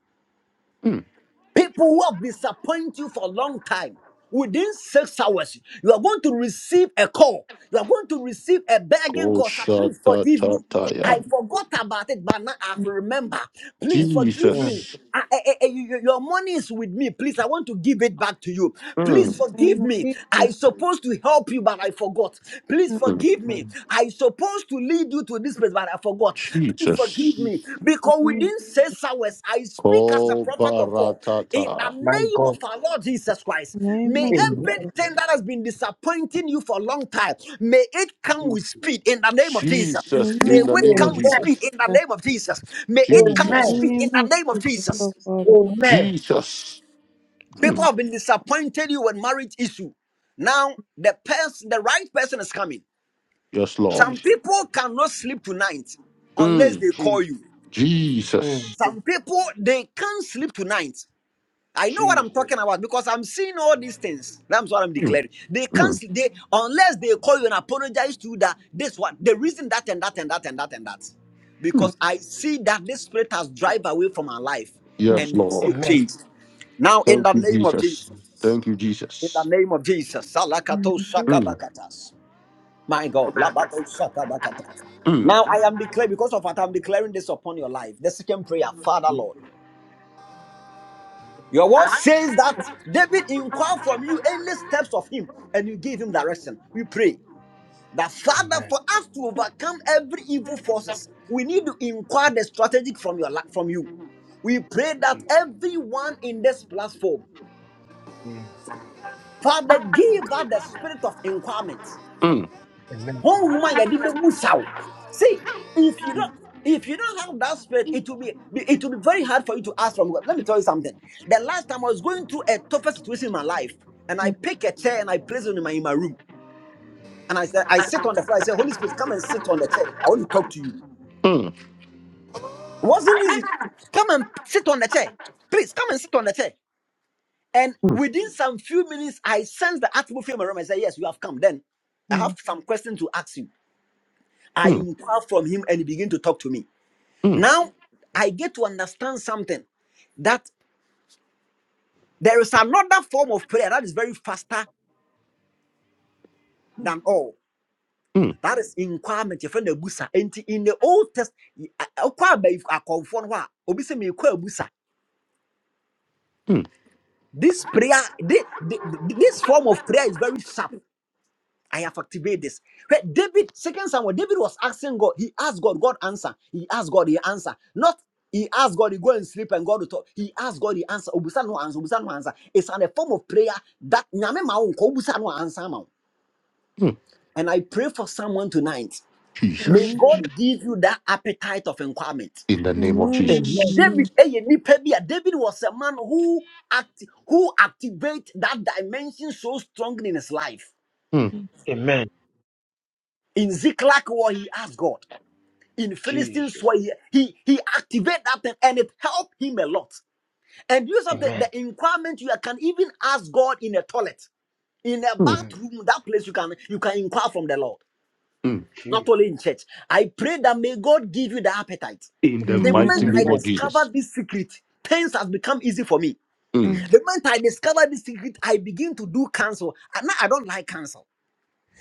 [SPEAKER 1] Mm.
[SPEAKER 7] People who have disappointed you for a long time, within six hours, you are going to receive a call. You are going to receive a begging call. Sir, please forgive me. I
[SPEAKER 1] Koshatatataya.
[SPEAKER 7] forgot about it, but now I
[SPEAKER 5] mm.
[SPEAKER 7] remember. Please forgive me.
[SPEAKER 1] Jesus.
[SPEAKER 7] I- I- I- I- you- you- your money is with me. Please, I want to give it back to you.
[SPEAKER 5] In
[SPEAKER 7] Please
[SPEAKER 5] the
[SPEAKER 1] Mm.
[SPEAKER 5] name
[SPEAKER 7] forgive
[SPEAKER 5] of
[SPEAKER 7] me. I
[SPEAKER 5] Jesus.
[SPEAKER 7] supposed to help you, but I forgot. Please
[SPEAKER 5] In
[SPEAKER 1] mm.
[SPEAKER 7] forgive me.
[SPEAKER 2] mm,
[SPEAKER 7] I supposed to lead you to this place, but I forgot. Please forgive
[SPEAKER 2] mm.
[SPEAKER 7] me.
[SPEAKER 1] Jesus.
[SPEAKER 7] Because
[SPEAKER 5] the
[SPEAKER 7] within six hours, I speak as a
[SPEAKER 1] Oh,
[SPEAKER 7] prophet of God. In the
[SPEAKER 1] baratata.
[SPEAKER 2] My
[SPEAKER 7] name
[SPEAKER 2] God.
[SPEAKER 7] of our Lord Jesus Christ,
[SPEAKER 5] name
[SPEAKER 7] may
[SPEAKER 5] of
[SPEAKER 1] Mm.
[SPEAKER 2] Amen.
[SPEAKER 5] Jesus.
[SPEAKER 7] everything that has been disappointing you for a long time, may it come
[SPEAKER 2] Jesus.
[SPEAKER 7] with speed in the name of Jesus.
[SPEAKER 5] In
[SPEAKER 1] Jesus,
[SPEAKER 5] the
[SPEAKER 7] May
[SPEAKER 1] in
[SPEAKER 5] name
[SPEAKER 1] the
[SPEAKER 7] it
[SPEAKER 1] name
[SPEAKER 5] of
[SPEAKER 1] of
[SPEAKER 7] come with speed
[SPEAKER 1] Jesus.
[SPEAKER 7] in the
[SPEAKER 5] Jesus.
[SPEAKER 7] name of Jesus.
[SPEAKER 2] Amen.
[SPEAKER 7] May it come
[SPEAKER 5] In
[SPEAKER 7] with
[SPEAKER 2] Amen.
[SPEAKER 5] the
[SPEAKER 1] Jesus.
[SPEAKER 7] speed
[SPEAKER 5] name
[SPEAKER 7] in the
[SPEAKER 5] of
[SPEAKER 7] name of
[SPEAKER 5] Jesus. Oh
[SPEAKER 7] Jesus.
[SPEAKER 5] God, I pray
[SPEAKER 2] Amen.
[SPEAKER 1] Jesus. Mm.
[SPEAKER 7] People
[SPEAKER 5] in
[SPEAKER 7] have been disappointed you with marriage issue. Now the person, the right person is coming.
[SPEAKER 1] Yes, Lord.
[SPEAKER 7] Some
[SPEAKER 2] Jesus.
[SPEAKER 7] people cannot sleep tonight unless
[SPEAKER 1] Mm.
[SPEAKER 7] they call
[SPEAKER 2] Jesus.
[SPEAKER 7] you.
[SPEAKER 2] Mm,
[SPEAKER 1] Jesus.
[SPEAKER 7] Some people they can't sleep tonight. I know what I'm
[SPEAKER 2] Jesus.
[SPEAKER 7] talking about because I'm seeing all these things. That's what I'm
[SPEAKER 1] Mm.
[SPEAKER 7] declaring. They can't
[SPEAKER 1] Mm.
[SPEAKER 7] sleep they, unless they call you and apologize to you that this one, the reason that and that and that and that and that.
[SPEAKER 5] the
[SPEAKER 1] Mm.
[SPEAKER 5] name.
[SPEAKER 7] Because I see that this spirit has drive away from our life
[SPEAKER 5] Mm,
[SPEAKER 1] Yes,
[SPEAKER 7] and there's still
[SPEAKER 1] Lord.
[SPEAKER 2] Amen.
[SPEAKER 7] Now in
[SPEAKER 1] Thank
[SPEAKER 7] the
[SPEAKER 1] you,
[SPEAKER 7] name of
[SPEAKER 1] Jesus.
[SPEAKER 7] Jesus.
[SPEAKER 1] Thank you,
[SPEAKER 7] In the
[SPEAKER 1] Jesus.
[SPEAKER 7] name of Jesus.
[SPEAKER 5] mm,
[SPEAKER 7] Salakato
[SPEAKER 5] Jesus.
[SPEAKER 1] Mm.
[SPEAKER 7] Shakabakatas. My God. Labado shakabakata.
[SPEAKER 1] Mm.
[SPEAKER 7] Now I am declaring, because of what I'm declaring this upon your life. The second prayer, Father
[SPEAKER 2] Mm,
[SPEAKER 7] Lord. Your word says that David inquired from you any steps of him and you give him direction. We pray that Father,
[SPEAKER 2] Amen.
[SPEAKER 7] for us to overcome every evil forces, we need to inquire the strategic from your li- from you. We pray that
[SPEAKER 2] Jesus.
[SPEAKER 7] everyone in this platform,
[SPEAKER 2] Mm,
[SPEAKER 7] Father, give us the spirit of inquirement.
[SPEAKER 1] Mm.
[SPEAKER 2] Amen.
[SPEAKER 7] One honhom a yɛde bɛbu saw see if you don't if you don't have that spirit it will be it will be very hard for you to ask from god let me tell you something the last time i was going through a tougher situation in my life and i
[SPEAKER 5] Mm,
[SPEAKER 7] pick a chair and i place it in my in my room and i said i sit on the floor i said holy spirit come and sit on the chair i want to talk to you it
[SPEAKER 1] Mm.
[SPEAKER 7] wasn't easy come and sit on the chair please come and sit on the chair and
[SPEAKER 1] Mm.
[SPEAKER 7] within some few minutes i sensed the atmosphere in my room i said yes you have come then i have some questions to ask you i
[SPEAKER 1] Mm.
[SPEAKER 7] inquire from him and he began to talk to me
[SPEAKER 1] Mm.
[SPEAKER 7] Now I get to understand something that there is another form of prayer that is very faster than all.
[SPEAKER 1] Mm.
[SPEAKER 7] That is inquirement. Your friend Ebusa. And in the Old Test,
[SPEAKER 1] Mm.
[SPEAKER 7] This prayer, thi- thi- this form of prayer is very sharp. I have activated this. Where David, second Samuel, David was asking God. He asked God, God answer. He asked God, he answer. Not he asked God, he go and sleep and God will talk. He asked God, he answer. Obusa no answer, obusa no answer. It's an, a form of prayer that nyame ma wo nko, obusa no answer ma wo.
[SPEAKER 1] Mm.
[SPEAKER 7] And I pray for someone tonight. May
[SPEAKER 1] Jesus.
[SPEAKER 2] Jesus. Jesus.
[SPEAKER 7] God give you that appetite of inquirement.
[SPEAKER 1] In the name of Jesus.
[SPEAKER 2] Amen.
[SPEAKER 7] David, eh, nipa bi a, David was a man who act, who activate that dimension so strongly in his life.
[SPEAKER 1] Mm.
[SPEAKER 2] Amen.
[SPEAKER 7] In Ziklag, war, he asked God. in Philistine
[SPEAKER 2] Jesus.
[SPEAKER 7] soil, he, he, activated that thing and it helped him a lot. And use of the, the
[SPEAKER 2] Amen.
[SPEAKER 7] inquirement, you can even ask God in a toilet, in a
[SPEAKER 1] Mm.
[SPEAKER 2] Mm,
[SPEAKER 7] bathroom, that place you can you can inquire from the Lord,
[SPEAKER 1] Mm.
[SPEAKER 7] not
[SPEAKER 2] Jesus.
[SPEAKER 7] only in church. I pray that may God give you the appetite.
[SPEAKER 1] In the
[SPEAKER 7] The moment
[SPEAKER 1] mighty
[SPEAKER 5] mm.
[SPEAKER 7] I
[SPEAKER 1] name of
[SPEAKER 2] Amen.
[SPEAKER 1] Jesus.
[SPEAKER 7] discovered this secret, things have become easy for me.
[SPEAKER 1] Mm.
[SPEAKER 7] The moment I discovered this secret, I begin to do counsel. And now I don't like counsel.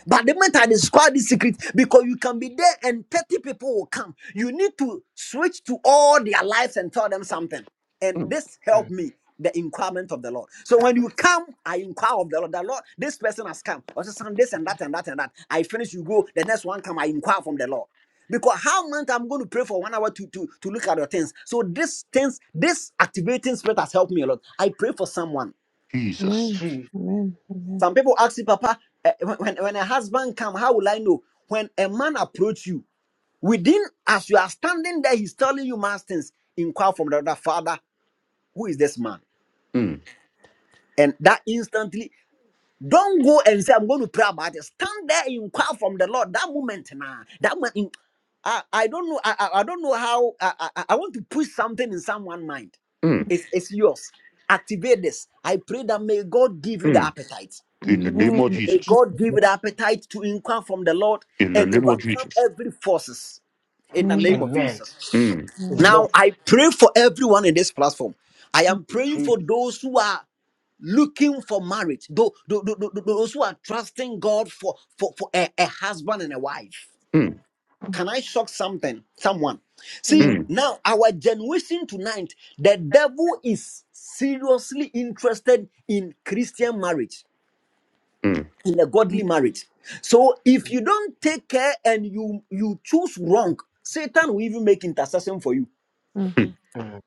[SPEAKER 7] But the moment I describe this secret, because you can be there and 30 people will come, you need to switch to all their lives and tell them something. And
[SPEAKER 1] Mm.
[SPEAKER 7] this
[SPEAKER 2] Mm,
[SPEAKER 7] helped me, the inquirement of the Lord. So when you come, I inquire of the Lord. The Lord, this person has come. Or just some this and that and that and that. I finish, you go. The next one come, I inquire from the Lord. Because how much I'm going to pray for one hour to, to, to look at your things. So this things, this activating spirit has helped me a lot. I pray for someone.
[SPEAKER 1] Jesus.
[SPEAKER 2] Jesus.
[SPEAKER 5] Amen. Amen.
[SPEAKER 7] Some people ask you, Papa, eh, when, when when a husband come, how will I know? When a man approach you, within as you are standing there, he's telling you mass things. Inquire from the other father, who is this man?
[SPEAKER 1] Mm,
[SPEAKER 7] And that instantly, don't go and say, I'm going to pray about it. Stand there and inquire from the Lord. That moment, nah, that moment, in- I, I don't know. I, I I don't know how. I, I, I want to push something in someone's mind.
[SPEAKER 1] mm,
[SPEAKER 7] It's, it's yours. Activate this. I pray that may God give you the
[SPEAKER 1] mm.
[SPEAKER 7] appetite.
[SPEAKER 1] In the name of
[SPEAKER 5] Amen.
[SPEAKER 7] May
[SPEAKER 1] Jesus.
[SPEAKER 7] God give you the appetite to inquire from the Lord
[SPEAKER 1] In the
[SPEAKER 7] and
[SPEAKER 1] name of
[SPEAKER 7] overcome
[SPEAKER 1] Jesus.
[SPEAKER 7] every forces in the name
[SPEAKER 5] Amen.
[SPEAKER 7] of
[SPEAKER 2] Amen.
[SPEAKER 7] Jesus.
[SPEAKER 1] Mm,
[SPEAKER 2] Amen.
[SPEAKER 7] Now I pray for everyone in this platform. I am praying for
[SPEAKER 2] Jesus.
[SPEAKER 7] those who are looking for marriage, tho- tho- tho- tho- those who are trusting God for, for, for a, a husband and a wife.
[SPEAKER 1] mm,
[SPEAKER 7] Can I shock something? Someone. See,
[SPEAKER 1] mm,
[SPEAKER 7] now our generation tonight, the devil is seriously interested in Christian marriage
[SPEAKER 1] mm.
[SPEAKER 7] in a godly marriage. So if you don't take care and you you choose wrong, Satan will even make intercession for you.
[SPEAKER 5] Mm, Amen. Amen. Amen. Amen.
[SPEAKER 1] mm.
[SPEAKER 2] Mm,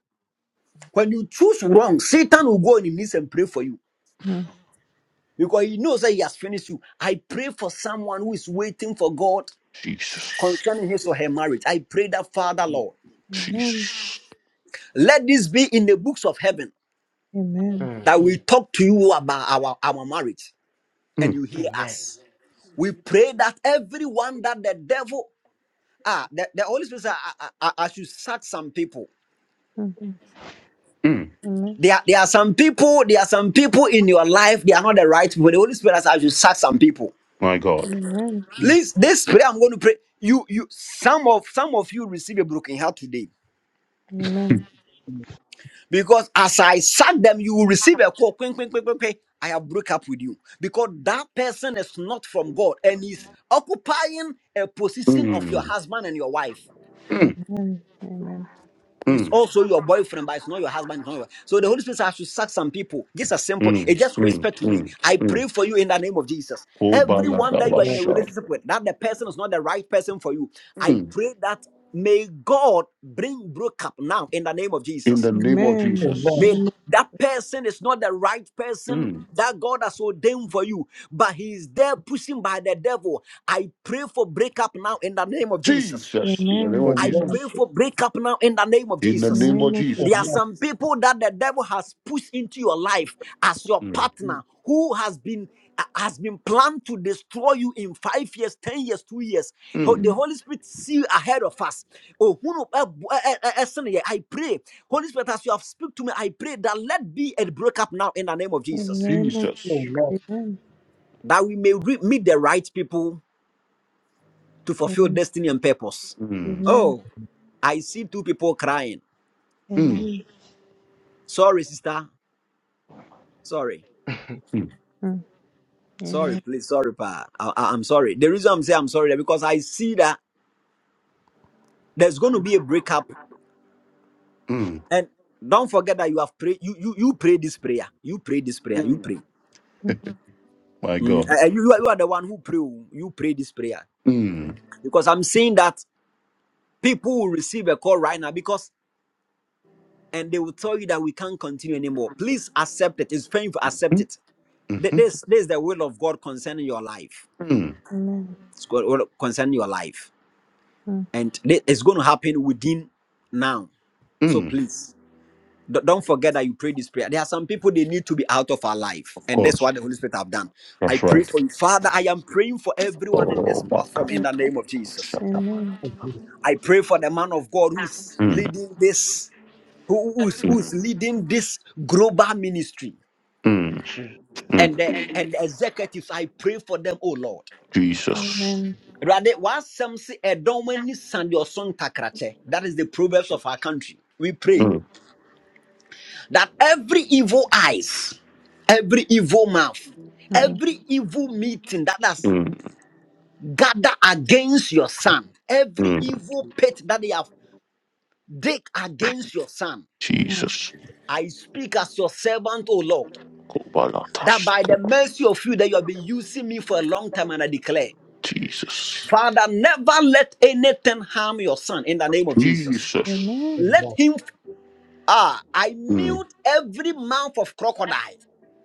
[SPEAKER 7] When you choose wrong, Satan will go on his knees and pray for you
[SPEAKER 5] Amen. Amen. Amen. mm. Yes. Mm, mm, mm.
[SPEAKER 7] because he knows that he has finished you. I pray for someone who is waiting for God
[SPEAKER 1] Jesus.
[SPEAKER 7] concerning his or her marriage. I pray that Father Lord,
[SPEAKER 5] Amen.
[SPEAKER 1] Jesus.
[SPEAKER 7] let this be in the books of heaven
[SPEAKER 5] Amen.
[SPEAKER 2] mm.
[SPEAKER 7] that we talk to you about our, our marriage and
[SPEAKER 1] Mm,
[SPEAKER 7] you hear
[SPEAKER 2] Amen.
[SPEAKER 7] us. We pray that everyone that the devil Ah, the, the Holy Spirit said, I, I, I I should search some people.
[SPEAKER 5] Mm,
[SPEAKER 1] mm.
[SPEAKER 5] Amen.
[SPEAKER 7] There, are- there are some people, there are some people in your life, they are not the right people. The Holy Spirit says, I should search some people.
[SPEAKER 1] My God.
[SPEAKER 5] Amen.
[SPEAKER 2] Mm,
[SPEAKER 7] Please, this prayer I'm going to pray. You, you, some of some of you receive a broken heart today.
[SPEAKER 5] Amen.
[SPEAKER 7] Because as I sack them, you will receive a call. Quing, quing, quing, quing, quing. I have break up with you. Because that person is not from God and is occupying a position of your
[SPEAKER 1] Mm,
[SPEAKER 7] husband and your wife.
[SPEAKER 1] mm,
[SPEAKER 5] Amen. Amen.
[SPEAKER 7] He's
[SPEAKER 1] mm,
[SPEAKER 7] also your boyfriend, but it's not your husband. It's not your... So the Holy Spirit has to sack some people. Just a simple, it
[SPEAKER 1] mm,
[SPEAKER 7] just
[SPEAKER 1] mm,
[SPEAKER 7] whispered to me.
[SPEAKER 1] mm,
[SPEAKER 7] I
[SPEAKER 1] mm.
[SPEAKER 7] pray for you in the name of Jesus.
[SPEAKER 1] Oh,
[SPEAKER 7] Everyone that you
[SPEAKER 2] Amen.
[SPEAKER 7] are in a
[SPEAKER 1] Baladabasha.
[SPEAKER 7] relationship with, that the person is not the right person for you. I
[SPEAKER 1] Mm.
[SPEAKER 7] pray that may God bring breakup now in the name of
[SPEAKER 1] In
[SPEAKER 7] Jesus.
[SPEAKER 1] the name of
[SPEAKER 5] Amen. Amen.
[SPEAKER 2] Allah,
[SPEAKER 7] May
[SPEAKER 1] Jesus.
[SPEAKER 5] Amen.
[SPEAKER 7] that person is not the right person
[SPEAKER 1] Mm.
[SPEAKER 7] that God has ordained for you, but he is there pushing by the devil. I pray for breakup now in the name of Jesus.
[SPEAKER 1] Jesus. In the name
[SPEAKER 5] Amen.
[SPEAKER 1] of
[SPEAKER 7] I
[SPEAKER 2] Allah,
[SPEAKER 5] Amen.
[SPEAKER 7] pray
[SPEAKER 1] Jesus.
[SPEAKER 7] for breakup now in the name of
[SPEAKER 1] In the
[SPEAKER 5] In the
[SPEAKER 7] Jesus.
[SPEAKER 1] name of
[SPEAKER 5] name of
[SPEAKER 7] There are
[SPEAKER 5] Jesus.
[SPEAKER 1] Jesus.
[SPEAKER 2] Allah,
[SPEAKER 7] some people that the devil has pushed into your life as your
[SPEAKER 1] Mm,
[SPEAKER 7] partner who has been uh, has been planned to destroy you in five years, ten years, two years. Ho-
[SPEAKER 1] mm.
[SPEAKER 5] Mm.
[SPEAKER 7] The Holy Spirit see you ahead of us. Oh, who know- eh, bo- eh, eh, eh, eh, son, yeah, I pray, Holy Spirit, as you have speak to me, I pray that let be a breakup now in the name of
[SPEAKER 5] In the
[SPEAKER 7] Jesus,
[SPEAKER 5] name of
[SPEAKER 1] Jesus.
[SPEAKER 2] Allah,
[SPEAKER 5] Jesus. Amen.
[SPEAKER 7] that we may re- meet the right people to fulfill
[SPEAKER 5] Amen.
[SPEAKER 7] destiny and purpose.
[SPEAKER 1] Mm,
[SPEAKER 7] Oh, I see two people crying.
[SPEAKER 1] mm,
[SPEAKER 5] Amen.
[SPEAKER 7] Sorry, sister. Sorry.
[SPEAKER 2] Jesus, Allah,
[SPEAKER 1] mm,
[SPEAKER 7] Sorry,
[SPEAKER 5] Amen. Mm. Amen.
[SPEAKER 7] please. Sorry, pa. I, I, am sorry. The reason I'm saying I'm sorry is because I see that there's going to be a breakup.
[SPEAKER 1] mm,
[SPEAKER 7] And don't forget that you have prayed. You, you, you pray this prayer. You pray this prayer. You
[SPEAKER 1] mm.
[SPEAKER 7] pray.
[SPEAKER 5] Mm.
[SPEAKER 1] My
[SPEAKER 7] Mm, eh,
[SPEAKER 1] God.
[SPEAKER 7] eh, you, you are you are the one who pray. oh. You pray this prayer.
[SPEAKER 1] Mm.
[SPEAKER 7] Because I'm saying that people will receive a call right now because, and they will tell you that we can't continue anymore. Please accept it. It's painful. Accept it. Th-
[SPEAKER 1] Mm-hmm.
[SPEAKER 7] This, this is the will of God concerning your life.
[SPEAKER 1] Mm.
[SPEAKER 5] Amen.
[SPEAKER 7] It's God- will concerning your life.
[SPEAKER 5] Mm.
[SPEAKER 7] and thi- it's going to happen within now so
[SPEAKER 1] Mm.
[SPEAKER 7] please do- don't forget that you pray this prayer there are some people they need to be out of our life and that's
[SPEAKER 1] Coach,
[SPEAKER 7] what the holy spirit have done i
[SPEAKER 1] that's
[SPEAKER 7] pray for
[SPEAKER 1] right.
[SPEAKER 7] you father i am praying for everyone in this
[SPEAKER 1] Oh, my
[SPEAKER 7] platform
[SPEAKER 1] God.
[SPEAKER 7] in
[SPEAKER 5] A-
[SPEAKER 7] the name of jesus
[SPEAKER 1] Shut up.
[SPEAKER 5] Amen.
[SPEAKER 2] Mm. oh Lord, mm,
[SPEAKER 7] i pray for the man of god who is
[SPEAKER 1] Mm.
[SPEAKER 7] leading this who, who's, who's
[SPEAKER 1] Mm.
[SPEAKER 7] leading this global ministry
[SPEAKER 1] Mm.
[SPEAKER 2] true,
[SPEAKER 7] and
[SPEAKER 1] Mm.
[SPEAKER 7] the and the executives i pray for them oh lord
[SPEAKER 1] Jesus.
[SPEAKER 5] Amen.
[SPEAKER 7] Rade, wasɛm se ɛdɔm ani sane deɛ ɔso ntakrakyɛ. That is the proverbs
[SPEAKER 2] true,
[SPEAKER 7] of our country. We pray.
[SPEAKER 1] Mm.
[SPEAKER 7] that every evil eyes, every evil mouth,
[SPEAKER 5] Mm.
[SPEAKER 7] every evil meeting that has
[SPEAKER 1] Mm.
[SPEAKER 7] gathered against your son, every
[SPEAKER 1] Mm.
[SPEAKER 7] evil pit that they have dig against your son,
[SPEAKER 5] Mm.
[SPEAKER 1] Jesus.
[SPEAKER 7] I speak as your servant, O Lord, that
[SPEAKER 1] Kobalatas.
[SPEAKER 7] by the mercy of you that you have been using me for a long time, and I declare,
[SPEAKER 1] Jesus.
[SPEAKER 7] Father, never let anything harm your son in the name of Jesus.
[SPEAKER 5] Mm.
[SPEAKER 1] Jesus.
[SPEAKER 2] oh
[SPEAKER 7] Let
[SPEAKER 2] Lord,
[SPEAKER 7] him ah, I
[SPEAKER 1] Mm.
[SPEAKER 7] mute every mouth of crocodile.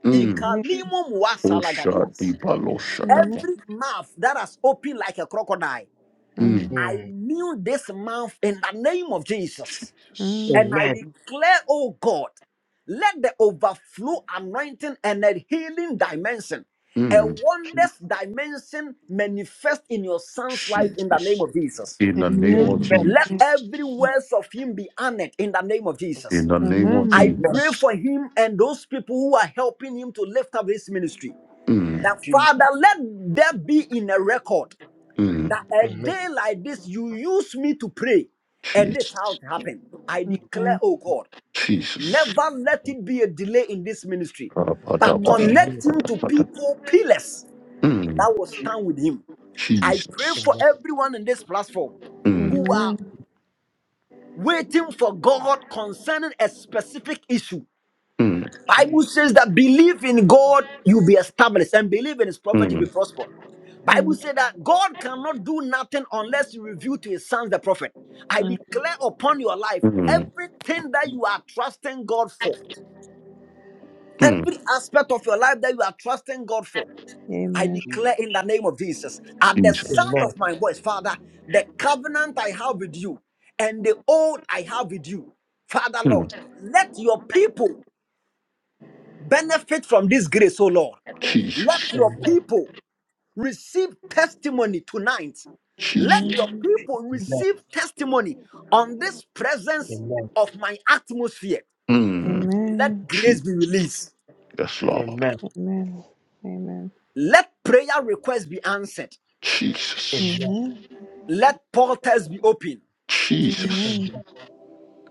[SPEAKER 1] Mm.
[SPEAKER 5] Amen.
[SPEAKER 2] true.
[SPEAKER 7] Ikalimo
[SPEAKER 1] Osha di
[SPEAKER 7] muasalagadias.
[SPEAKER 1] balosha da.
[SPEAKER 7] Every mouth that has opened like a crocodile,
[SPEAKER 1] Mm.
[SPEAKER 7] I
[SPEAKER 2] Mm.
[SPEAKER 7] knew this mouth in the name of Jesus.
[SPEAKER 1] Jesus.
[SPEAKER 7] And I
[SPEAKER 2] Amen,
[SPEAKER 7] declare, oh God, let the overflow anointing and a healing dimension, a
[SPEAKER 1] Mm.
[SPEAKER 2] true,
[SPEAKER 7] wondrous dimension manifest in your son's life in the name
[SPEAKER 1] Jesus.
[SPEAKER 7] of Jesus.
[SPEAKER 1] In the name of
[SPEAKER 2] Amen,
[SPEAKER 7] Let
[SPEAKER 1] Jesus.
[SPEAKER 7] every words of him be honored in the name of
[SPEAKER 1] In
[SPEAKER 7] Jesus.
[SPEAKER 1] the name of
[SPEAKER 7] I
[SPEAKER 5] Amen.
[SPEAKER 2] Amen,
[SPEAKER 7] pray
[SPEAKER 1] Jesus.
[SPEAKER 7] for him and those people who are helping him to lift up his ministry.
[SPEAKER 1] Mm.
[SPEAKER 7] That
[SPEAKER 2] Jesus,
[SPEAKER 7] Father, let there be in a record
[SPEAKER 1] Mm.
[SPEAKER 7] that a
[SPEAKER 2] Amen,
[SPEAKER 7] day like this you use me to pray and this how
[SPEAKER 1] Jesus.
[SPEAKER 7] it happened i declare
[SPEAKER 5] Amen.
[SPEAKER 7] oh god
[SPEAKER 1] Jesus.
[SPEAKER 7] never let it be a delay in this ministry but
[SPEAKER 5] Mm. Mm. Amen. Amen.
[SPEAKER 2] Amen,
[SPEAKER 7] connect him to people pillars
[SPEAKER 1] Mm,
[SPEAKER 7] that will
[SPEAKER 2] Jesus, Amen,
[SPEAKER 7] stand with him i pray
[SPEAKER 1] Jesus.
[SPEAKER 7] for
[SPEAKER 2] Jesus,
[SPEAKER 7] everyone in this platform
[SPEAKER 5] Amen.
[SPEAKER 1] Mm,
[SPEAKER 7] who are waiting for god concerning a specific issue
[SPEAKER 1] mm,
[SPEAKER 7] Bible says that believe in God, you'll be established, and believe in his prophet, you'll be
[SPEAKER 1] mm,
[SPEAKER 7] prospered. Bible
[SPEAKER 5] Amen.
[SPEAKER 7] says that God cannot do nothing unless he reveal to his sons the prophet. I
[SPEAKER 5] Mm.
[SPEAKER 7] declare upon your life
[SPEAKER 1] mm,
[SPEAKER 7] everything that you are trusting God for,
[SPEAKER 1] mm,
[SPEAKER 7] every aspect of your life that you are trusting God for. I
[SPEAKER 5] Amen.
[SPEAKER 2] Jesus,
[SPEAKER 7] declare in the name of Jesus, at the
[SPEAKER 1] Jesus.
[SPEAKER 7] sound
[SPEAKER 2] Amen,
[SPEAKER 7] of my voice, Father, the covenant I have with you and the oath I have with you, Father
[SPEAKER 1] Mm,
[SPEAKER 7] Lord, let your people benefit from this grace, O Lord. Let
[SPEAKER 1] Jesus.
[SPEAKER 7] your people receive testimony tonight.
[SPEAKER 5] Amen. Mm. Amen.
[SPEAKER 7] Let
[SPEAKER 1] Jesus.
[SPEAKER 7] your
[SPEAKER 5] Amen.
[SPEAKER 7] people
[SPEAKER 5] Yes.
[SPEAKER 7] receive testimony on this presence of my atmosphere.
[SPEAKER 1] Mm,
[SPEAKER 7] Let
[SPEAKER 5] Amen.
[SPEAKER 1] Je-
[SPEAKER 7] grace be released.
[SPEAKER 1] yes, Lord.
[SPEAKER 5] Amen. Amen.
[SPEAKER 7] Let prayer requests be answered.
[SPEAKER 1] Jesus.
[SPEAKER 2] Amen,
[SPEAKER 5] Amen.
[SPEAKER 7] Let portals be opened.
[SPEAKER 1] Jesus.
[SPEAKER 2] Amen,
[SPEAKER 5] Amen.
[SPEAKER 2] Amen,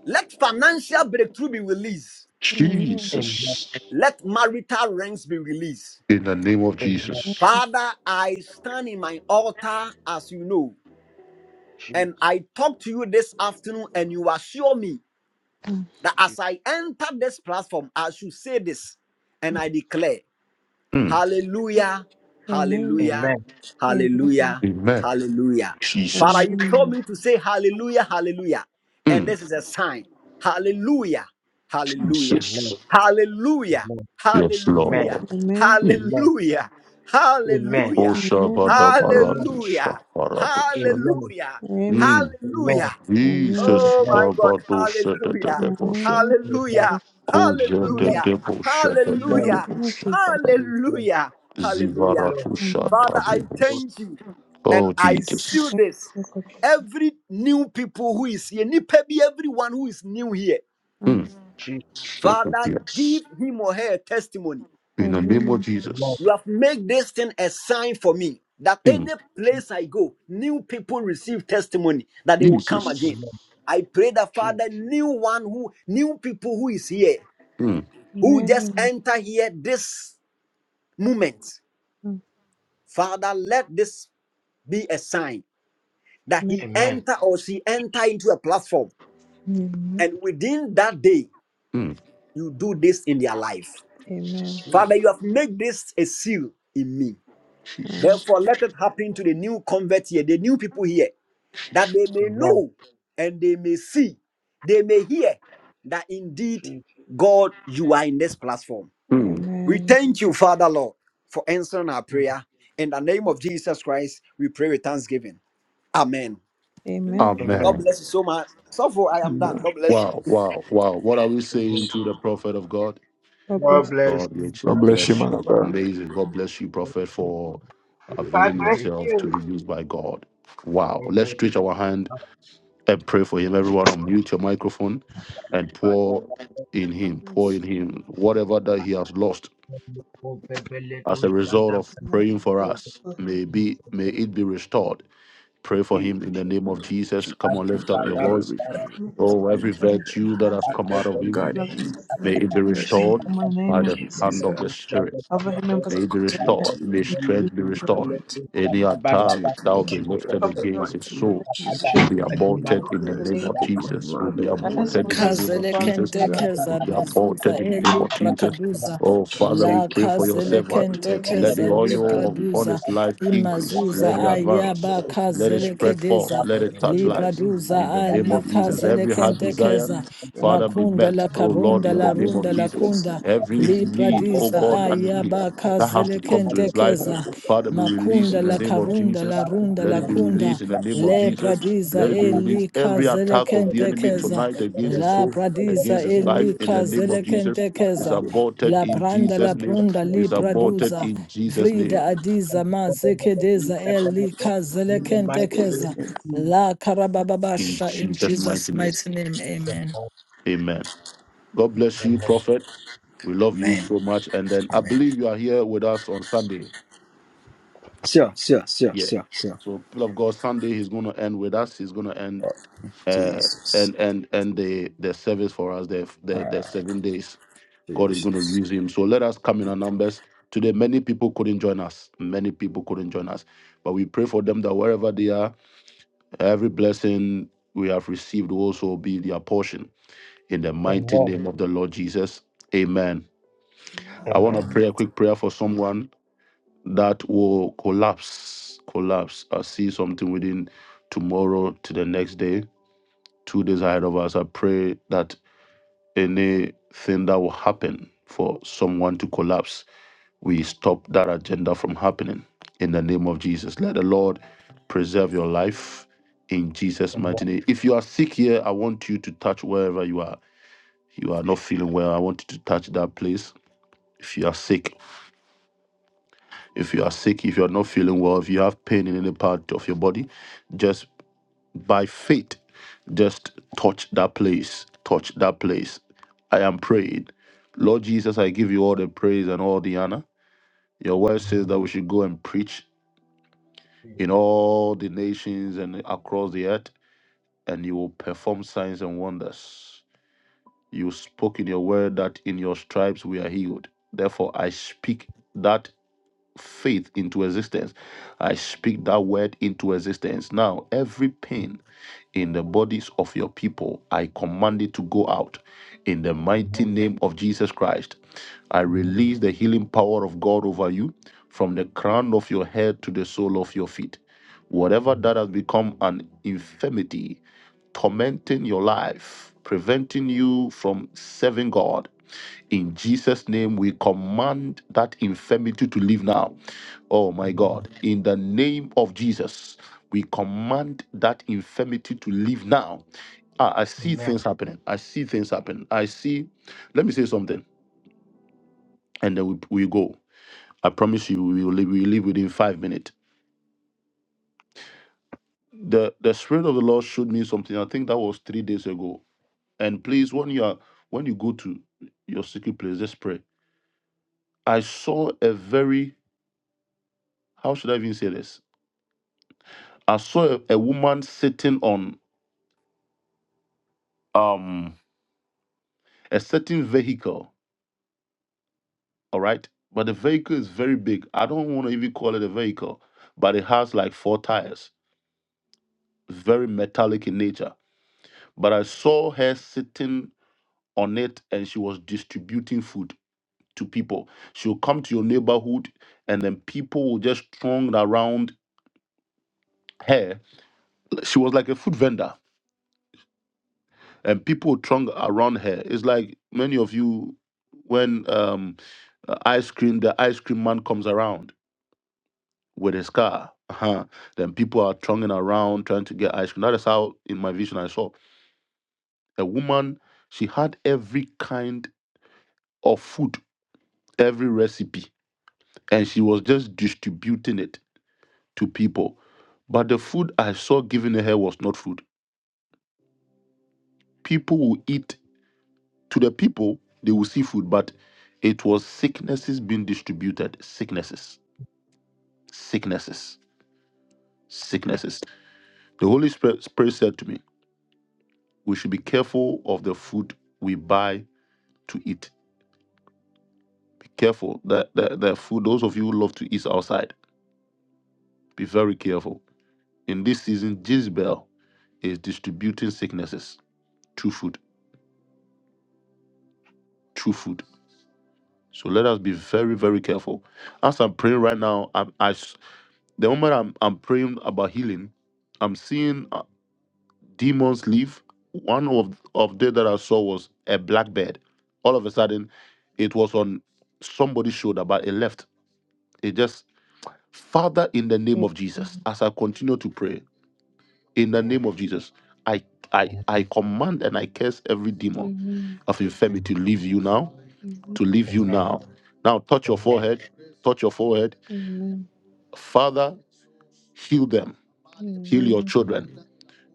[SPEAKER 7] Let financial breakthrough be released.
[SPEAKER 5] Amen.
[SPEAKER 2] Amen, Amen, Amen,
[SPEAKER 1] Jesus.
[SPEAKER 7] Let marital ranks be released.
[SPEAKER 1] In the name of Jesus.
[SPEAKER 5] Amen.
[SPEAKER 7] Father, I stand in my altar as you know,
[SPEAKER 2] Amen, Amen, true,
[SPEAKER 7] and I talk to you this afternoon, and you assure me that
[SPEAKER 2] true.
[SPEAKER 7] as I enter this platform, I should say this and I declare,
[SPEAKER 1] Mm,
[SPEAKER 7] Hallelujah,
[SPEAKER 5] Amen.
[SPEAKER 7] Hallelujah,
[SPEAKER 2] Amen.
[SPEAKER 5] Amen.
[SPEAKER 7] Hallelujah,
[SPEAKER 1] amen.
[SPEAKER 7] Hallelujah. Father,
[SPEAKER 1] Jesus.
[SPEAKER 7] you told
[SPEAKER 5] Amen.
[SPEAKER 7] me to say Hallelujah, Hallelujah. And
[SPEAKER 1] Mm,
[SPEAKER 7] this is a sign. Hallelujah, Hallelujah,
[SPEAKER 2] Amen,
[SPEAKER 1] Jesus.
[SPEAKER 7] Hallelujah,
[SPEAKER 2] Amen,
[SPEAKER 1] Yes,
[SPEAKER 2] Amen, Amen,
[SPEAKER 7] Hallelujah,
[SPEAKER 1] Lord.
[SPEAKER 5] Amen.
[SPEAKER 1] Mm.
[SPEAKER 2] Amen,
[SPEAKER 7] Hallelujah, Hallelujah,
[SPEAKER 2] Amen,
[SPEAKER 5] Amen.
[SPEAKER 2] Amen,
[SPEAKER 1] Oshabadabaradusha,
[SPEAKER 7] Hallelujah,
[SPEAKER 1] baradusha.
[SPEAKER 2] Amen, Amen,
[SPEAKER 7] Hallelujah, Hallelujah.
[SPEAKER 5] Amen.
[SPEAKER 1] Jesus
[SPEAKER 7] Oh my God.
[SPEAKER 1] Kabado Shada
[SPEAKER 7] Hallelujah.
[SPEAKER 1] Debosha
[SPEAKER 5] Amen.
[SPEAKER 7] Hallelujah.
[SPEAKER 1] Koja de
[SPEAKER 2] Amen,
[SPEAKER 7] Hallelujah.
[SPEAKER 1] Debosha de
[SPEAKER 2] Amen, Amen,
[SPEAKER 7] Hallelujah.
[SPEAKER 5] Amen.
[SPEAKER 1] Debosha
[SPEAKER 5] Jesus.
[SPEAKER 2] Amen,
[SPEAKER 7] Hallelujah.
[SPEAKER 2] Praise
[SPEAKER 7] Hallelujah.
[SPEAKER 2] Lord.
[SPEAKER 1] Zivaratu
[SPEAKER 5] Amen.
[SPEAKER 7] Father,
[SPEAKER 2] Praise
[SPEAKER 7] I
[SPEAKER 2] Lord.
[SPEAKER 1] Shatabibus.
[SPEAKER 7] thank you and
[SPEAKER 1] Oh
[SPEAKER 7] I seal
[SPEAKER 1] Jesus.
[SPEAKER 5] Thank
[SPEAKER 7] this.
[SPEAKER 5] you, Lord Jesus.
[SPEAKER 7] Every new people who is here, nipa bi, everyone who is new here,
[SPEAKER 1] Mm.
[SPEAKER 5] Amen.
[SPEAKER 2] Jesus.
[SPEAKER 1] Shada,
[SPEAKER 7] Father,
[SPEAKER 1] Yes.
[SPEAKER 7] give him or her a testimony.
[SPEAKER 1] In the name of
[SPEAKER 5] Amen.
[SPEAKER 2] Amen.
[SPEAKER 1] Jesus.
[SPEAKER 7] You have made this thing a sign for me that
[SPEAKER 1] Mm.
[SPEAKER 7] any place I go, new people receive testimony that they will come
[SPEAKER 1] Jesus.
[SPEAKER 7] again.
[SPEAKER 2] Amen.
[SPEAKER 7] I pray that
[SPEAKER 2] Jesus.
[SPEAKER 7] Father, new one who, new people who is here,
[SPEAKER 1] Mm.
[SPEAKER 7] who just
[SPEAKER 5] Amen.
[SPEAKER 7] enter here this moment. Father, let this be a sign that
[SPEAKER 5] Amen.
[SPEAKER 7] he
[SPEAKER 2] Amen.
[SPEAKER 7] enter or she enter into a platform.
[SPEAKER 5] Amen.
[SPEAKER 7] And within that day,
[SPEAKER 1] Mm.
[SPEAKER 7] you do this in their life.
[SPEAKER 5] Amen.
[SPEAKER 2] Jesus.
[SPEAKER 7] Father, you have made this a seal in me.
[SPEAKER 5] Uh,
[SPEAKER 7] Therefore, let it happen to the new convert here, the new people here. that they may
[SPEAKER 2] Amen.
[SPEAKER 7] know and they may see, they may hear that indeed,
[SPEAKER 2] Jesus.
[SPEAKER 7] God, you are in this platform.
[SPEAKER 1] Mm.
[SPEAKER 7] We
[SPEAKER 5] Amen.
[SPEAKER 7] thank you, Father Lord, for answering our prayer. In the name of Jesus Christ, we pray with thanksgiving. Amen.
[SPEAKER 4] mm.
[SPEAKER 5] Amen.
[SPEAKER 7] God
[SPEAKER 2] Amen.
[SPEAKER 1] Amen.
[SPEAKER 7] bless you so much. So far, I am
[SPEAKER 9] Amen.
[SPEAKER 7] done. God bless you.
[SPEAKER 1] Wow, wow, wow. What are we
[SPEAKER 2] Amen.
[SPEAKER 1] saying to the prophet of God?
[SPEAKER 5] God
[SPEAKER 2] God
[SPEAKER 5] bless
[SPEAKER 4] Lord
[SPEAKER 2] bless
[SPEAKER 1] God
[SPEAKER 2] you.
[SPEAKER 4] Jesus,
[SPEAKER 1] richly
[SPEAKER 9] God bless you,
[SPEAKER 1] bless
[SPEAKER 9] man
[SPEAKER 1] you.
[SPEAKER 9] of God.
[SPEAKER 1] Amazing. God bless you, Prophet, for
[SPEAKER 10] God
[SPEAKER 1] availing
[SPEAKER 2] To
[SPEAKER 10] bless
[SPEAKER 2] great.
[SPEAKER 1] yourself to be used by God. Wow.
[SPEAKER 2] God
[SPEAKER 1] Let's
[SPEAKER 2] bless. you.
[SPEAKER 1] stretch our hand and pray for him. Everyone, unmute your microphone and
[SPEAKER 2] Father,
[SPEAKER 1] pour
[SPEAKER 2] Father,
[SPEAKER 1] in him. Pour in him. Whatever that he has lost
[SPEAKER 2] oh, Bebele,
[SPEAKER 1] as a
[SPEAKER 2] those that you go be bele to
[SPEAKER 1] result of praying
[SPEAKER 2] jada be
[SPEAKER 1] for
[SPEAKER 2] go
[SPEAKER 1] us,
[SPEAKER 5] you.
[SPEAKER 1] may,
[SPEAKER 2] be to
[SPEAKER 1] be,
[SPEAKER 2] so
[SPEAKER 1] may it be restored. Pray for
[SPEAKER 2] deep.
[SPEAKER 1] him in the name of Jesus. Come on,
[SPEAKER 2] Adi
[SPEAKER 1] lift up
[SPEAKER 9] Father
[SPEAKER 1] your
[SPEAKER 2] bada
[SPEAKER 9] God,
[SPEAKER 1] voice.
[SPEAKER 9] we
[SPEAKER 2] bara to
[SPEAKER 5] Commit this
[SPEAKER 2] so
[SPEAKER 1] Oh,
[SPEAKER 9] thank
[SPEAKER 2] bele
[SPEAKER 5] man
[SPEAKER 1] every
[SPEAKER 5] God into your
[SPEAKER 1] virtue that
[SPEAKER 5] hands.
[SPEAKER 1] has come
[SPEAKER 2] go
[SPEAKER 1] out
[SPEAKER 5] Give
[SPEAKER 1] of
[SPEAKER 5] him
[SPEAKER 2] be
[SPEAKER 5] your
[SPEAKER 1] him,
[SPEAKER 9] God
[SPEAKER 2] bele
[SPEAKER 5] blood
[SPEAKER 2] to
[SPEAKER 9] him,
[SPEAKER 5] protect him,
[SPEAKER 1] may
[SPEAKER 9] God
[SPEAKER 5] deliver
[SPEAKER 1] it be
[SPEAKER 5] him and
[SPEAKER 9] bless
[SPEAKER 5] shield him
[SPEAKER 1] restored
[SPEAKER 9] him,
[SPEAKER 5] from all in the
[SPEAKER 2] adi
[SPEAKER 1] by
[SPEAKER 5] name
[SPEAKER 2] be
[SPEAKER 5] of
[SPEAKER 9] make
[SPEAKER 1] the
[SPEAKER 9] him
[SPEAKER 5] Jesus.
[SPEAKER 2] bele
[SPEAKER 1] hand
[SPEAKER 5] So
[SPEAKER 1] of the
[SPEAKER 2] to
[SPEAKER 9] bigger.
[SPEAKER 1] Spirit.
[SPEAKER 2] jada
[SPEAKER 5] cover
[SPEAKER 2] bele
[SPEAKER 5] him and
[SPEAKER 2] go.
[SPEAKER 1] May
[SPEAKER 5] protect
[SPEAKER 9] God,
[SPEAKER 1] it be
[SPEAKER 5] him,
[SPEAKER 9] continue
[SPEAKER 1] restored.
[SPEAKER 2] Rako
[SPEAKER 9] to
[SPEAKER 1] May
[SPEAKER 2] be
[SPEAKER 1] his
[SPEAKER 5] deliver him and shield him
[SPEAKER 2] bele
[SPEAKER 1] strength be
[SPEAKER 2] to
[SPEAKER 5] from all evil.
[SPEAKER 1] restored.
[SPEAKER 2] bele
[SPEAKER 9] anoint
[SPEAKER 2] to
[SPEAKER 1] Any
[SPEAKER 9] him,
[SPEAKER 2] jada bada
[SPEAKER 9] continue
[SPEAKER 2] ba.
[SPEAKER 1] attacks
[SPEAKER 9] to
[SPEAKER 1] that will
[SPEAKER 9] make
[SPEAKER 1] be
[SPEAKER 9] him bigger
[SPEAKER 2] Rako
[SPEAKER 1] lifted
[SPEAKER 9] in
[SPEAKER 5] Cover
[SPEAKER 2] be
[SPEAKER 9] the
[SPEAKER 5] him and
[SPEAKER 1] against
[SPEAKER 2] bele
[SPEAKER 1] his
[SPEAKER 9] mighty
[SPEAKER 2] to
[SPEAKER 5] protect him,
[SPEAKER 9] name
[SPEAKER 1] soul
[SPEAKER 5] deliver
[SPEAKER 9] of
[SPEAKER 5] him
[SPEAKER 2] jada
[SPEAKER 5] and
[SPEAKER 9] Jesus.
[SPEAKER 2] bada.
[SPEAKER 9] We
[SPEAKER 1] will
[SPEAKER 5] shield him
[SPEAKER 1] be
[SPEAKER 9] put him
[SPEAKER 2] Adi
[SPEAKER 9] in
[SPEAKER 5] from
[SPEAKER 1] aborted
[SPEAKER 5] all
[SPEAKER 2] bada
[SPEAKER 9] your
[SPEAKER 1] in
[SPEAKER 5] evil
[SPEAKER 1] the
[SPEAKER 5] in
[SPEAKER 9] hands,
[SPEAKER 5] the
[SPEAKER 1] name
[SPEAKER 5] name.
[SPEAKER 1] of
[SPEAKER 9] we put
[SPEAKER 1] Jesus.
[SPEAKER 9] him
[SPEAKER 1] Will
[SPEAKER 9] under
[SPEAKER 1] be
[SPEAKER 9] your
[SPEAKER 2] Thank
[SPEAKER 5] That is
[SPEAKER 9] wing.
[SPEAKER 1] aborted
[SPEAKER 5] all
[SPEAKER 1] in the name
[SPEAKER 5] merciful
[SPEAKER 1] of
[SPEAKER 6] Kazele
[SPEAKER 5] Father
[SPEAKER 1] Jesus.
[SPEAKER 6] kente
[SPEAKER 5] we
[SPEAKER 9] God,
[SPEAKER 5] have
[SPEAKER 9] God,
[SPEAKER 1] Will
[SPEAKER 6] keza
[SPEAKER 1] be
[SPEAKER 9] him, make him bigger.
[SPEAKER 6] mazuza
[SPEAKER 1] aborted in the name
[SPEAKER 6] eli
[SPEAKER 1] of
[SPEAKER 9] In the
[SPEAKER 1] Jesus.
[SPEAKER 9] mighty
[SPEAKER 6] prakaduza
[SPEAKER 9] name
[SPEAKER 1] Oh,
[SPEAKER 9] of
[SPEAKER 1] Father,
[SPEAKER 9] Jesus,
[SPEAKER 1] we
[SPEAKER 6] la
[SPEAKER 9] make
[SPEAKER 1] pray
[SPEAKER 9] him
[SPEAKER 1] for your
[SPEAKER 9] bigger.
[SPEAKER 6] kazele
[SPEAKER 1] servant.
[SPEAKER 5] in the name
[SPEAKER 6] kente
[SPEAKER 5] of the
[SPEAKER 9] Protect
[SPEAKER 5] Lord.
[SPEAKER 1] Let
[SPEAKER 9] him
[SPEAKER 1] the
[SPEAKER 6] keza
[SPEAKER 9] and his
[SPEAKER 6] li
[SPEAKER 1] oil
[SPEAKER 9] family.
[SPEAKER 1] upon
[SPEAKER 6] praduza
[SPEAKER 1] his life
[SPEAKER 9] Protect
[SPEAKER 1] increase.
[SPEAKER 6] imazuza
[SPEAKER 1] Let it
[SPEAKER 5] Amen.
[SPEAKER 9] him
[SPEAKER 1] advance.
[SPEAKER 6] ayaba
[SPEAKER 1] Let it
[SPEAKER 6] kazele
[SPEAKER 1] spread
[SPEAKER 9] and
[SPEAKER 1] forth.
[SPEAKER 6] kedeza
[SPEAKER 1] Let it touch
[SPEAKER 6] li
[SPEAKER 9] his
[SPEAKER 1] lives.
[SPEAKER 9] family.
[SPEAKER 6] praduza
[SPEAKER 1] In the name
[SPEAKER 6] ali
[SPEAKER 1] of Jesus.
[SPEAKER 9] We
[SPEAKER 6] kazele
[SPEAKER 1] Every heart
[SPEAKER 6] kente
[SPEAKER 9] thank you very
[SPEAKER 1] desire,
[SPEAKER 6] keza
[SPEAKER 9] much.
[SPEAKER 1] Father, be
[SPEAKER 6] makunda
[SPEAKER 1] met,
[SPEAKER 6] la
[SPEAKER 1] oh Lord,
[SPEAKER 9] And
[SPEAKER 6] karunda
[SPEAKER 1] in the
[SPEAKER 6] la
[SPEAKER 9] God, we
[SPEAKER 1] name of
[SPEAKER 6] runda
[SPEAKER 9] we
[SPEAKER 6] la
[SPEAKER 1] Jesus
[SPEAKER 9] bless
[SPEAKER 6] kunda
[SPEAKER 9] you.
[SPEAKER 1] every
[SPEAKER 9] Thank
[SPEAKER 6] li
[SPEAKER 9] you in the
[SPEAKER 1] need,
[SPEAKER 9] mighty
[SPEAKER 1] oh
[SPEAKER 9] name
[SPEAKER 6] pradiza
[SPEAKER 9] of
[SPEAKER 1] God, that
[SPEAKER 6] ayaba
[SPEAKER 1] that has
[SPEAKER 9] Jesus.
[SPEAKER 1] to
[SPEAKER 9] In
[SPEAKER 6] kazele
[SPEAKER 1] come to
[SPEAKER 6] kente
[SPEAKER 1] his life.
[SPEAKER 6] keza
[SPEAKER 9] the mighty name
[SPEAKER 1] Father,
[SPEAKER 9] of
[SPEAKER 1] be
[SPEAKER 9] Jesus.
[SPEAKER 1] released
[SPEAKER 6] makunda
[SPEAKER 1] in the
[SPEAKER 6] la
[SPEAKER 1] name of
[SPEAKER 6] karunda la
[SPEAKER 1] Jesus.
[SPEAKER 6] runda
[SPEAKER 1] Let
[SPEAKER 6] la
[SPEAKER 1] it be
[SPEAKER 6] kunda
[SPEAKER 1] released in the name of
[SPEAKER 6] le
[SPEAKER 1] Jesus.
[SPEAKER 6] pradiza
[SPEAKER 1] Let it be
[SPEAKER 6] eli
[SPEAKER 1] released. Every
[SPEAKER 6] kazele
[SPEAKER 1] attack of the
[SPEAKER 6] kente
[SPEAKER 1] enemy
[SPEAKER 6] keza
[SPEAKER 1] tonight against his
[SPEAKER 6] La
[SPEAKER 1] soul,
[SPEAKER 6] pradisa
[SPEAKER 1] against his life, in the
[SPEAKER 6] elika
[SPEAKER 1] name of Jesus,
[SPEAKER 9] We come
[SPEAKER 1] is
[SPEAKER 6] zelekentekeza.
[SPEAKER 9] again.
[SPEAKER 1] aborted
[SPEAKER 6] La
[SPEAKER 1] in
[SPEAKER 6] pranda
[SPEAKER 1] Jesus'
[SPEAKER 6] la
[SPEAKER 1] name.
[SPEAKER 6] prunda li
[SPEAKER 1] It's
[SPEAKER 2] you.
[SPEAKER 1] aborted
[SPEAKER 6] praduza.
[SPEAKER 1] in Jesus' name.
[SPEAKER 6] Vrida adiza ma
[SPEAKER 2] In
[SPEAKER 6] zekedeza elika
[SPEAKER 2] the mighty name
[SPEAKER 6] zelekentekeza.
[SPEAKER 2] of Jesus.
[SPEAKER 6] La
[SPEAKER 1] In
[SPEAKER 6] karabababasha in
[SPEAKER 1] Jesus'
[SPEAKER 6] Jesus'
[SPEAKER 1] name.
[SPEAKER 6] mighty name. Amen.
[SPEAKER 1] Amen. God bless you,
[SPEAKER 2] Amen.
[SPEAKER 1] prophet. We love you so much. And then I believe you are here with us on Sunday. Yeah. So, people of God, Sunday he's going to end with us. He's going to end the service for us there. in days. Let us couldn't join us. couldn't join us. But we pray for
[SPEAKER 2] Amen.
[SPEAKER 4] Mm.
[SPEAKER 2] Amen.
[SPEAKER 1] collapse. Collapse. I see something within tomorrow to the next day, two days ahead of us. I pray that anything that will happen for one to collapse, we stop that agenda from happening of Jesus. Praise in
[SPEAKER 2] Amen.
[SPEAKER 1] mighty
[SPEAKER 2] Amen.
[SPEAKER 1] name. If you are sick here, I want you to touch wherever you are. You are not feeling well. I want you to touch that place. If you are sick, if you are sick, if you are not feeling well, if you have pain in any part of your body, just by faith Just touch that place. Touch that place. I am praying. Lord Jesus, I give you all the praise and all the honor. Your word says
[SPEAKER 2] Amen.
[SPEAKER 1] that we should go and preach in all the nations and across the earth, and you will perform signs and wonders. You spoke in your word that in your stripes we are healed. Therefore, I speak that faith into existence. I speak that word into existence. Now, every pain in the bodies of your people. I command it to go out in the mighty name of Jesus Christ. I release the healing power of God over you from the crown of your head to the sole of your feet. Whatever that has become an infirmity, tormenting your life, preventing you from serving God, in Jesus' name we command that infirmity to leave now Oh
[SPEAKER 2] Amen.
[SPEAKER 1] my God,
[SPEAKER 2] Amen. Amen.
[SPEAKER 1] in the name of Jesus, we command that infirmity to leave now. Ah, I see
[SPEAKER 2] Amen.
[SPEAKER 1] things happening. I see things happen. I see. Let me say something, and then we, we go. I promise you, we will leave, we will leave within five minutes. The the spirit of the Lord showed me something. I think that was three days ago. And please, when you are when you go to your secret place, just pray. I saw a very how should I even say this? I saw a, a woman sitting on um a certain vehicle All right. But the vehicle is very big. I don't want to even call it a vehicle, but it has like four tires, very metallic in nature. But I saw her sitting on it and she was distributing food to people. She'll come to your neighborhood and then people will just throng around her. She was like a food vendor and people would throng around her. It's like many of you when um ice cream the ice cream man comes around with his car. Uh-huh. Then people are thronging around trying to get ice cream. That is how, in my vision, I saw a woman. She had every kind of food, every recipe, and she was just distributing it to people. But the food I saw given to her was not food. People will eat to the people; they will see food, but it was sicknesses being distributed. Sicknesses, sicknesses, sicknesses. The Holy Spirit Spirit said to me, "We should be careful of the food we buy to eat. Be careful. that the, the food, those of you who love to eat outside, be very careful. In this season, Jezebel is distributing sicknesses through food, through food. So let us be very, very careful. As I'm praying right now, I'm, I, s- the moment I'm, I'm praying about healing, I'm seeing uh, demons leave. One of, of them that I saw was a black bed. All of a sudden, it was on somebody's shoulder, but it left. It just Father, in the name of Jesus, as I continue to pray, in the name of Jesus. I I I command and I curse every demon
[SPEAKER 5] Amen.
[SPEAKER 1] of infirmity to leave you now,
[SPEAKER 5] Amen.
[SPEAKER 1] to
[SPEAKER 2] Amen.
[SPEAKER 1] leave you
[SPEAKER 2] Amen. Amen.
[SPEAKER 1] now. Now touch your forehead, touch your forehead.
[SPEAKER 5] Amen.
[SPEAKER 1] Father, heal them, heal your children.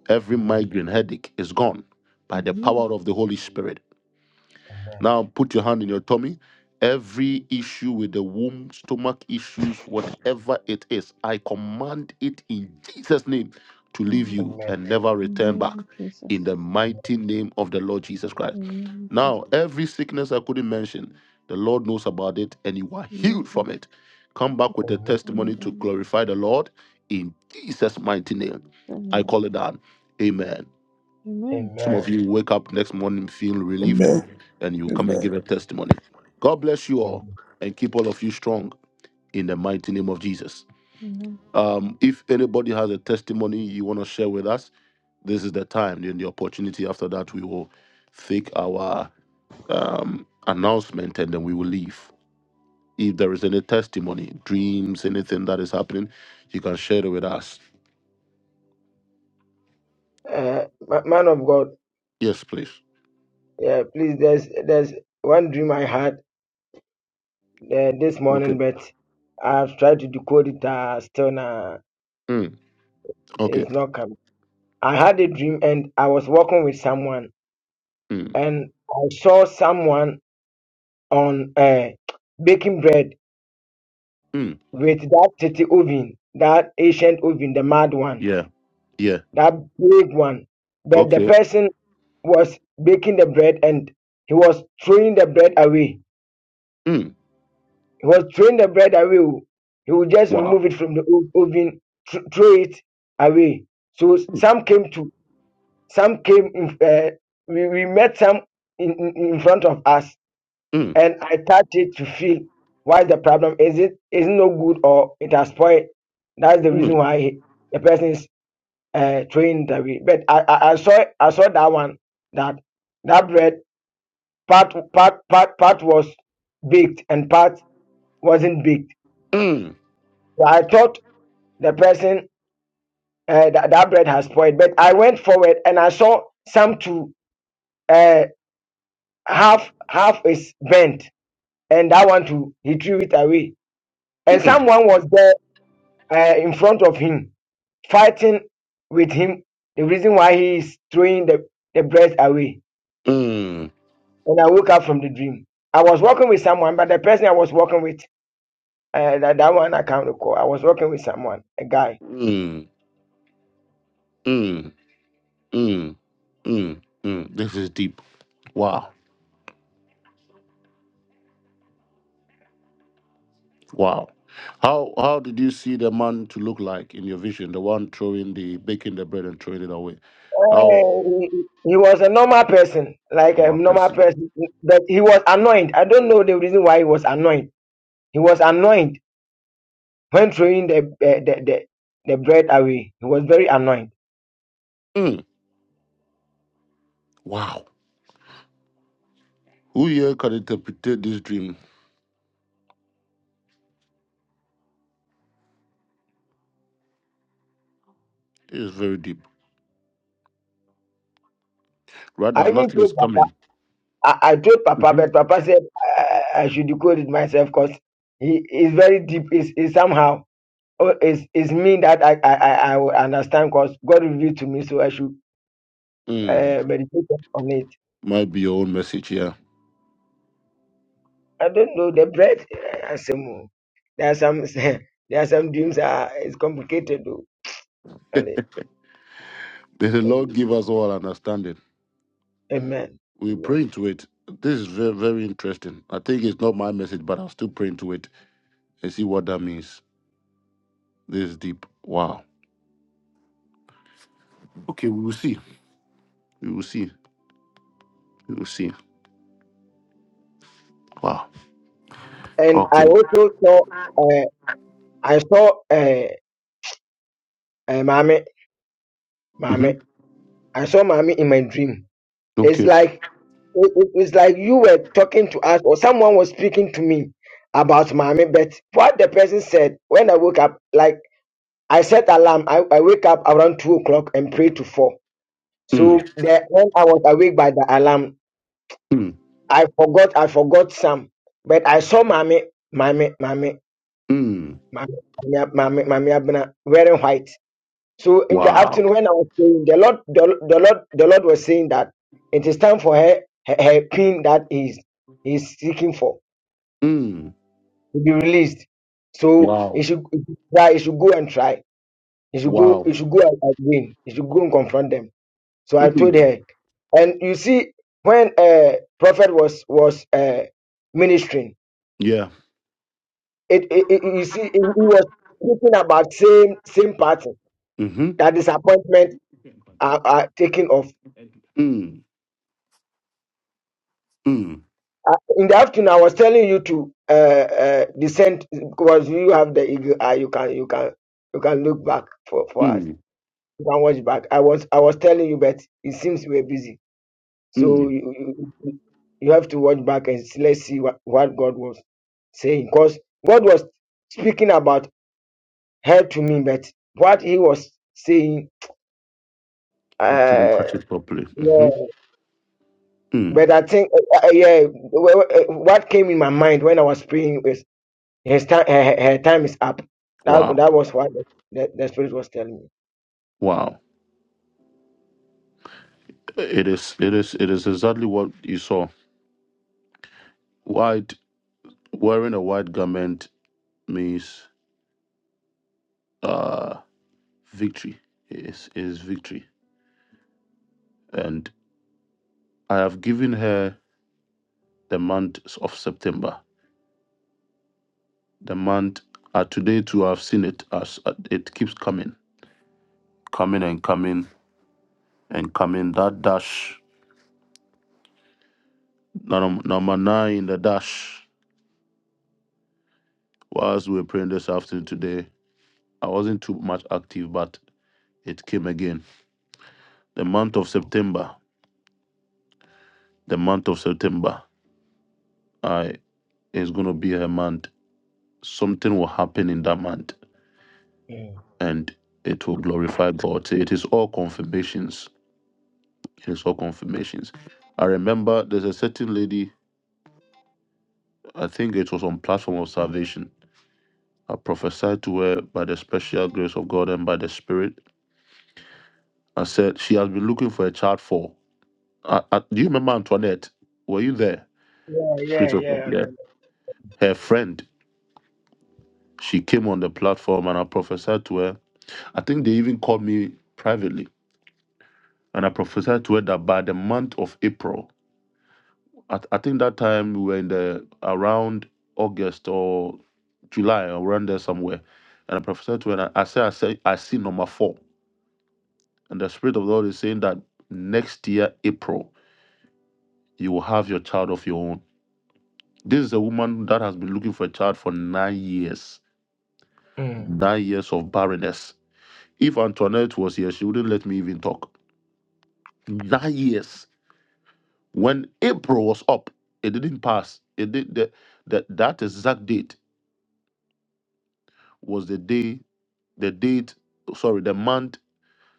[SPEAKER 1] Every migraine headache is gone by the power
[SPEAKER 5] In
[SPEAKER 1] of the Holy Spirit Now put your hand in your tummy. Every issue with the womb, stomach issues, whatever it is, I command it in Jesus' name to
[SPEAKER 5] the
[SPEAKER 1] leave you
[SPEAKER 2] Amen.
[SPEAKER 1] and never return
[SPEAKER 5] name
[SPEAKER 1] back
[SPEAKER 5] of
[SPEAKER 1] in
[SPEAKER 5] Jesus.
[SPEAKER 1] the mighty name of the Lord Jesus Christ.
[SPEAKER 5] Amen. Amen.
[SPEAKER 1] Now, every sickness I couldn't mention, the Lord knows about it and you are
[SPEAKER 5] In the name
[SPEAKER 1] healed
[SPEAKER 5] of
[SPEAKER 1] from
[SPEAKER 5] Jesus.
[SPEAKER 1] it. Come back with a
[SPEAKER 2] Amen.
[SPEAKER 5] In the name of Jesus. In the name
[SPEAKER 1] testimony to
[SPEAKER 5] of Jesus.
[SPEAKER 1] glorify the Lord in Jesus' mighty name.
[SPEAKER 5] In the name
[SPEAKER 1] I
[SPEAKER 5] of
[SPEAKER 1] call
[SPEAKER 5] Jesus.
[SPEAKER 1] it down. Amen.
[SPEAKER 5] Amen.
[SPEAKER 1] Some
[SPEAKER 2] Amen.
[SPEAKER 1] of you wake up next morning feeling relieved
[SPEAKER 9] Amen.
[SPEAKER 1] and you come and
[SPEAKER 9] Amen.
[SPEAKER 1] give a testimony. God bless you all
[SPEAKER 2] Amen.
[SPEAKER 1] and keep all of you strong in the mighty name of Jesus.
[SPEAKER 5] Amen.
[SPEAKER 1] Um, if anybody has a testimony you want to share with us, this is the time and the opportunity. After that, we will take our um, announcement and then we will leave. If there is any testimony, dreams, anything that is happening, you can share it with us.
[SPEAKER 2] Uh, ma- man of God,
[SPEAKER 1] Yes, please.
[SPEAKER 2] yeah, please. There's there's one dream I had uh, this morning, but I've tried to decode it. Uh, still, nah,
[SPEAKER 1] Mm, okay.
[SPEAKER 2] it's not coming. I had a dream and I was walking with someone
[SPEAKER 1] Mm,
[SPEAKER 2] and I saw someone on uh, baking bread
[SPEAKER 1] mm,
[SPEAKER 2] with that city oven, that ancient oven, the mad one,
[SPEAKER 1] yeah. Yeah.
[SPEAKER 2] that big one. But the
[SPEAKER 1] Okay.
[SPEAKER 2] person was baking the bread and he was throwing the bread away. He was throwing the bread away. oh. He would just
[SPEAKER 1] Wow.
[SPEAKER 2] remove it from the o- oven, th- throw it away. So some came to, some came, in, uh, we, we met some in, in in front of us
[SPEAKER 1] Mm,
[SPEAKER 2] and I touch it to feel why the problem is it is no good or it has spoiled. That's the reason
[SPEAKER 1] mm,
[SPEAKER 2] why he- the person is uh, trained that way. But I, I, I saw I saw that one that that bread part part part part was baked and part wasn't baked. So I thought the person uh, that that bread has spoiled. But I went forward and I saw some to uh, half half is bent and that one too he threw it away. And someone was there uh, in front of him, fighting with him. The reason why he is throwing the, the bread away. And I woke up from the dream. I was working with someone, but the person I was working with, uh, that, that one I can't recall. I was working with someone, a guy.
[SPEAKER 1] mm. Mm, mm, mm. This, wow. How how did you the man to look like in your vision? The one throwing the baking the bread and throwing it away.
[SPEAKER 2] Uh,
[SPEAKER 1] How?
[SPEAKER 2] he, he was a normal person, like a normal person, but he was annoyed. I don't know the reason why he was annoyed. He was annoyed when throwing the uh, the, the the bread away. He was very annoyed.
[SPEAKER 1] Mm, wow. Who here can interpret this dream? It is very deep. Right now,
[SPEAKER 2] I even
[SPEAKER 1] nothing is
[SPEAKER 2] told
[SPEAKER 1] coming.
[SPEAKER 2] I, I told Papa, but Papa said I, I should decode it myself because he is very deep. Is is somehow oh, is is mean that I I I, I will understand because God revealed to me, so I should
[SPEAKER 1] Mm,
[SPEAKER 2] uh, meditate on it.
[SPEAKER 1] might be your own message here.
[SPEAKER 2] I don't know the bread. eh, Some oh, there are some there are some dreams are it's complicated though. Really.
[SPEAKER 1] May the Lord
[SPEAKER 2] Um,
[SPEAKER 1] give us all understanding.
[SPEAKER 2] Amen.
[SPEAKER 1] We
[SPEAKER 2] Amen.
[SPEAKER 1] pray into it. This is very very interesting. I think it's not my message, but I'll still pray into it and see what that means. This is deep. Wow. Okay, we will see. We will see. We will see.
[SPEAKER 2] And I
[SPEAKER 1] Okay.
[SPEAKER 2] also saw uh, I saw uh, uh, mommy
[SPEAKER 1] hmm
[SPEAKER 2] mommy I saw mommy in my dream. It's
[SPEAKER 1] Okay.
[SPEAKER 2] like it- it- it's like you were talking to us or someone was speaking to me about mommy but what the person said when i woke up like i set alarm i, I wake up around two o'clock and pray to four
[SPEAKER 1] Mm.
[SPEAKER 2] so the, when i was awake by the alarm
[SPEAKER 1] Mm,
[SPEAKER 2] i forgot i forgot some but i saw mommy mommy mommy
[SPEAKER 1] mm,
[SPEAKER 2] mommy mommy mommy mommy Abena wearing white so in the
[SPEAKER 1] wow.
[SPEAKER 2] afternoon when i was praying the lord the, the lord the lord was saying that it is time for her her, her pin that is he's seeking for
[SPEAKER 1] Mm,
[SPEAKER 2] will be released. So
[SPEAKER 1] wow.
[SPEAKER 2] he should, he should try, he should go and try. He should go,
[SPEAKER 1] Wow.
[SPEAKER 2] he should go and and win. He should go and confront them. So I told
[SPEAKER 1] Mm,
[SPEAKER 2] her. And you see, when uh, Prophet was was uh, ministering,
[SPEAKER 1] yeah.
[SPEAKER 2] it, it, it- you see, he was speaking about same same pattern
[SPEAKER 1] Mm-hmm.
[SPEAKER 2] that disappointment are, are taking off.
[SPEAKER 1] Mm, mm,
[SPEAKER 2] Uh, In the afternoon, I was telling you to uh, uh, descend because you have the eagle eye. You can you can you can look back for for us.
[SPEAKER 1] mm,
[SPEAKER 2] you can watch back. I was I was telling you, but it seems we were busy. So
[SPEAKER 1] mm.
[SPEAKER 2] you, you, you you have to watch back and s- let's see what, what God was saying. Because God was speaking about her to me, but what he was saying,
[SPEAKER 1] You couldn't
[SPEAKER 2] uh,
[SPEAKER 1] catch it properly.
[SPEAKER 2] yeah.
[SPEAKER 1] Mm-hmm. Mm,
[SPEAKER 2] But I think, uh, uh, yeah, wh- wh- uh, what came in my mind when I was praying was his time, her, her her time is up. That
[SPEAKER 1] wow.
[SPEAKER 2] that was what the, the, the Spirit was telling me.
[SPEAKER 1] Wow. It is it is it is exactly what you saw. White wearing a white garment means uh victory. Is is victory. And I have given her the month of September. The month uh, today too I've seen it as uh, it keeps coming, coming and coming and coming that dash num- number nine in the dash whilst we were praying this afternoon today i wasn't too much active but it came again the month of september the month of september i is going to be a month something will happen in that month
[SPEAKER 2] Mm.
[SPEAKER 1] and it will glorify god So it is all confirmations it is all confirmations i remember there's a certain lady i think it was on platform of salvation i prophesied to her by the special grace of god and by the spirit I said she has been looking for a child for. I, I, do you remember Antoinette? Were you there?
[SPEAKER 2] Yeah, yeah, yeah. and-
[SPEAKER 1] Her friend. She came on the platform and I prophesied to her. I think they even called me privately. And I prophesied to her that by the month of April, I, I think that time we were in the around August or July, around there somewhere. And I prophesied to her, and I, I said, I said, I see number four. And the Spirit of the Lord is saying that next year, April, you will have your child of your own. This is a woman that has been looking for a child for nine years,
[SPEAKER 2] Mm.
[SPEAKER 1] nine years of barrenness. If Antoinette was here, she wouldn't let me even talk. Nine years. When April was up, it didn't pass. It did the, the, that exact date was the day, the date, sorry, the month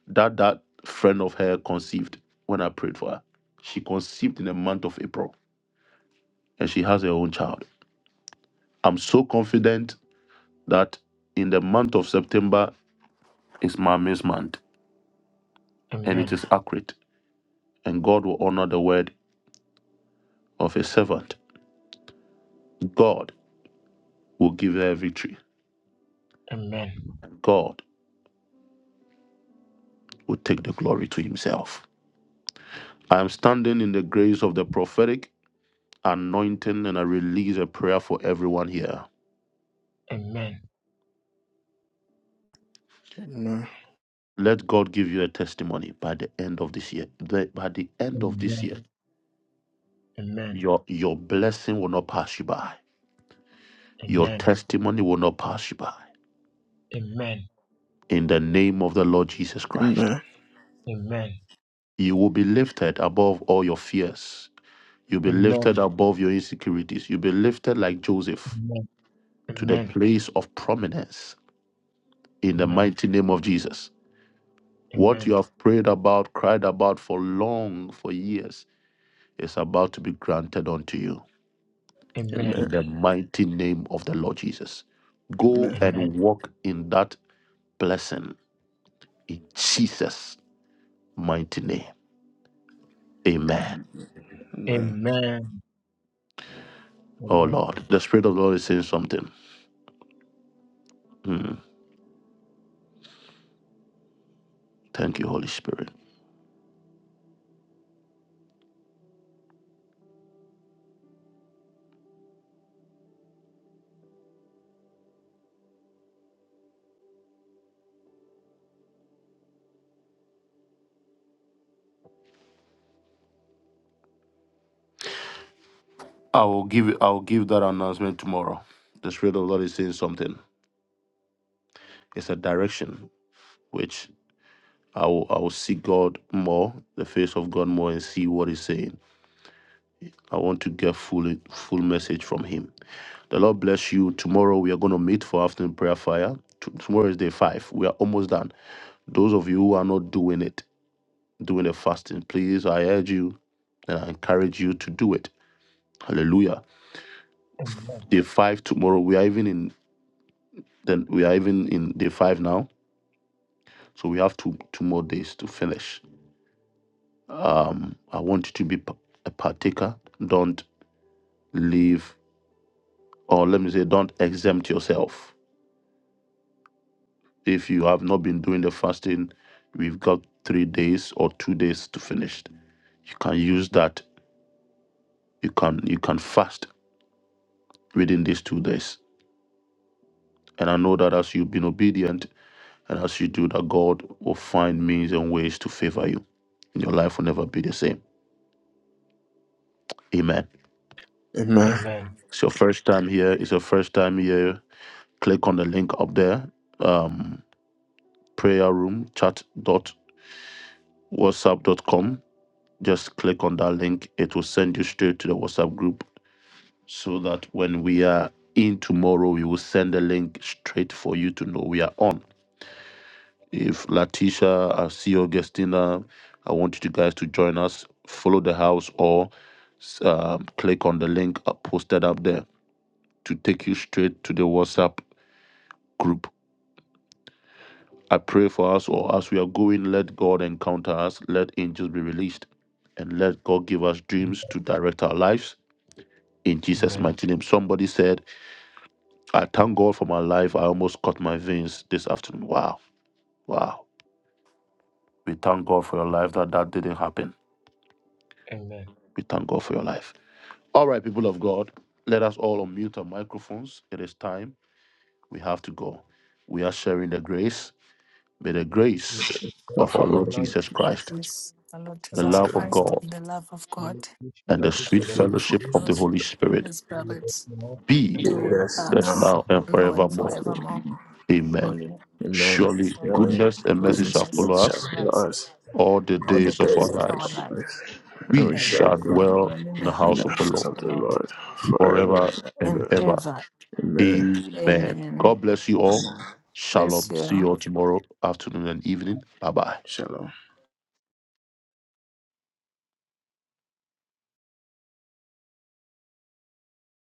[SPEAKER 1] that that friend of her conceived when I prayed for her. She conceived in the month of April and she has her own child. I'm so confident that in the month of September is mommy's month and it
[SPEAKER 2] Amen.
[SPEAKER 1] is accurate. And God will honor the word of his servant. God will give her victory.
[SPEAKER 2] Amen.
[SPEAKER 1] And God will take the glory to himself. I am standing in the grace of the prophetic anointing and I release a prayer for everyone here.
[SPEAKER 2] Amen.
[SPEAKER 9] Amen.
[SPEAKER 1] Let God give you a testimony by the end of this year. The- by the end of this year,
[SPEAKER 2] Amen. Amen.
[SPEAKER 1] your your blessing will not pass you by. Your
[SPEAKER 2] Amen.
[SPEAKER 1] testimony will not pass you by. In the name of the Lord Jesus Christ,
[SPEAKER 9] Amen.
[SPEAKER 2] Amen.
[SPEAKER 1] you will be lifted above all your fears You'll be lifted
[SPEAKER 2] Amen. Amen.
[SPEAKER 1] above your insecurities. You'll be lifted like Joseph to the
[SPEAKER 2] Amen.
[SPEAKER 1] place of prominence in the mighty name of Jesus. What you
[SPEAKER 2] Amen.
[SPEAKER 1] have prayed about, cried about for long, for years, is about to be granted unto you
[SPEAKER 9] Amen.
[SPEAKER 1] in the mighty name of the Lord Jesus. Go
[SPEAKER 9] Amen.
[SPEAKER 2] Amen.
[SPEAKER 1] and walk in that blessing in Jesus' mighty name. Amen.
[SPEAKER 9] Amen.
[SPEAKER 2] Amen. Amen. Amen.
[SPEAKER 1] Oh
[SPEAKER 2] Amen.
[SPEAKER 1] Lord, the Spirit of the Lord is saying something. Hmm. Thank you, Holy Spirit. I will give I will give that announcement tomorrow. The Spirit of the Lord is saying something. It's a direction which I will I will seek God more, the face of God more, and see what He's saying. I want to get full full message from Him. The Lord bless you. Tomorrow we are going to meet for afternoon prayer fire. T- tomorrow is day five. We are almost done. Those of you who are not doing it, doing the fasting, please I urge you and I encourage you to do it. Hallelujah.
[SPEAKER 2] Amen. Amen. Amen.
[SPEAKER 1] Day five tomorrow. We are even in then we are even in day five now So we have two two more days to finish. Um, I want you to be p- a partaker. Don't leave, or let me say, don't exempt yourself. If you have not been doing the fasting, we've got three days or two days to finish. You can use that. You can you can fast within these two days. And I know that as you've been obedient and as you do that, God will find means and ways to favor you. And your life will never be the same. Amen.
[SPEAKER 2] Amen.
[SPEAKER 9] Amen.
[SPEAKER 2] Amen.
[SPEAKER 1] It's your first time here. It's your first time here click on the link up there um, prayer room chat dot whatsapp dot com. just click on that link it will send you straight to the whatsapp group so that when we are in tomorrow we will send the link straight for you to know we are on if latisha i see augustina i want you guys to join us follow the house or um, click on the link up- posted up there to take you straight to the whatsapp group I pray for us, or as we are going, let God encounter us, let angels be released, and let God give us dreams to direct our lives in Jesus'
[SPEAKER 2] Amen.
[SPEAKER 1] mighty name. Somebody said, I thank God for my life. I almost cut my veins this afternoon. Wow, wow. We thank God for your life that that didn't happen. We thank God for your life. All right, people of God, let us all unmute our microphones. It is time. We have to go. We are sharing the grace. May the grace
[SPEAKER 9] Now,
[SPEAKER 1] of our
[SPEAKER 9] Father,
[SPEAKER 1] Lord
[SPEAKER 9] Lord, we
[SPEAKER 1] Jesus
[SPEAKER 6] The
[SPEAKER 9] just
[SPEAKER 1] Christ,
[SPEAKER 6] grace of our Lord
[SPEAKER 1] the
[SPEAKER 6] Jesus
[SPEAKER 1] love
[SPEAKER 9] thank
[SPEAKER 1] of
[SPEAKER 9] you.
[SPEAKER 2] Amen.
[SPEAKER 6] Christ,
[SPEAKER 1] God
[SPEAKER 6] the love of God,
[SPEAKER 2] May each
[SPEAKER 1] and
[SPEAKER 2] relative
[SPEAKER 9] I
[SPEAKER 1] the
[SPEAKER 9] just
[SPEAKER 1] sweet
[SPEAKER 2] to
[SPEAKER 9] thank
[SPEAKER 2] the
[SPEAKER 9] you
[SPEAKER 2] Holy
[SPEAKER 9] for
[SPEAKER 1] fellowship
[SPEAKER 6] the
[SPEAKER 1] of
[SPEAKER 9] this,
[SPEAKER 1] the
[SPEAKER 6] rest
[SPEAKER 9] Lord.
[SPEAKER 1] Holy
[SPEAKER 6] of
[SPEAKER 1] Spirit
[SPEAKER 6] His
[SPEAKER 2] Spirit
[SPEAKER 6] spirits,
[SPEAKER 2] now
[SPEAKER 6] be
[SPEAKER 2] and
[SPEAKER 9] Be
[SPEAKER 1] be
[SPEAKER 9] with
[SPEAKER 6] with
[SPEAKER 2] forever.
[SPEAKER 9] us
[SPEAKER 1] with us
[SPEAKER 9] now.
[SPEAKER 6] us
[SPEAKER 1] now and
[SPEAKER 6] now and
[SPEAKER 9] and
[SPEAKER 1] forevermore.
[SPEAKER 6] forevermore.
[SPEAKER 9] forevermore.
[SPEAKER 1] Amen.
[SPEAKER 6] Surely,
[SPEAKER 9] Amen.
[SPEAKER 1] Surely
[SPEAKER 6] Father,
[SPEAKER 9] Surely,
[SPEAKER 1] goodness and
[SPEAKER 6] mercy,
[SPEAKER 1] mercy shall
[SPEAKER 9] goodness and
[SPEAKER 6] mercy
[SPEAKER 1] follow
[SPEAKER 9] mercy
[SPEAKER 6] shall
[SPEAKER 9] shall
[SPEAKER 1] us
[SPEAKER 6] follow
[SPEAKER 9] follow
[SPEAKER 6] us
[SPEAKER 9] us
[SPEAKER 1] all the
[SPEAKER 9] all
[SPEAKER 6] all
[SPEAKER 9] the
[SPEAKER 6] the
[SPEAKER 1] days of our
[SPEAKER 6] days
[SPEAKER 9] days
[SPEAKER 6] of
[SPEAKER 9] of
[SPEAKER 6] our
[SPEAKER 1] lives.
[SPEAKER 6] life
[SPEAKER 9] our lives, and we
[SPEAKER 1] We
[SPEAKER 6] and
[SPEAKER 2] Amen.
[SPEAKER 6] we
[SPEAKER 9] shall
[SPEAKER 1] shall
[SPEAKER 2] That
[SPEAKER 6] shall
[SPEAKER 9] do.
[SPEAKER 1] dwell
[SPEAKER 6] dwell in
[SPEAKER 1] in
[SPEAKER 6] the
[SPEAKER 1] the
[SPEAKER 9] in
[SPEAKER 1] house
[SPEAKER 9] the
[SPEAKER 1] of the
[SPEAKER 6] house
[SPEAKER 9] house
[SPEAKER 1] Lord
[SPEAKER 9] of
[SPEAKER 6] of
[SPEAKER 9] the
[SPEAKER 6] the Lord
[SPEAKER 9] Lord forever
[SPEAKER 1] forever
[SPEAKER 9] and
[SPEAKER 1] and
[SPEAKER 6] and
[SPEAKER 9] ever.
[SPEAKER 1] ever.
[SPEAKER 6] ever.
[SPEAKER 9] Amen.
[SPEAKER 1] Amen.
[SPEAKER 6] Amen.
[SPEAKER 1] God bless you all.
[SPEAKER 6] Bless
[SPEAKER 1] Shalom. See
[SPEAKER 6] you.
[SPEAKER 1] you all tomorrow afternoon and evening. Bye bye.
[SPEAKER 9] Shalom.